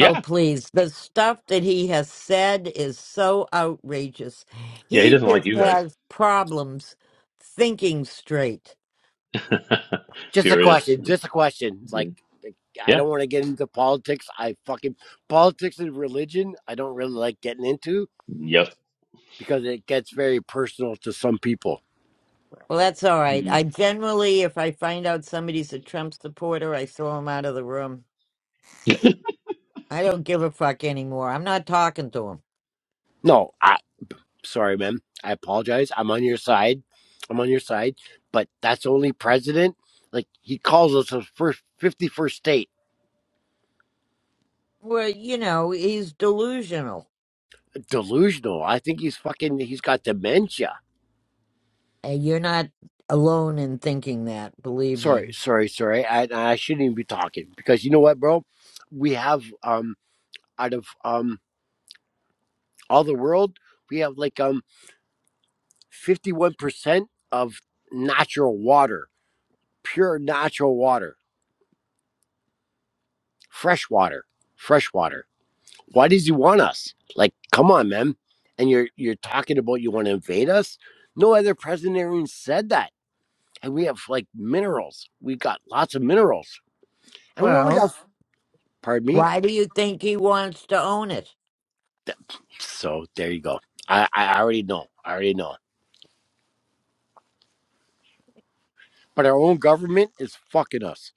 S1: Oh, please. The stuff that he has said is so outrageous.
S3: yeah, he
S1: He
S3: doesn't like
S1: just
S3: you guys.
S1: has problems thinking straight.
S3: (laughs)
S20: Just a
S3: Period.
S20: question, just a question. Like,
S3: Agreed.
S20: like, I
S3: Yeah.
S20: don't want to get into politics. I fucking politics and religion. I don't really like getting into
S3: Yep.
S20: because it gets very personal to some people.
S1: Well, that's all right.
S3: hmm
S1: I generally, if I find out somebody's a Trump supporter, I throw him out of the room.
S3: (laughs)
S1: I don't give a fuck anymore. I'm not talking to him.
S20: No, I sorry, man. I apologize. I'm on your side. I'm on your side, but that's only president. Like he calls us the first fifty-first state.
S1: Well, you know, he's delusional.
S20: delusional. I think he's fucking. He's got dementia.
S1: Uh, You're not alone in thinking that, believe me.
S20: Sorry, sorry, sorry. I, I shouldn't even be talking because you know what, bro? We have um out of um all the world, we have like um fifty one percent of natural water, pure natural water, fresh water, fresh water. Why does he want us? Like, come on, man. And you're you're talking about you want to invade us? No other president even said that. And we have like minerals. We got lots of minerals and we only
S1: Well,
S20: got Pardon me?
S1: why do you think he wants to own it?
S20: So there you go. I, I already know. I already know. But our own government is fucking us.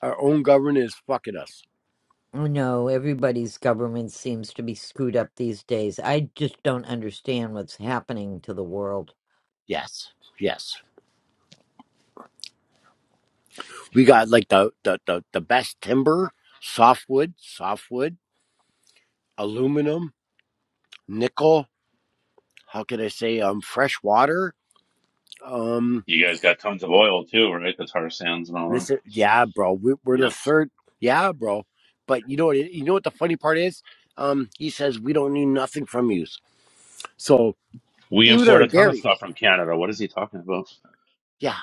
S20: Our own government is fucking us.
S1: Oh, No, everybody's government seems to be screwed up these days. I just don't understand what's happening to the world.
S20: Yes. Yes. We got like the the, the, the best timber, softwood, softwood, aluminum, nickel, how can I say um fresh water? Um
S3: you guys got tons of oil too, right? The tar sands and all that.
S20: listen, yeah, bro. We, we're
S3: Yeah.
S20: the third. Yeah, bro. But you know what you know what the funny part is? Um he says we don't need nothing from you. So
S3: We
S20: even
S3: import
S20: our
S3: a ton of
S20: dairy.
S3: stuff from Canada. What is he talking about?
S20: Yeah,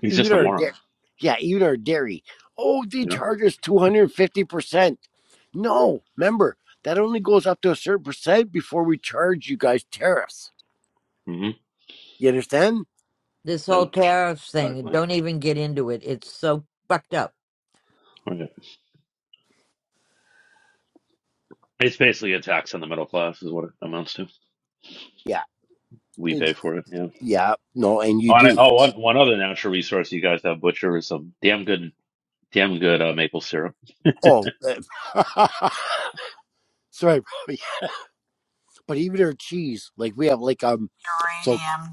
S3: He's
S20: even
S3: just a
S20: our da-
S3: moron.
S20: yeah, even our dairy. Oh, they
S3: Yeah.
S20: charge us two hundred fifty percent. No, remember that only goes up to a certain percent before we charge you guys tariffs.
S3: hmm
S20: You understand?
S1: This
S3: Yeah.
S1: whole tariffs thing,
S3: Exactly.
S1: don't even get into it. It's so fucked up.
S3: Right. It's basically a tax on the middle class, is what it amounts to.
S20: Yeah,
S3: We pay
S20: it's
S3: for it. Yeah.
S20: yeah, no, and you
S3: Oh, and I,
S20: do.
S3: oh, one one other natural resource you guys have, butcher, is some damn good, damn good uh, maple syrup.
S20: Oh, uh, (laughs) sorry, bro. yeah, but even our cheese, like we have like um, so
S15: uranium.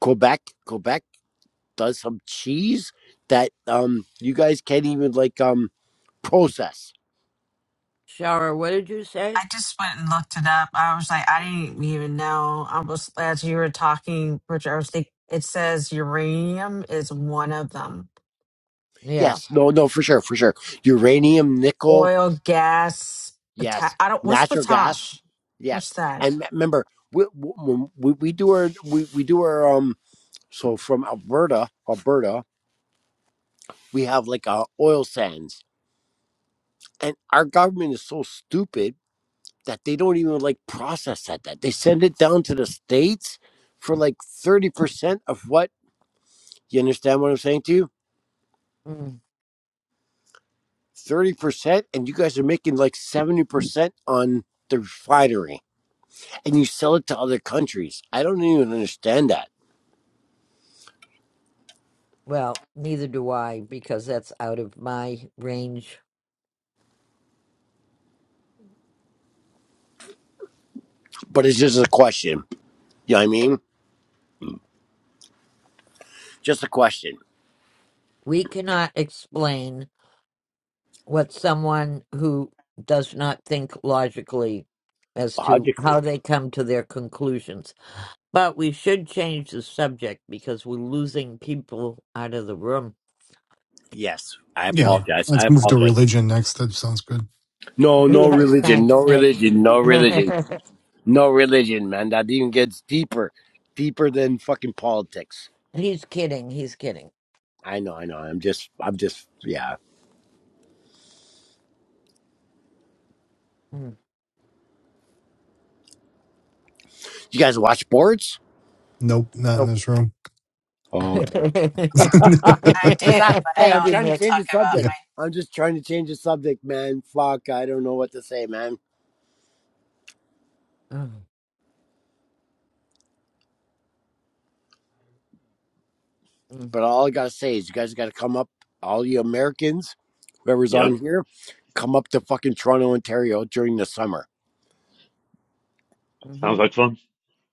S20: Quebec, Quebec does some cheese that um you guys can't even like um process.
S1: Shara, what did you say?
S15: I just went and looked it up. I was like, I didn't even know. I was as you were talking, Bridget. I was think it says uranium is one of them.
S1: Yeah.
S20: Yes, no, no, for sure, for sure. Uranium, nickel,
S15: Oil, gas, pota-
S20: Yes,
S15: I don't. What's
S20: natural gas.
S15: potash?
S20: Yes,
S15: What's that?
S20: and me- remember, we, when we, we do our we, we do our um. So from Alberta, Alberta, we have like uh, oil sands, and our government is so stupid that they don't even like process that. That they send it down to the states for like thirty percent of what you understand what I'm saying to you.
S1: Mm.
S20: Thirty percent, and you guys are making like seventy percent on the refinery, and you sell it to other countries. I don't even understand that
S1: Well, neither do I, because that's out of my range.
S20: But it's just a question. You know what I mean? Just a question.
S1: We cannot explain what someone who does not think logically as to how
S20: Logically.
S1: they come to their conclusions. But we should change the subject because we're losing people out of the room.
S20: Yes. I
S13: Yeah.
S20: apologize. I
S13: Let's move to
S20: apologize.
S13: religion next. That sounds good.
S1: (laughs)
S20: No, no
S1: yeah,
S20: religion.
S1: thanks,
S20: No
S1: Nick.
S20: religion. No
S1: (laughs)
S20: religion. No religion, man. That even gets deeper. Deeper than fucking politics.
S1: he's kidding. He's kidding.
S20: I know, I know. I'm just I'm just yeah.
S1: Mm.
S20: You guys watch sports?
S13: Nope. Not in
S1: Nope.
S13: this room.
S20: Oh, okay.
S13: (laughs)
S15: I
S20: (laughs)
S15: do,
S20: just I
S1: (laughs)
S15: but
S20: hey,
S1: Thank
S20: I'm
S1: you,
S20: trying to
S1: Nick.
S20: change the
S13: yeah.
S20: subject. I'm just trying to change the subject, man. Fuck, I don't know what to say, man.
S1: (sighs)
S20: But all I gotta say is, you guys gotta come up, all you Americans, whoever's on
S3: Yep.
S20: here, come up to fucking Toronto, Ontario during the summer.
S1: Mm-hmm.
S3: Sounds like fun.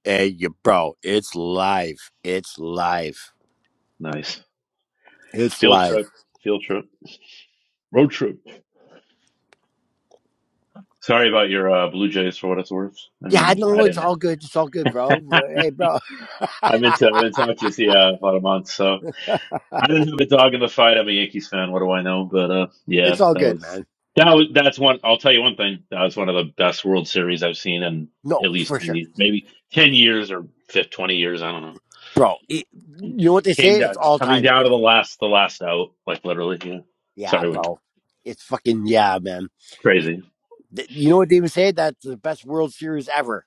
S20: Hey, you bro, it's live. It's live.
S3: Nice
S20: It's
S3: field
S20: live.
S3: trip. Field trip. Road trip. Sorry about your uh, Blue Jays for what it's worth. I
S20: Yeah, I
S3: mean, I
S20: know it's
S3: didn't.
S20: all good. It's all good, bro.
S3: (laughs)
S20: Hey, bro,
S3: I meant to. I meant to talk
S20: (laughs)
S3: to you. See, uh, about a month. So. I didn't have a dog in the fight. I'm a Yankees fan. What do I know? But uh, yeah,
S20: it's all
S3: that
S20: good,
S3: was
S20: man.
S3: that was that's one. I'll tell you one thing. That was one of the best World Series I've seen in
S20: No,
S3: at least
S20: for
S3: ten
S20: sure,
S3: years, maybe ten years or fif- twenty years. I don't know.
S20: bro. It, you know what they
S3: Came
S20: say? It's
S3: down,
S20: all
S3: coming
S20: time.
S3: down to
S20: It's
S3: the last, the last out, like literally. Yeah.
S20: yeah,
S3: Sorry, we
S20: bro. It's fucking yeah, man. Y-
S3: crazy.
S20: th- You know what they even say? That's the best World Series ever.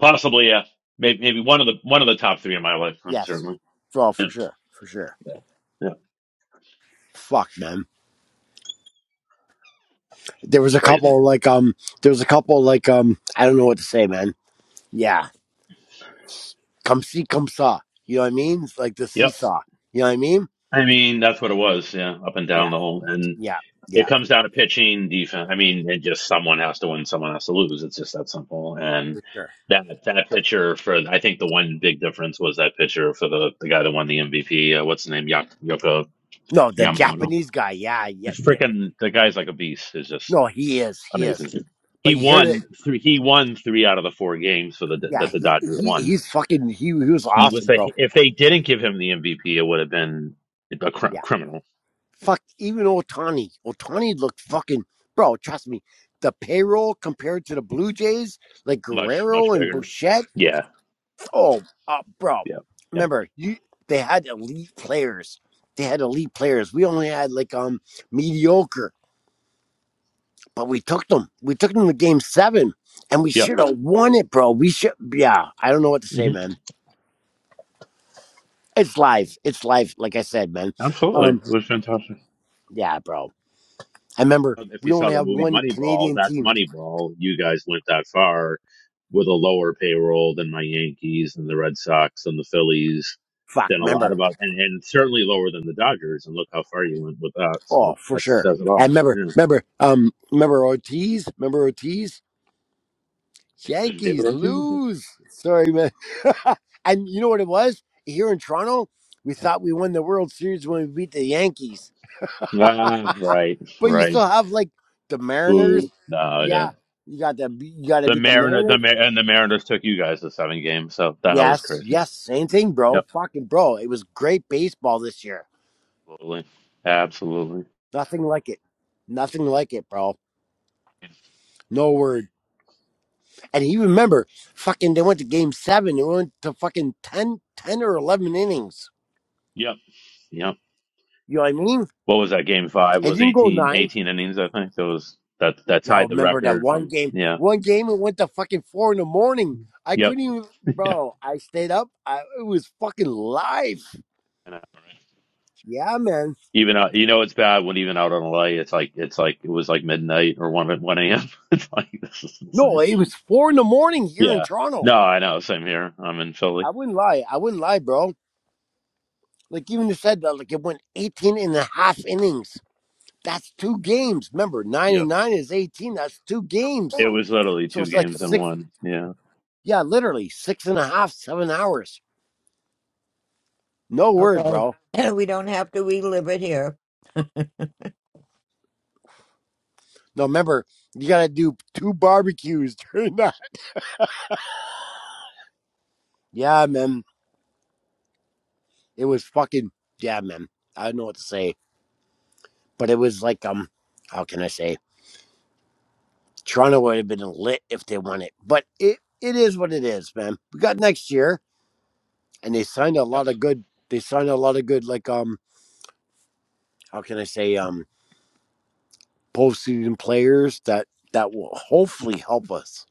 S3: Possibly, yeah. Maybe, maybe one of the one of the top three in my lifetime,
S20: Yes,
S3: certainly.
S20: bro,
S3: Yeah,
S20: for sure, for sure.
S3: yeah, yeah.
S20: fuck, man. There was a
S3: crazy.
S20: couple like um, there was a couple like um, I don't know what to say, man. Yeah, come see, come saw. You know what I mean? It's like the
S3: Yep.
S20: seesaw. You know what I mean?
S3: I mean, that's what it was. Yeah, up and down
S20: Yeah,
S3: the whole. and.
S20: yeah,
S3: It
S20: yeah,
S3: comes down to pitching, defense. I mean, it just someone has to win, someone has to lose. It's just that simple. And
S20: for sure.
S3: that that pitcher for I think the one big difference was that pitcher for the the guy that won the MVP. Uh, what's his name? Yak- Yoko
S20: No, the
S3: Yamamoto.
S20: Japanese guy. Yeah, yeah,
S3: Just
S20: yeah.
S3: freaking the guy's like a beast. Is just
S20: No, he is, he
S3: amazing.
S20: is.
S3: He
S20: But you hear that?
S3: won three. He won three out of the four games for the
S20: Yeah,
S3: that the
S20: he,
S3: Dodgers
S20: he
S3: won.
S20: he's fucking. He, he was
S3: He was
S20: awesome,
S3: the
S20: bro.
S3: if they didn't give him the MVP, it would have been a cr-
S20: Yeah,
S3: criminal,
S20: fuck. Even Otani, Otani looked fucking, bro. Trust me. The payroll compared to the Blue Jays, like
S3: much much
S20: Guerrero and
S3: bigger.
S20: Bouchette
S3: Yeah,
S20: Oh, uh, bro,
S3: yeah, yeah,
S20: remember you? They had elite players. They had elite players. We only had like um mediocre, but we took them. We took them to game seven, and we should have won it, bro. We should. Yeah, I don't know what to say,
S3: yeah.
S20: man. It's life. It's life. Like I said, man.
S3: Absolutely. It
S20: Um,
S3: was fantastic.
S20: yeah, bro. I remember
S3: Um, If you
S20: we
S3: saw
S20: only
S3: the
S20: have
S3: movie
S20: one
S3: Moneyball,
S20: Canadian
S3: that's
S20: team.
S3: Moneyball. You guys went that far with a lower payroll than my Yankees and the Red Sox and the Phillies,
S20: Fuck,
S3: than a lot
S20: remember?
S3: of us, and, and certainly lower than the Dodgers. And look how far you went with that.
S20: Oh,
S3: So
S20: for
S3: that
S20: sure.
S3: says it all.
S20: And remember,
S3: Yeah.
S20: remember, um, remember Ortiz. Remember Ortiz?
S3: David, David
S20: Yankees
S3: Ortiz.
S20: lose. Sorry, man. (laughs) and you know what it was? Here in Toronto, we thought we won the World Series when we beat the Yankees. (laughs) but
S3: Ah, right,
S20: you
S3: right.
S20: still have like the Mariners.
S3: Boo. No, yeah.
S20: Yeah, you got to you got to
S3: The
S20: beat the
S3: Mariner, the
S20: Mariners.
S3: Mar- and the Mariners took you guys to seven games, so that was
S20: Yes,
S3: crazy.
S20: yes, same thing, bro.
S3: Yep,
S20: Fucking bro, it was great baseball this year.
S3: absolutely, absolutely.
S20: Nothing like it. Nothing like it, bro. No word. And you remember, fucking, they went to game seven. It went to fucking 10, 10 or 11 innings.
S3: Yep, yep.
S20: You know what I mean?
S3: what was that game five
S20: It
S3: was
S20: didn't go
S3: 18
S20: nine.
S3: 18 innings i think that was that that
S20: Y'all
S3: tied the
S20: remember that
S3: record
S20: one
S3: from
S20: game?
S3: yeah
S20: One game it went to fucking four in the morning. I
S3: yep
S20: couldn't even,
S3: (laughs) yeah
S20: bro. I stayed up. I, it was fucking live.
S3: uh,
S20: Yeah, man.
S3: even out you know it's bad when even out on la it's like it's like it was like midnight or 1 1 a.m (laughs) it's like this is
S20: No,
S3: insane
S20: it was four in the morning here in
S3: yeah
S20: Toronto.
S3: no i know same here i'm in philly
S20: I wouldn't lie. I wouldn't lie, bro. Like even you said that, like it went 18 and a half innings. That's two games. Remember, nine
S3: yep
S20: and nine is 18. That's two games.
S3: it was literally
S20: So
S3: two
S20: it's like
S3: games in
S20: six.
S3: one yeah
S20: Yeah, literally six and a half, seven hours. No word,
S1: Okay.
S20: bro.
S1: (clears throat) We don't have to relive it here.
S20: No, remember, you gotta do two barbecues (laughs) during the Yeah, man. It was fucking yeah, man. I don't know what to say, but it was like um, how can I say? Toronto would have been lit if they won it, but it it is what it is, man. We got next year, and they signed a
S3: yep
S20: lot of good. They signed a lot of good, like um, how can I say um, postseason players that that will hopefully help us.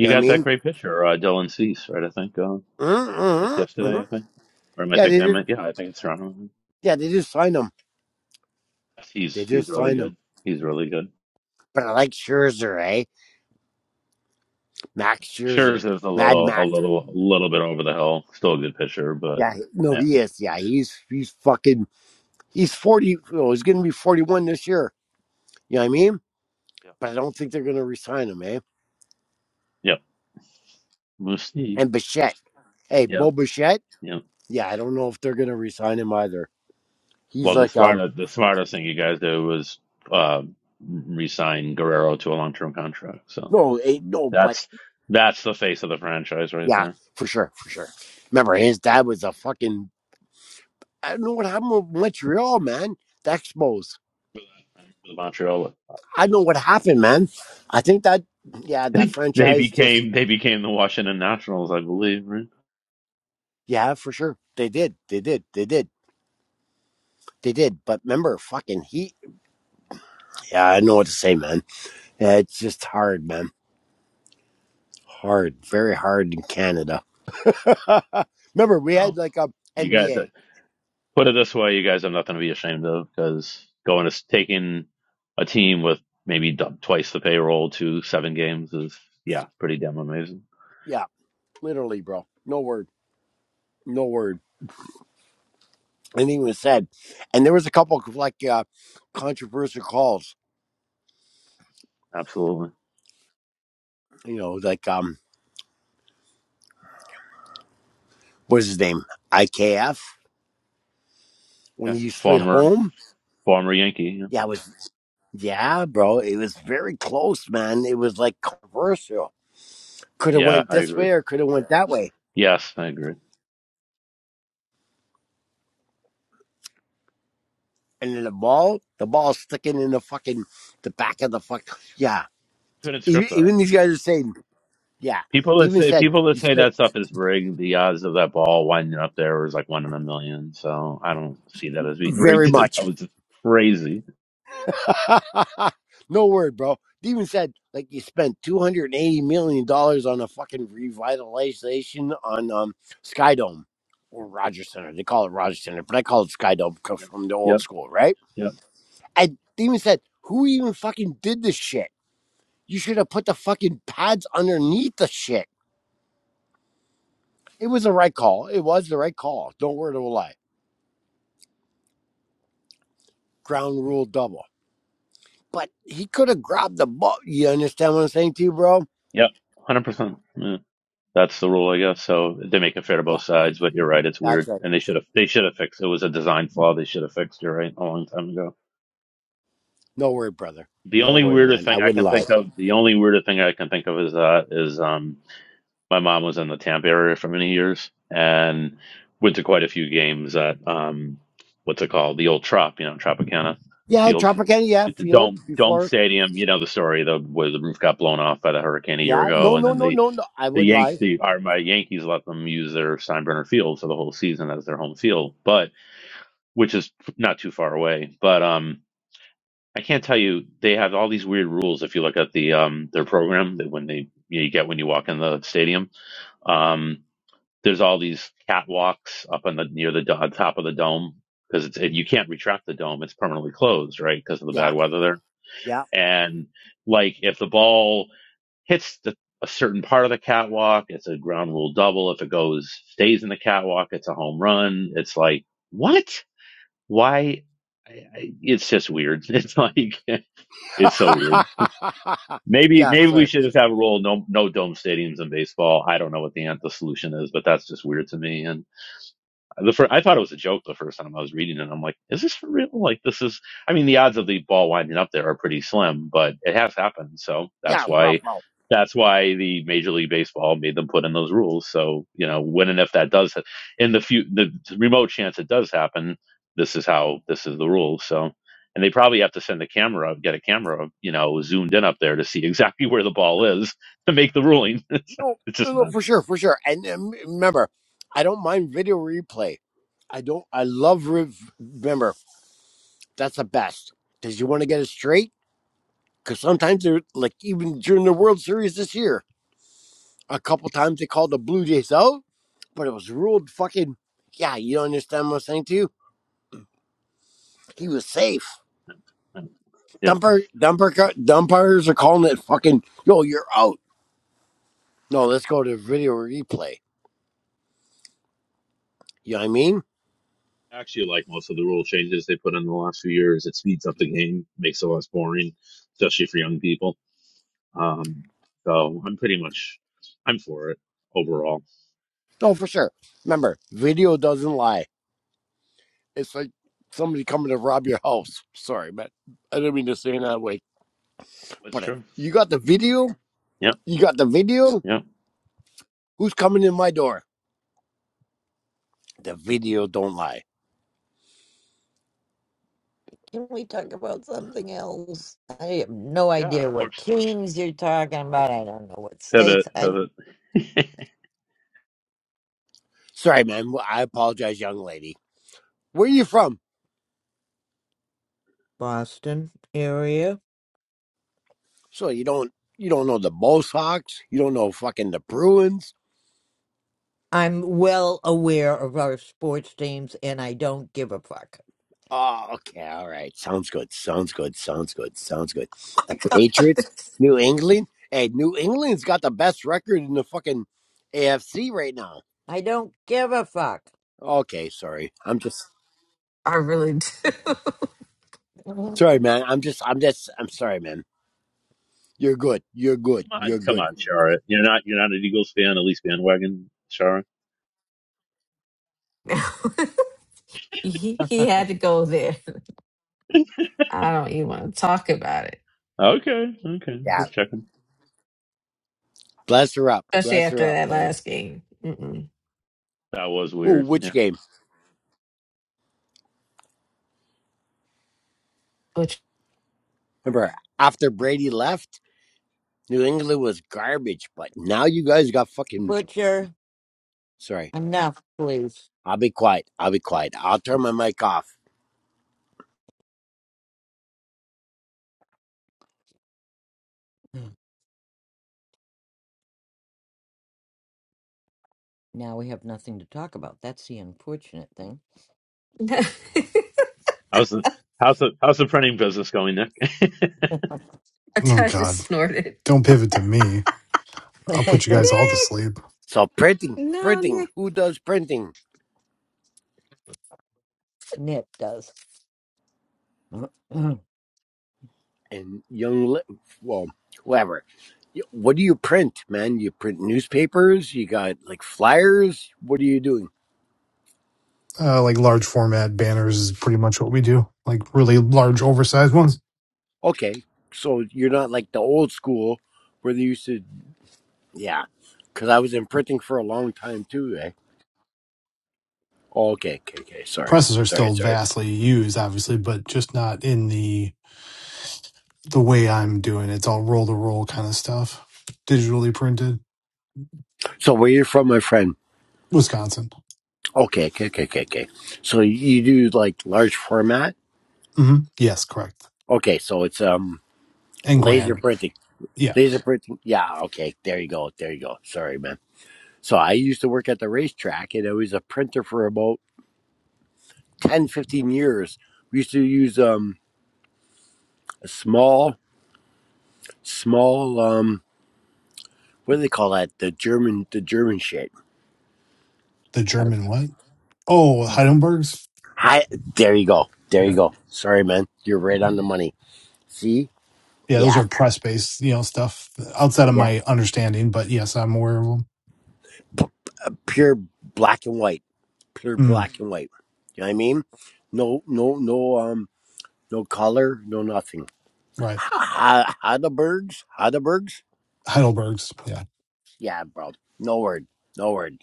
S20: You know what I
S3: got that
S20: mean?
S3: great picture uh dylan cease right i think uh, just
S20: Mm-hmm, hmm
S3: yesterday i think or am i
S20: Yeah, they
S3: thinking i
S20: did.
S3: meant yeah i think it's toronto
S20: Yeah, they just signed them.
S3: he's
S20: They
S3: he's
S20: just
S3: really
S20: signed them.
S3: good he's really good
S20: But I like Scherzer, eh? Max
S3: Scherz
S20: Scherzer,
S3: is a
S20: Mad
S3: little, a
S20: Max.
S3: little, a little bit over the hill. Still a good pitcher, but
S20: Yeah, he- no,
S3: yeah,
S20: he is. Yeah, he's he's fucking he's forty. Oh, he's gonna be forty one this year. You know what I mean?
S3: Yeah.
S20: But I don't think they're gonna resign him, eh?
S3: yep. We'll see.
S20: And Bichette, hey,
S3: Yep,
S20: Bo Bichette.
S3: yep.
S20: Yeah, I don't know if they're gonna resign him either. He's
S3: Well, the
S20: like, um,
S3: smart, the smartest thing you guys did was uh, re-sign Guerrero to a long-term contract. So
S20: no, eh, no, but
S3: that's that's the face of the franchise right
S20: yeah,
S3: there.
S20: for sure, for sure. Remember, his dad was a fucking. I don't know what happened with Montreal, man. The Expos.
S3: The Montreal,
S20: I know what happened, man. I think that, yeah, that
S3: they
S20: franchise just,
S3: became they became the Washington Nationals, I believe. Right?
S20: yeah, for sure. They did, they did, they did. They did, but remember, fucking he. Yeah, I know what to say, man. Yeah, it's just hard, man. Hard, very hard in Canada. (laughs) remember, we had
S3: Wow,
S20: like a
S3: you guys, uh,
S20: NBA.
S3: Put it this way, you guys have nothing to be ashamed of because going to taking a team with maybe d- twice the payroll to seven games is yeah, pretty damn amazing.
S20: Yeah, literally, bro. No word, no word. Anything was said, and there was a couple of like uh, controversial calls.
S3: Absolutely.
S20: You know, like um, what's his name? IKF when
S3: Yeah.
S20: he slid
S3: Former
S20: home.
S3: former Yankee. Yeah.
S20: Yeah, it was yeah, bro. It was very close, man. It was like controversial. Could have
S3: yeah,
S20: went
S3: I
S20: this
S3: agree.
S20: way or could have went that way
S3: Yes, I agree.
S20: and then the ball, the ball sticking in the fucking the back of the fuck. Yeah,
S3: Couldn't
S20: even,
S3: script that.
S20: even these guys are saying, yeah.
S3: People that
S20: Demon
S3: say
S20: said
S3: people that
S20: you
S3: say
S20: spent
S3: that stuff is rigged, the odds of that ball winding up there was like one in a million. So I don't see that as being
S20: very
S3: rigged. (laughs) that
S20: much.
S3: was just crazy.
S20: (laughs) no word, bro. Demon said like you spent two hundred eighty million dollars on a fucking revitalization on um Skydome or Rogers Center. They call it Rogers Center, but I call it Skydome because
S3: Yep.
S20: from the old
S3: Yep.
S20: school, right?
S3: Yep.
S20: And Demon said, who even fucking did this shit? You should have put the fucking pads underneath the shit It was the right call. It was the right call. Don't worry, won't lie. Ground rule double. But he could have grabbed the ball. You understand what I'm saying to you, bro?
S3: Yep. Hundred percent. Yeah. That's the rule, I guess. So they make it fair to
S20: Yeah,
S3: both sides, but you're right, it's
S20: that's
S3: weird.
S20: right.
S3: And they should have they should have fixed it. It was a design flaw they should have fixed, you're right, a long time ago.
S20: No worry, brother.
S3: The
S20: No
S3: only
S20: worry,
S3: weirder
S20: man. I
S3: thing I
S20: wouldn't
S3: can
S20: lie.
S3: think of the only weirder thing I can think of is uh is um my mom was in the Tampa area for many years and went to quite a few games at um what's it called? The old Trop, you know, Tropicana
S20: Yeah,
S3: field.
S20: Tropicana, yeah,
S3: It's a
S20: field
S3: dome dome
S20: before.
S3: stadium, you know the story, the where the roof got blown off by the hurricane a year
S20: Yeah,
S3: ago
S20: no,
S3: and
S20: no,
S3: then
S20: no,
S3: they
S20: no, no. I
S3: the
S20: wouldn't
S3: Yank
S20: lie.
S3: the are my Yankees let them use their Steinbrenner Field for the whole season as their home field, but which is not too far away. But um, I can't tell you they have all these weird rules if you look at the um their program that when they you get when you walk in the stadium. Um, there's all these catwalks up on the near the do- on top of the dome because it's you can't retract the dome; it's permanently closed, right? Because of the
S20: Yeah,
S3: bad weather there.
S20: yeah.
S3: And like if the ball hits the, a certain part of the catwalk, it's a ground rule double. If it goes, stays in the catwalk, it's a home run. It's like, what? Why? I, I, it's just weird. It's like, (laughs) it's so weird.
S20: (laughs)
S3: Maybe,
S20: yeah,
S3: maybe we
S20: sir.
S3: should just have a rule. No, no dome stadiums in baseball. I don't know what the, an- the solution is, but that's just weird to me. and. The first, I thought it was a joke the first time I was reading it. I'm like, is this for real? Like, this is, I mean, the odds of the ball winding up there are pretty slim, but it has happened. So
S20: Yeah,
S3: that's
S20: bro,
S3: why,
S20: bro.
S3: that's why the Major League Baseball made them put in those rules. So, you know, when and if that does, ha- in the few, the remote chance it does happen, this is how, this is the rule. So, and they probably have to send a camera, get a camera, you know, zoomed in up there to see (laughs) exactly where the ball is to make the ruling. (laughs) it's
S20: No, no,
S3: just
S20: no, for
S3: nuts.
S20: sure, for sure. And um, remember, I don't mind video replay. I don't, I love, rev- remember, That's the best because you want to get it straight. Because sometimes they're like even during the World Series this year, a couple times they called the Blue Jays out, but it was ruled fucking. Yeah, you don't understand what I'm saying to you. He was safe. Dumper, dumper, dumpers are calling it fucking. Yo, you're out. No, let's go to video replay. You know what I mean?
S3: actually like most of the rule changes they put in the last few years. It speeds up the game, makes it less boring, especially for young people. Um, so I'm pretty much I'm for it overall.
S20: No, for sure. Remember, video doesn't lie. It's like somebody coming to rob your house. Sorry, man. I didn't mean to say it that way.
S3: That's
S20: But if
S3: true.
S20: you got the video,
S3: Yep,
S20: you got the video.
S3: yep. Yeah. Of
S20: Who's coming in my door? The video don't lie.
S1: Can we talk about something else? I have no
S3: Yeah.
S1: idea what
S3: course.
S1: kings you're talking about. I don't know what
S3: Pivot,
S1: states. I
S3: pivot. (laughs) come
S20: Sorry, man. I apologize, young lady. Where are you from?
S1: Boston area.
S20: So you don't you don't know the Bull Sox? You don't know fucking the Bruins?
S1: I'm well aware of our sports teams, and I don't give a fuck.
S20: Oh, okay, all right. Sounds good. Sounds good. Sounds good. Sounds good. The
S15: I don't even talk about my. (laughs) my
S20: Patriots,
S15: God,
S20: New England. Hey, New England's got the best record in the fucking AFC right now.
S1: I don't give a fuck.
S20: Okay, sorry. I'm just
S15: I really
S20: sorry, man. I'm just I'm just I'm sorry, man. You're good. You're good.
S3: on,
S20: You're
S3: come
S20: good.
S3: on, Shara. You're not you're not an Eagles fan, at least bandwagon, Shara.
S15: do. (laughs) he he had to go there. I don't even want to talk about it,
S3: Okay, okay.
S20: Yeah.
S3: Just checking.
S20: Bless her up.
S15: especially
S20: Bless her
S15: after
S20: up,
S15: that
S20: man.
S15: last game. Mm-mm.
S3: That was
S20: Ooh,
S3: weird.
S20: which
S3: Yeah.
S20: game?
S15: Which
S20: Remember, after Brady left, New England was garbage. But now you guys got fucking.
S1: Butcher,
S20: Sorry,
S1: enough, please.
S20: I'll be quiet. I'll be quiet. I'll turn my mic off.
S1: Now we have nothing to talk about. That's the unfortunate thing.
S15: (laughs) I
S3: How's the how's the how's the printing business going, Nick? (laughs)
S13: Oh
S15: just
S13: god.
S15: snorted.
S13: Don't pivot to me. I'll put
S15: (laughs)
S13: you guys all
S15: Nick.
S13: to sleep.
S20: So printing,
S15: No,
S20: printing.
S15: Nick.
S20: Who does printing?
S1: Nip does. (clears throat)
S20: And young, li- well, whoever. What do you print, man? You print newspapers. You got like flyers. What are you doing?
S13: uh, like large format banners is pretty much what we do. Like really large, oversized ones.
S20: Okay, so you're not like the old school where they used to. Yeah, because I was in printing for a long time too. Eh? Oh, okay, okay, okay. Sorry,
S13: Presses are
S20: sorry,
S13: still
S20: sorry.
S13: vastly used, obviously, but just not in the the way I'm doing. it. It's all roll to roll kind of stuff, digitally printed.
S20: So where you're from, my friend?
S13: Wisconsin.
S20: Okay, okay, okay, okay, okay. So you do like large format?
S13: hmm Yes, correct.
S20: Okay, so it's um
S13: And
S20: laser
S13: Grand.
S20: printing,
S13: Yeah,
S20: laser printing. Yeah, okay, there you go, there you go. Sorry, man. So I used to work at the racetrack, and I was a printer for about 10, 15 years. We used to use um a small, small um what do they call that? The German, the German shit.
S13: the
S20: I,
S13: German what? Oh, Heidelberg's.
S20: hi, there you go, there you
S13: Yeah,
S20: go. Sorry, man, you're right on the money. See?
S13: yeah, those
S20: Yeah.
S13: are press based, you know, stuff outside of
S20: yeah.
S13: my understanding. But yes, I'm aware of them.
S20: pure black and white, pure
S13: Mm,
S20: black and white. You know what I mean? No, no, no, um, no color, no nothing.
S13: right,
S20: Ha- ha- Heidelbergs, Heidelbergs.
S13: Heidelberg's. Yeah.
S20: Yeah, bro. No word, no word.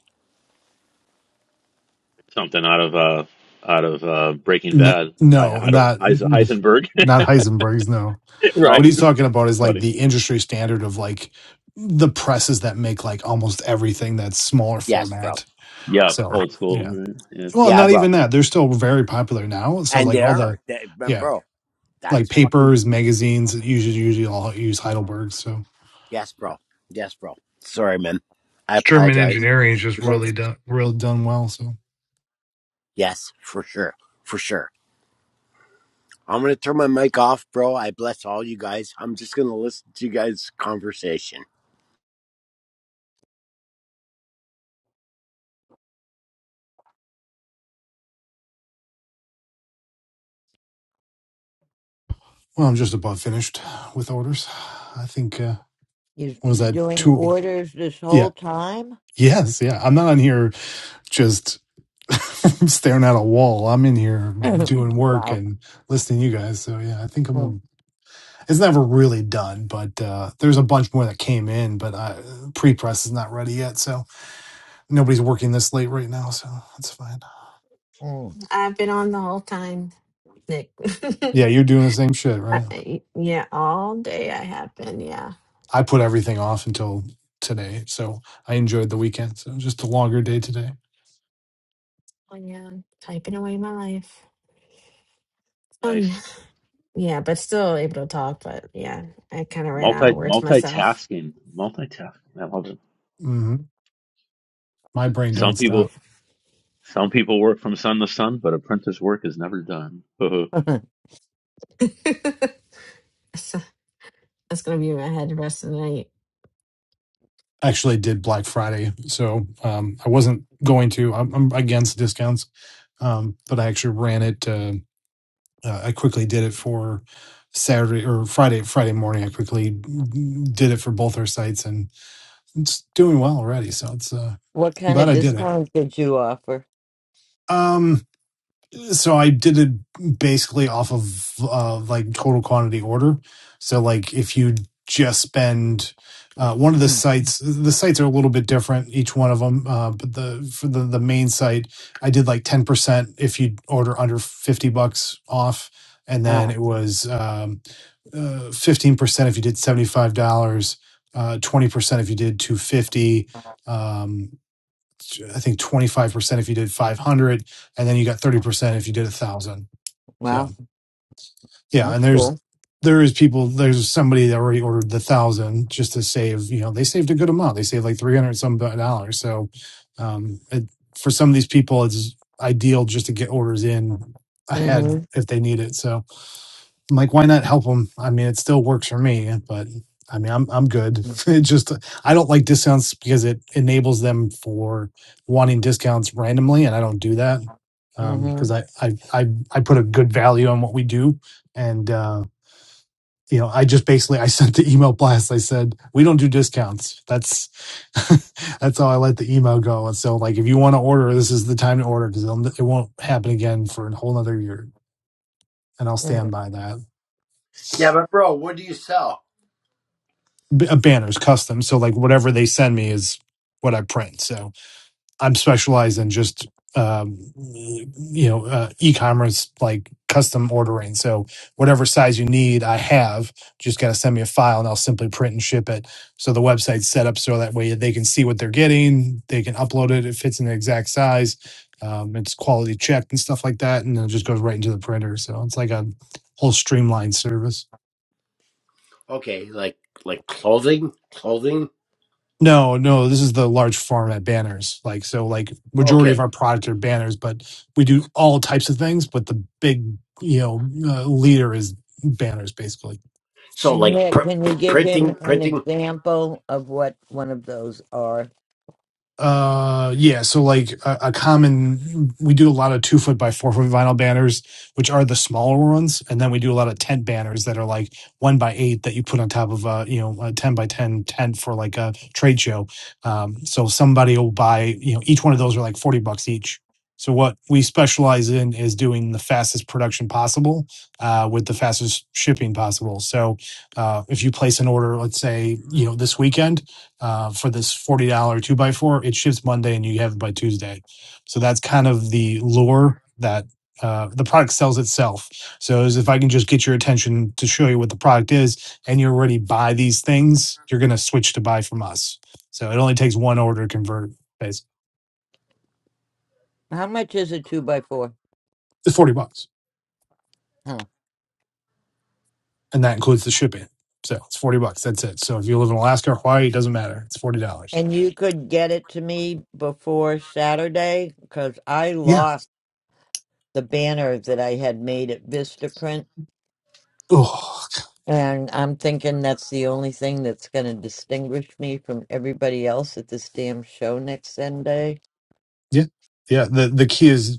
S3: something out of uh out of uh Breaking
S13: N-
S3: Bad.
S13: no,
S3: I, I don't
S13: not
S3: Heis- Heisenberg,
S13: not Heisenberg's. No,
S3: (laughs)
S20: No,
S3: right?
S13: what
S3: It's
S13: he's talking about is like
S3: Funny.
S13: the industry standard of like the presses that make like almost everything that's smaller
S20: yes, bro.
S13: format.
S3: Yeah,
S13: So
S3: old school.
S13: yeah,
S3: Right? Yeah,
S13: well,
S20: Yeah,
S13: not
S20: bro.
S13: even that. They're still very popular now. So
S20: And
S13: like all
S20: there
S13: the
S20: are, that,
S13: yeah,
S20: bro.
S13: like
S20: That's fucking
S13: papers, magazines usually usually all use Heidelberg. So
S20: yes, bro. Yes, bro. Sorry, man. I
S13: German
S20: apologize.
S13: engineering is just
S20: As long
S13: really
S20: as-
S13: done really done well. So
S20: yes, for sure, for sure. I'm gonna turn my mic off, bro. I bless all you guys. I'm just gonna listen to you guys' conversation.
S13: well, I'm just about finished with orders. I think uh,
S1: He's
S13: what was
S1: been
S13: that
S1: doing
S13: two?
S1: orders this whole
S13: Yeah,
S1: time.
S13: yes, yeah. I'm not on here just (laughs) staring at a wall. I'm in here doing
S1: (clears throat)
S13: work
S1: wow.
S13: and listening to you guys. So yeah, I think I'm.
S1: Mm,
S13: A, it's never really done, but uh, there's a bunch more that came in, but I, pre-press is not ready yet, so nobody's working this late right now, so that's fine.
S1: mm.
S15: I've been on the whole time, Nick.
S13: Yeah, you're doing the same shit,
S15: (laughs)
S13: right?
S15: I, yeah, all day I have been. Yeah.
S13: I put everything off until today, so I enjoyed the weekend. So just a longer day today.
S15: Oh, yeah. Typing away my life. Fun.
S3: nice.
S15: Yeah, but still able to talk. But yeah, I kind of ran out
S3: Multi
S15: of words myself.
S3: multitasking, multitasking. I love it.
S13: hmm my brain
S15: Yeah.
S3: Some
S13: don't
S3: people
S13: stop.
S3: some people work from sun to sun, but apprentice work is never done. (laughs)
S1: (laughs)
S15: (laughs) so that's going to be in my head the rest of the night.
S13: Actually, I did Black Friday, so um, I wasn't going to. I'm, I'm against discounts, um, but I actually ran it. Uh, uh, I quickly did it for Saturday or Friday. Friday morning, I quickly did it for both our sites, and it's doing well already. So it's uh,
S1: What
S13: I'm
S1: kind
S13: glad
S1: of
S13: I did it.
S1: discounts did you offer?
S13: Um, so I did it basically off of uh, like total quantity order. So like if you just spend uh, one of the
S1: Mm.
S13: sites, the sites are a little bit different each one of them. Uh, but the for the the main site, I did like ten percent if you order under fifty bucks off, and then
S1: Ah,
S13: it was um, uh, fifteen percent if you did seventy five dollars, uh, twenty percent if you did two fifty. um, I think 25% if you did 500 and then you got 30% if you did a 1000. So,
S1: wow,
S13: yeah, and
S1: that's
S13: there's
S1: cool.
S13: there is people there's somebody that already ordered the 1000 just to save, you know, they saved a good amount. They saved like 300 some dollars. So, um it, for some of these people it's ideal just to get orders in ahead
S1: Mm-hmm.
S13: if they need it. So, I'm like, why not help them? I mean, it still works for me, but I mean, I'm I'm good. (laughs) It just I don't like discounts because it enables them for wanting discounts randomly, and I don't do that because
S1: Mm-hmm.
S13: I, I I I put a good value on what we do, and uh, you know, I just basically I (laughs) sent the email blast. I said we don't do discounts. That's (laughs) that's how I let the email go. And so, like, if you want to order, this is the time to order because it won't happen again for a whole another year, and I'll stand
S1: mm
S13: by that.
S20: Yeah, but bro, what do you sell?
S13: b- uh, banners custom so like whatever they send me is what i print so i'm specialized in just um you know uh, e-commerce like custom ordering so whatever size you need i have just got to send me a file and i'll simply print and ship it so the website's set up so that way they can see what they're getting they can upload it it fits in the exact size um, it's quality checked and stuff like that and then it just goes right into the printer so it's like a whole streamlined service
S20: Okay, like like clothing, clothing.
S13: No, no, this is the large format banners. Like so like majority of
S20: Okay,
S13: our product are banners, but we do all types of things, but the big, you know, uh, leader is banners basically.
S20: so like
S1: Nick,
S20: pr-
S1: can you give him
S20: printing,
S1: an
S20: printing.
S1: example of what one of those are?
S13: Uh, yeah. So like a, a common, we do a lot of two foot by four foot vinyl banners, which are the smaller ones, and then we do a lot of tent banners that are like one by eight that you put on top of a you know a ten by ten tent for like a trade show. Um, so somebody will buy you know each one of those are like forty bucks each. So what we specialize in is doing the fastest production possible, uh, with the fastest shipping possible. So uh, if you place an order, let's say you know this weekend uh, for this forty dollar two by four. It ships Monday, and you have it by Tuesday. So that's kind of the lure that uh, the product sells itself. So as if I can just get your attention to show you what the product is, and you already buy these things, you're going to switch to buy from us. So it only takes one order to convert. It's
S1: How much is a two by four?
S13: forty bucks,
S1: Huh.
S13: and that includes the shipping. So it's forty bucks. That's it. So if you live in Alaska or Hawaii, it doesn't matter. It's forty dollars.
S1: And you could get it to me before Saturday because I
S13: Yeah.
S1: lost the banner that I had made at Vistaprint.
S13: Ugh.
S1: And I'm thinking that's the only thing that's going to distinguish me from everybody else at this damn show next Sunday.
S13: Yeah. Yeah. The the key is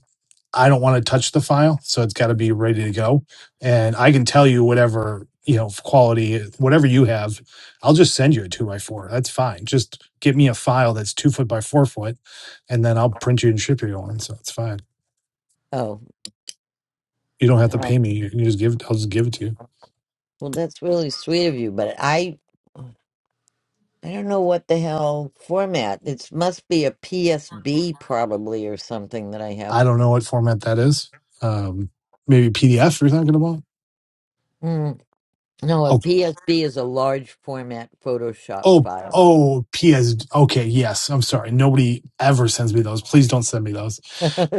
S13: I don't want to touch the file, so it's got to be ready to go. And I can tell you whatever, you know, quality, whatever you have, I'll just send you a two by four. That's fine. Just get me a file that's two foot by four foot, and then I'll print you and ship you one. So it's fine.
S1: Oh,
S13: You don't have to
S1: oh,
S13: pay me. You can just give it, I'll just give it to you.
S1: well, that's really sweet of you, but I, I don't know what the hell format. It must be a PSB probably or something that I have.
S13: I don't know what format that is. Um, maybe PDF We're talking about.
S1: Mm, no, a PSB is a large format Photoshop
S13: Oh,
S1: file.
S13: oh, PS. Okay, yes. I'm sorry. Nobody ever sends me those. Please don't send me those.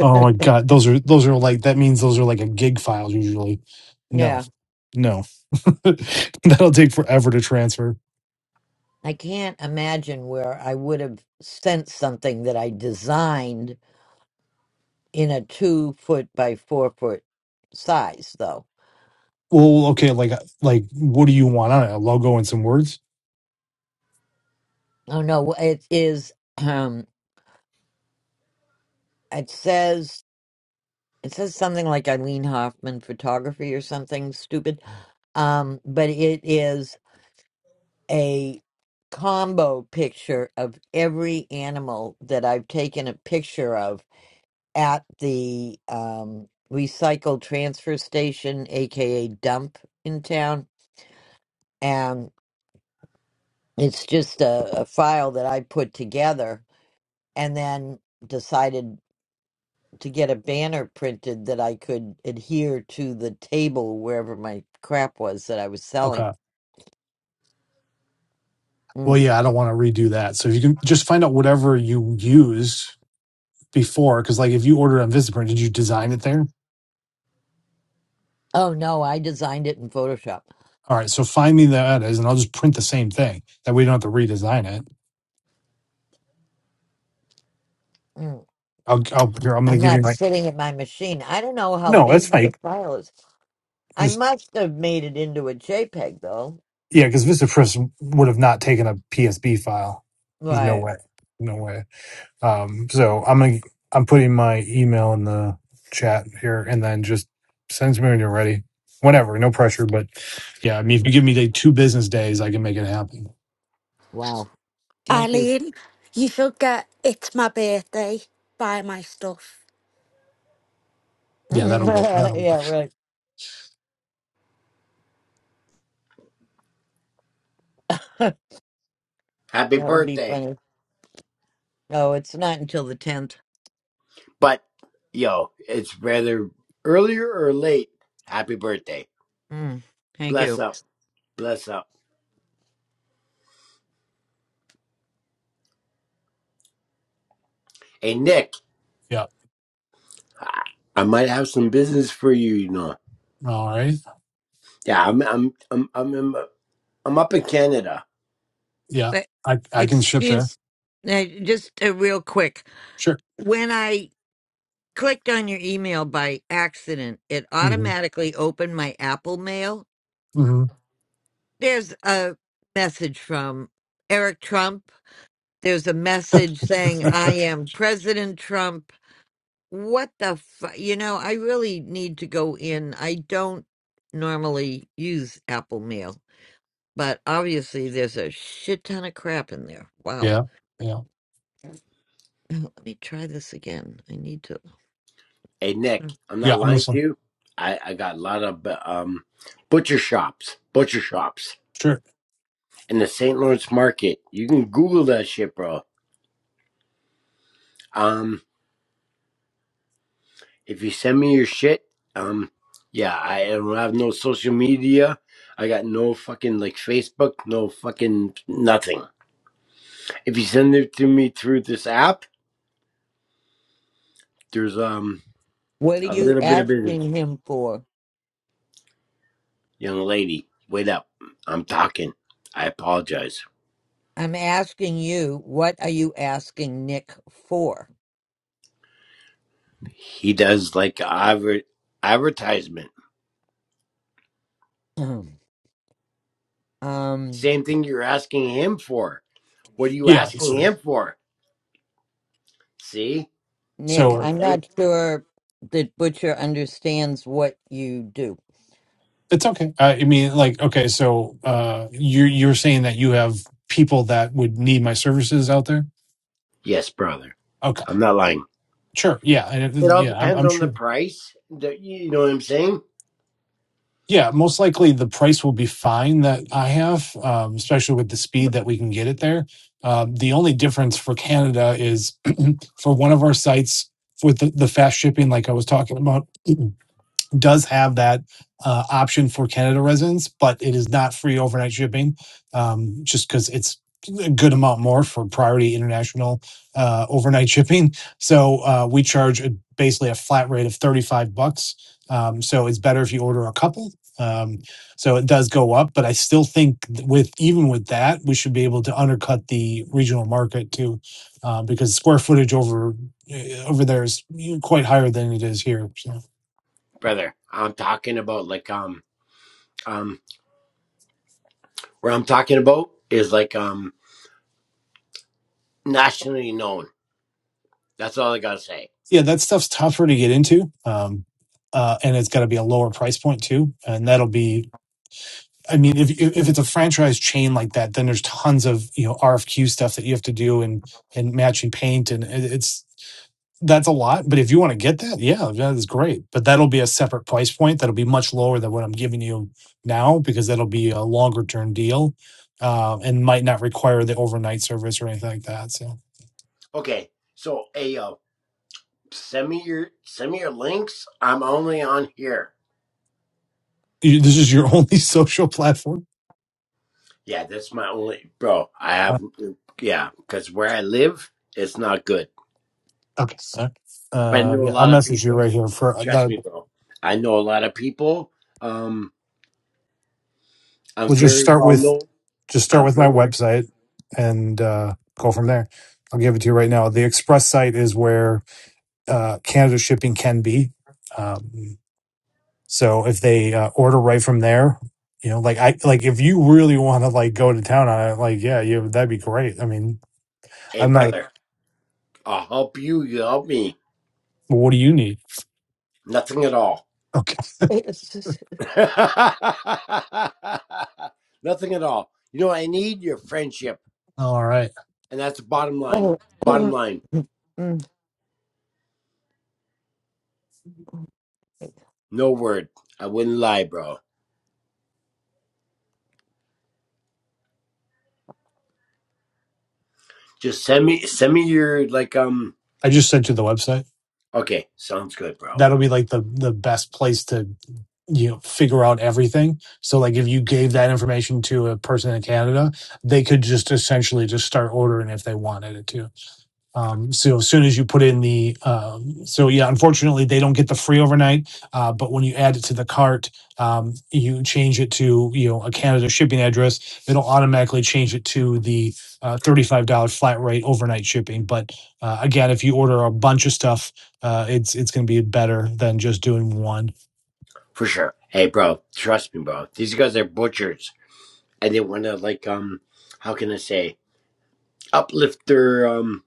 S13: Oh my god, those are those are like that means those are like a gig file usually. No,
S1: yeah.
S13: no, (laughs) that'll take forever to transfer.
S1: I can't imagine where I would have sent something that I designed in a two foot by four foot size, though.
S13: Well, okay, like like what do you want on it? A logo and some words.
S1: Oh no, it is. Um, it says it says something like Eileen Hoffman photography or something stupid. Um, but it is a combo picture of every animal that I've taken a picture of at the um, recycle transfer station, aka dump in town. And it's just a, a file that I put together and then decided to get a banner printed that I could adhere to the table wherever my crap was that I was selling.
S13: Okay. Well,
S1: Mm.
S13: yeah, I don't want to redo that. So if you can just find out whatever you used before, because like if you ordered on VistaPrint, did you design it there?
S1: Oh no, I designed it in Photoshop.
S13: All right, so find me that is, and I'll just print the same thing. That way, you don't have to redesign it.
S1: Mm.
S13: I'll, I'll here, I'm going
S1: I'm
S13: to give you
S1: not
S13: my.
S1: sitting at my machine. I don't know how
S13: No,
S1: big
S13: that's
S1: the
S13: fake.
S1: file is. I
S13: Just
S1: must have made it into a JPEG though.
S13: yeah, because VistaPress would have not taken a PSB file. There's no
S1: Right.
S13: way, no way. Um, so I'm gonna I'm putting my email in the chat here, and then just send it to me when you're ready, whenever. No pressure, but yeah, I mean, if you give me like two business days, I can make it happen.
S1: Wow. Thank you.
S6: Eileen, you should get It's My Birthday, buy my stuff.
S1: (laughs)
S13: Yeah, that'll go. That'll
S1: yeah, right. (laughs) that
S20: Happy
S1: would be
S20: birthday!
S1: funny. No, it's not until the 10th.
S20: But yo, it's rather earlier or late. Happy birthday!
S1: Mm, thank
S20: Bless
S1: you.
S20: up, bless up. Hey Nick,
S13: yeah.
S20: I I might have some business for you. You know?
S13: All right.
S20: Yeah, I'm I'm I'm I'm I'm, I'm up in Canada.
S13: Yeah,
S1: But,
S13: I I can ship there.
S1: excuse, uh, just uh, real quick.
S13: Sure.
S1: When I clicked on your email by accident, it
S13: hmm
S1: automatically opened my Apple mail.
S13: hmm
S1: There's a message from Eric Trump. There's a message saying,
S13: (laughs)
S1: I am President Trump. What the fu- you know, I really need to go in. I don't normally use Apple Mail, but obviously there's a shit ton of crap in there. Wow.
S13: Yeah. Yeah.
S1: Let me try this again. I need to.
S20: Hey
S1: hmm.
S20: Nick, I'm not
S13: Yeah. I'm
S20: lying to
S13: listening.
S20: you. I I got a lot of um butcher shops, butcher shops.
S13: Sure.
S20: in the St. Lawrence market. You can Google that shit, bro. Um, if you send me your shit, um, yeah, I don't have no social media. I got no fucking like Facebook, no fucking nothing. If you send it to me through this app, there's um
S1: What are
S20: a
S1: you
S20: little bit of business.
S1: asking him for?
S20: Young lady, wait up. I'm talking. I apologize.
S1: I'm asking you, what are you asking Nick for?
S20: He does like adver- advertisement.
S1: (clears throat) um,
S20: Same thing you're asking him for. What are you
S13: Yeah.
S20: asking
S13: sure.
S20: him for? See? See
S1: Nick,
S20: what
S13: So,
S20: I'm
S1: I'm
S20: saying?
S1: not sure that Butcher understands what you do.
S13: It's okay. I I mean, like, okay, so uh, you're you're saying that you have people that would need my services out there?
S20: Yes, brother.
S13: Okay,
S20: I'm not lying.
S13: sure. Yeah, and it,
S20: It all
S13: yeah, I'm,
S20: depends
S13: I'm
S20: on the
S13: sure.
S20: price. The- you know what I'm saying,
S13: Yeah, most likely the price will be fine that I have, um, especially with the speed that we can get it there. Um, the only difference for Canada is for one of our sites with the, the fast shipping, like I was talking about. does have that uh, option for Canada residents, but it is not free overnight shipping, um, just because it's a good amount more for priority international uh, overnight shipping. So uh, we charge a, basically a flat rate of thirty-five bucks. Um, so it's better if you order a couple. Um, so it does go up, but I still think th- with even with that, we should be able to undercut the regional market too, uh, because square footage over eh, over there is eh, quite higher than it is here. So.
S20: brother? I'm talking about like um um where I'm talking about is like um nationally known. That's all I gotta say.
S13: yeah, that stuff's tougher to get into, um, uh, and it's got to be a lower price point too. And that'll be, I mean, if if
S1: (clears throat)
S13: it's a franchise chain like that, then there's tons of you know RFQ stuff that you have to do and and matching paint, and it- it's that's a lot. But if you want to get that, yeah, that is great. But that'll be a separate price point that'll be much lower than what I'm giving you now because that'll be a longer term deal, uh, and might not require the overnight service or anything like that. So
S20: Okay, so hey yo, send me your send me your links. I'm only on here.
S13: you, this is your (laughs) only social platform.
S20: Yeah, that's my only bro. I have yeah, because where I live, it's not good.
S13: Okay. Uh,
S20: But I
S13: uh,
S20: know a
S13: yeah, I'll
S20: lot of
S13: message you
S20: people.
S13: right here for
S20: Trust
S13: that.
S20: me, bro. I know a lot of people. Um, I'm
S13: We'll just
S20: very
S13: start
S20: well
S13: with
S20: known
S13: just start
S20: I'm
S13: with my
S20: very.
S13: website and uh, go from there. I'll give it to you right now. The express site is where uh, Canada shipping can be. Um, so if they uh, order right from there, you know, like I like if you really want to like go to town on it, like yeah, yeah, that'd be great. I mean,
S20: Hey,
S13: I'm like,
S20: brother, I'll help you. You help me.
S13: what do you need?
S20: Nothing at all.
S13: Okay,
S1: It's just-
S20: (laughs) Nothing at all. You know, I need your friendship,
S13: all right.
S20: and that's the bottom line.
S1: (clears throat)
S20: Bottom line,
S1: Mm.
S20: no word. I wouldn't lie, bro. Just send me, send me your like, um.
S13: I just sent you the website.
S20: Okay, sounds good, bro.
S13: that'll be like the the best place to you know figure out everything so like if you gave that information to a person in canada they could just essentially just start ordering if they wanted it to um, so as soon as you put in the, um, so yeah, unfortunately they don't get the free overnight. Uh, but when you add it to the cart, um, you change it to you know a Canada shipping address, it'll automatically change it to the uh, thirty-five dollar flat rate overnight shipping. But uh, again, if you order a bunch of stuff, uh, it's it's going to be better than just doing one.
S20: For sure. Hey, bro, trust me, bro. These guys are butchers, and they want to like, um, how can I say, uplift their um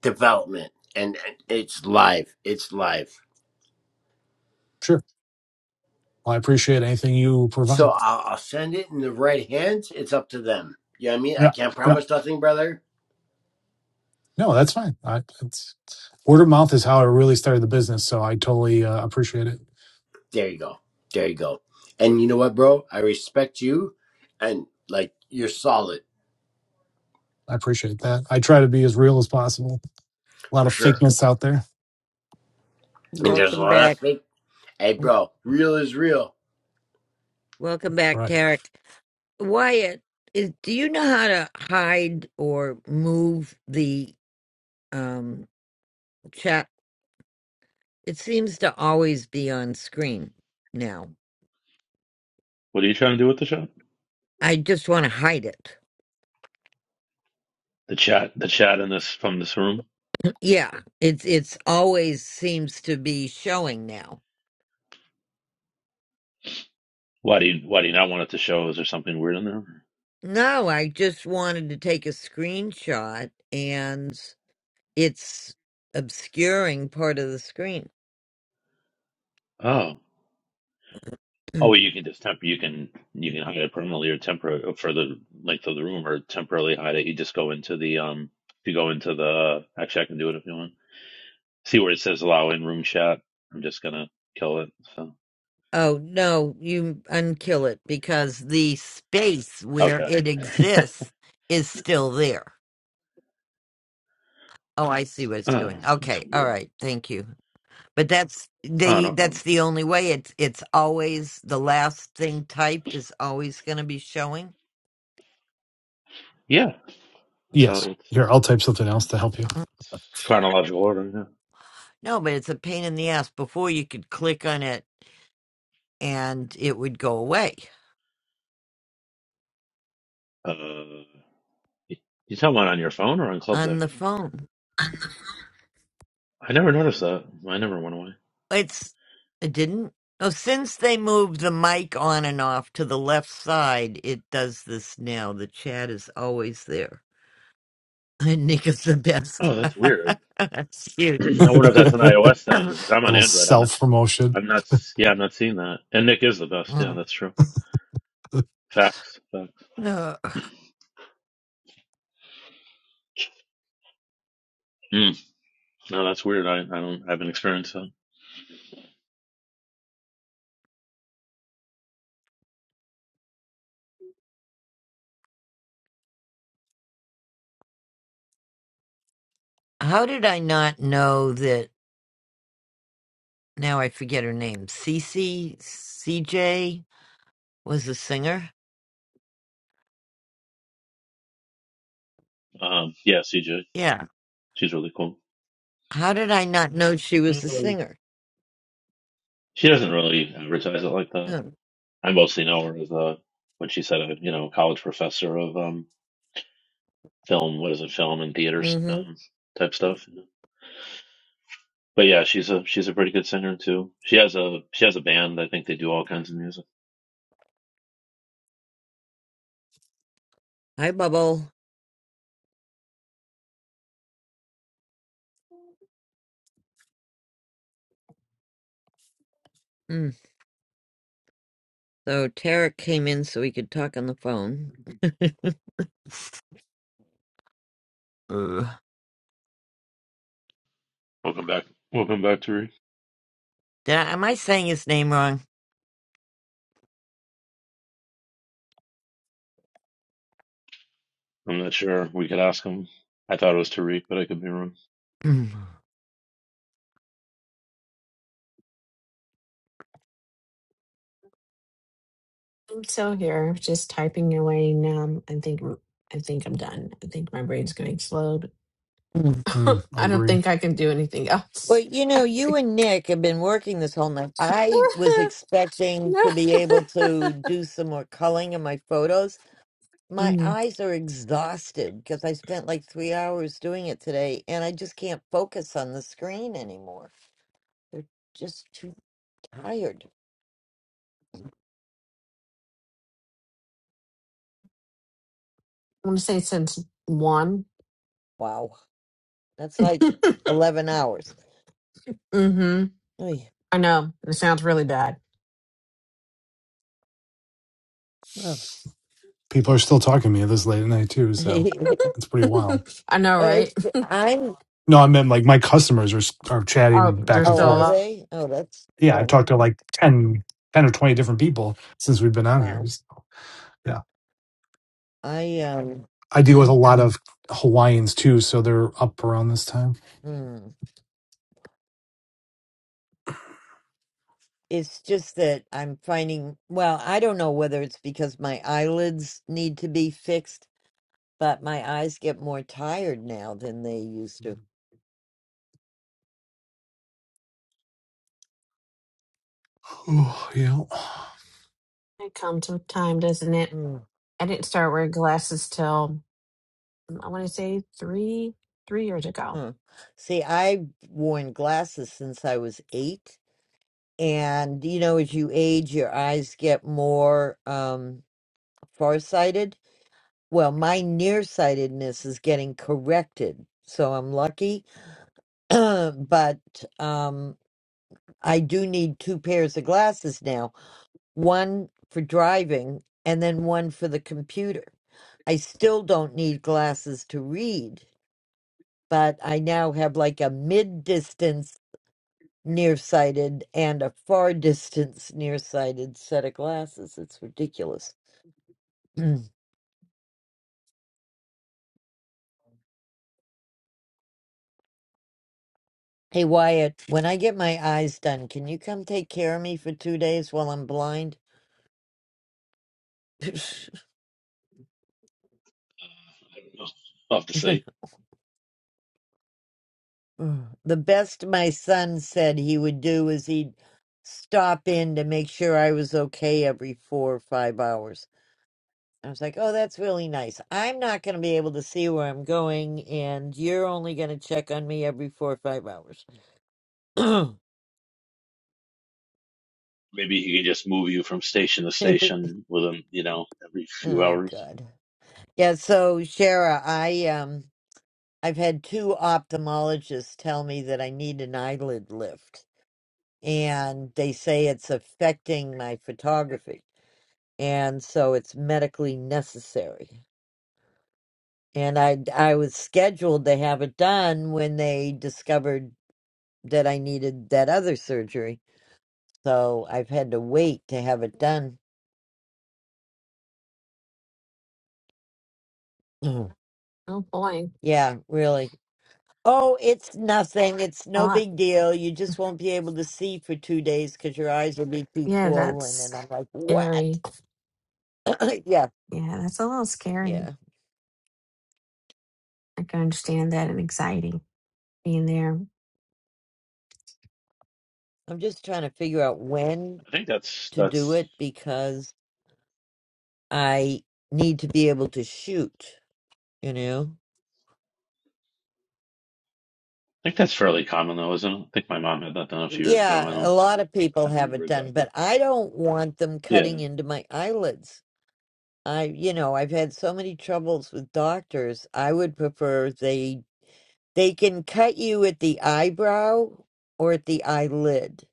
S20: development, and and it's live. It's live.
S13: Sure. Well, I appreciate anything you
S20: So
S13: provide.
S20: I'll, I'll send it in the right hands. It's up to them. You know what I mean? I
S13: Yeah,
S20: can't
S13: yeah.
S20: promise nothing, brother.
S13: No, that's fine. I, it's, word of mouth is how I really started the business, so I totally uh, appreciate it.
S20: There you go. There you go. And you know what, bro? I respect you, and like you're solid
S13: I appreciate that. I try to be as real as possible. A lot
S20: for
S13: of
S20: sure.
S13: fakeness out there.
S20: And there's a
S1: Welcome
S20: lot of
S1: back.
S20: fake. Hey,
S1: Mm,
S20: bro, real is real.
S1: Welcome back,
S13: Right.
S1: Tarek. Wyatt, is, do you know how to hide or move the um, chat? It seems to always be on screen now.
S3: What are you trying to do with the show?
S1: I just want to hide it. (clears throat)
S3: The chat, the chat in this from this room.
S1: Yeah, it's it's always seems to be showing now.
S3: Why do you why do you not want it to show? Is there something weird in there?
S1: No, I just wanted to take a screenshot and it's obscuring part of the screen.
S3: Oh.
S1: (clears throat)
S3: Oh, you can just temp. You can you can hide it permanently or temporary for the length of the room, or temporarily hide it. You just go into the um. If you go into the actually, I can do it if you want. See where it says allow in room chat. I'm just gonna kill it. So
S1: Oh no, you unkill it because the space where
S3: okay.
S1: it
S3: (laughs)
S1: exists is still there. Oh, I see what it's
S3: oh,
S1: doing.
S3: that's
S1: Okay, all
S3: weird.
S1: right, thank you. But that's
S3: Oh,
S1: they
S3: no
S1: that's
S3: problem.
S1: the only way. It's it's always the last thing typed is always gonna be showing.
S3: Yeah, that's how
S13: Yes.
S3: it's,
S13: Here, I'll type something
S3: yeah.
S13: else to help you.
S1: (clears throat) Mhm.
S3: It's chronological order.
S1: No, but it's a pain in the ass. Before you could click on it and it would go away
S3: Yeah. Uh, you, you talking about on your phone or on Club
S1: on
S3: Deck?
S1: the phone.
S3: I never noticed that. I never went away.
S1: It's it didn't. Oh, since they moved the mic on and off to the left side, it does this now. The chat is always there. (laughs) Nick is the best.
S3: Oh, that's weird.
S1: (laughs) That's
S3: (clears throat)
S1: cute.
S3: I wonder if that's an
S13: (laughs)
S3: iOS
S1: (clears throat)
S3: thing because I'm on
S13: Little
S3: Android. I'm not.
S13: self promotion.
S3: I'm not. Yeah, I'm not seeing that. And Nick is the best. Yeah,
S1: (coughs)
S3: that's true.
S13: (laughs)
S3: Facts. Facts.
S1: Uh,
S3: Mm, no, that's weird. I, I don't. I haven't experienced that.
S1: How did I not know that? Now I forget her name. Cece CJ was a singer.
S3: Um. Yeah, CJ.
S1: Yeah.
S3: She's really cool.
S1: How did I not know she was a
S3: Um,
S1: singer?
S3: she doesn't really advertise it like that.
S1: Huh.
S3: I mostly know her as a when she said a you know college professor of um film. What is it? Film and theater
S1: Mm-hmm.
S3: um, type stuff. You know? But yeah, she's a she's a pretty good singer too. She has a she has a band. I think they do all kinds of music.
S1: Hi, Bubble. Mm. So Tarek came in so he could talk on the phone. (laughs) Uh,
S3: Welcome back. Welcome back to
S1: did I, am I saying his name wrong?
S3: I'm not sure. We could ask him. I thought it was Tariq, but I could be wrong.
S1: (clears throat)
S15: I'm still here, just typing away now. I think. I think I'm done. I think my brain's going to explode. (laughs)
S13: Mm, I
S15: I don't
S13: agree.
S15: think I can do anything
S1: Well,
S15: else.
S1: you
S15: (laughs)
S1: know, you and Nick have been working this whole night. I was expecting
S15: no.
S1: to
S15: (laughs)
S1: be able to do some more culling in my photos. My
S15: Mm.
S1: eyes are exhausted because I spent like three hours doing it today, and I just can't focus on the screen anymore. They're just too tired.
S15: I want to say since one.
S1: Wow, that's like eleven hours.
S15: Mm-hmm.
S1: Oy.
S15: I know. It sounds really bad.
S1: Ugh.
S13: People are still talking to me this late at night too, so
S1: (laughs)
S13: it's pretty wild.
S15: (laughs) I know,
S1: Well,
S15: right?
S1: it's, I'm.
S13: No, I meant like my customers are s- are
S15: (laughs) oh,
S13: chatting
S15: they're
S13: back and
S1: Oh,
S15: still
S1: are
S13: forth.
S15: alive.
S1: they? Oh, that's
S13: yeah, I've
S1: fun.
S13: talked to like ten, ten or 20 different people since we've been on here.
S1: Wow.
S13: So, yeah.
S1: I um
S13: I deal with a lot of Hawaiians too, so they're up around this time.
S1: mm, it's just that I'm finding well, I don't know whether it's because my eyelids need to be fixed, but my eyes get more tired now than they used to.
S13: Oh, yeah.
S15: It comes with time, doesn't it?
S1: Mm.
S15: I didn't start wearing glasses till um, I want to say three three years ago.
S1: Huh. See, I've worn glasses since I was 8, and you know as you age your eyes get more um farsighted. Well, my nearsightedness is getting corrected. So I'm lucky, (clears throat) but um I do need two pairs of glasses now, one for driving and then one for the computer. I still don't need glasses to read, but I now have like a mid distance nearsighted and a far distance nearsighted set of glasses. It's ridiculous. (clears throat) Mm. Hey, Wyatt, when I get my eyes done, can you come take care of me for two days while I'm blind? (laughs)
S3: I don't know. I'll have to see.
S1: (sighs) Mm. The best my son said he would do is he'd stop in to make sure I was okay every four or five hours. I was like, oh, that's really nice. I'm not going to be able to see where I'm going, and you're only going to check on me every four or five hours. (laughs) (clears throat) oh,
S3: Maybe he could just move you from station to station with him, you know, every few hours.
S1: God. Yeah, so, Shara, I, um, I've had two ophthalmologists tell me that I need an eyelid lift, and they say it's affecting my photography. and so it's medically necessary. And I I was scheduled to have it done when they discovered that I needed that other surgery. So I've had to wait to have it done. (clears throat)
S15: Oh boy,
S1: yeah, really. Oh, it's nothing. It's
S15: a
S1: no
S15: lot.
S1: big deal. You just won't be able to see for two days because your eyes will be too
S15: Yeah,
S1: swollen.
S15: that's
S1: And I'm like, what?
S15: scary.
S1: (clears throat) yeah,
S15: Yeah, that's a little scary.
S1: yeah.
S15: I can understand that and anxiety being there. (sighs) I
S1: I'm just trying to figure out when
S3: I think that's
S1: to do
S3: that's
S1: it because I need to be able to shoot. you know
S3: I think that's fairly common though, isn't it? I think my mom had that done a few years ago. I
S1: yeah a
S3: don't
S1: lot of
S3: I
S1: people
S3: don't
S1: have
S3: remember
S1: it done but
S3: exactly.
S1: i don't want them cutting
S3: Yeah.
S1: into my eyelids i you know i've had so many troubles with doctors i would prefer they they can cut you at the eyebrow or at the eyelid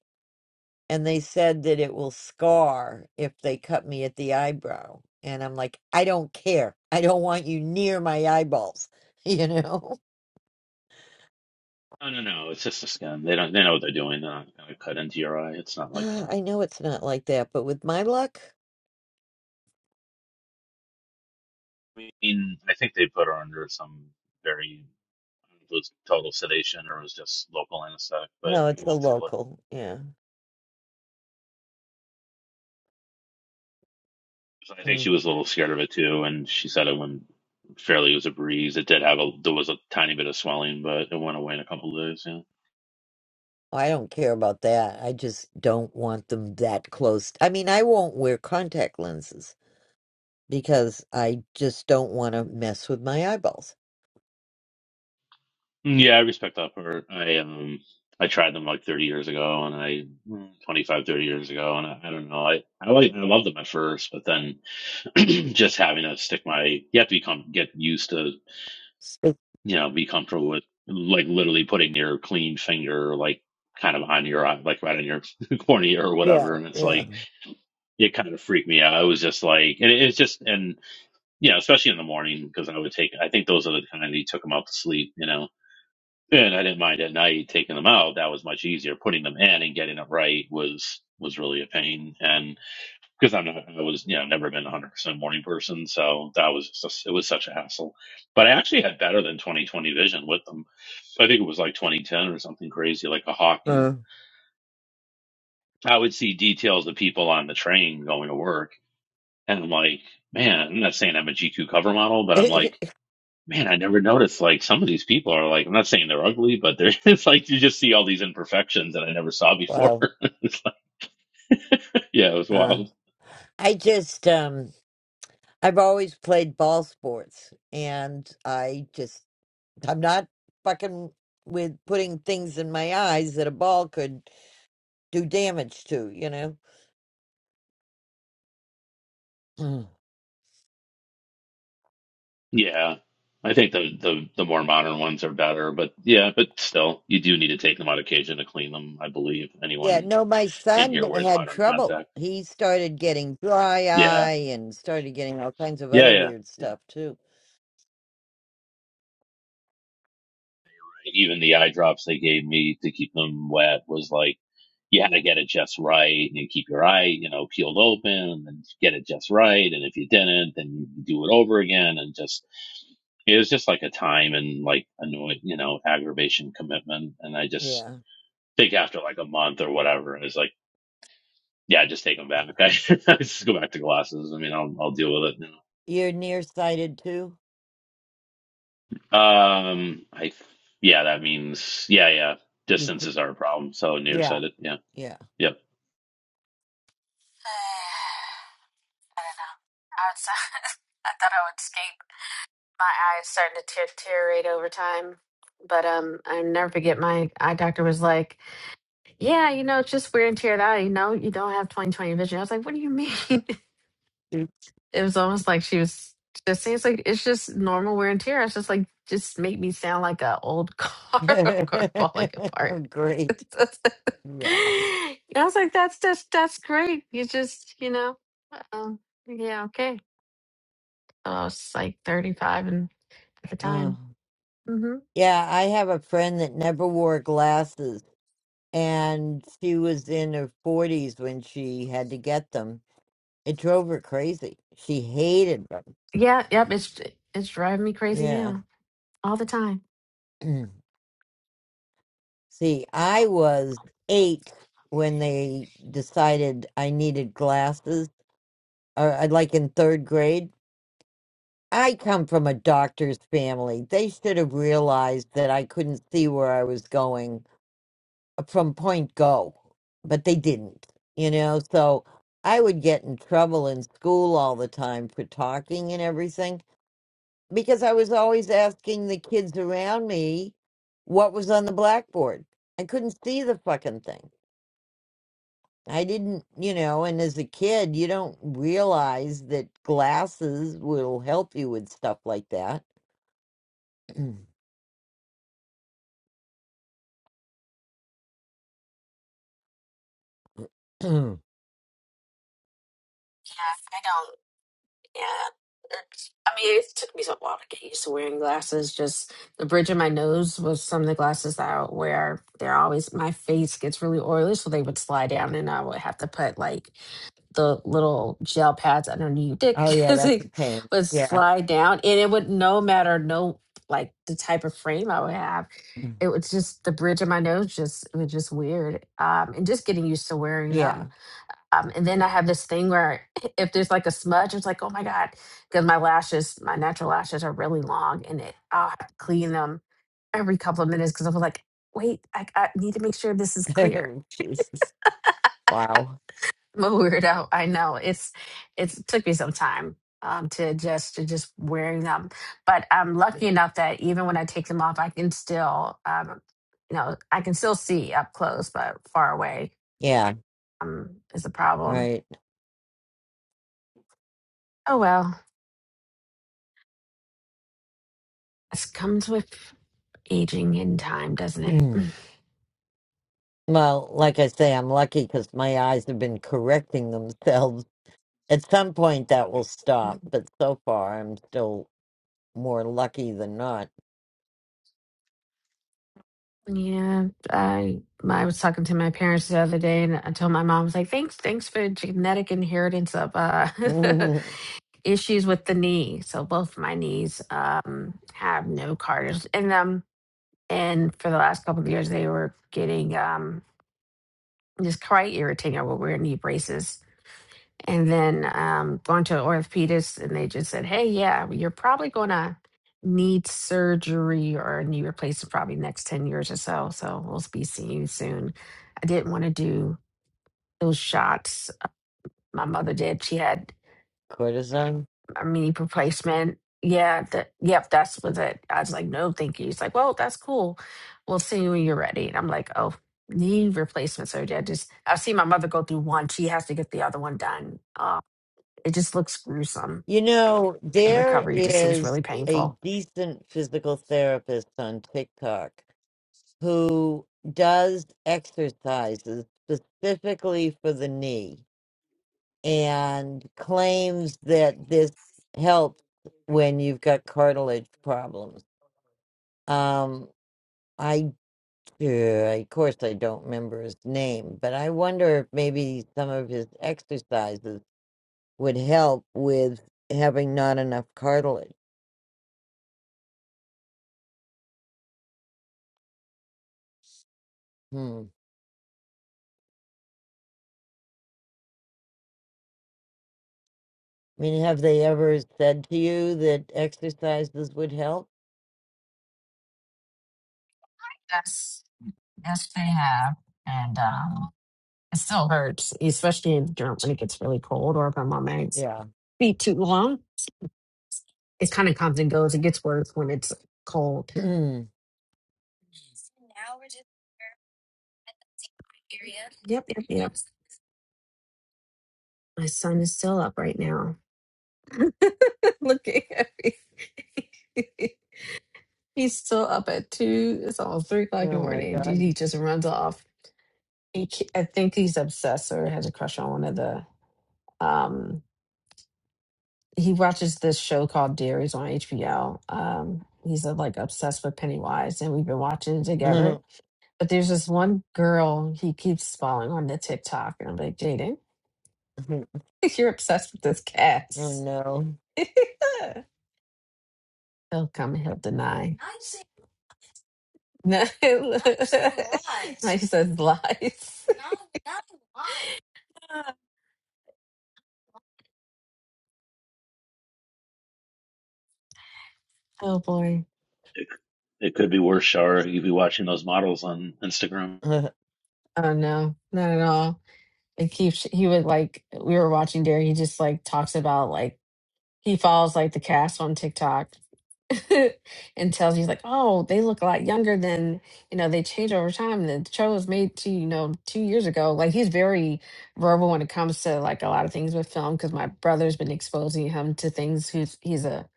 S1: and they said that it will scar if they cut me at the eyebrow and i'm like i don't care i don't want you near my eyeballs (laughs) you know
S3: No, no, no. It's just a scam. They don't. They know what they're doing. They're not going to cut into your eye. It's not
S1: (sighs)
S3: like that.
S1: i know it's not like that but with my luck
S3: I mean, I think they put her under some very I don't know if it was total sedation or it was just local anesthetic, but
S1: no it's
S3: you
S1: a
S3: won't feel it.
S1: local yeah
S3: So I think she
S1: Mm.
S3: was a little scared of it too, and she said it went fairly. It was a breeze. It did have a there was a tiny bit of swelling, but it went away in a couple of days. Yeah,
S1: I don't care about that. I just don't want them that close. I mean, I won't wear contact lenses because I just don't want to mess with my eyeballs.
S3: yeah. I respect that part. I um I tried them like 30 years ago, and I 25 30 years ago, and I, I don't know. I I like I loved them at first, but then (clears throat) just having to stick my you have to become get used to
S1: It-
S3: you know be comfortable with like literally putting your clean finger like kind of on your eye, like right on your (laughs) cornea or whatever,
S1: yeah,
S3: and it's
S1: yeah.
S3: like it kind of freaked me out. I was just like, and it, it's just, and you know, especially in the morning because I would take. I think those are the kind that you took them out to sleep, you know. And I didn't mind at night taking them out. That was much easier. Putting them in and getting it right was was really a pain. And because I'm not, I was, you know, never been a 100 percent morning person, so that was just, it was such a hassle. But I actually had better than twenty twenty vision with them. I think it was like 2010 or something crazy, like a hawk. You know,
S1: Uh.
S3: I would see details of people on the train going to work And I'm like, man, I'm not saying I'm a GQ cover model, but I'm like,
S1: (laughs)
S3: man, I never noticed like some of these people are like, I'm not saying they're ugly, but they're (laughs) it's like you just see all these imperfections that I never saw before.
S1: well,
S3: (laughs) it's like, yeah, it was
S1: uh,
S3: wild.
S1: I just um, I've always played ball sports, and I just I'm not fucking with putting things in my eyes that a ball could do damage to. You know.
S3: Yeah. I think the, the the more modern ones are better, but yeah, but still, you do need to take them on occasion to clean them. I believe
S1: Yeah,
S3: anyone
S1: no, my
S3: in
S1: son
S3: here wears
S1: had
S3: modern
S1: trouble.
S3: contacts.
S1: He started getting dry
S3: Yeah,
S1: eye and started getting all kinds of
S3: yeah,
S1: other weird
S3: yeah,
S1: stuff too.
S3: even the eye drops they gave me to keep them wet was like you had to get it just right and keep your eye you know peeled open and get it just right and if you didn't then you do it over again and just it was just like a time and like annoying you know aggravation commitment and i just
S1: Yeah.
S3: think after like a month or whatever it's like yeah just take them back okay (laughs) just go back to glasses i mean i'll, I'll deal with it you
S1: You're nearsighted too?
S3: um i yeah that means yeah yeah
S1: You p-
S3: distances are a problem so
S1: yeah.
S3: nearsighted yeah
S1: Yeah.
S3: yep
S15: don't know. Outside, (laughs) I thought I would escape. my eyes starting to deteriorate over time. But um, I never forget my eye doctor was like, "Yeah, you know, it's just wear and tear of the eye. You know, you don't have twenty twenty vision." I was like, "What do you mean?" (laughs) it
S1: Mm.
S15: was almost like she was just saying, "It's like it's just normal wear and tear. It's just like just make me sound like an old car, (laughs) car falling apart.
S1: (laughs) Great.
S15: (laughs)
S1: Yeah.
S15: I was like, "That's that's that's great. You just you know, um, yeah, okay." I was like 35 and at the
S1: Uh,
S15: time. Mm-hmm.
S1: yeah, I have a friend that never wore glasses and she was in her 40s when she had to get them. It drove her crazy. She hated them.
S15: Yeah, yep, it's it's driving me crazy
S1: Yeah.
S15: now. All the time.
S1: (clears throat) See, I was eight when they decided I needed glasses, or uh, like in third grade. I come from a doctor's family. They should have realized that I couldn't see where I was going uh, from point go, but they didn't, you know? So I would get in trouble in school all the time for talking and everything because I was always asking the kids around me what was on the blackboard. I couldn't see the fucking thing. I didn't, you know, and as a kid, you don't realize that glasses will help you with stuff like that. (clears throat) oh,
S15: Yeah, I don't yeah. It's- I mean, it took me a while to get used to wearing glasses. Just the bridge of my nose was some of the glasses that I would wear. They're always my face gets really oily, so they would slide down, and I would have to put like the little gel pads underneath your dick (laughs)
S1: yeah,
S15: 'cause
S1: that's a
S15: it
S1: pain.
S15: would
S1: Yeah.
S15: slide down and it would no matter no like the type of frame I would have.
S1: Mm.
S15: It was just the bridge of my nose just it was just weird. Um and just getting used to wearing
S1: Yeah.
S15: them. Um and then I have this thing where (laughs) if there's like a smudge, it's like, oh my God, because my lashes, my natural lashes are really long and it I'll have to clean them every couple of minutes because I'm like, wait, I, I need to make sure this is clear.
S1: (laughs) Jesus. Wow.
S15: I'm a weirdo. I know it's it's it took me some time um to adjust to just wearing them, but I'm lucky enough that even when I take them off, I can still um you know I can still see up close, but far away
S1: Yeah,
S15: um is a problem.
S1: right.
S15: Oh well, this comes with aging in time, doesn't
S1: (clears throat)
S15: it?
S1: well, like I say, I'm lucky because my eyes have been correcting themselves. At some point, that will
S15: Mm.
S1: stop, but so far, I'm still more lucky than not.
S15: Yeah, I I was talking to my parents the other day, and I told my mom, I was like, "Thanks, thanks for genetic inheritance of uh,
S1: (laughs) Cortisone?
S15: (laughs) issues with the knee." So both of my knees um, have no cartilage in them, and for the last couple of years, they were getting um, just quite irritating. I would wear knee braces, and then um, going to orthopedist, and they just said, "Hey, yeah, you're probably gonna need surgery or a knee replacement probably next ten years or so. So we'll be seeing you soon." I didn't want to do those shots. Uh, My mother did; she had a knee replacement. Yeah, that yep, that's was it. I was like, "No, thank you." He's like, "Well, that's cool. We'll see you when you're ready." And I'm like, "Oh." Knee replacement surgery. I just I've seen my mother go through one. She has to get the other one done. Uh, it just looks gruesome
S1: You know,
S15: The
S1: there
S15: recovery just seems
S1: is
S15: really
S1: a
S15: painful.
S1: decent physical therapist on TikTok who does exercises specifically for the knee and claims that this helps when you've got cartilage problems. Um, I, uh, of course, I don't remember his name, but I wonder if maybe some of his exercises would help with having not enough cartilage. Hmm. I mean, have they ever said to you that exercises would help?
S15: Yes, yes, they have, and um, it still hurts, especially in, you know, when it gets really cold or if I'm on my
S1: Yeah.
S15: feet too long. It kind of comes and goes. It gets worse when it's cold.
S1: (clears throat) oh
S15: Period. Yep, yep, yep. My son is still up right now. (laughs) Looking at me. (laughs) He's still up at two. It's almost three o'clock in the
S1: my
S15: morning. Dude, he
S1: God.
S15: just runs off. He, ca- I think he's obsessed or has a crush on one of the um he watches this show called Dairies on HBO. Um, he's uh, like obsessed with Pennywise, and we've been watching it
S1: (laughs)
S15: together.
S1: oh
S15: But there's this one girl he keeps following on the TikTok, and I'm like, Jaden, (laughs) you're obsessed with this cat.
S1: no.
S15: (laughs) he'll come, and he'll deny. I see. (laughs) No, (laughs) he says lies. (laughs) Oh boy.
S3: It, it could be worse, Shar. You'd be watching those models on Instagram.
S1: (laughs)
S15: Oh no, not at all. It keeps he would like we were watching Dare, he just like talks about like he follows like the cast on TikTok (laughs) and tells you like, oh, they look a lot younger than you know they change over time. And the show was made two you know two years ago. Like he's very verbal when it comes to like a lot of things with film because my brother's been exposing him to things. Who's he's a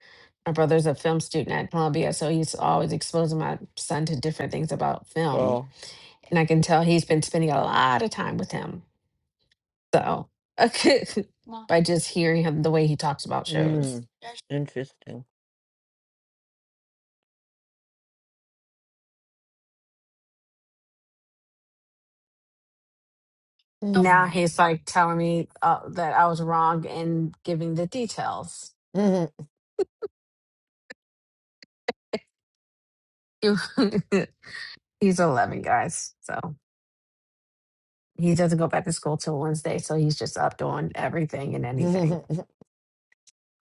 S15: my brother's a film student at Columbia, so he's always exposing my son to different things about film,
S1: oh.
S15: and I can tell he's been spending a lot of time with him. So (laughs) by just hearing him the way he talks about shows.
S1: Mm. Interesting.
S15: now
S1: (laughs)
S15: he's like telling me uh, that I was wrong in giving the details. (laughs) he's 11, guys. So he doesn't go back to school till Wednesday. So he's just up doing everything and
S1: Hmm.
S15: anything.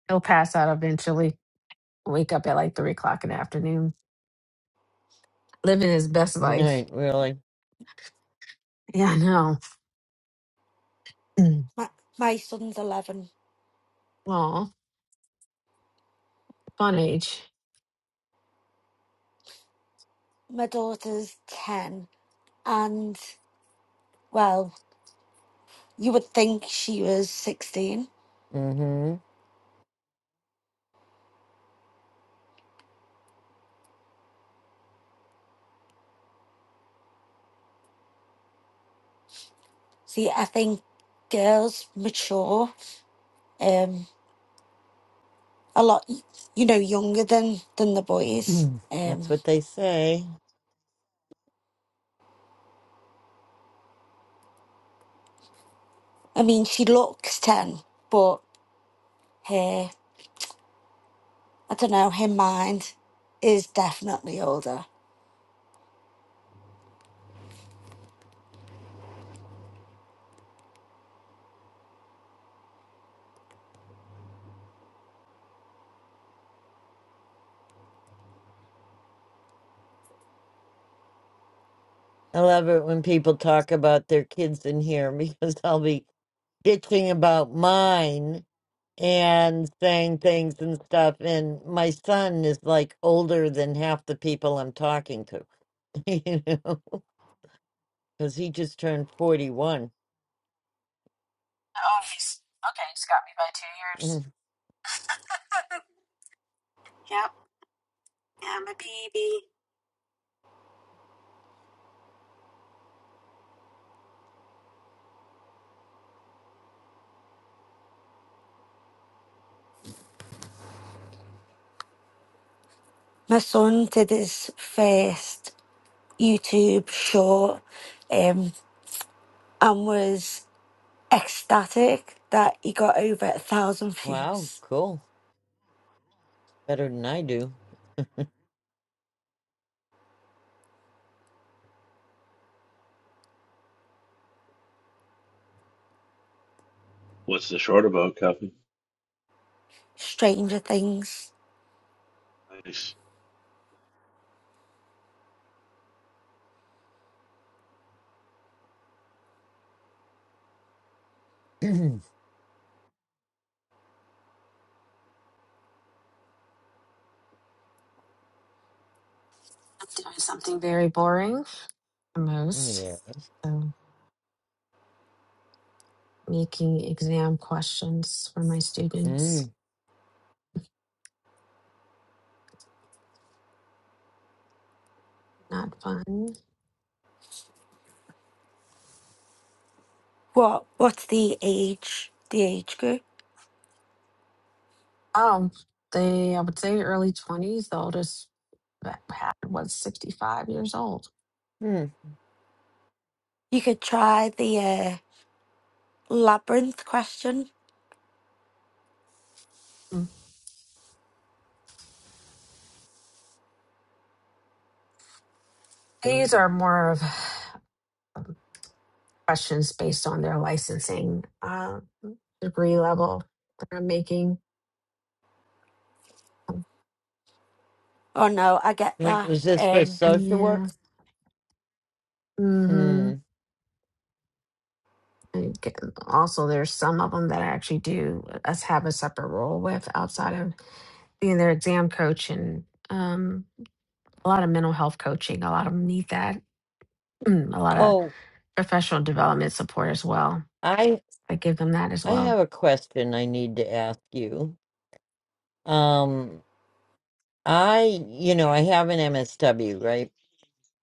S15: He'll pass out eventually, wake up at like three o'clock in the afternoon, living his best life.
S1: right, really.
S15: Yeah, I know. Mm.
S6: My, my son's 11,
S15: Aw, fun age.
S6: my daughter's 10, and well, you would think she was 16.
S1: Mm-hmm.
S6: See, I think girls mature um a lot y- you know younger than than the boys.
S1: (clears throat) That's
S6: Um
S1: what they say.
S6: I mean she looks 10, but her I don't know, her mind is definitely older.
S1: I love it when people talk about their kids in here (laughs) because I'll be bitching about mine and saying things and stuff. And my son is like older than half the people I'm talking to, (laughs) you know, because he just turned 41.
S15: Oh, he's okay. He's got me by two years.
S1: Mm,
S15: (laughs) yep. Yeah, I'm a baby.
S6: My son did his first YouTube short um and was ecstatic that he got over a thousand
S1: Wow,
S6: views.
S1: cool. Better than I do. (clears throat)
S3: What's the short about, Cuffy?
S6: Stranger Things.
S3: Nice.
S15: I'm doing something very boring, the most.
S1: yeah.
S15: So. making exam questions for my students.
S1: Mm.
S15: Not fun.
S6: What? What's the age? The age group?
S15: Oh, they, I would say early 20s. The oldest that I had was 65 years old.
S1: Mm.
S6: You could try the uh, labyrinth question.
S15: Mm. These are more of questions based on their licensing uh, degree level that I'm making.
S6: Oh no, I get
S1: Wait,
S6: that.
S1: Was this for
S6: Um,
S1: social
S15: Yeah.
S1: work?
S15: Mm-hmm.
S1: Mm.
S15: And get- also, there's some of them that I actually do us have a separate role with outside of being their exam coach and um, a lot of mental health coaching. A lot of them need that. (clears throat) a lot of
S1: Oh,
S15: professional development support as well.
S1: I
S15: I give them that as
S1: I
S15: well.
S1: have a question I need to ask you. Um, I, you know, I have an MSW, right?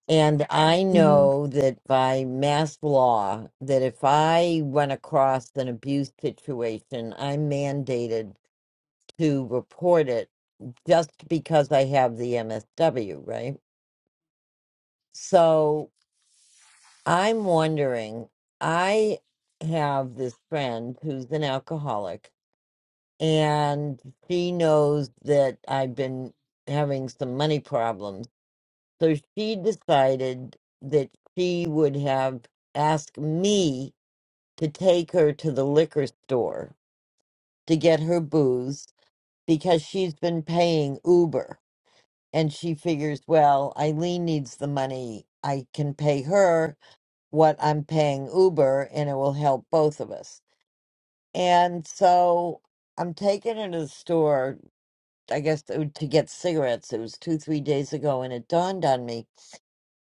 S1: And I
S15: hmm
S1: know that by mass law, that if I run across an abuse situation, I'm mandated to report it just because I have the MSW, right? So I'm wondering, I have this friend who's an alcoholic, and she knows that I've been having some money problems. So she decided that she would have asked me to take her to the liquor store to get her booze because she's been paying Uber. And she figures, well, Eileen needs the money. I can pay her what I'm paying Uber and it will help both of us. And so I'm taking her to the store, I guess, to to get cigarettes. It was two, three days ago. And it dawned on me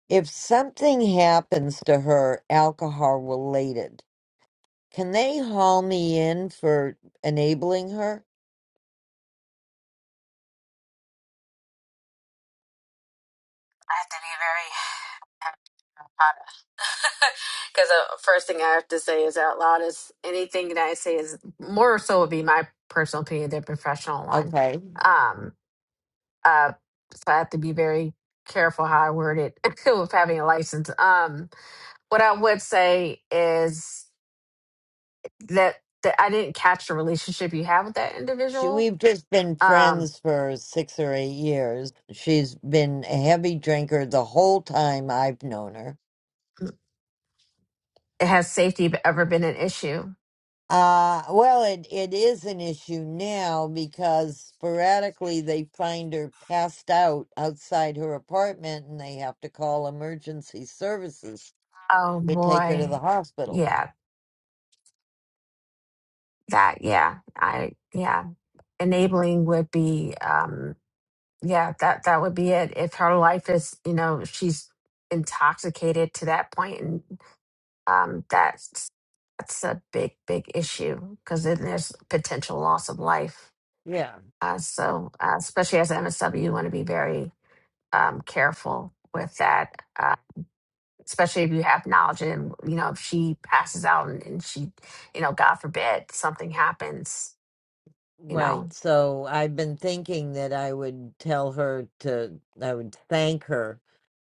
S1: if something happens to her, alcohol related, can they haul me in for enabling her?
S15: I have to be very because (laughs) the first thing I have to say is out loud is anything that I say is more so would be my personal opinion than professional one.
S1: Okay.
S15: Um, uh, so I have to be very careful how I word it (laughs) with having a license. Um, what I would say is. that that I didn't catch the relationship you have with that
S1: She,
S15: individual.
S1: we've just been
S15: Um,
S1: friends for six or eight years. She's been a heavy drinker the whole time I've known her.
S15: has safety ever been an issue?
S1: Uh, well, it, it is an issue now because sporadically they find her passed out outside her apartment and they have to call emergency services
S15: Oh
S1: to take her to the
S15: boy,
S1: hospital.
S15: yeah, that yeah, I yeah, enabling would be um, yeah, that that would be it. If her life is you know she's intoxicated to that point, and um, that's that's a big big issue because then there's potential loss of life.
S1: Yeah.
S15: Uh, so uh, especially as an MSW, you want to be very um, careful with that, uh, especially if you have knowledge. And you know, if she passes out and, and she, you know, God forbid something happens, you
S1: Right.
S15: know.
S1: So I've been thinking that I would tell her to, I would thank her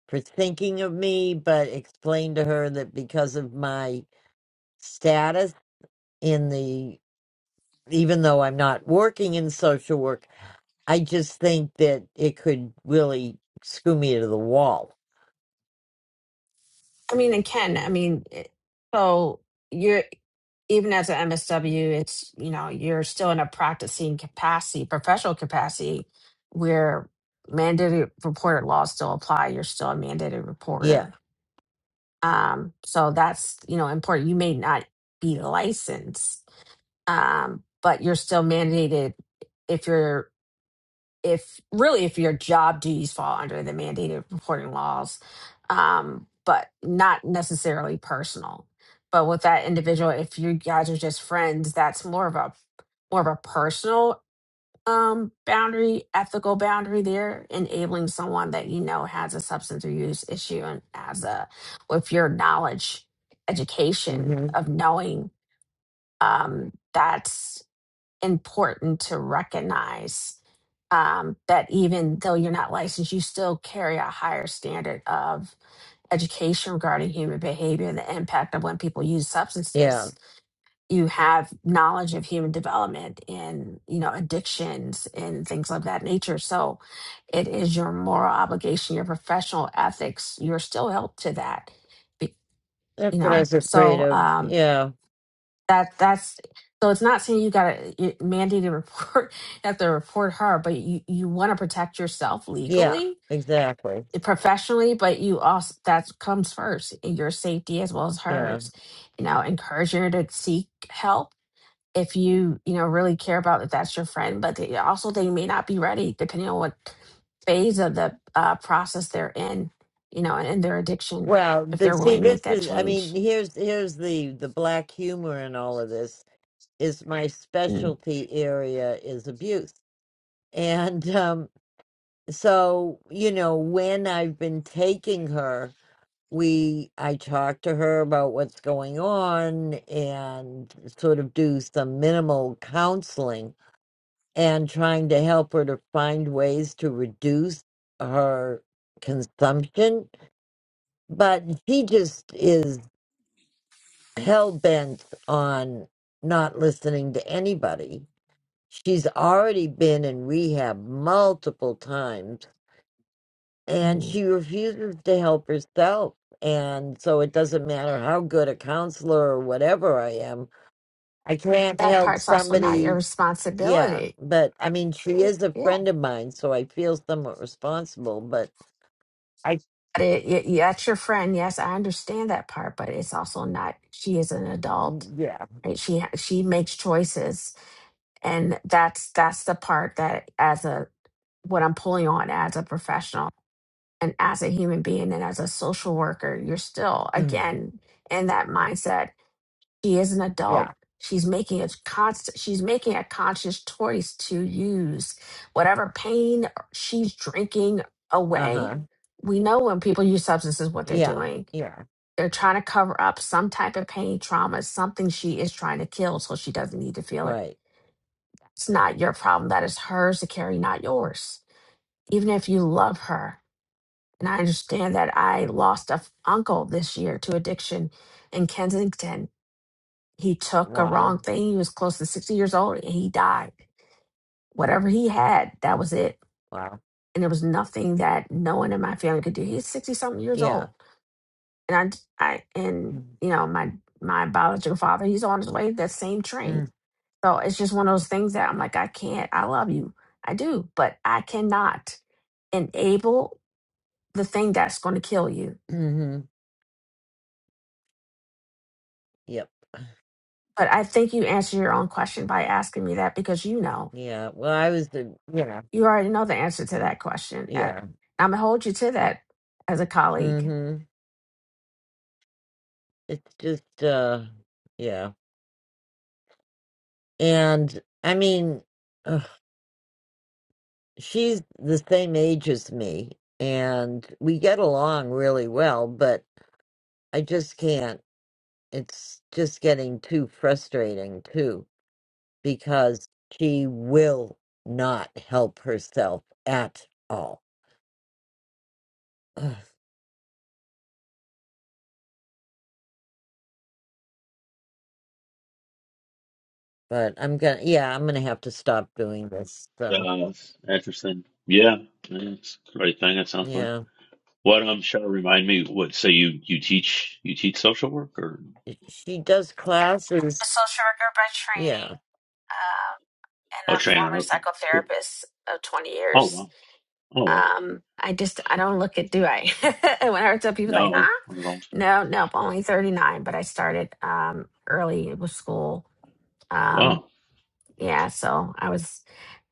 S1: for thinking of me, but explain to her that because of my status in the, even though I'm not working in social work, I just think that it could really screw me to the wall.
S15: I mean, and Ken, I mean, it- so you're even as an MSW, it's you know, you're still in a practicing capacity, professional capacity, where mandated reporter laws still apply. You're still a mandated
S1: Yeah.
S15: reporter. Um, so that's you know important. You may not be licensed, um, but you're still mandated if you're if really if your job duties fall under the mandated reporting laws um, but not necessarily personal but with that individual if you guys are just friends that's more of a more of a personal um, boundary ethical boundary there enabling someone that you know has a substance abuse issue and as a with your knowledge education
S1: hmm
S15: of knowing um, that important to recognize um, that even though you're not licensed, you still carry a higher standard of education regarding human behavior and the impact of when people use
S1: Yeah.
S15: substances. You have knowledge of human development and you know addictions and things of that nature. So it is your moral obligation, your professional ethics. You're still held to that, be- you
S1: That's what I
S15: know.
S1: was afraid
S15: So
S1: of.
S15: um,
S1: Yeah.
S15: that that's so it's not saying you got to mandate to report (laughs) you have to report her but you you want to protect yourself
S1: Yeah.
S15: legally
S1: Exactly.
S15: professionally but you also that comes first your safety as well as
S1: Yeah.
S15: hers you know encourage her to seek help if you you know really care about if that's your friend but they, also they may not be ready depending on what phase of the uh, process they're in you know and their addiction
S1: Well,
S15: if
S1: the,
S15: they're
S1: see,
S15: willing to
S1: this
S15: make that
S1: is, I mean,
S15: change
S1: here's here's the the black humor in all of this is my
S15: Mm.
S1: specialty area is abuse. And um so, you know, when I've been taking her, we I talk to her about what's going on and sort of do some minimal counseling and trying to help her to find ways to reduce her consumption but she just is hell bent on not listening to anybody. She's already been in rehab multiple times and she refuses to help herself. And so it doesn't matter how good a counselor or whatever I am, I can't
S15: that
S1: help
S15: part's also not your
S1: somebody. Yeah,
S15: responsibility.
S1: but I mean, she is a
S15: Yeah.
S1: friend of mine, so I feel somewhat responsible, but I,
S15: It, it, yeah, that's your friend. Yes, I understand that part, but it's also not, she is an adult.
S1: yeah, (clears throat)
S15: Right? She, ha- she makes choices. And that's, that's the part that as a, what I'm pulling on as a professional and as a human being and as a social worker, you're still,
S1: Mm.
S15: again, in that mindset she is an adult
S1: yeah,
S15: she's making a constant she's making a conscious choice to use whatever pain she's drinking
S1: uh
S15: away
S1: huh,
S15: we know when people use substances what they're
S1: yeah,
S15: doing
S1: yeah,
S15: they're trying to cover up some type of pain trauma something she is trying to kill so she doesn't need to feel it
S1: right.
S15: it's not your problem that is hers to carry not yours even if you love her and i understand that i lost a f- uncle this year to addiction in kensington He took a wrong
S1: Wow,
S15: thing. He was close to 60 years old and he died. Whatever he had, that was it.
S1: wow,
S15: And there was nothing that no one in my family could do. He's 60 something years
S1: yeah.
S15: old. And I, I, and
S1: Mm,
S15: you know, my, my biological father, he's on his way to that same
S1: mm,
S15: train. So it's just one of those things that I'm like, I can't, I love you. I do, but I cannot enable the thing that's going to kill you.
S1: (clears throat) mhm. Yep.
S15: But I think you answer your own question by asking me that because you know.
S1: Yeah. Well, I was the you yeah.
S15: You already know the answer to that question. Uh,
S1: Yeah.
S15: I'm gonna hold you to that as a colleague.
S1: Mhm. It's just uh yeah. And I mean, ugh, she's the same age as me and we get along really well, but I just can't. It's just getting too frustrating too because she will not help herself at all. Ugh, But I'm gonna, yeah, I'm gonna have to stop doing this. So.
S3: Uh, interesting. Yeah, it's the right thing. It sounds like.
S1: Yeah.
S3: What um, Shar? remind me. What say you? You teach? You teach social work or?
S1: She does classes.
S15: A social worker by
S1: Yeah.
S15: training, um, and
S3: Oh,
S15: a
S3: trainer.
S15: former
S3: Okay, cool.
S15: psychotherapist of 20
S3: Oh
S15: years.
S3: wow. Oh wow.
S15: Um, I just I don't look it, do I? (laughs) And when I tell people like,
S3: No,
S15: huh?
S3: not at all.
S15: No, nope, only 39, but I started um early with school. Um,
S3: Wow.
S15: yeah, so I was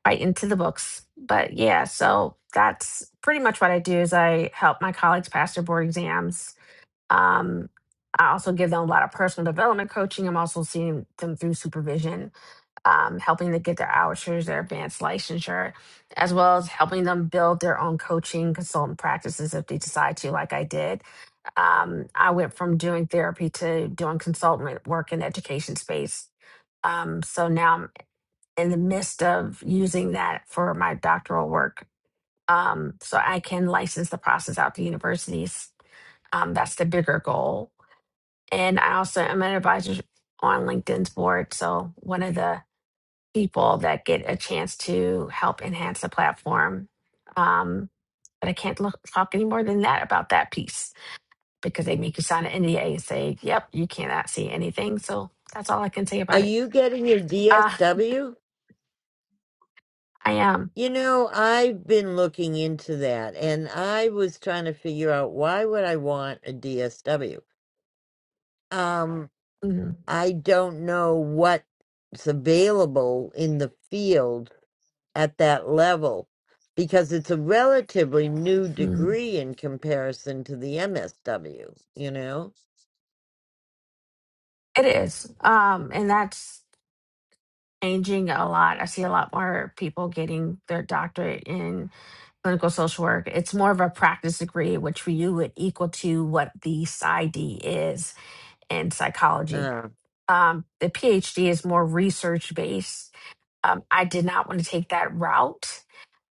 S15: right into the books. But yeah, so that's pretty much what I do is I help my colleagues pass their board exams Um, I also give them a lot of personal development coaching. I'm also seeing them through supervision, um, helping to get their outers, their advanced licensure, as well as helping them build their own coaching consultant practices if they decide to, like I did. Um, I went from doing therapy to doing consultant work in the education space. Um, so now I'm in the midst of using that for my doctoral work. Um, so I can license the process out to universities. Um, that's the bigger goal and I also am an advisor on LinkedIn's board. So one of the people that get a chance to help enhance the platform. Um, but I can't look, talk any more than that about that piece because they make you sign an NDA and say, yep, you cannot see anything. So that's all I can say
S1: Are
S15: about it.
S1: you getting your
S15: Uh,
S1: DSW?
S15: I am.
S1: You know, I've been looking into that and I was trying to figure out why would I want a DSW? Um,
S15: Mhm,
S1: I don't know what's available in the field at that level because it's a relatively new
S15: mhm.
S1: degree in comparison to the MSW, you know?
S15: It is. Um, and that's changing a lot. I see a lot more people getting their doctorate in clinical social work. It's more of a practice degree, which for you would equal to what the PsyD is in psychology.
S1: Uh,
S15: Um, the PhD is more research based. Um, I did not want to take that route.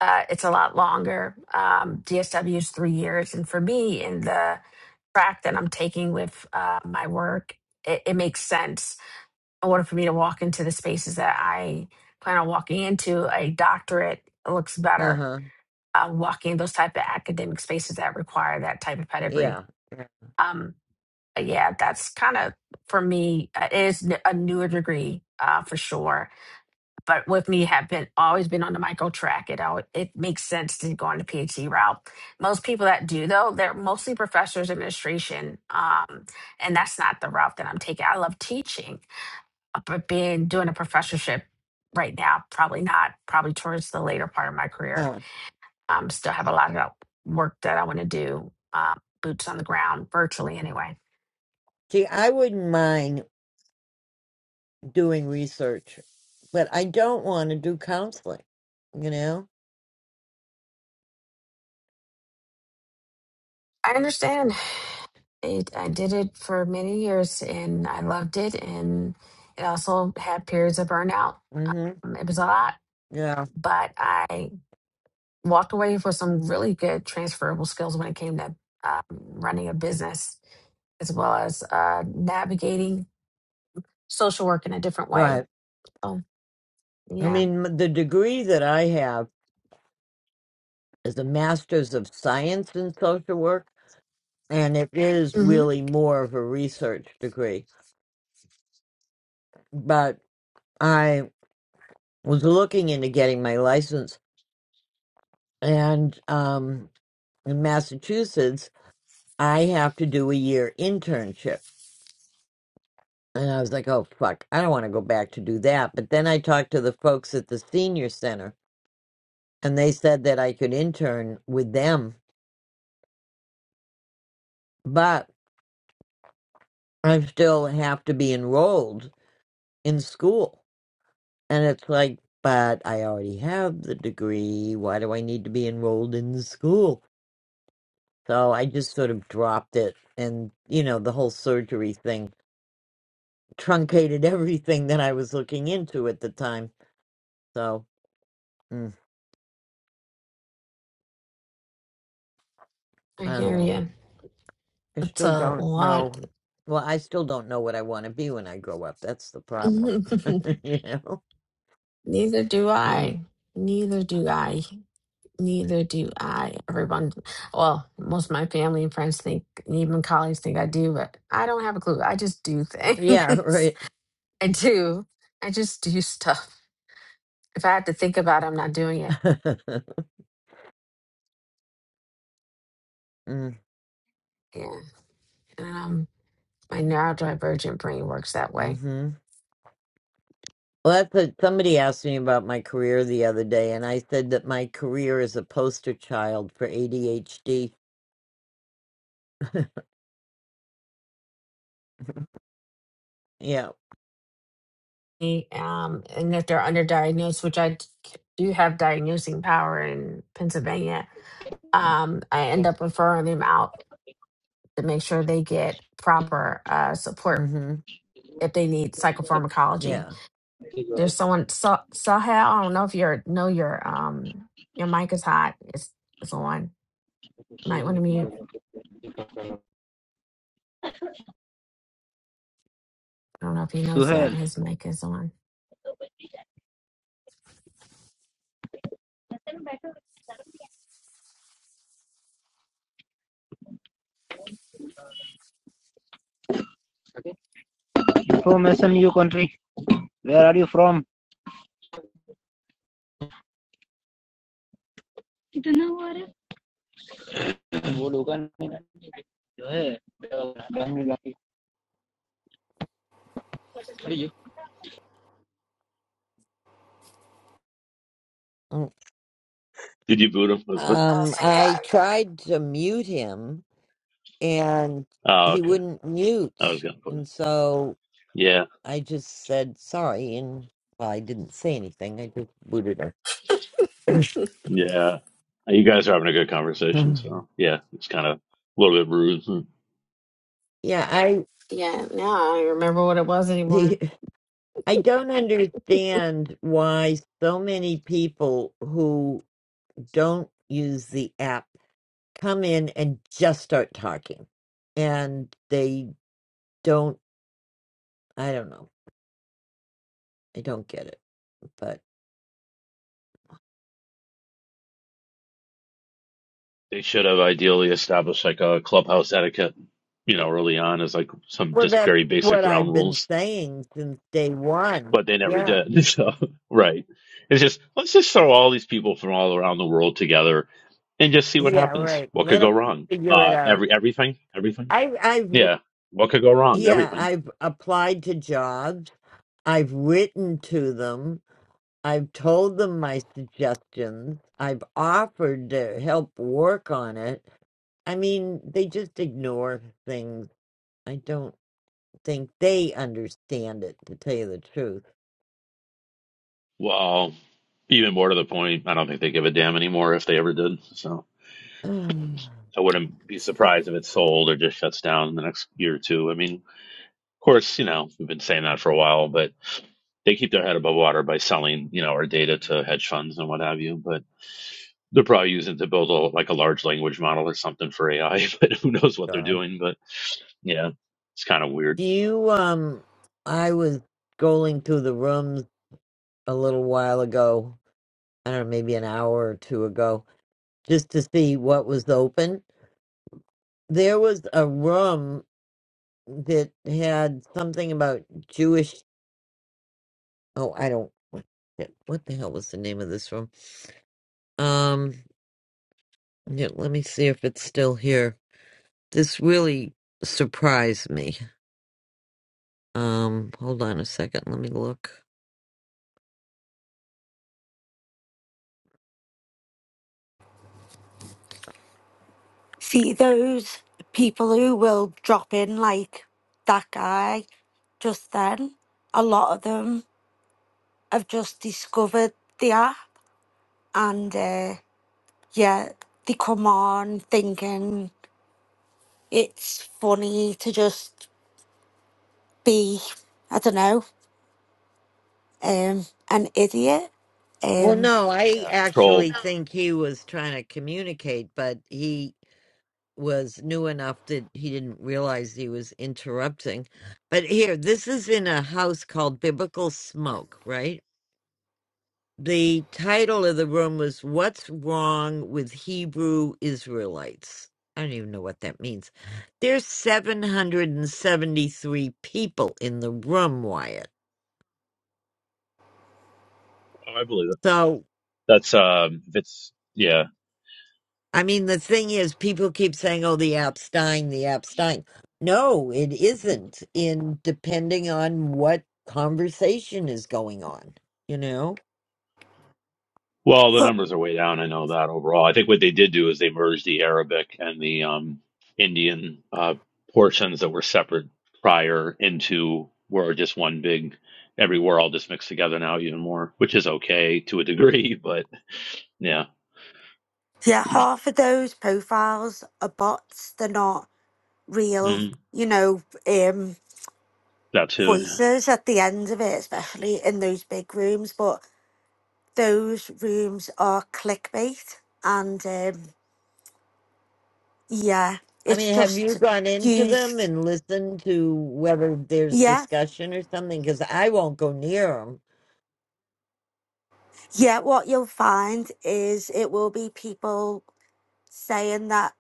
S15: Uh, it's a lot longer. Um, DSW is three years. And for me, in the track that I'm taking with uh, my work, it, it makes sense in order for me to walk into the spaces that I plan on walking into, a doctorate looks better.
S1: uh-huh.
S15: Uh, walking those type of academic spaces that require that type of pedigree.
S1: Yeah.
S15: Um, but yeah, that's kind of for me. uh, It is n- a newer degree uh, for sure, but with me have been always been on the micro track. It al- it makes sense to go on the PhD route. Most people that do though, they're mostly professors, administration, um, and that's not the route that I'm taking. I love teaching, but being doing a professorship right now probably not probably towards the later part of my
S1: Uh,
S15: career um still have a lot of work that i want to do uh, boots on the ground virtually anyway
S1: See, I wouldn't mind doing research, but I don't want to do counseling, you know?
S15: i understand it i did it for many years and i loved it and it also had periods of burnout
S1: hmm
S15: um, it was a lot
S1: Yeah,
S15: but i walked away with some really good transferable skills when it came to um, running a business as well as uh, navigating social work in a different way.
S1: right.
S15: Oh,
S1: I
S15: yeah.
S1: mean, m- the degree that I have is a master's of science in social work, and it is
S15: hmm
S1: really more of a research degree. But I was looking into getting my license, and um, in Massachusetts, I have to do a year internship And I was like, oh, fuck, I don't want to go back to do that. But then I talked to the folks at the senior center, and they said that I could intern with them, but I still have to be enrolled in school. And it's like, but I already have the degree. Why do I need to be enrolled in the school? So I just sort of dropped it. And, you know, the whole surgery thing truncated (laughs) everything that I was looking into at the time. So mm,
S15: I
S1: I don't
S15: hear
S1: know.
S15: you.
S1: I
S15: It's
S1: still
S15: a
S1: don't
S15: lot.
S1: know. Well, I still don't know what I want to be when I grow up. That's the
S15: (laughs)
S1: problem.
S15: Neither
S1: (laughs) you know?
S15: do
S1: Mm.
S15: I. Neither do I. Neither do I. Everyone, well, most of my family and friends think, and even colleagues think I do, but I don't have a clue. I just do
S1: Yeah,
S15: things.
S1: right.
S15: (laughs) I do. I just do stuff. If I had to think about it, I'm not doing
S1: (laughs)
S15: it.
S1: mm-hmm. Well,
S15: Yeah. Um, my neurodivergent brain works that way.
S1: that's what somebody asked me about my career the other day, and I said that my career is a poster child for ADHD. (laughs) yeah.
S15: um, and if they're underdiagnosed, which I do have diagnosing power in Pennsylvania, um, I end up referring them out to make sure they get proper uh, support
S1: hmm
S15: if they need psychopharmacology.
S1: Yeah.
S15: There's someone, so, Sahel, I don't know if you are know your um, your mic is hot. It's, it's on. Might want to mute. I don't know if he knows that his mic is on.
S21: From SMU country. Where are you from?
S1: Mm.
S3: Did you boot him? Was what?
S15: Oh,
S1: Um,
S15: thank
S1: I
S15: God.
S1: tried to mute him, and
S3: Oh,
S1: he
S3: okay.
S1: wouldn't
S3: I was
S1: mute,
S3: gonna put
S1: and
S3: him.
S1: so
S3: Yeah.
S1: I just said sorry, and well, I didn't say anything. I just booted her. (clears throat)
S3: Yeah. You guys are having a good conversation, so yeah, it's kind of a little bit rude.
S1: yeah, I
S15: Yeah, now I don't remember what it was anymore.
S1: the, I don't understand why so many people who don't use the app come in and just start talking, and they don't. I don't know. I don't get it. But
S3: They should have ideally established like a clubhouse etiquette, you know, early on as like some
S1: well,
S3: just
S1: that's
S3: very basic
S1: what
S3: ground
S1: I've been
S3: rules,
S1: saying since day one.
S3: but they never
S1: Yeah,
S3: did. (laughs) So, right. It's just, let's just throw all these people from all around the world together and just see what
S1: yeah,
S3: happens.
S1: right.
S3: What
S1: Let
S3: could go
S1: them
S3: wrong?
S1: figure it
S3: Uh,
S1: out.
S3: every, everything, everything.
S1: I I've
S3: Yeah. What could go wrong?
S1: Yeah,
S3: Everything.
S1: I've applied to jobs. I've written to them. I've told them my suggestions. I've offered to help work on it. I mean, they just ignore things. I don't think they understand it, to tell you the truth.
S3: Well, even more to the point, I don't think they give a damn anymore if they ever did. So
S1: (sighs)
S3: I wouldn't be surprised if it's sold or just shuts down in the next year or two. I mean, Of course, you know, we've been saying that for a while, but they keep their head above water by selling, you know, our data to hedge funds and what have you. But they're probably using it to build a, like a large language model or something for AI, (laughs) but who knows
S1: Oh,
S3: what they're
S1: God.
S3: doing. But yeah, it's kind of weird.
S1: Do you, um, I was going through the rooms a little while ago. I don't know, maybe an hour or two ago, just to see what was open there was a room that had something about Jewish. Oh, I don't. What, shit, what the hell was the name of this room? Um, yeah, let me see if it's still here. This really surprised me. Um, hold on a second. Let me look.
S6: see those people who will drop in like that guy just then. A lot of them have just discovered the app, and uh, yeah, they come on thinking it's funny to just be, I don't know, um, an idiot.
S1: Well,
S6: Um,
S1: no, I
S3: Yeah. Troll.
S1: actually think he was trying to communicate, but he was new enough that he didn't realize he was interrupting. But here, this is in a house called Biblical Smoke, right? the title of the room was What's Wrong with Hebrew Israelites? I don't even know what that means. There's 773 people in the room, Wyatt.
S3: Oh, I believe it.
S1: So,
S3: That's, um, it's, yeah.
S1: I mean, the thing is, people keep saying, oh, the app's dying, the app's dying. No, it isn't, in depending on what conversation is going on, you know?
S3: Well, the
S6: look,
S3: numbers are way down. I know that overall. I think what they did do is they merged the Arabic and the um, Indian uh, portions that were separate prior into were just one big. Everywhere all just mixed together now even more, which is okay to a degree, (laughs) but yeah,
S6: yeah, half of those profiles are bots. They're not real,
S3: mm,
S6: you know, um,
S3: that too.
S6: voices at the end of it, especially in those big rooms. But those rooms are clickbait. And um, yeah,
S1: I
S6: it's
S1: mean, have you
S6: just
S1: gone into them
S6: used.
S1: and listened to whether there's
S6: Yeah.
S1: discussion or something? Because I won't go near them.
S6: Yeah. What you'll find is it will be people saying that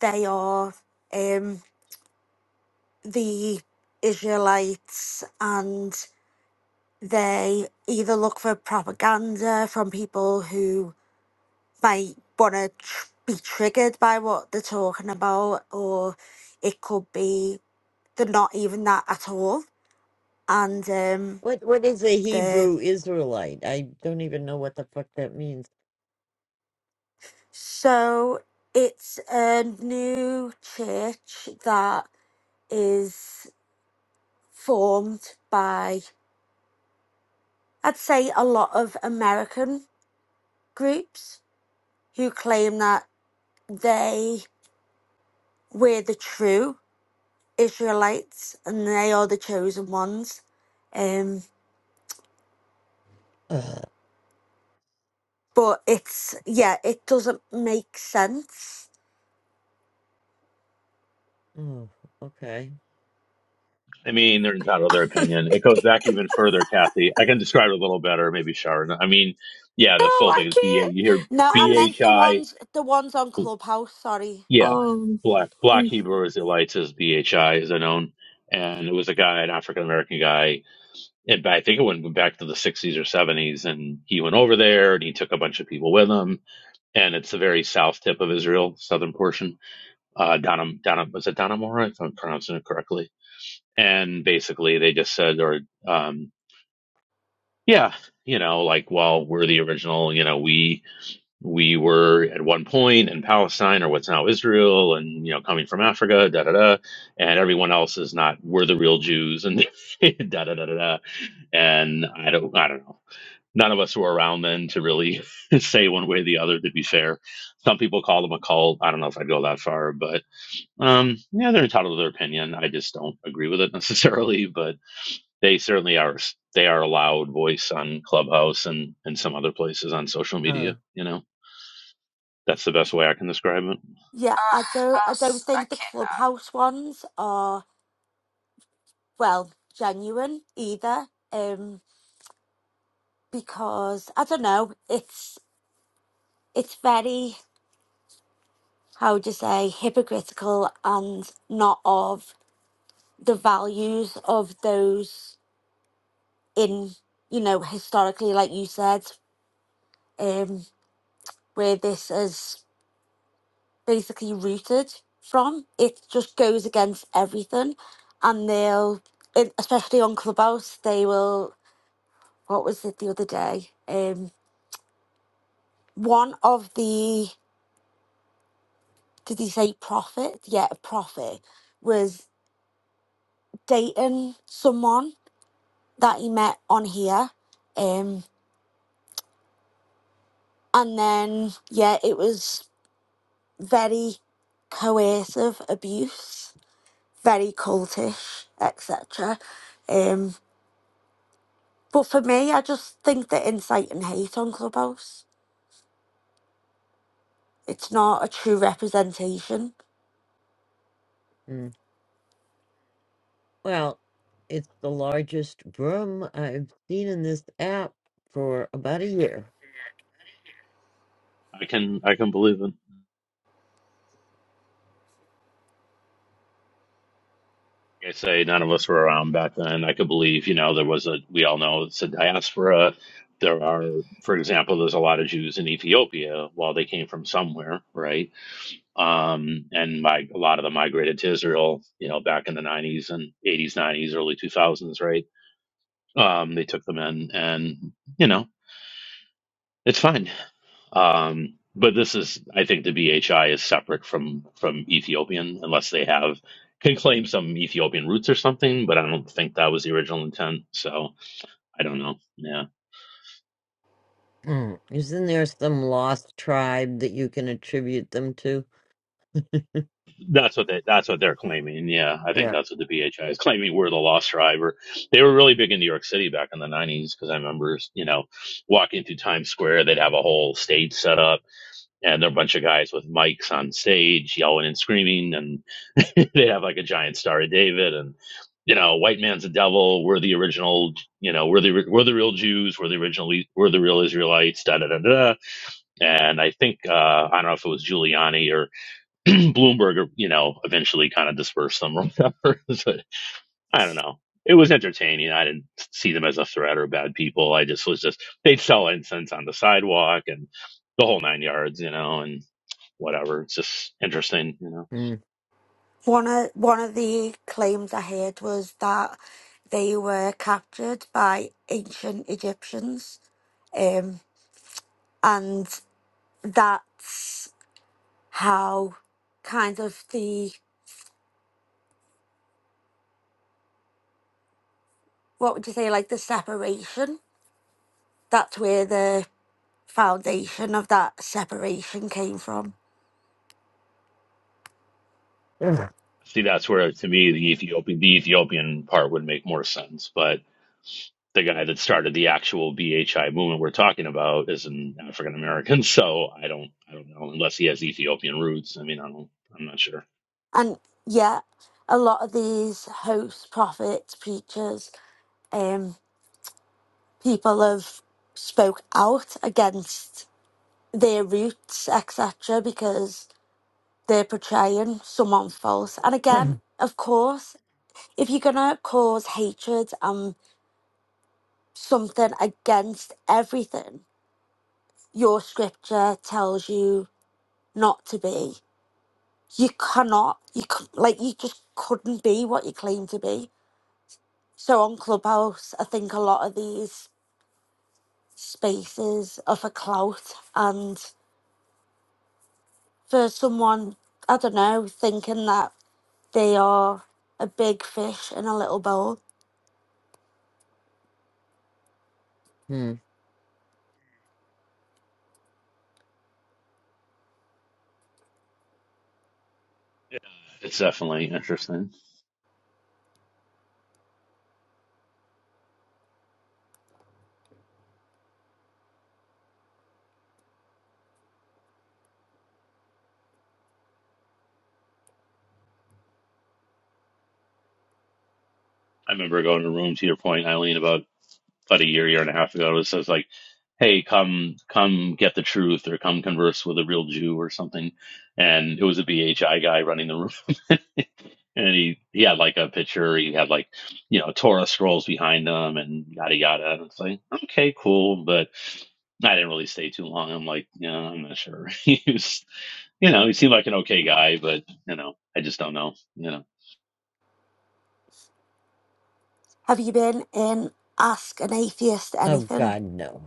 S6: they are. Um, the Israelites and they either look for propaganda from people who might want to tr- be triggered by what they're talking about, or it could be they're not even that at all. And um,
S1: What What is a
S6: they're
S1: Hebrew Israelite? I don't even know what the fuck that means.
S6: so it's a new church that is formed by, I'd say, a lot of American groups who claim that they were the true Israelites and they are the chosen ones. Um,
S1: Ugh.
S6: but it's yeah, it doesn't make sense.
S1: Oh, okay.
S3: I mean, they're entitled to their opinion. It goes back even further, Kathy. I can describe it a little better, maybe Sharon. I mean, yeah,
S15: No,
S3: the full
S15: I
S3: thing is BA.
S15: can't.
S3: You hear
S6: No, I
S15: I,
S6: meant the
S3: BHI
S6: ones the ones on Clubhouse, sorry.
S3: Yeah,
S15: um,
S3: black black Hebrew Israelites is BHI is known, and it was a guy, an African American guy, and I think it went back to the sixties or seventies, and he went over there and he took a bunch of people with him, and it's the very south tip of Israel, southern portion, uh, Donam Donam was it Donamora if I'm pronouncing it correctly, and basically they just said or um yeah you know like well we're the original you know we we were at one point in Palestine or what's now Israel and you know coming from Africa da da da and everyone else is not we're the real Jews and (laughs) da da da da da and I don't I don't know none of us were around then to really (laughs) say one way or the other to be fair some people call them a cult I don't know if I'd go that far but um yeah they're entitled to their opinion I just don't agree with it (laughs) necessarily but they certainly are they are a loud voice on Clubhouse and and some other places on social
S1: Huh.
S3: media you know that's the best way I can describe it.
S6: Yeah,
S15: ah,
S6: I don't
S15: I
S6: I don't
S15: was- I
S6: think the
S15: can't.
S6: Clubhouse ones are well genuine either. Um because I don't know, it's it's very how would you say hypocritical and not of the values of those in you know historically like you said um where this is basically rooted from it just goes against everything and they'll and especially on clubhouse they will what was it the other day um one of the did he say prophet yeah a prophet was dating someone that he met on here um and then yeah it was very coercive abuse very cultish, etc. Um, but for me, I just think that insight and hate on Clubhouse, it's not a true representation.
S1: Mm. Well, it's the largest room I've seen in this app for about a year.
S3: I can I can believe it. Like I say none of us were around back then. I could believe, you know, there was a we all know it's a diaspora. There are, for example, there's a lot of Jews in Ethiopia. While they came from somewhere, right? Um, and my, a lot of them migrated to Israel, you know, back in the 90s and 80s, 90s, early 2000s, right? Um, they took them in, and you know, it's fine. Um, but this is, I think, the BHI is separate from from Ethiopian, unless they have can claim some Ethiopian roots or something. But I don't think that was the original intent. So I don't know. Yeah,
S1: Mm. Isn't there some lost tribe that you can attribute them to? (laughs)
S3: that's what they that's what they're claiming. Yeah, I think
S1: Yeah.
S3: that's what the BHI is claiming. We're the lost tribe. Or they were really big in New York City back in the '90s because I remember, you know, walking through Times Square, they'd have a whole stage set up and there are a bunch of guys with mics on stage yelling and screaming and (laughs) they have like a giant star of david and you know white man's the devil we're the original you know we're the we're the real jews we're the original we're the real israelites da da da da and i think uh i don't know if it was giuliani or (clears throat) bloomberg or you know eventually kind of dispersed them or whatever (laughs) but i don't know it was entertaining i didn't see them as a threat or bad people i just was just they'd sell incense on the sidewalk and the whole nine yards you know and whatever. It's just interesting, you know.
S1: Mm.
S6: One of one of the claims I heard was that they were captured by ancient Egyptians, um, and that's how kind of the what would you say like the separation. That's where the foundation of that separation came from.
S1: (clears throat) Ugh.
S3: See, that's where to me the Ethiopian the Ethiopian part would make more sense, but the guy that started the actual BHI movement we're talking about is an African American, (laughs) so I don't I don't know unless he has Ethiopian roots. I mean, I don't I'm not sure.
S6: and yeah, a lot of these hosts, prophets, preachers, um, people have spoke out against their roots, etc., because they're portraying someone false. And again, of course, if you're gonna cause hatred and something against everything your scripture tells you not to be, you cannot, you c- like you just couldn't be what you claim to be So on Clubhouse, I think a lot of these spaces are for clout and for someone, I don't know, thinking that they are a big fish in a little bowl.
S1: Hmm.
S3: Yeah, it's definitely interesting. I remember going to a room to your point, Eileen, about about a year year and a half ago. It says like, "Hey, come come get the truth or come converse with a real Jew or something," and it was a BHI guy running the room. (laughs) and he he had like a picture. He had like you know Torah scrolls behind him and yada yada. And it's like okay, cool, but I didn't really stay too long. I'm like, yeah, I'm not sure. (laughs) he was, you know, he seemed like an okay guy, but you know, I just don't know. You know.
S6: Have you been in Ask an Atheist
S1: Oh
S6: Anything?
S1: God, no.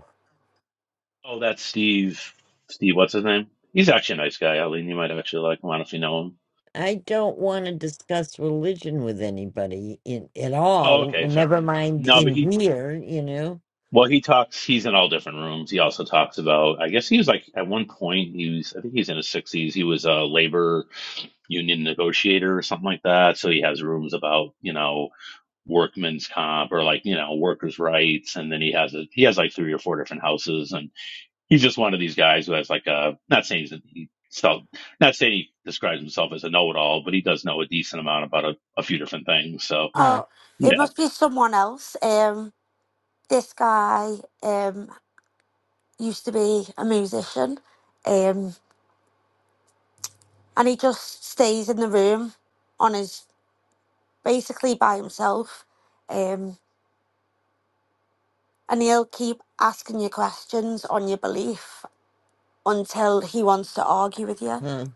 S3: Oh, that's Steve. Steve, what's his name? He's actually a nice guy, Eileen. You might actually like him. I don't know if you know him.
S1: I don't want to discuss religion with anybody in at
S3: Oh,
S1: all.
S3: okay, fair
S1: Never
S3: enough.
S1: mind
S3: No, but
S1: in
S3: he
S1: here, you know.
S3: well, he talks. He's in all different rooms. He also talks about. I guess he was like at one point. He was. I think he's in his sixties. He was a labor union negotiator or something like that. So he has rooms about, you know, workman's comp or like, you know, workers' rights. And then he has a, he has like three or four different houses. And he's just one of these guys who has like a, not saying he's, he self, not saying he describes himself as a know-it-all, but he does know a decent amount about a, a few different things. So
S1: Huh?
S6: Oh, it
S3: yeah,
S6: must be someone else. Um, this guy um, used to be a musician um, and he just stays in the room on his basically by himself. Um, And he'll keep asking you questions on your belief until he wants to argue with you.
S1: Huh?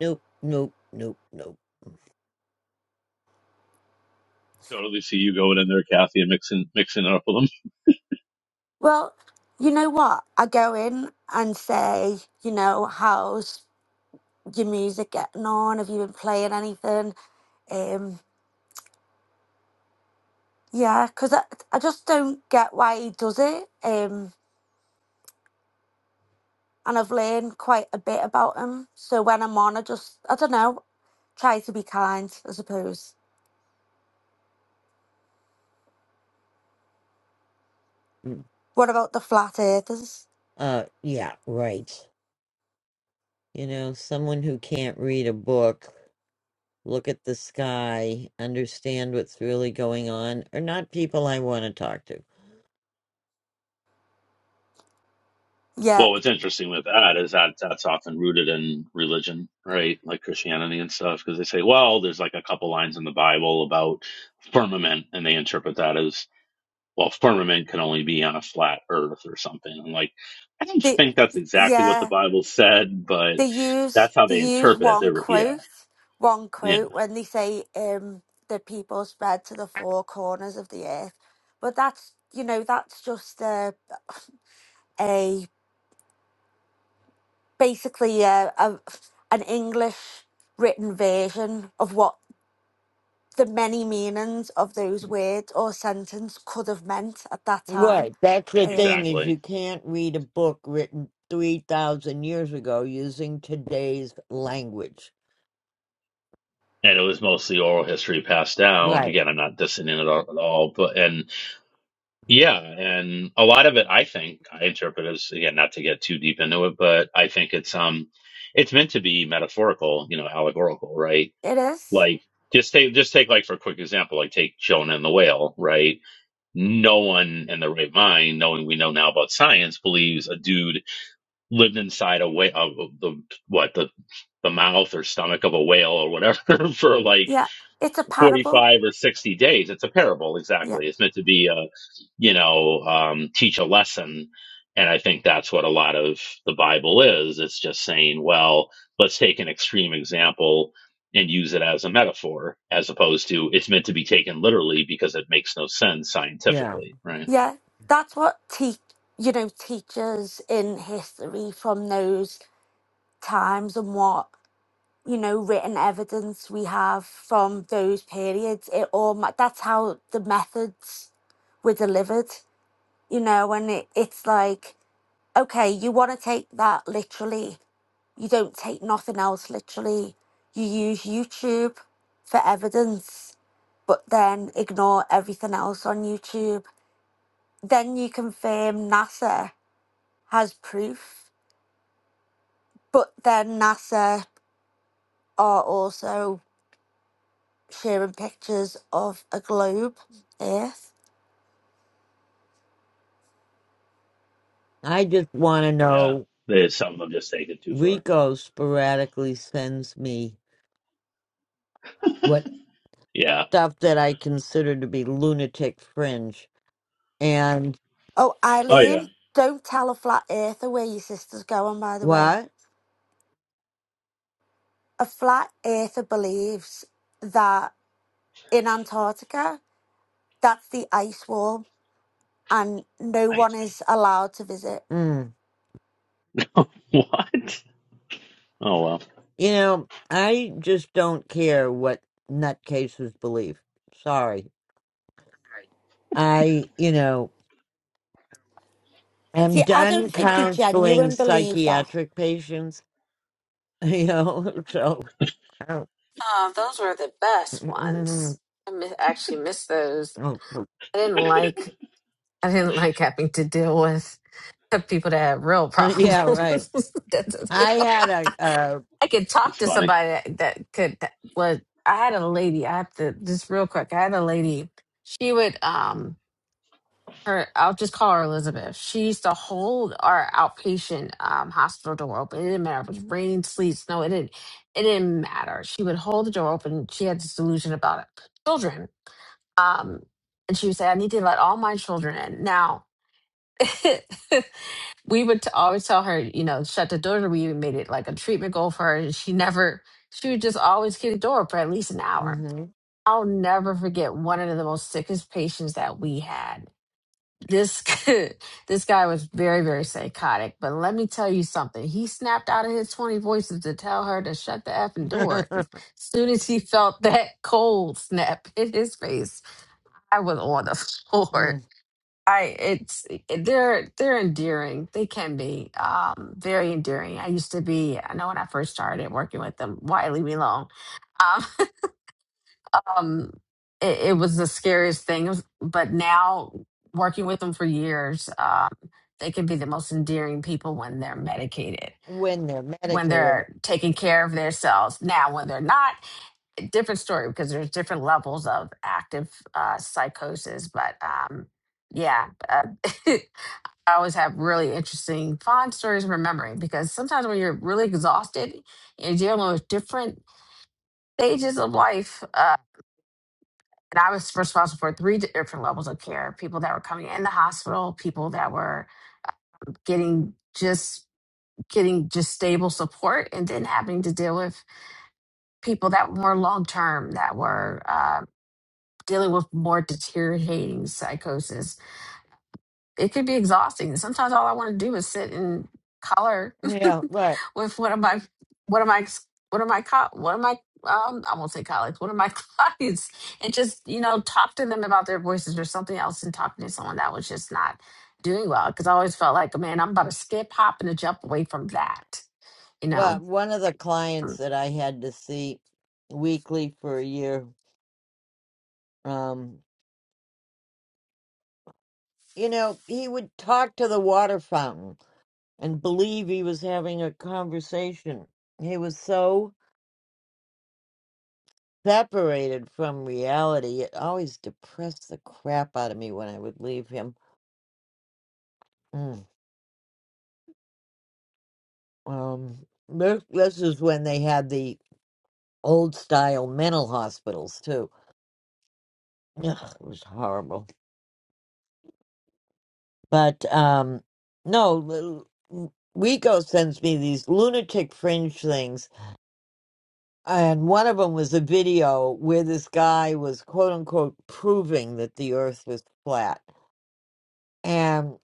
S1: Nope. Nope. Nope. Nope.
S3: totally see you going in there, Kathy, and mixing, mixing it up a
S6: Well, you know what? I go in and say, you know, how's your music getting on? Have you been playing anything? Um, yeah, because I, I just don't get why he does it. Um, and I've learned quite a bit about him. So when I'm on, I just, I don't know, try to be kind, I suppose.
S1: Mm.
S6: What about the flat earthers?
S1: Uh. Yeah. Right. You know, someone who can't read a book, look at the sky, understand what's really going on, are not people I want to talk to.
S6: Yeah,
S3: Well, what's interesting with that is that that's often rooted in religion, right? Like Christianity and stuff, because they say, well, there's like a couple lines in the Bible about firmament, and they interpret that as, well, firmament can only be on a flat earth or something. I'm like, I don't
S6: they,
S3: think that's exactly what
S6: yeah,
S3: the Bible said, but
S6: they use
S3: that's how
S6: they
S3: they
S6: use
S3: interpret it. They
S6: one
S3: were, yeah,
S6: quote one
S3: yeah,
S6: quote when they say um the people spread to the four corners of the earth but that's you know that's just a, a basically a, a an english written version of what the many meanings of those words or sentence could have meant at that time
S1: Right. That's the
S6: um
S1: thing is
S3: exactly.
S1: you can't read a book written three thousand years ago using today's language.
S3: And it was mostly oral history passed down.
S1: Right.
S3: Again, I'm not dissing it at all, at all, but and Yeah, and a lot of it, I think, I interpret as again, not to get too deep into it, but I think it's um, it's meant to be metaphorical, you know, allegorical, right?
S6: it is
S3: Like just take just take like for a quick example, like take Jonah and the whale, right? No one in their right mind, knowing we know now about science, believes a dude lived inside a whale, of the what the the mouth or stomach of a whale or whatever (laughs) for like
S6: yeah it's a parable
S3: 45 or 60 days. It's a parable,
S6: Yeah.
S3: exactly. It's meant to be a, you know, um, teach a lesson. And I think that's what a lot of the Bible is. It's just saying, well, let's take an extreme example and use it as a metaphor, as opposed to it's meant to be taken literally because it makes no sense
S1: Yeah.
S3: scientifically, right?
S6: Yeah, that's what teach you know teachers in history from those times and what you know written evidence we have from those periods. It all ma- that's how the methods were delivered. You know, and it, it's like okay, you want to take that literally. You don't take nothing else literally. You use YouTube for evidence, but then ignore everything else on YouTube. Then you confirm NASA has proof. But then NASA are also sharing pictures of a globe, Earth.
S1: I just want to
S3: Yeah.
S1: know.
S3: There's some of them just take it too far.
S1: Rico sporadically sends me what
S3: Yeah.
S1: stuff that I consider to be lunatic fringe. And
S6: Oh,
S3: Oh, yeah.
S6: Eileen, don't tell a flat earther where your sister's going, by the way.
S1: what?
S6: A flat earther believes that in Antarctica, that's the ice wall and no
S3: I,
S6: one is allowed to visit.
S1: Mm.
S3: (laughs) what? Oh, well,
S1: You know, I just don't care what nutcases believe. Sorry. I, you know, am
S6: See, I don't
S1: done
S6: think they
S1: counseling
S6: genuinely believe that.
S1: psychiatric patients, (laughs) you know, so. Oh,
S15: Oh, those were the best
S1: mhm.
S15: ones. I mi- actually missed those.
S1: Oh, oh,
S15: I didn't like. I didn't like having to deal with the people that had real problems.
S1: yeah, right.
S15: (laughs)
S1: I
S15: That's-
S1: had a.
S15: I could
S3: that's
S15: talk to
S3: funny.
S15: somebody that, that could that was I had a lady, I have to just real quick, I had a lady. She would um her I'll just call her Elizabeth. She used to hold our outpatient um hospital door open. It didn't matter if it was raining, sleet, snow, it didn't it didn't matter. She would hold the door open. She had this delusion about it. Children. Um and she would say, I need to let all my children in. Now (laughs) we would t- always tell her, you know, shut the door. We made it like a treatment goal for her. And she never, she would just always keep the door open for at least an hour.
S1: Uh,
S15: I'll never forget one of the most sickest patients that we had. This (laughs) this guy was very very psychotic, but let me tell you something. He snapped out of his twenty voices to tell her to shut the effing door.
S1: mhm.
S15: Soon as he felt that (laughs) cold snap in his face, I was on the (laughs)
S1: (laughs)
S15: floor. I it's they're they're endearing. They can be um, very endearing. I used to be. I know when I first started working with them. Why leave me alone? Um, (laughs) um, it, it was the scariest thing. It was- but now working with them for years, um, they can be the most endearing people when they're medicated,
S1: when they're
S15: when
S1: medicated.
S15: they're taking care of themselves. Now, when they're not, a different story because there's different levels of active uh, psychosis. But um, yeah. Uh, (laughs) I always have really interesting, fun stories remembering because sometimes when you're really exhausted and you're dealing with different stages of life, uh, and I was responsible for three different levels of care: people that were coming in the hospital, people that were getting just getting just stable support, and then having to deal with people that were long term that were uh, dealing with more deteriorating psychosis it could be exhausting. Sometimes all I want to do is sit and color
S1: Yeah, right.
S15: (laughs) with one of my one of my one of my co- one of my um I won't say colleagues, one of my (laughs) clients, and just you know talk to them about their voices or something else, and talking to someone that was just not doing well because I always felt like, man, I'm about to skip, hop, and a jump away from that, you
S1: Well,
S15: know.
S1: one of the clients that I had to see weekly for a year, um, you know, he would talk to the water fountain and believe he was having a conversation. He was so separated from reality. It always depressed the crap out of me when I would leave him. Mm. Um, this, this is when they had the old style mental hospitals too. Ugh, it was horrible. But um, no, L- Rico sends me these lunatic fringe things, and one of them was a video where this guy was quote unquote proving that the Earth was flat. And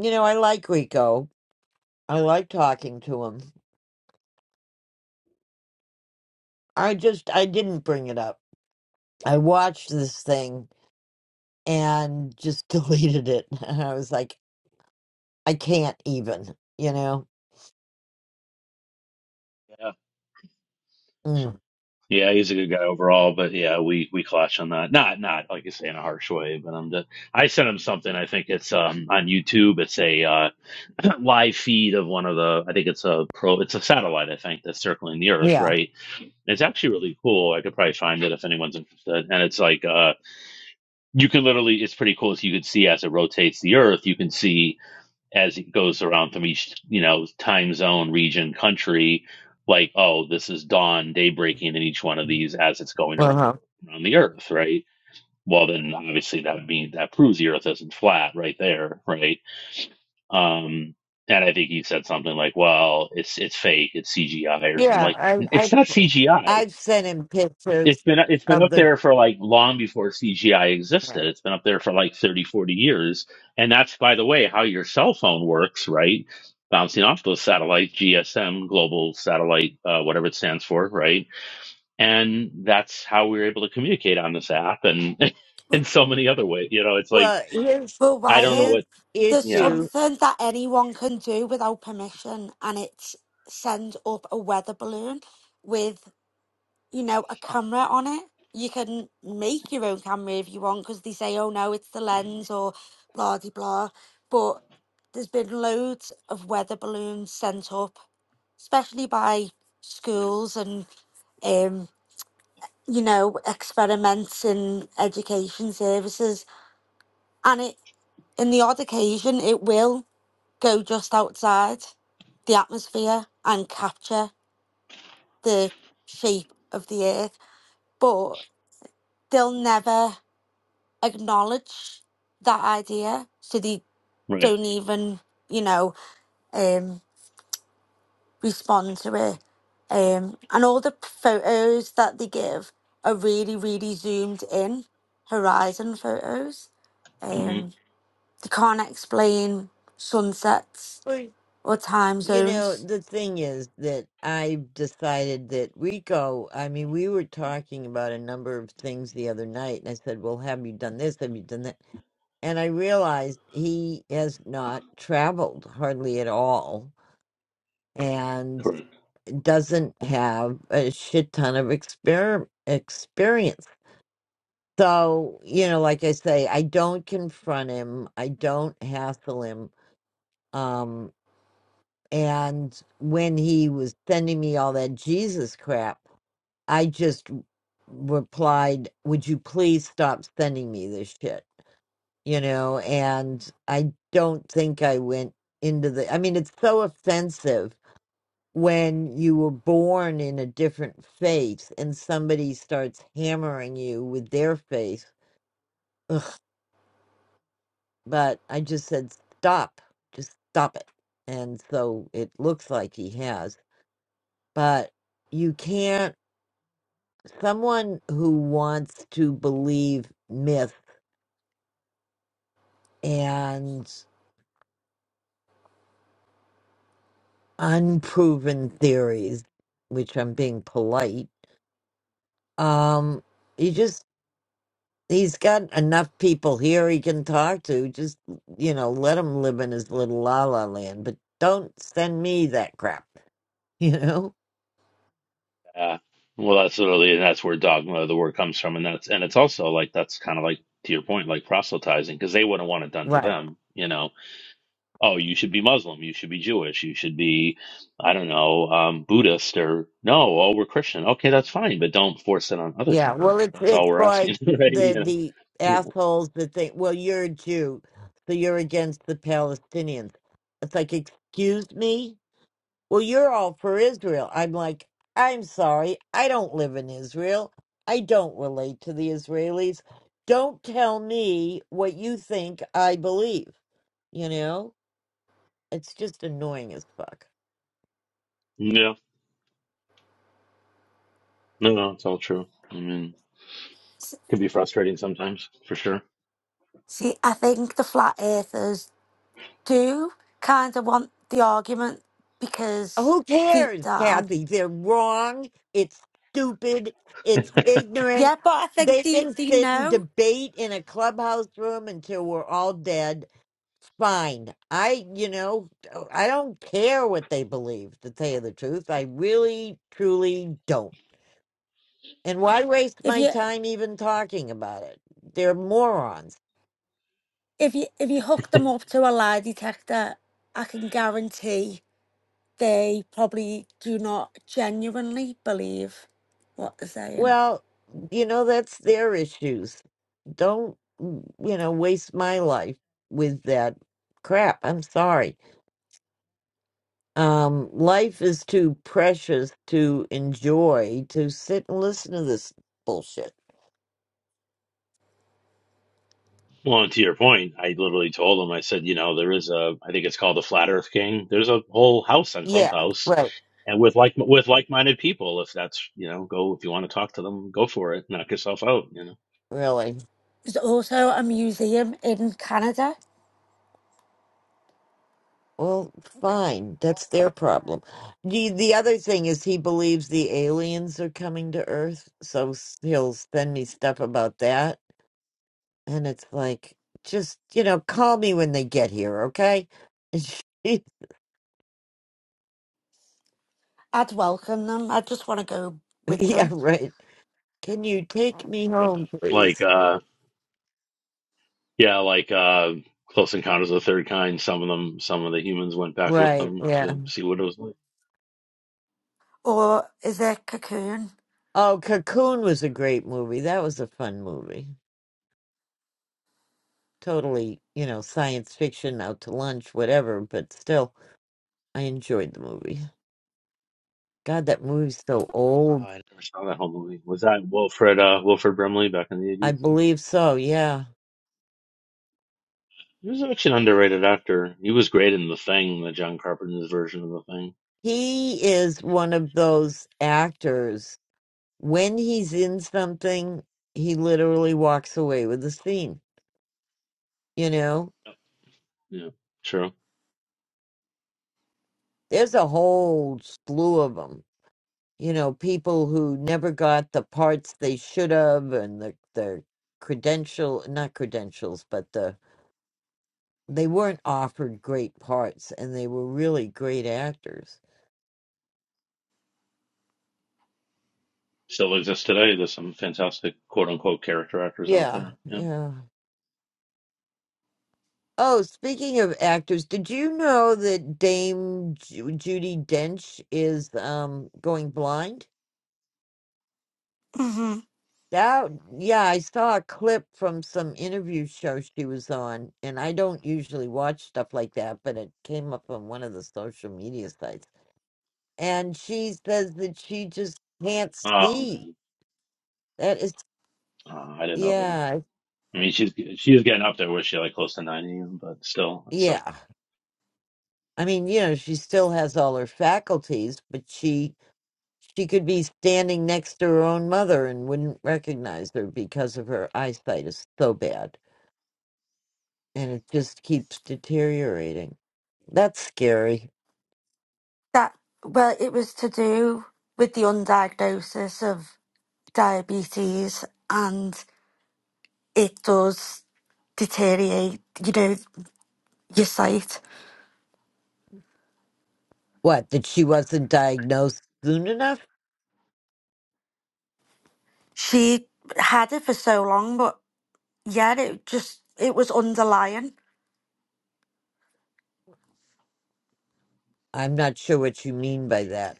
S1: you know, I like Rico. I like talking to him. I just I didn't bring it up. I watched this thing and just (laughs) deleted it. And I was like, I can't even. You know? Mm.
S3: Yeah, he's a good guy overall, but yeah, we we clash on that. Not not like you say in a harsh way, but I'm just I sent him something. I think it's um on YouTube. It's a uh, (clears throat) live feed of one of the. I think it's a pro. It's a satellite. I think that's circling the Earth,
S1: Yeah.
S3: right? And it's actually really cool. I could probably find it if anyone's interested. And it's like uh you can literally. It's pretty cool. So you can see as it rotates the Earth, you can see as it goes around from each you know time zone region country like oh this is dawn day breaking in each one of these as it's going
S1: Uh
S3: around,
S1: huh.
S3: around the earth right well then obviously that means that proves the earth isn't flat right there right um and i think he said something like well it's it's fake it's cgi or something I'm
S1: Yeah,
S3: like
S1: I, I
S3: it's not cgi
S1: I've sent him
S3: it's
S1: pictures
S3: been it's been
S1: of
S3: up
S1: the.
S3: there for like long before CGI existed. It's been up there for like 30 40 years. And that's by the way how your cell phone works, right? Bouncing off those satellites, GSM, global satellite, uh, whatever it stands for, right? And that's how we were able to communicate on this app and (laughs) in so many other ways. You know, it's like
S1: Well, his
S6: But
S3: I don't know
S6: why?
S1: his
S3: what
S6: There's
S3: yeah,
S1: issue,
S6: something that anyone can do without permission, and it's send up a weather balloon with, you know, a camera on it. You can make your own camera if you want, because they say, oh no, it's the lens or blah de blah. But there's been loads of weather balloons sent up, especially by schools and, um, you know, experiments in education services, and it in the odd occasion it will. go just outside the atmosphere and capture the shape of the earth, but they'll never acknowledge that idea, so they
S3: right.
S6: don't even, you know, um, respond to it. Um, and all the photos that they give are really, really zoomed in horizon photos.
S3: Mhm,
S6: Um, they can't explain sunsets
S1: well,
S6: or time
S1: you know,
S6: zones.
S1: the thing is that I've decided that Rico. I mean, we were talking about a number of things the other night, and I said, "Well, have you done this? Have you done that?" And I realized he has not traveled hardly at all, and doesn't have a shit ton of exper- experience So, you know, like I say, I don't confront him. I don't hassle him. Um, and when he was sending me all that Jesus crap, I just replied, Would you please stop sending me this shit? You know, and I don't think I went into the, I mean, it's so offensive when you were born in a different faith and somebody starts hammering you with their faith but I just said, stop, just stop it. And so it looks like he has, but you can't, someone who wants to believe myth and unproven theories, which I'm being polite, um, you just, he's got enough people here he can talk to. Just, you know, let him live in his little la la land, but don't send me that crap, (laughs) you know?
S3: Yeah. Well, that's literally, and that's where dogma, the word comes from. And that's, and it's also like, that's kind of like, to your point, like proselytizing, because they wouldn't want it done to
S1: right.
S3: them. You know, oh, you should be Muslim, you should be Jewish, you should be, I don't know, um, Buddhist or no, oh, we're Christian. Okay, that's fine, but don't force it on other
S1: Yeah, well,
S3: people.
S1: it's
S3: That's all
S1: it's
S3: we're
S1: like
S3: asking, (laughs) right?
S1: the
S3: You
S1: the
S3: know?
S1: assholes that think, well, you're a Jew, so you're against the Palestinians. It's like, excuse me? Well, you're all for Israel. I'm like, I'm sorry, I don't live in Israel. I don't relate to the Israelis. Don't tell me what you think I believe. You know, it's just annoying as fuck.
S3: Yeah. No, no, it's all true. I mean, it can be frustrating sometimes, for sure.
S6: See, I think the flat earthers do kind of want the argument because
S1: Who
S6: deep
S1: cares,
S6: down,
S1: Kathy? They're wrong. It's stupid. It's ignorant.
S6: yeah, but I think
S1: They
S6: they,
S1: can
S6: they
S1: sit and
S6: know
S1: debate in a clubhouse room until we're all dead. It's Fine. I, you know, I don't care what they believe, to tell you the truth. I really, truly don't. And why waste
S6: if
S1: my
S6: you
S1: time even talking about it? They're morons.
S6: if you if you hook them up to a lie detector, I can guarantee they probably do not genuinely believe what they're saying.
S1: Well, you know, that's their issues. don't mm, you know waste my life with that crap i'm sorry um life is too precious to enjoy to sit and listen to this bullshit
S3: Well, and to your point, I literally told him, I said, you know, there is a, I think it's called the Flat Earth King. There's a whole house on
S1: yeah
S3: Clubhouse,
S1: right
S3: and with like with like-minded people, if that's, you know, go if you want to talk to them, go for it, knock yourself out, you know.
S1: really
S6: There's also a museum in Canada.
S1: well fine that's their problem the, the other thing is he believes the aliens are coming to earth so s- he'll send me stuff about that and it's like just you know call me when they get here okay (laughs)
S6: I'd welcome them. I just want to go with
S1: yeah
S6: them.
S1: right Can you take me
S3: Yep.
S1: home,
S3: Like,
S1: please?
S3: uh, yeah, like uh, Close Encounters of the Third Kind. Some of them, some of the humans went back with
S1: Right,
S3: them
S1: yeah.
S3: to see what it was like.
S6: Or is it Cocoon?
S1: Oh, Cocoon was a great movie. That was a fun movie. Totally, you know, science fiction, out to lunch, whatever, but still, I enjoyed the movie. God, that movie's so old.
S3: Oh, I Never saw that whole movie. Was that Wilfred uh, Wilfred Brimley back in the
S1: I
S3: eighties?
S1: believe so, yeah.
S3: He was actually an underrated actor. He was great in The Thing, the John Carpenter's version of The Thing.
S1: He is one of those actors. When he's in something, he literally walks away with the scene, you know?
S3: Yeah, true.
S1: There's a whole slew of them. you know, people who never got the parts they should have and the the credential not credentials, but the they weren't offered great parts and they were really great actors.
S3: Still exists today. There's some fantastic quote unquote character actors out
S1: Yeah,
S3: there. Yeah.
S1: yeah. Oh, speaking of actors, did you know that Dame Ju- Judy Dench is um going blind?
S6: Mm-hmm.
S1: That, yeah, I saw a clip from some interview show she was on, and I don't usually watch stuff like that, but it came up on one of the social media sites. And she says that she just can't
S3: Oh
S1: see.
S3: man,
S1: That is,
S3: uh, I didn't know that.
S1: yeah,
S3: I mean, she's she's getting up there. Was she like close to ninety? But still, it sucks.
S1: yeah. I mean, you know, she still has all her faculties, but she she could be standing next to her own mother and wouldn't recognize her because of her eyesight is so bad, and it just keeps deteriorating. That's scary.
S6: That well, it was to do with the undiagnosis of diabetes, and it does deteriorate. You know your sight.
S1: What, that she wasn't diagnosed soon enough?
S6: She had it for so long, but yeah, it just it was underlying.
S1: I'm not sure what you mean by that.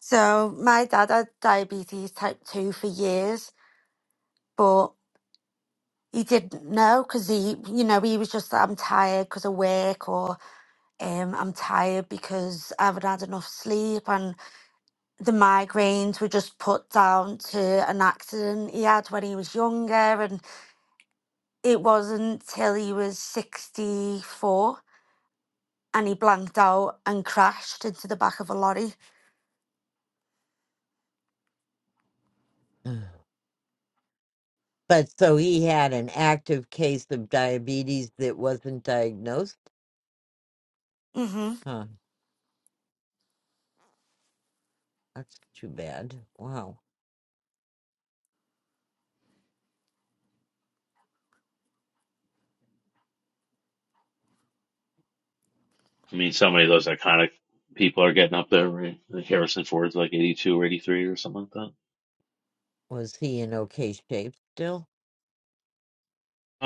S6: So my dad had diabetes type two for years, but he didn't know because he, you know, he was just I'm tired because of work or um, I'm tired because I haven't had enough sleep and. the migraines were just put down to an accident he had when he was younger and it wasn't till he was 64 and he blanked out and crashed into the back of a lorry
S1: (sighs) But so he had an active case of diabetes that wasn't diagnosed?
S6: hmm
S1: Huh, that's too bad. Wow.
S3: I mean, so many of those iconic people are getting up there. Right? Like Harrison Ford's like eighty-two or eighty-three or something like that.
S1: Was he in okay shape still?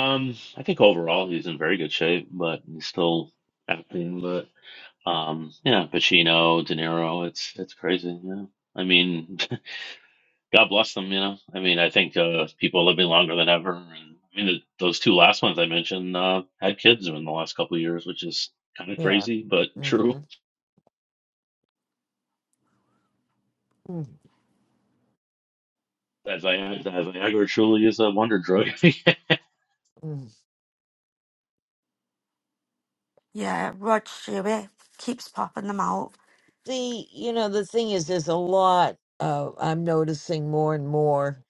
S3: Um, I think overall he's in very good shape, but he's still acting. But um, yeah, Pacino, De Niro, it's it's crazy. Yeah. I mean, (laughs) God bless them. You know, I mean, I think uh, people are living longer than ever, and I mean, th those two last ones I mentioned uh, had kids in the last couple of years, which is kind of
S1: Yeah.
S3: crazy but (laughs) true.
S1: Mm-hmm.
S3: As I as Viagra truly is a wonder drug. (laughs) Sarah,
S1: mm
S6: yeah rod stewart keeps popping them out
S1: See, you know, the thing is, there's a lot. Uh, I'm noticing more and more.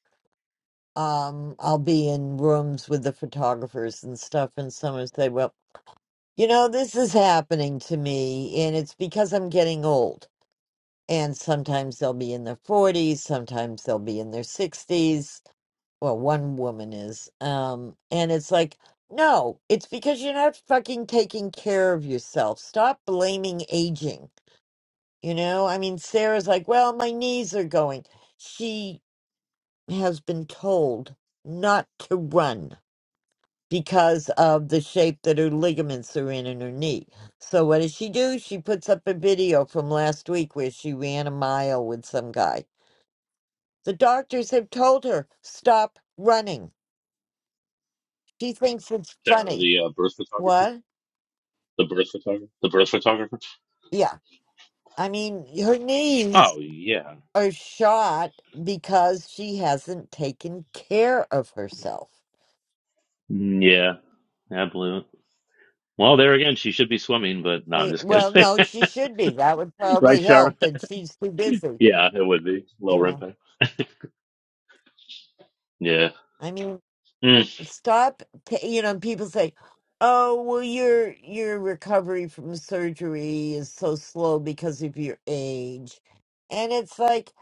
S1: Um, I'll be in rooms with the photographers and stuff, and someone will say, "Well, You know, this is happening to me, and it's because I'm getting old. And sometimes they'll be in their 40s, sometimes they'll be in their 60s. Well, one woman is. Um, and it's like, no, it's because you're not fucking taking care of yourself. Stop blaming aging. You know, I mean, Sarah's like, well, my knees are going. She has been told not to run because of the shape that her ligaments are in in her knee. So what does she do? She puts up a video from last week where she ran a mile with some guy. The doctors have told her stop running. She thinks it's funny.
S3: the uh, birth photographer,
S1: What?
S3: the birth photographer, the birth photographer.
S1: Yeah. I mean, her knees
S3: Oh yeah,
S1: are shot because she hasn't taken care of herself.
S3: Mm, yeah, absolutely. Well, there again, she should be swimming, but no,
S1: I
S3: I'm just
S1: Well,
S3: kidding.
S1: no, she should be. That would
S3: (laughs) right,
S1: probably
S3: Sharon?
S1: help, but she's too busy.
S3: Yeah, it would be lower
S1: Yeah.
S3: impact. Yeah,
S1: I mean,
S3: mm,
S1: stop ta- you know people say oh well your your recovery from surgery is so slow because of your age and it's like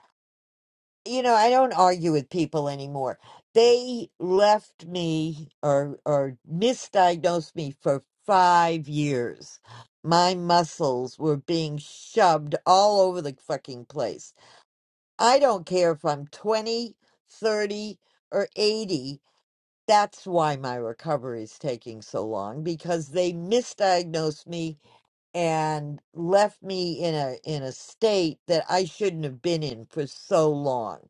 S1: you know i don't argue with people anymore they left me or or misdiagnosed me for 5 years my muscles were being shoved all over the fucking place i don't care if i'm twenty, thirty, or 80 that's why my recovery is taking so long because they misdiagnosed me and left me in a in a state that I shouldn't have been in for so long.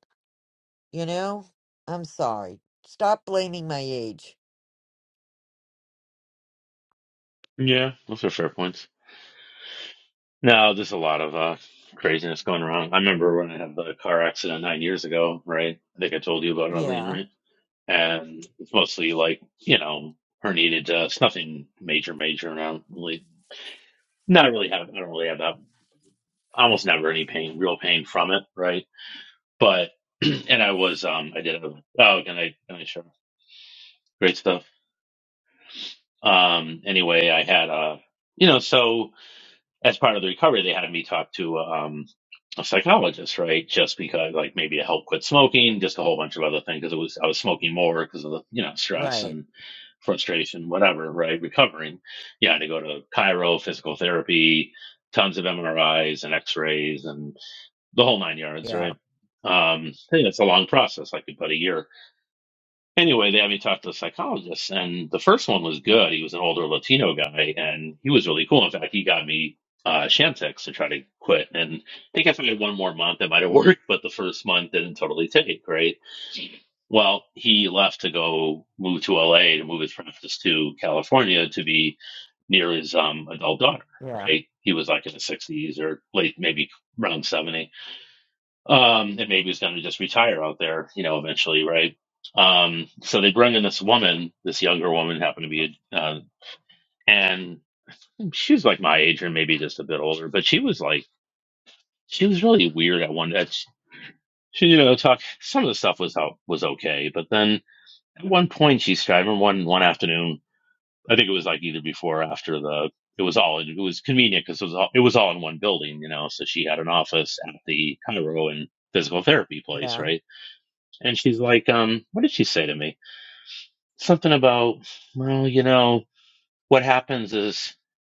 S1: You know? I'm sorry. Stop blaming my age.
S3: yeah, those are fair points. No, there's a lot of uh, craziness going around. I remember when I had the car accident nine years ago, right? I think I told you about it, Eileen,
S1: Yeah.
S3: right? And it's mostly like, you know, her needed, uh, it's nothing major, major. And I don't really, not really have, I don't really have that, almost never any pain, real pain from it, right? But, (clears throat) and I was, um, I did, have- oh, can I, can I show? Great stuff. Um, anyway, I had, uh, you know, so, as part of the recovery, they had me talk to um, a psychologist, right? Just because, like, maybe to help quit smoking, just a whole bunch of other things. Because it was I was smoking more because of the you know stress
S1: Right.
S3: and frustration, whatever, right? Recovering, yeah, I had to go to Cairo, physical therapy, tons of MRIs and X-rays, and the whole nine yards,
S1: Yeah.
S3: right? Um, I think that's a long process, like about a year Anyway, they had me talk to a psychologist, and the first one was good. He was an older Latino guy, and he was really cool. In fact, he got me uh, Chantix to try to quit. And I think if I had one more month, it might have worked, but the first month didn't totally take, right? Well, he left to go move to LA to move his practice to California to be near his um, adult daughter,
S1: Yeah.
S3: right? He was like in the 60s or late, maybe around 70 um, and maybe he's going to just retire out there, you know, eventually, right? Um, so they bring in this woman, this younger woman, happened to be, uh, and she was like my age or maybe just a bit older, but she was like, she was really weird at one. At she, you know, talk. Some of the stuff was out was okay, but then at one point she started. I remember one one afternoon, I think it was like either before or after the. It was all. It was convenient because it was all. It was all in one building, you know. So she had an office at the Cairo and physical therapy place,
S1: Yeah.
S3: right? And she's like, um, what did she say to me? Something about, well, you know, what happens is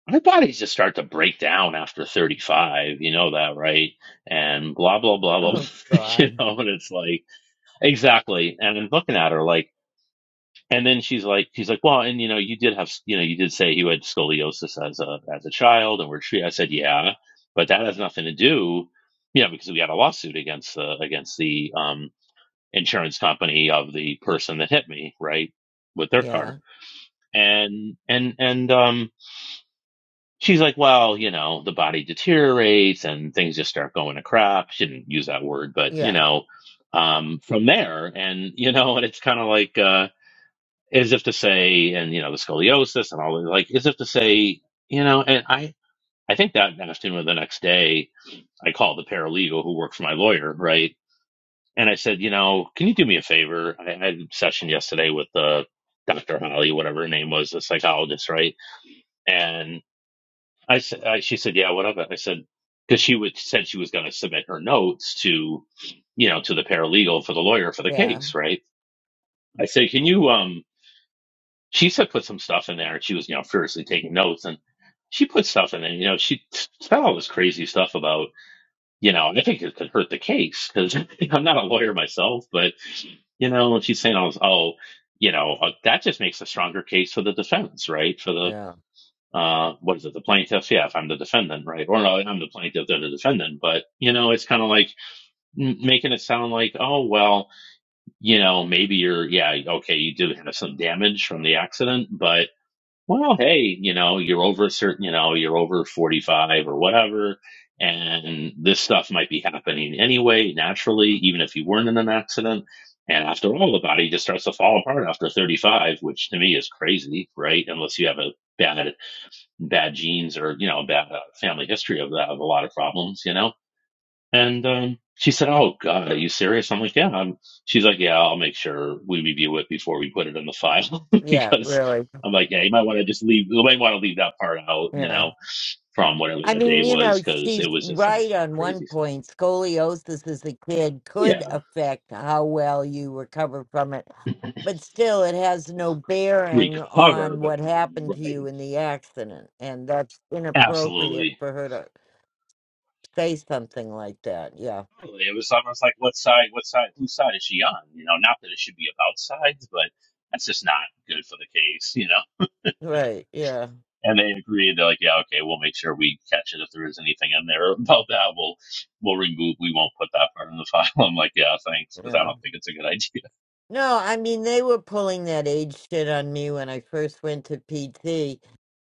S3: my bodies just start to break down after 35. You know that, right? And blah, blah, blah, blah.
S1: Oh
S3: (laughs) you
S1: god.
S3: know, and it's like, exactly. And I'm looking at her like, and then she's like, she's like, well, and you know, you did have, you know, you did say you had scoliosis as a, as a child and we're treated. I said, yeah, but that has nothing to do, you know, because we had a lawsuit against the, against the, um insurance company of the person that hit me, right, with their car.
S1: Yeah.
S3: And and and um she's like, well, you know, the body deteriorates and things just start going to crap. She didn't use that word, but you
S1: Yeah.
S3: know, um from there and you know, and it's kind of like uh as if to say and you know, the scoliosis and all that, like as if to say, you know, and I I think that afternoon or the next day I called the paralegal who worked for my lawyer, right? And I said, you know, can you do me a favor? I had a session yesterday with uh, Dr. Holly, whatever her name was, a psychologist, right? And I said, I, she said, yeah, whatever. I said, because she would, said she was going to submit her notes to, you know, to the paralegal for the lawyer for the
S1: Yeah.
S3: case, right? I said, can you, um, she said, put some stuff in there. And she was, you know, furiously taking notes. And she put stuff in there. You know, she said all this crazy stuff about you know, and I think it could hurt the case because (laughs) I'm not a lawyer myself, but you know, she's saying, all this, "Oh, you know, uh, that just makes a stronger case for the defense, right? For the
S1: Yeah.
S3: uh, what is it, the plaintiff? Yeah, if I'm the defendant, right? Or no, I'm the plaintiff, they're the defendant, but you know, it's kind of like m- making it sound like, oh, well, you know, maybe you're, yeah, okay, you did have some damage from the accident, but." well, hey, you know, you're over a certain, you know, you're over 45 or whatever, and this stuff might be happening anyway, naturally, even if you weren't in an accident. And after all, the body just starts to fall apart after 35, which to me is crazy, right? Unless you have a bad, bad genes or, you know, bad uh, family history of that, of a lot of problems, you know? And um, she said, "Oh God, are you serious?" I'm like, "Yeah." I'm, she's like, "Yeah, I'll make sure we review it before we put it in the file (laughs)
S1: Yeah.
S3: because
S1: Really.
S3: I'm like, yeah, you might want to just leave. You might want to leave that part out, you
S1: Yeah.
S3: know, from whatever
S1: I
S3: that
S1: mean,
S3: day
S1: you know,
S3: was because it
S1: she's
S3: was just some
S1: right on one
S3: crazy stuff."
S1: point. Scoliosis as a kid could
S3: Yeah,
S1: affect how well you recover from it, but still, it has no bearing on
S3: recover, but
S1: what happened to you
S3: right,
S1: in the accident. And that's inappropriate
S3: absolutely.
S1: for her to say something like that. Yeah.
S3: Totally. It was almost like, what side? What side? Whose side is she on? You know, not that it should be about sides, but that's just not good for the case, you know.
S1: Right. Yeah.
S3: and they agreed. They're like, yeah, okay, we'll make sure we catch it if there is anything in there (laughs) about that. We'll we'll remove. We won't put that part in the file. (laughs) I'm like, yeah, thanks, because I
S1: Yeah.
S3: don't think it's a good idea.
S1: No, I mean, they were pulling that age shit on me when I first went to PT.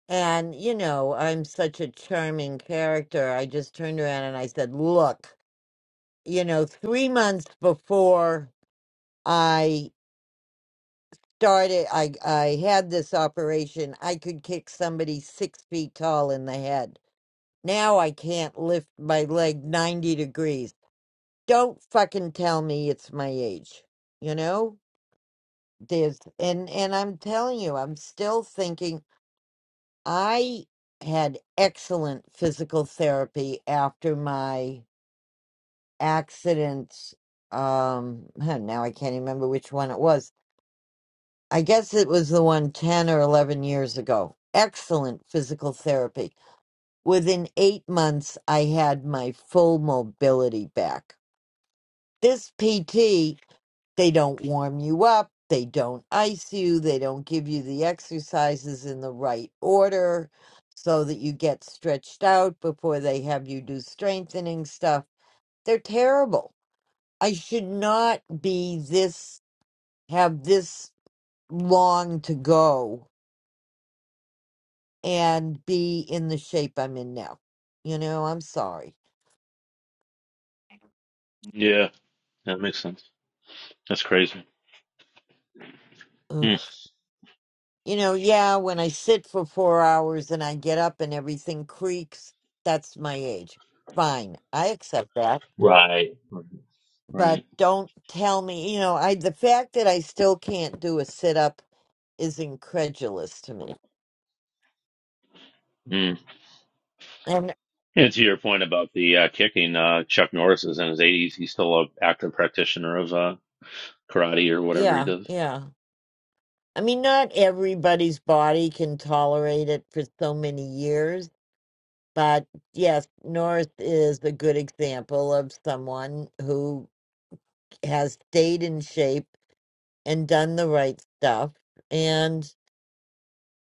S1: And, you know, I'm such a charming character. I just turned around and I said, Look. you know, three months before I started, I I had this operation. I could kick somebody six feet tall in the head. Now I can't lift my leg ninety degrees. Don't fucking tell me it's my age. You know, there's and and I'm telling you, I'm still thinking I had excellent physical therapy after my accidents. Um, (laughs) now I can't remember which one it was I guess it was the one 10 or 11 years ago. Excellent physical therapy. Within eight months, I had my full mobility back. This PT, they don't warm you up, they don't ice you, they don't give you the exercises in the right order so that you get stretched out before they have you do strengthening stuff. They're terrible. I should not be this, have this long to go and be in the shape I'm in now. You know, I'm sorry.
S3: Yeah, that makes sense. That's crazy.
S1: Ugh.
S3: Hmm.
S1: You know, yeah, when I sit for four hours and I get up and everything creaks, that's my age. Fine, I accept that.
S3: Right.
S1: But
S3: Right.
S1: don't tell me, you know, I the fact that I still can't do a sit up is incredulous to me.
S3: Mm.
S1: And
S3: And to your point about the uh, kicking, uh, Chuck Norris is in his 80s. He's still an active practitioner of uh, karate or whatever he
S1: yeah,
S3: does.
S1: yeah. I mean, not everybody's body can tolerate it for so many years But yes, North is a good example of someone who has stayed in shape and done the right stuff. And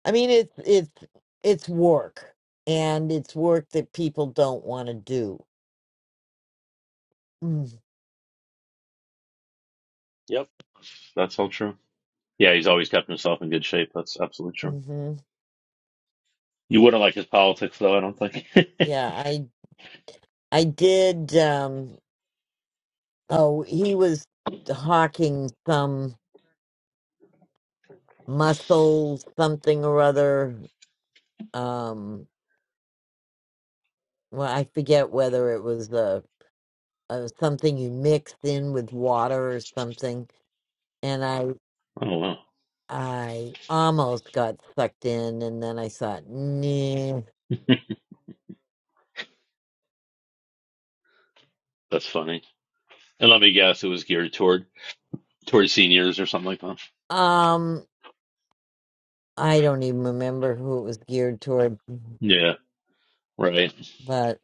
S1: I mean, it's it's it's work, and it's work that people don't want to do. Mm,
S3: Yep. That's all true. Yeah, he's always kept himself in good shape. That's absolutely true.
S1: Mm-hmm.
S3: You wouldn't like his politics, though, I don't think. (laughs)
S1: Yeah, I I did. Um, oh, he was hawking some muscle something or other. Um, well, I forget whether it was the uh, something you mixed in with water or something, and I
S3: oh, wow.
S1: I almost got sucked in, and then I thought, nah,
S3: That's funny. And let me guess, it was geared toward toward seniors or something like that.
S1: um, I don't even remember who it was geared toward,
S3: Yeah, right.
S1: but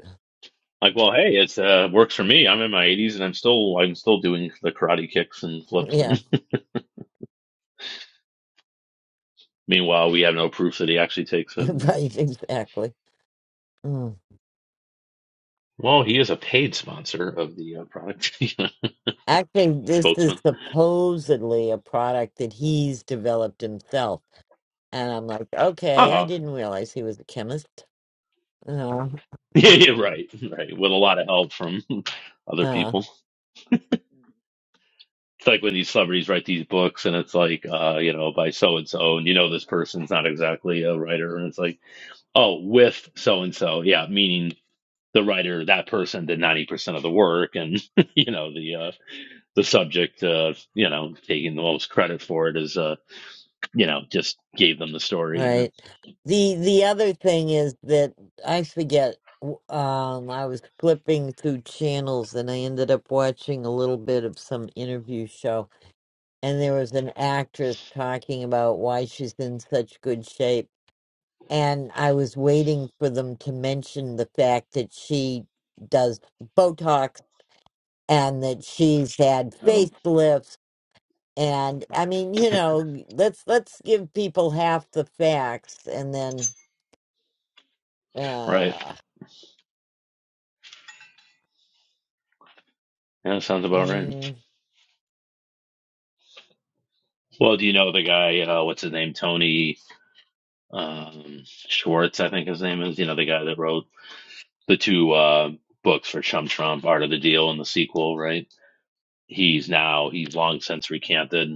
S3: Like, well, hey, it's uh works for me. I'm in my 80s and I'm still I'm still doing the karate kicks and flips.
S1: yeah,
S3: And (laughs) meanwhile, we have no proof that he actually takes
S1: (laughs)
S3: it.
S1: right, exactly. Mm.
S3: Well, he is a paid sponsor of the uh, product (laughs) You know,
S1: Actually, this is
S3: spokesman.
S1: supposedly a product that he's developed himself, and I'm like, okay,
S3: Oh,
S1: I
S3: okay.
S1: didn't
S3: (laughs)
S1: realize he was a chemist. Uh,
S3: Yeah, yeah, right, right. With a lot of help from (laughs) other
S1: uh,
S3: people. It's like when these celebrities write these books, and it's like, uh, you know, by so and so, and you know, this person's not exactly a writer, and it's like. oh, with so and so, yeah, meaning the writer, that person did ninety percent of the work, and (laughs) you know the uh, the subject, uh, you know, taking the most credit for it is, uh, you know, just gave them the story, you know.
S1: Right. The the other thing is that I forget w- um I was flipping through channels and I ended up watching a little bit of some interview show and there was an actress talking about why she's in such good shape and I was waiting for them to mention the fact that she does Botox and that she's had
S3: Oh,
S1: facelifts and I mean, you know, let's let's give people half the facts and then
S3: right.
S1: Uh,
S3: Yeah, sounds about right.
S1: hmm
S3: Well, do you know the guy? Uh, what's his name? Tony um, Schwartz, I think his name is. You know, the guy that wrote the two uh, books for Chum Trump, Art of the Deal, and the sequel, right? He's now he's long since recanted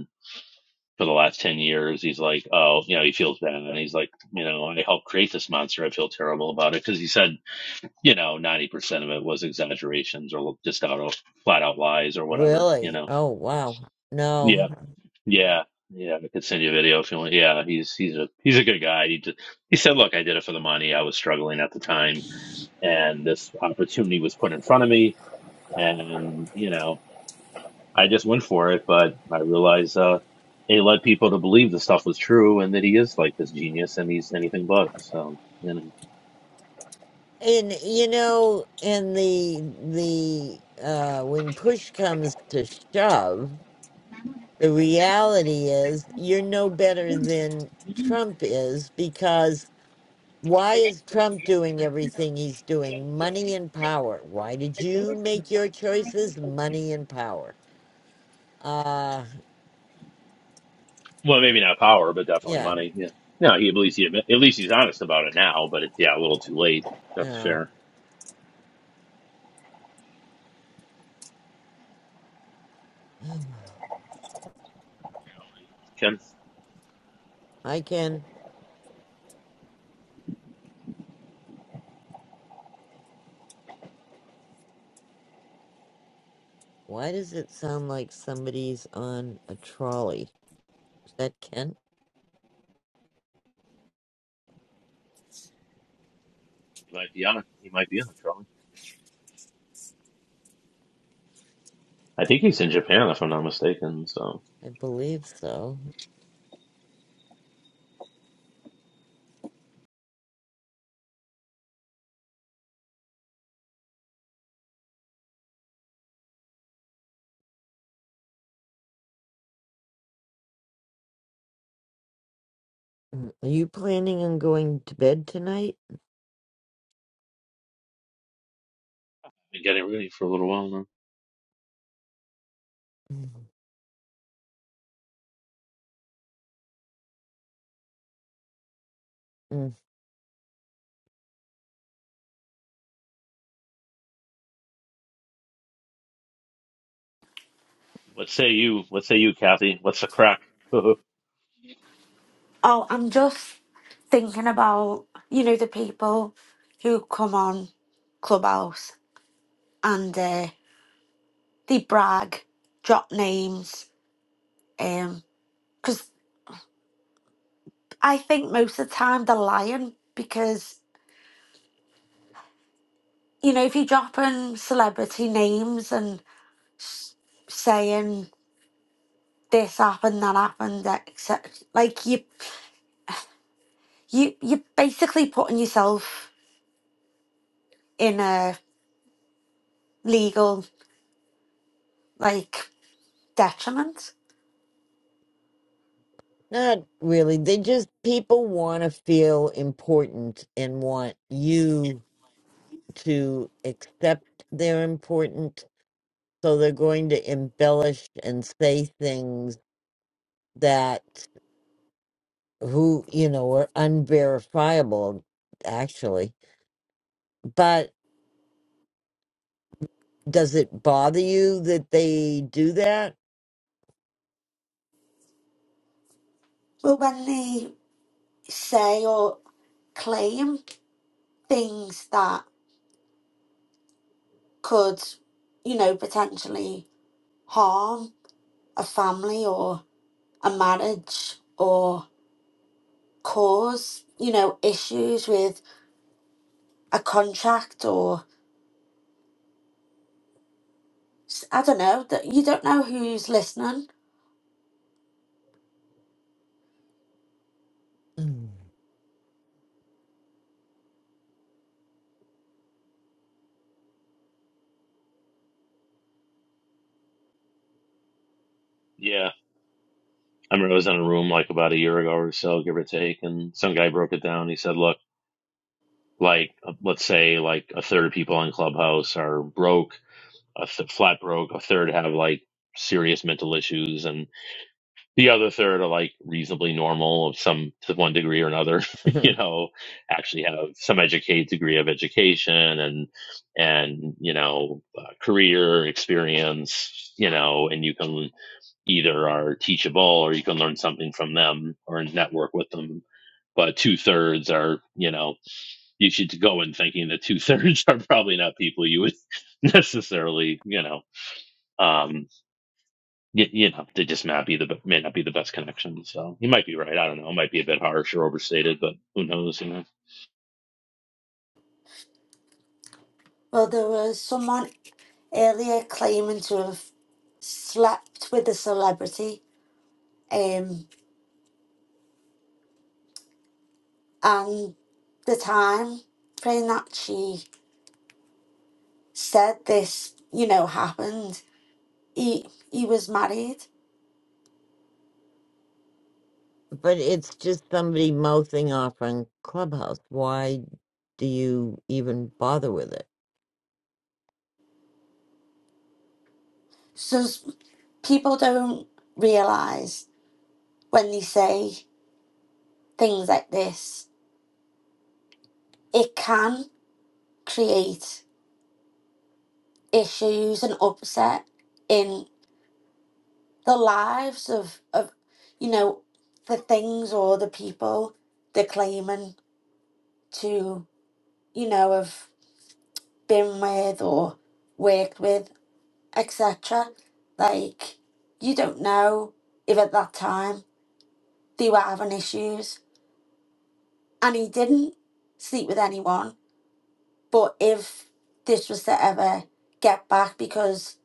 S3: for the last 10 years. He's like, oh, you know, he feels bad. And he's like, you know, I helped create this monster. I feel terrible about it. Cause he said, you know, 90% of it was exaggerations or just out of flat out lies or whatever, you
S1: Really?
S3: know?
S1: Oh, wow.
S3: Yeah.
S1: No.
S3: Yeah. Yeah. I could send you a video if you want. Yeah. He's, he's a, he's a good guy. He just, he said, look, I did it for the money. I was struggling at the time and this opportunity was put in front of me. And, you know, I just went for it, but I realized uh, it led people to believe the stuff was true and that he is like this genius and he's anything but. So, you know,
S1: And you know, and the the uh when push comes to shove,
S22: The
S1: the reality is you're no better than Trump is because why is
S22: next station
S1: Trump
S22: is
S1: doing
S22: Matsudo
S1: everything he's
S22: J
S1: doing?
S22: J
S1: Money and
S22: six.
S1: power. Why did
S22: The
S1: you
S22: doors on the
S1: make your
S22: right side were
S1: choices?
S22: open.
S1: Money and power. Uh,
S3: well, maybe not power, but definitely
S1: yeah.
S3: money. Yeah. No, he at least he admit, at least he's honest about it now. But it's yeah, a little too late. That's
S1: Yeah.
S3: fair.
S1: (sighs)
S3: Ken,
S1: I can. Why does it sound like somebody's on a trolley? Is that Kent?
S3: he might be on. He might be on trouble. I think he's in Japan, if I'm not mistaken. So,
S1: I believe so. Mm. Are you planning on going to bed tonight?
S3: been getting ready for a little while now.
S1: Mm. Mm.
S3: What say you? What say you, Kathy? What's the crack?
S6: oh i'm just thinking about you know the people who come on clubhouse and uh, they brag drop names because I think most of the time they're lying because, you know, if you're dropping celebrity names and saying this happened, that happened, etc., like you, you, you're basically putting yourself in a legal, like, detriment.
S1: Not really. They just, people want to feel important and want you to accept they're important. So they're going to embellish and say things that who, you know, are unverifiable, actually. but. Does it bother you that they do that?
S6: But when they say or claim things that could, you know, potentially harm a family or a marriage or. cause, you know, issues with a contract or s- I don't know, that you don't know who's listening.
S1: Mm.
S3: (laughs) yeah. I remember I was in a room like about a year ago or so, give or take, and some guy broke it down. He said, "Look." like uh, let's say like a third of people on clubhouse are broke a th- flat broke a third have like serious mental issues and the other third are like reasonably normal of some to one degree or another (laughs) you
S1: (laughs)
S3: know actually have some educate degree of education and and you know uh, career experience you know and you can either are teachable or you can learn something from them or network with them but two thirds are you know you should go in thinking that two thirds (laughs) are probably not people you would (laughs) necessarily, you know, um, you, you know, they just may not be the be- may not be the best connection. So you might be right. I don't know. It might be a bit harsh or overstated, but who knows? You know
S6: Well, there was someone earlier claiming to have slept with a celebrity, um, and the time frame that she said this, you know, happened. He he was married,
S1: But it's just somebody mouthing off on Clubhouse. Why do you even bother with it?
S6: so s- people don't realize when they say things like this, it can create issues and upset in the lives of of you know the things or the people they're claiming to you know have been with or worked with etc like you don't know if at that time they were having issues and he didn't sleep with anyone but if this was to ever get back because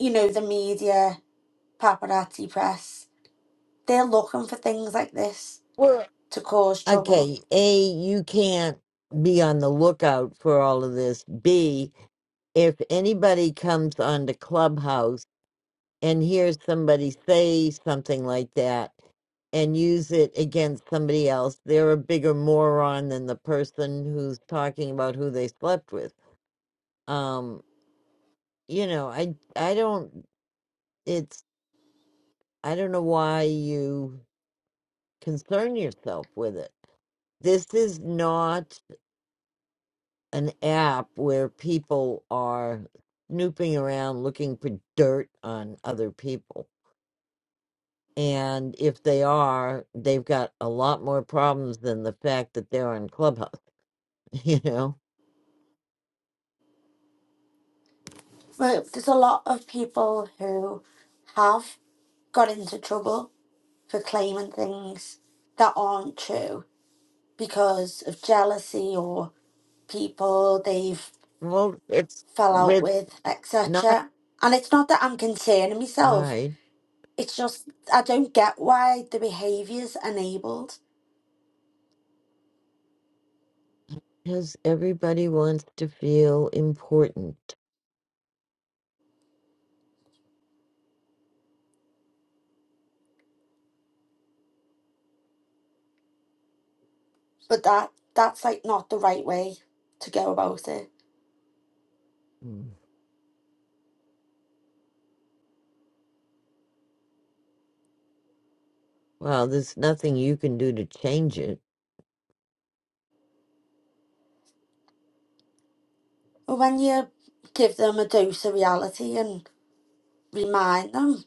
S6: you know the media paparazzi press They're looking for things like this
S1: Well,
S6: to cause trouble.
S1: Okay, A, you can't be on the lookout for all of this. B, if anybody comes onto Clubhouse. and hear somebody say something like that and use it against somebody else, they're a bigger moron than the person who's talking about who they slept with. Um, you know, I I don't it's I don't know why you concern yourself with it. This is not an app where people are snooping around looking for dirt on other people And if they are, they've got a lot more problems than the fact that they're on Clubhouse. (laughs) You know,
S6: Right, There's a lot of people who have got into trouble for claiming things that aren't true because of jealousy or people they've
S1: well, it's
S6: fell out
S1: with
S6: with,
S1: not
S6: etc. And it's not that I'm concerning
S1: all
S6: myself.
S1: right
S6: It's just I don't get why the behaviour's enabled,
S1: because everybody wants to feel important.
S6: but that that's like not the right way to go about it.
S1: Mm. Well, there's nothing you can do to change it.
S6: But when you give them a dose of reality and. remind them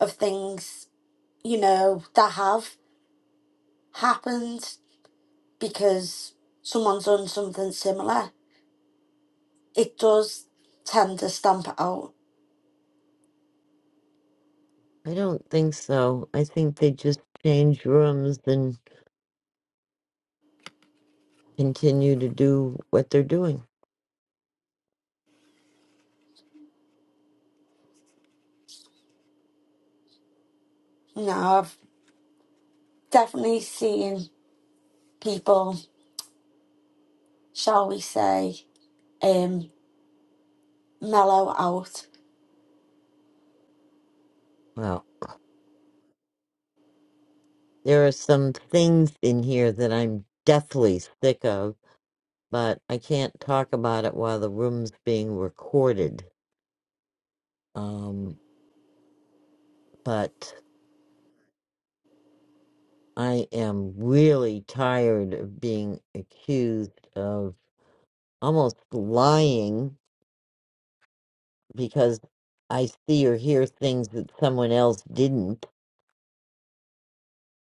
S6: of things, you know, that have happened because someone's done something similar. It does tend to stamp it out.
S1: I don't think so. I think they just change rooms and continue to do what they're doing.
S6: Now, I've definitely seen people, shall we say, um, mellow out.
S1: Well, there are some things in here that I'm deathly sick of but I can't talk about it while the room's being recorded. Um, but I am really tired of being accused of almost lying because I see or hear things that someone else didn't,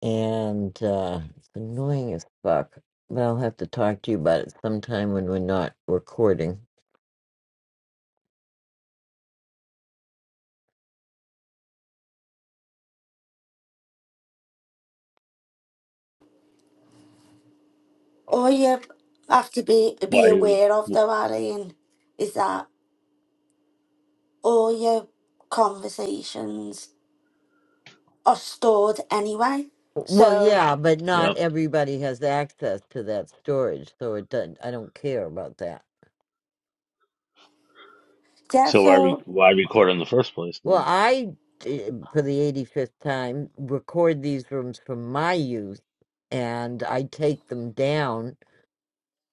S1: and uh, it's annoying as fuck. But I'll have to talk to you about it sometime when we're not recording.
S6: All you have to be
S3: why?
S6: be
S3: you-
S6: aware of,
S3: w-
S6: though, Arian, is that all your conversations are stored anyway.
S1: Well,
S6: So,
S1: yeah, but not
S3: Yeah.
S1: everybody has access to that storage, so it doesn't. I don't care about that.
S6: yeah,
S3: So why re-
S6: so
S3: why record in the first place
S1: Well,
S3: then?
S1: I, d- for the 85th time, record these rooms from my youth and I take them down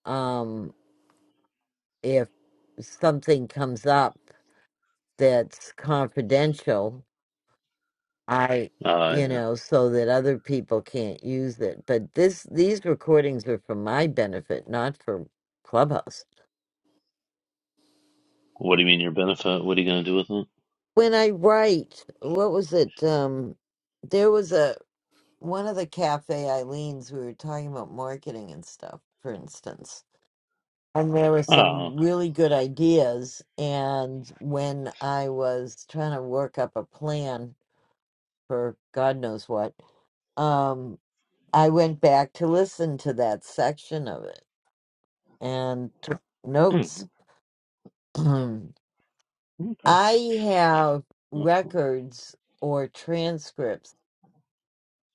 S1: um, if something comes up that's confidential. I,
S3: Uh,
S1: you
S3: yeah.
S1: know, so that other people can't use it. But this, these recordings are for my benefit, not for Clubhouse.
S3: What do you mean your benefit? What are you gonna do with it?
S1: When I write, what was it? Um, there was a one of the cafe Eileen's, we were talking about marketing and stuff, for instance. And there were
S3: Oh,
S1: some
S3: okay.
S1: really good ideas. And when I was trying to work up a plan for God knows what, um, I went back to listen to that section of it and took notes.
S3: Hmm,
S1: (clears throat)
S3: okay,
S1: I have
S3: that's cool.
S1: records or transcripts.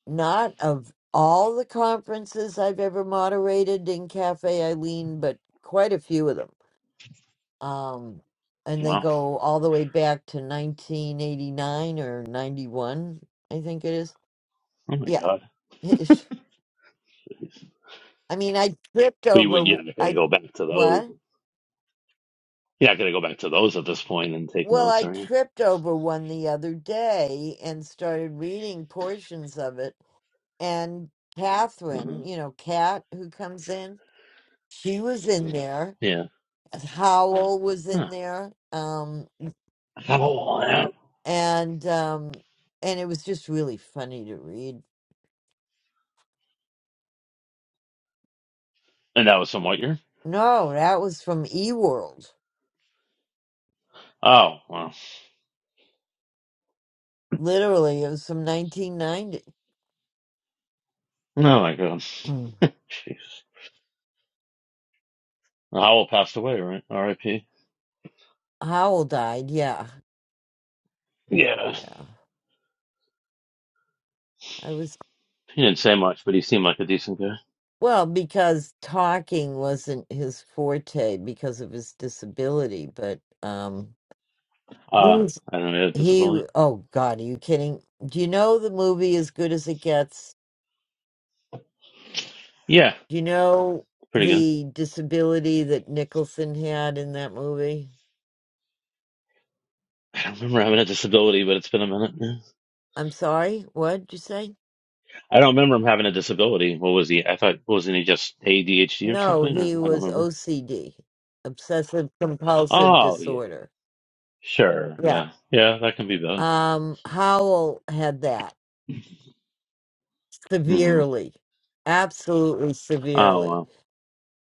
S1: not of all the conferences I've ever moderated in Cafe Eileen, but quite a few of them. Um, and they
S3: Wow.
S1: go all the way back to 1989 or 91, I think it is.
S3: Oh my
S1: Yeah. (laughs)
S3: god. Jeez.
S1: I mean, I tripped
S3: But you
S1: over,
S3: would you're
S1: w-
S3: not gonna
S1: I,
S3: go back to those.
S1: what?
S3: You're not gonna go back to those at this point and take
S1: Well,
S3: notes,
S1: I
S3: are you?
S1: tripped over one the other day and started reading portions of it. And
S3: Mm-hmm.
S1: Catherine, you know, Kat, who comes in, she was in there
S3: Yeah.
S1: Howell was in
S3: Huh.
S1: there, um,
S3: Howell, uh,
S1: and um, and it was just really funny to read.
S3: and that was from what year.
S1: No, that was from eWorld.
S3: Oh wow.
S1: Literally, it was from 1990.
S3: Oh my God.
S1: Mm.
S3: Jeez. Howell passed away, right? R.I.P.
S1: Howell died. Yeah,
S3: Yeah.
S1: yeah. I was
S3: He didn't say much, but he seemed like a decent guy.
S1: well because talking wasn't his forte because of his disability, but um,
S3: Uh, I don't know. He had a
S1: he.
S3: disability.
S1: Oh God, are you kidding? Do you know the movie As Good as It Gets?
S3: Yeah,
S1: Do you know
S3: pretty good.
S1: the disability that Nicholson had in that movie?
S3: I don't remember having a disability, but it's been a minute. now.
S1: I'm sorry, what did you say?
S3: I don't remember him having a disability. What was he? I thought wasn't he just ADHD or
S1: No,
S3: something? Or
S1: he
S3: I don't
S1: was
S3: remember.
S1: OCD, obsessive compulsive
S3: Oh yeah, yeah.
S1: disorder.
S3: sure,
S1: Yeah.
S3: yeah, yeah. That can be bad.
S1: Um, Howell had that
S3: hmm
S1: severely, absolutely
S3: Oh
S1: severely.
S3: wow,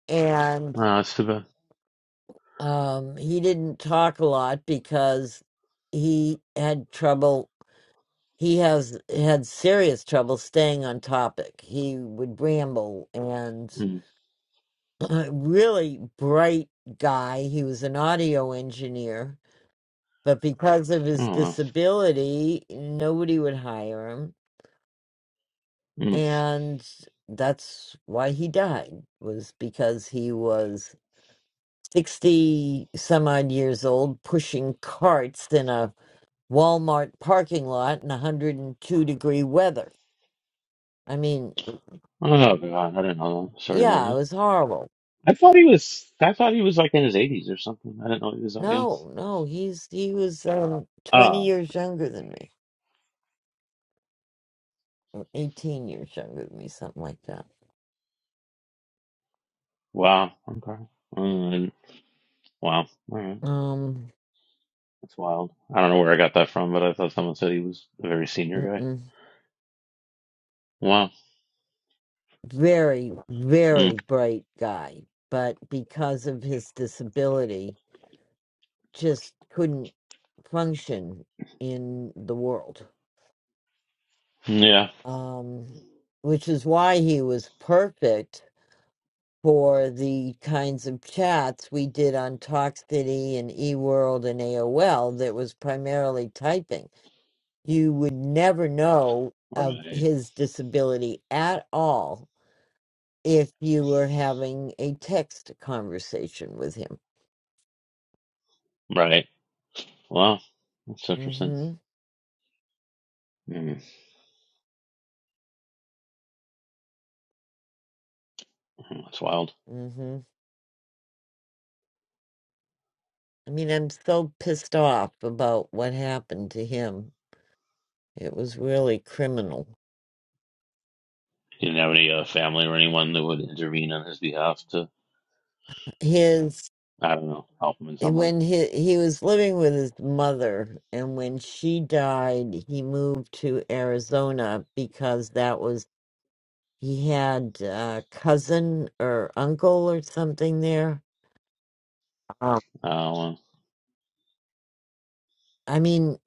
S1: And
S3: oh, that's too bad.
S1: um, he didn't talk a lot because he had trouble he has had serious trouble staying on topic. He would ramble and
S3: Mm.
S1: (clears throat) really bright guy. He was an audio engineer, but because of his
S3: Oh wow.
S1: disability, nobody would hire him.
S3: Mm.
S1: And that's why he died was because he was 60 some odd years old pushing carts in a Walmart parking lot in 102 degree weather. I mean,
S3: Oh God, I don't know. Sorry to hear
S1: yeah, it
S3: that.
S1: was horrible.
S3: I thought he was. I thought he was like in his eighties or something. I didn't know he was that young.
S1: No, no, he's he was um twenty
S3: Oh
S1: years younger than me, eighteen years younger than me, something like that.
S3: wow. Okay. Mm, wow. All right.
S1: Um,
S3: That's wild. I don't know where I got that from, but I thought someone said he was a very senior guy.
S1: mm-mm.
S3: Wow.
S1: very, very
S3: Mm,
S1: bright guy, but because of his disability, just couldn't function in the world.
S3: yeah.
S1: Um, which is why he was perfect for the kinds of chats we did on Talk City and eWorld and AOL that was primarily typing you would never know of
S3: Right.
S1: his disability at all if you were having a text conversation with him.
S3: Right. Wow. That's interesting.
S1: Mhm.
S3: Mm, that's wild.
S1: Mhm. I mean, I'm so pissed off about what happened to him. It was really criminal.
S3: He didn't have any uh, family or anyone that would intervene on his behalf to,
S1: His
S3: I don't know, help him in some way.
S1: when he he was living with his mother and when she died, he moved to Arizona because that was he had a cousin or uncle or something there Um,
S3: Oh,
S1: I mean,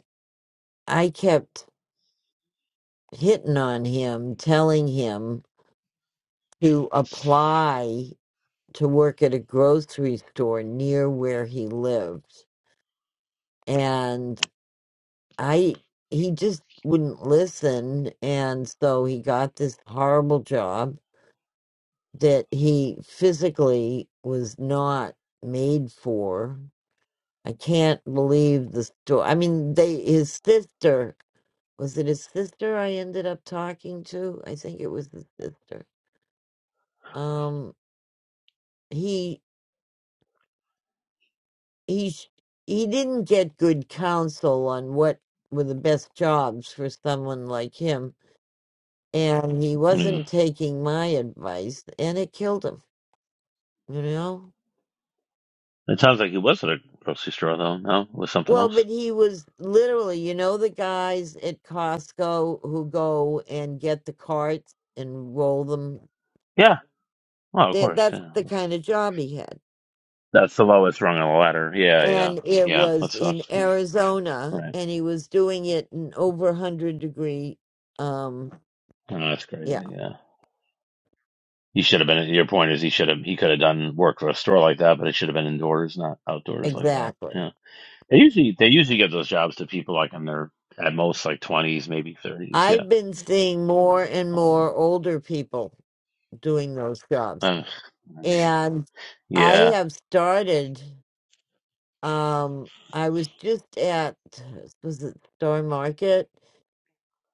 S1: I kept hitting on him, telling him to apply to work at a grocery store near where he lived. And I, he just wouldn't listen. And so he got this horrible job that he physically was not made for. I can't believe the story. I mean, they, his sister was it his sister I ended up talking to? I think it was his sister. Um, he he sh- he didn't get good counsel on what were the best jobs for someone like him, and he
S3: well, yeah.
S1: wasn't taking my advice, and it killed him. You know.
S3: It sounds like it was at a grocery store, though. No, it was something
S1: Well, but
S3: else.
S1: he was literally, you know, the guys at Costco who go and get the carts and roll them.
S3: Yeah. Well, of
S1: They,
S3: course.
S1: that's
S3: Yeah.
S1: the
S3: That's,
S1: kind of job he had
S3: that's the lowest rung on the ladder. Yeah, yeah,
S1: and it
S3: yeah. That
S1: was in
S3: sucks. Yeah.
S1: Arizona,
S3: Right.
S1: and he was doing it in over 100 degree. Um,
S3: I know that's crazy.
S1: yeah,
S3: Yeah. He should have been. Your point is, he should have. He could have done work for a store like that, but it should have been indoors, not outdoors like that.
S1: exactly.
S3: Yeah. They usually they usually give those jobs to people like in their at most like twenties, maybe thirties. Yeah.
S1: I've been seeing more and
S3: Um,
S1: more older people doing those
S3: (sighs)
S1: jobs,
S3: uh, uh,
S1: and I
S3: yeah.
S1: have started. Um, I was just at was it Star Market,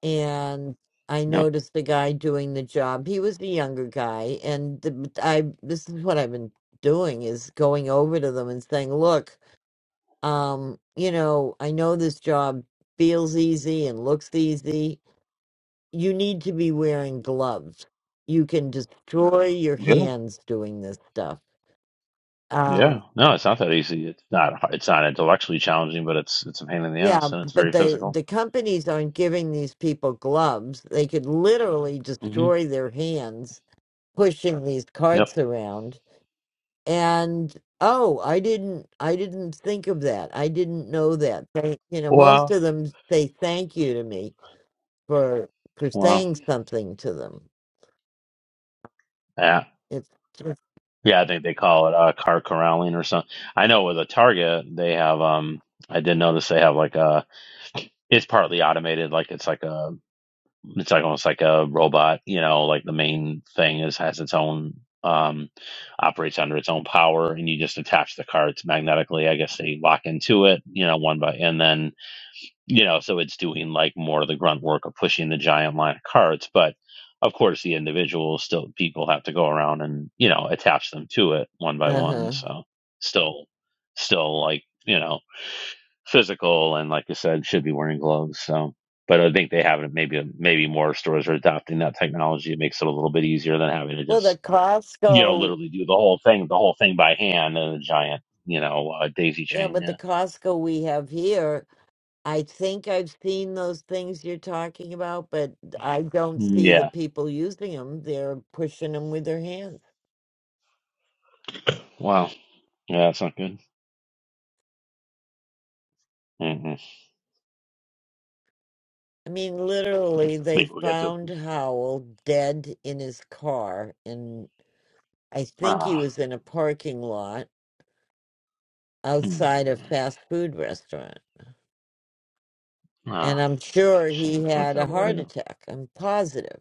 S1: and I
S3: Yeah.
S1: noticed the guy doing the job. He was the younger guy, and the, I this is what I've been doing is going over to them and saying, "Look, um, you know, I know this job feels easy and looks easy. You need to be wearing gloves. You can destroy your
S3: Yeah.
S1: hands doing this stuff."
S3: Yeah,
S1: Um,
S3: no, it's not that easy. It's not. hard- It's not intellectually challenging, but it's it's a pain in the
S1: yeah,
S3: ass, and it's
S1: but
S3: very
S1: the
S3: physical.
S1: the companies aren't giving these people gloves. They could literally
S3: hmm
S1: destroy their hands pushing these
S3: Yep.
S1: carts around and oh i didn't i didn't think of that i didn't know that they, you know most
S3: Wow.
S1: of them say thank you to me for for
S3: Wow.
S1: saying something to them
S3: Yeah.
S1: it's just
S3: Yeah. I think they call it uh, car corralling or something. I know with a Target, they have. Um, I did notice they have like a. It's partly automated. Like it's like a. It's like almost like a robot. You know, like the main thing is has its own. Um, operates under its own power, and you just attach the cards magnetically. I guess they lock into it. You know, one by and then you know, so it's doing like more of the grunt work of pushing the giant line of carts. But of course, the individuals still people have to go around and you know attach them to it one by one.
S1: uh-huh
S3: So still, still like you know physical and like I said, should be wearing gloves. So, but I think they have it. Maybe maybe more stores are adopting that technology. It makes it a little bit easier than having to
S1: well the
S3: just you know
S1: costco
S3: literally do the whole thing, the whole thing by hand in a giant you know uh, daisy
S1: yeah
S3: chain.
S1: but the
S3: Yeah,
S1: costco we have here i think i've seen those things you're talking about but i don't see the
S3: yeah.
S1: people using them they're pushing them with their hands
S3: Wow. Yeah, that's not good. Mm-hmm.
S1: I mean, literally, they
S3: Maybe we'll get to
S1: found Howell dead in his car, and I think he
S3: ah,
S1: was in a parking lot
S3: mm,
S1: outside a fast food restaurant. And
S3: ah,
S1: I'm sure he
S3: shame. What a
S1: had a
S3: terrible way to
S1: heart
S3: go.
S1: attack. I'm positive.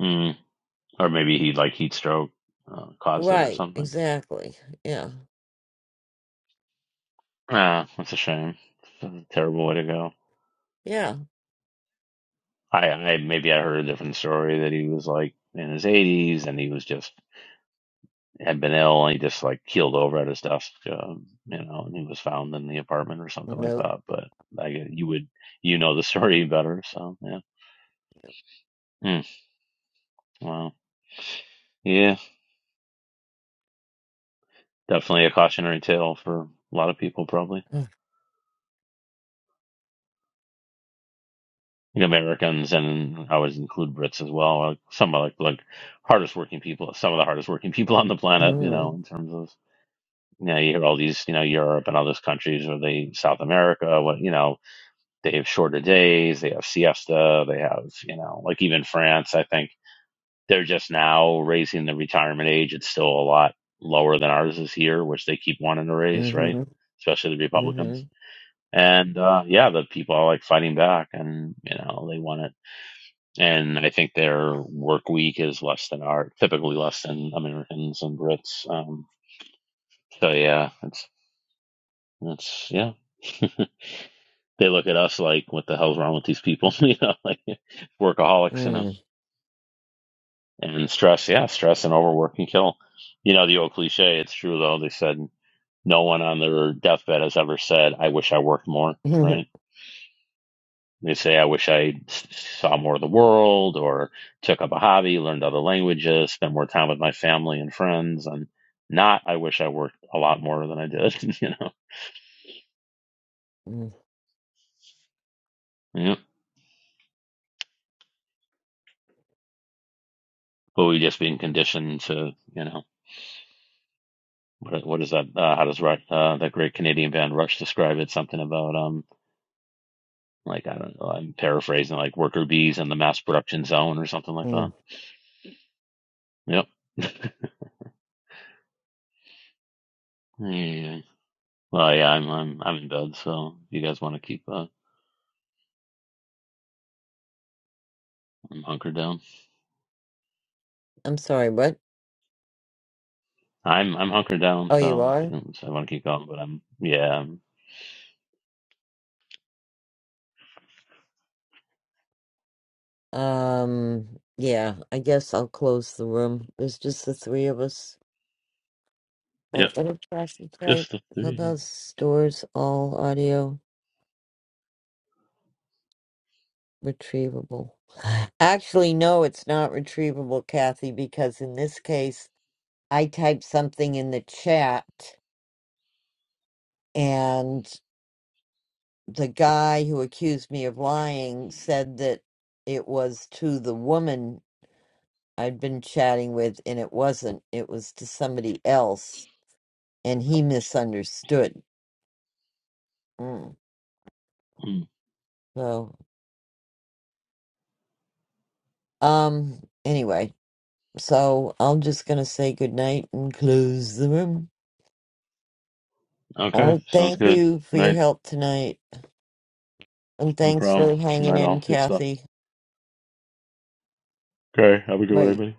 S3: Mm. Or maybe he like heat stroke uh, caused it or
S1: Right,
S3: something.
S1: exactly. Yeah,
S3: Ah, that's a shame. That's a terrible way to go.
S1: yeah.
S3: I, I maybe I heard a different story that he was like in his 80s and he was just had been ill and he just like keeled over at his desk, um, you know, and he was found in the apartment or something like
S1: Nope.
S3: that. But I, gue- you would you know the story better, so yeah. Mm, wow. Yeah. Definitely a cautionary tale for a lot of people, probably.
S1: (sighs)
S3: Like Americans, and I would include Brits as well. Like some of like like hardest working people, some of the hardest working (laughs) people on the planet. You know,
S1: mm
S3: in terms of you know, you hear all these, you know, Europe and all those countries, or they South America. What you know, they have shorter days, they have siesta, they have you know, like even France. I think they're just now raising the retirement age. It's still a lot lower than ours is here, which they keep wanting to raise, right?
S1: hmm mm
S3: Especially the
S1: hmm
S3: Republicans.
S1: mm
S3: And uh, yeah, the people are like fighting back, and you know they want it. And I think their work week is less than our typically less than Americans and Brits. Um, so yeah, it's it's yeah. (laughs) they look at us like, what the hell's wrong with these people? (laughs) you know, like
S1: (laughs)
S3: workaholics, you know.
S1: hmm
S3: And stress, yeah, stress and overwork can kill. You know, the old cliche. It's true though. They said no one on their deathbed has ever said, "I wish I worked more."
S1: Mm.
S3: Right? They say, I wish I saw more of the world or took up a hobby, learned other languages, spent more time with my family and friends, and not, I wish I worked a lot more than I did, (laughs) you know. Yeah. But we just been conditioned to, you know, what, what is that? Uh, how does uh, that great Canadian band Rush describe it? Something about, um, like, I don't know, I'm paraphrasing, like worker bees in the mass production zone or something like
S1: Mhm.
S3: that. Yep. Yeah. yeah. Well, yeah, I'm, I'm, I'm in bed, so if you guys want to keep, uh, I'm hunkered down.
S1: I'm sorry, what?
S3: I'm I'm hunkering down,
S1: Oh, you
S3: so
S1: are?
S3: I want to keep going, but I'm yeah, I'm,
S1: Um, yeah, I guess I'll close the room. There's just the three of us.
S3: yep,
S1: Right, let me try some type.
S3: just the three.
S1: Clubhouse stores all audio retrievable. Actually, no, it's not retrievable, Kathy, because in this case, I typed something in the chat and the guy who accused me of lying said that it was to the woman I'd been chatting with and it wasn't. It was to somebody else and he misunderstood. Mm.
S3: Mm,
S1: So, um, anyway. So I'm just going to say goodnight and close the room.
S3: Okay,
S1: Oh,
S3: sounds
S1: thank
S3: good.
S1: you for your
S3: Night,
S1: help tonight. And
S3: no
S1: thanks
S3: problem.
S1: for hanging
S3: Night
S1: in,
S3: all, good stuff.
S1: Kathy.
S3: Okay, have a good one,
S1: Bye.
S3: everybody.